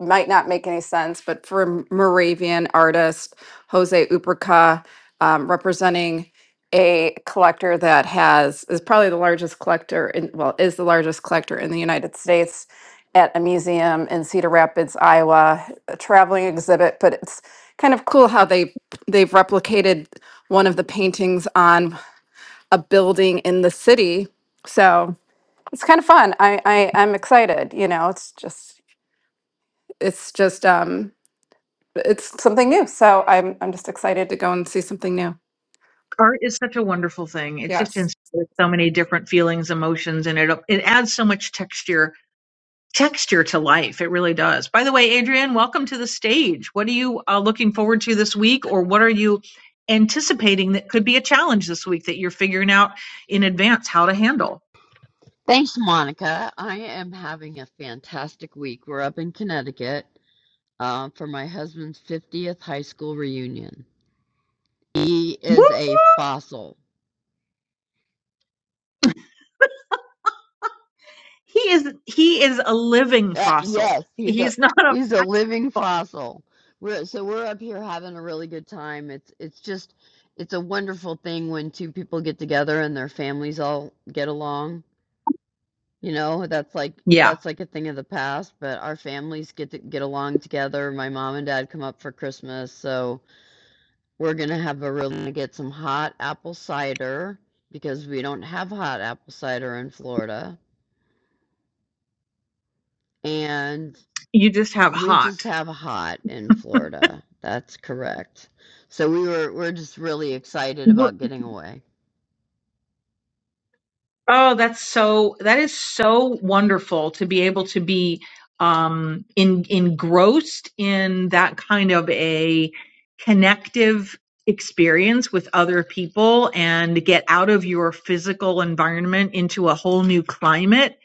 Speaker 21: might not make any sense, but for a Moravian artist Jose Ubrica um, representing a collector that has is probably the largest collector in well is the largest collector in the United States at a museum in Cedar Rapids, Iowa, a traveling exhibit, but it's kind of cool how they they've replicated one of the paintings on a building in the city. So it's kind of fun. I, I I'm excited. You know, it's just it's just um it's something new. So I'm I'm just excited to go and see something new.
Speaker 16: Art is such a wonderful thing. It just
Speaker 21: Yes.
Speaker 16: inspires so many different feelings, emotions, and it it adds so much texture texture to life. It really does. By the way, Adrienne, welcome to the stage. What are you uh, looking forward to this week, or what are you anticipating that could be a challenge this week that you're figuring out in advance how to handle?
Speaker 22: Thanks, Monica. I am having a fantastic week. We're up in Connecticut uh, for my husband's 50th high school reunion. He
Speaker 16: Woo!
Speaker 22: is a fossil.
Speaker 16: He is he is a living
Speaker 22: Uh,
Speaker 16: fossil.
Speaker 22: yes, he's a
Speaker 16: He's not a
Speaker 22: he's a living fossil. We're, so we're up here having a really good time. It's it's just it's a wonderful thing when two people get together and their families all get along. You know, that's like
Speaker 16: yeah.
Speaker 22: that's like a thing of the past, but our families get to get along together. My mom and dad come up for Christmas, so We're gonna have a real gonna get some hot apple cider because we don't have hot apple cider in Florida, and
Speaker 16: You just have
Speaker 22: we
Speaker 16: hot.
Speaker 22: just have hot in Florida. That's correct. So we were we're just really excited about getting away.
Speaker 16: Oh, that's so that is so wonderful to be able to be um in engrossed in that kind of a connective experience with other people and get out of your physical environment into a whole new climate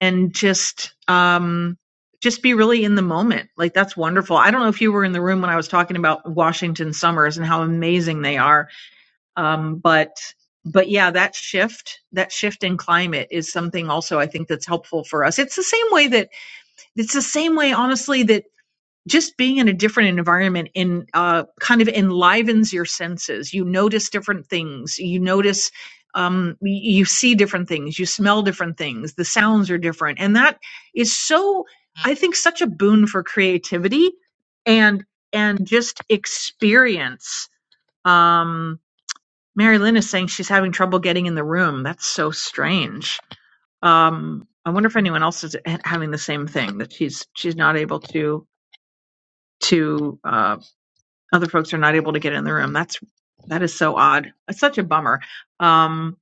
Speaker 16: and just um just be really in the moment. Like that's wonderful. I don't know if you were in the room when I was talking about Washington summers and how amazing they are um, but but yeah, that shift, that shift in climate is something also I think that's helpful for us. It's the same way that it's the same way, honestly, that just being in a different environment in uh, kind of enlivens your senses. You notice different things. You notice um, y- you see different things. You smell different things. The sounds are different, and that is so I think such a boon for creativity and and just experience Um, Mary Lynn is saying she's having trouble getting in the room. That's so strange. Um, I wonder if anyone else is ha- having the same thing that she's she's not able to to uh, other folks are not able to get in the room. That's that is so odd. It's such a bummer. Um,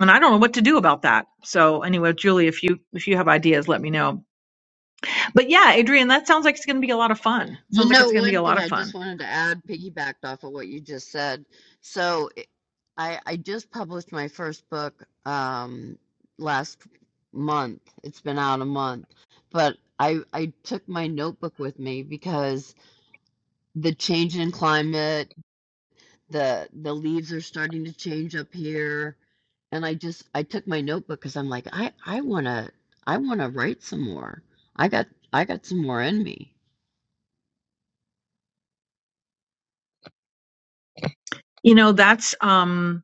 Speaker 16: and I don't know what to do about that. So anyway, Julie, if you if you have ideas, let me know. But yeah, Adrian, that sounds like it's going to be a lot of fun. It Sounds
Speaker 22: You
Speaker 16: like
Speaker 22: know,
Speaker 16: it's going to be a
Speaker 22: one
Speaker 16: lot
Speaker 22: thing
Speaker 16: of
Speaker 22: I just
Speaker 16: fun.
Speaker 22: wanted to add, piggybacked off of what you just said. So it- I I just published my first book um last month. It's been out a month, but I I took my notebook with me because the change in climate, the the leaves are starting to change up here. And I just I took my notebook because I'm like, I I wanna I wanna write some more. I got I got some more in me.
Speaker 16: You know, that's um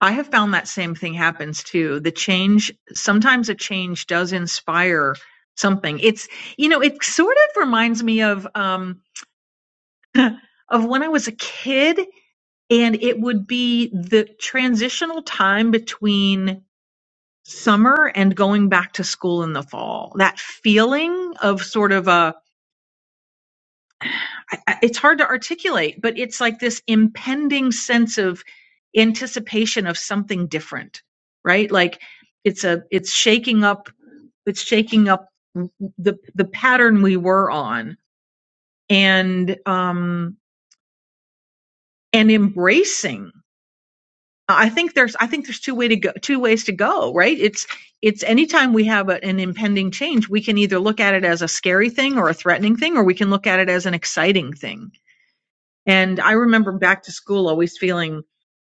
Speaker 16: I have found that same thing happens too. The change, sometimes a change does inspire something. It's, you know, it sort of reminds me of, um, of when I was a kid and it would be the transitional time between summer and going back to school in the fall. That feeling of sort of a, I, it's hard to articulate, but it's like this impending sense of anticipation of something different, right? Like it's a it's shaking up it's shaking up the the pattern we were on and um and embracing. I think there's I think there's two way to go two ways to go, right? It's it's anytime we have a, an impending change, we can either look at it as a scary thing or a threatening thing, or we can look at it as an exciting thing And I remember back to school always feeling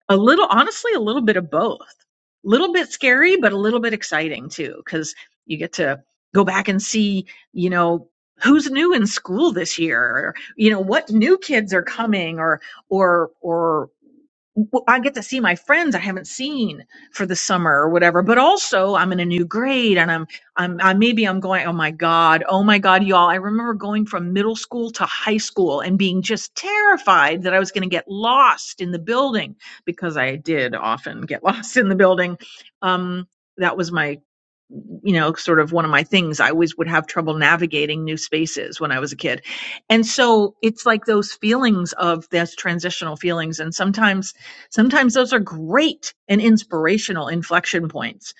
Speaker 16: a little, honestly, a little bit of both. A little bit scary, but a little bit exciting too, because you get to go back and see, you know, who's new in school this year, or, you know, what new kids are coming or, or, or w- I get to see my friends I haven't seen for the summer or whatever. But also, I'm in a new grade, and I'm I'm I, maybe I'm going. Oh my god! Oh my god, y'all! I remember going from middle school to high school and being just terrified that I was going to get lost in the building because I did often get lost in the building. Um, that was my you know sort of one of my things i always would have trouble navigating new spaces when i was a kid and so it's like those feelings of those transitional feelings and sometimes Sometimes those are great and inspirational inflection points.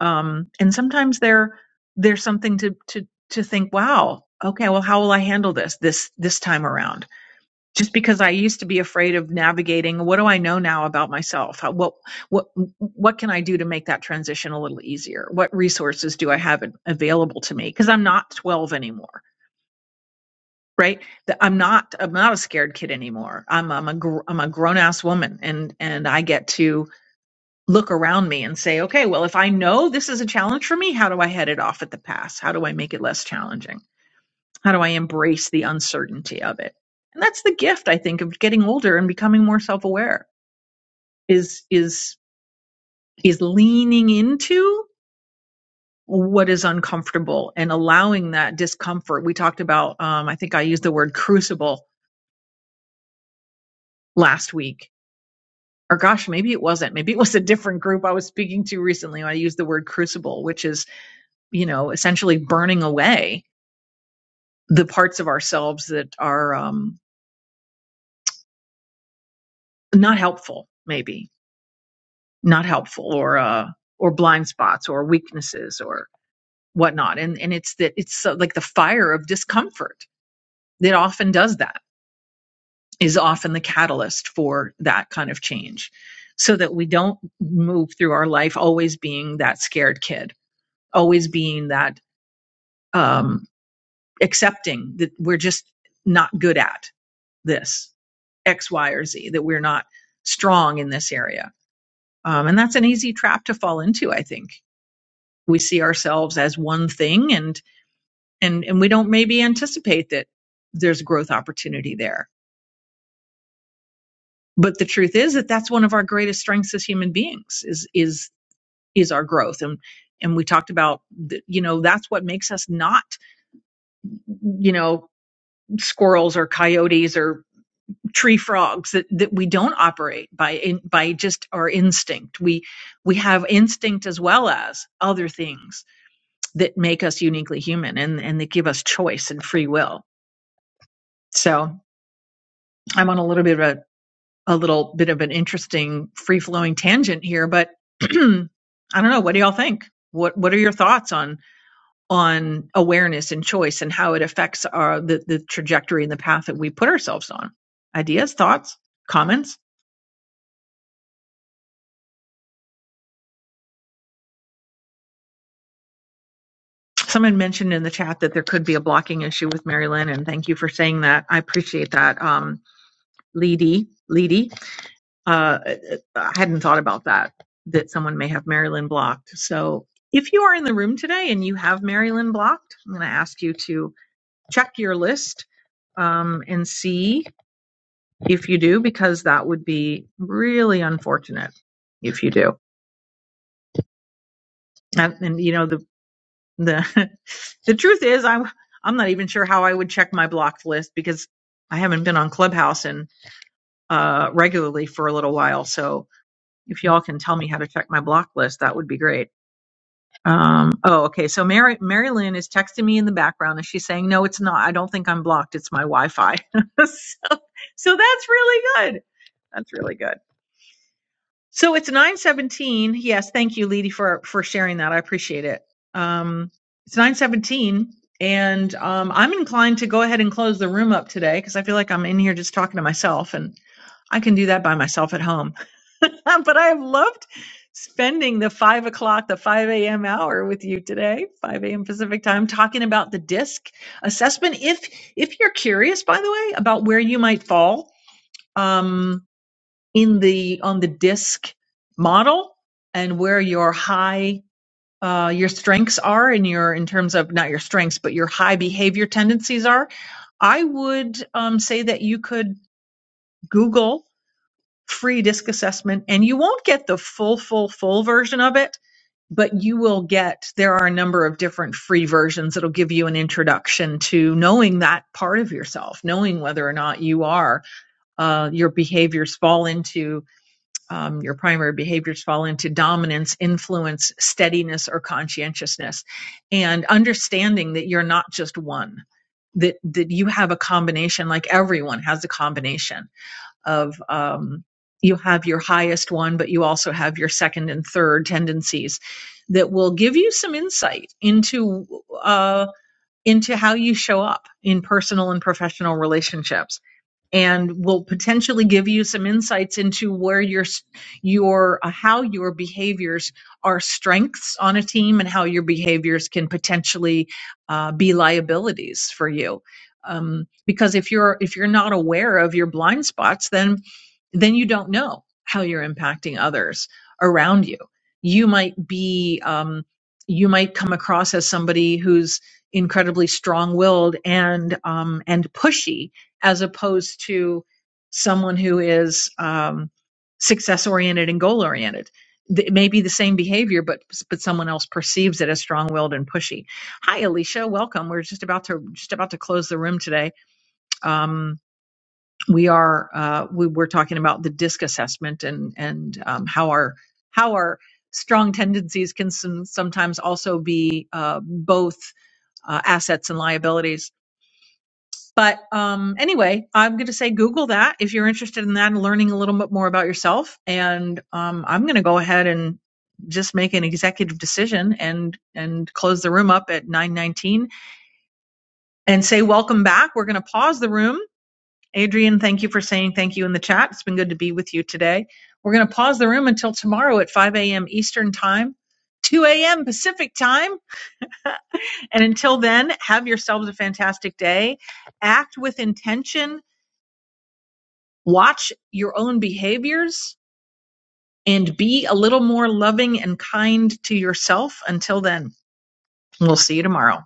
Speaker 16: Um, and sometimes they're there's something to to to think, wow, okay, well, how will I handle this this this time around? Just because I used to be afraid of navigating, what do I know now about myself? How, what what what can I do to make that transition a little easier? What resources do I have available to me? Because I'm not 12 anymore, right? That I'm not I'm not a scared kid anymore. I'm I'm a gr- I'm a grown ass woman, and and I get to look around me and say, okay, well, if I know this is a challenge for me, how do I head it off at the pass? How do I make it less challenging? How do I embrace the uncertainty of it? And that's the gift, I think, of getting older and becoming more self-aware is, is, is leaning into what is uncomfortable and allowing that discomfort. We talked about, um, I think I used the word crucible last week. Or gosh, maybe it wasn't. Maybe it was a different group I was speaking to recently. I used the word crucible, which is, you know, essentially burning away the parts of ourselves that are um, not helpful, maybe not helpful, or uh, or blind spots, or weaknesses, or whatnot. And and it's that it's so, like the fire of discomfort that often does that is often the catalyst for that kind of change, so that we don't move through our life always being that scared kid, always being that um, accepting that we're just not good at this X, Y, or Z, that we're not strong in this area Um, and that's an easy trap to fall into, I think. We see ourselves as one thing and, and, and we don't maybe anticipate that there's growth opportunity there. But the truth is that that's one of our greatest strengths as human beings is, is, is our growth. And, and we talked about, th- you know, that's what makes us not, you know, squirrels or coyotes or tree frogs that, that we don't operate by, in, by just our instinct. We, we have instinct as well as other things that make us uniquely human and, and that give us choice and free will. So I'm on a little bit of a, a little bit of an interesting free flowing tangent here, but I don't know. What do y'all think? What What are your thoughts on on awareness and choice and how it affects our the, the trajectory and the path that we put ourselves on? Ideas, thoughts, comments. Someone mentioned in the chat that there could be a blocking issue with Mary Lynn, and thank you for saying that. I appreciate that, um, Leedy. Uh, uh, uh, I hadn't thought about that, that someone may have Marilyn blocked. So if you are in the room today and you have Marilyn blocked, I'm going to ask you to check your list um, and see if you do, because that would be really unfortunate if you do. And, and you know, the, the, the truth is I'm, I'm not even sure how I would check my blocked list because I haven't been on Clubhouse and, uh, regularly for a little while. So if y'all can tell me how to check my block list, that would be great. Um, oh, okay. So Mary, Mary Lynn is texting me in the background and she's saying, no, it's not. I don't think I'm blocked. It's my Wi-Fi. so, so that's really good. That's really good. So it's 917. Yes. Thank you, Leedy, for, for sharing that. I appreciate it. Um, it's 917 and, um, I'm inclined to go ahead and close the room up today because I feel like I'm in here just talking to myself and I can do that by myself at home. but I have loved spending the five o'clock, the 5 a.m. hour with you today, 5 a.m. Pacific time, talking about the DISC assessment. If if you're curious, by the way, about where you might fall um, in the on the DISC model and where your high uh, your strengths are in your in terms of not your strengths, but your high behavior tendencies are, I would um, say that you could Google free disc assessment and you won't get the full full full version of it but you will get there are a number of different free versions that'll give you an introduction to knowing that part of yourself knowing whether or not you are uh, your behaviors fall into um, your primary behaviors fall into dominance influence steadiness or conscientiousness and understanding that you're not just one that that you have a combination like everyone has a combination of um, you have your highest one, but you also have your second and third tendencies that will give you some insight into uh, into how you show up in personal and professional relationships and will potentially give you some insights into where your your uh, how your behaviors are strengths on a team and how your behaviors can potentially uh, be liabilities for you um, because if you're if you're not aware of your blind spots then then you don't know how you're impacting others around you you might be um, you might come across as somebody who's incredibly strong-willed and um, and pushy as opposed to someone who is um, success oriented and goal oriented. It may be the same behavior, but but someone else perceives it as strong willed and pushy. Hi, Alicia. Welcome. We're just about to just about to close the room today. Um, we are uh, we are talking about the DISC assessment and and um, how our how our strong tendencies can some, sometimes also be uh, both uh, assets and liabilities but um, anyway, I'm going to say Google that if you're interested in that and learning a little bit more about yourself. And um, I'm going to go ahead and just make an executive decision and and close the room up at 9:19 and say welcome back. We're going to pause the room. Adrian, thank you for saying thank you in the chat. It's been good to be with you today. We're going to pause the room until tomorrow at 5 a.m. Eastern Time, 2 a.m. Pacific Time. And until then, have yourselves a fantastic day. Act with intention Watch your own behaviors and be a little more loving and kind to yourself. Until then, we'll see you tomorrow.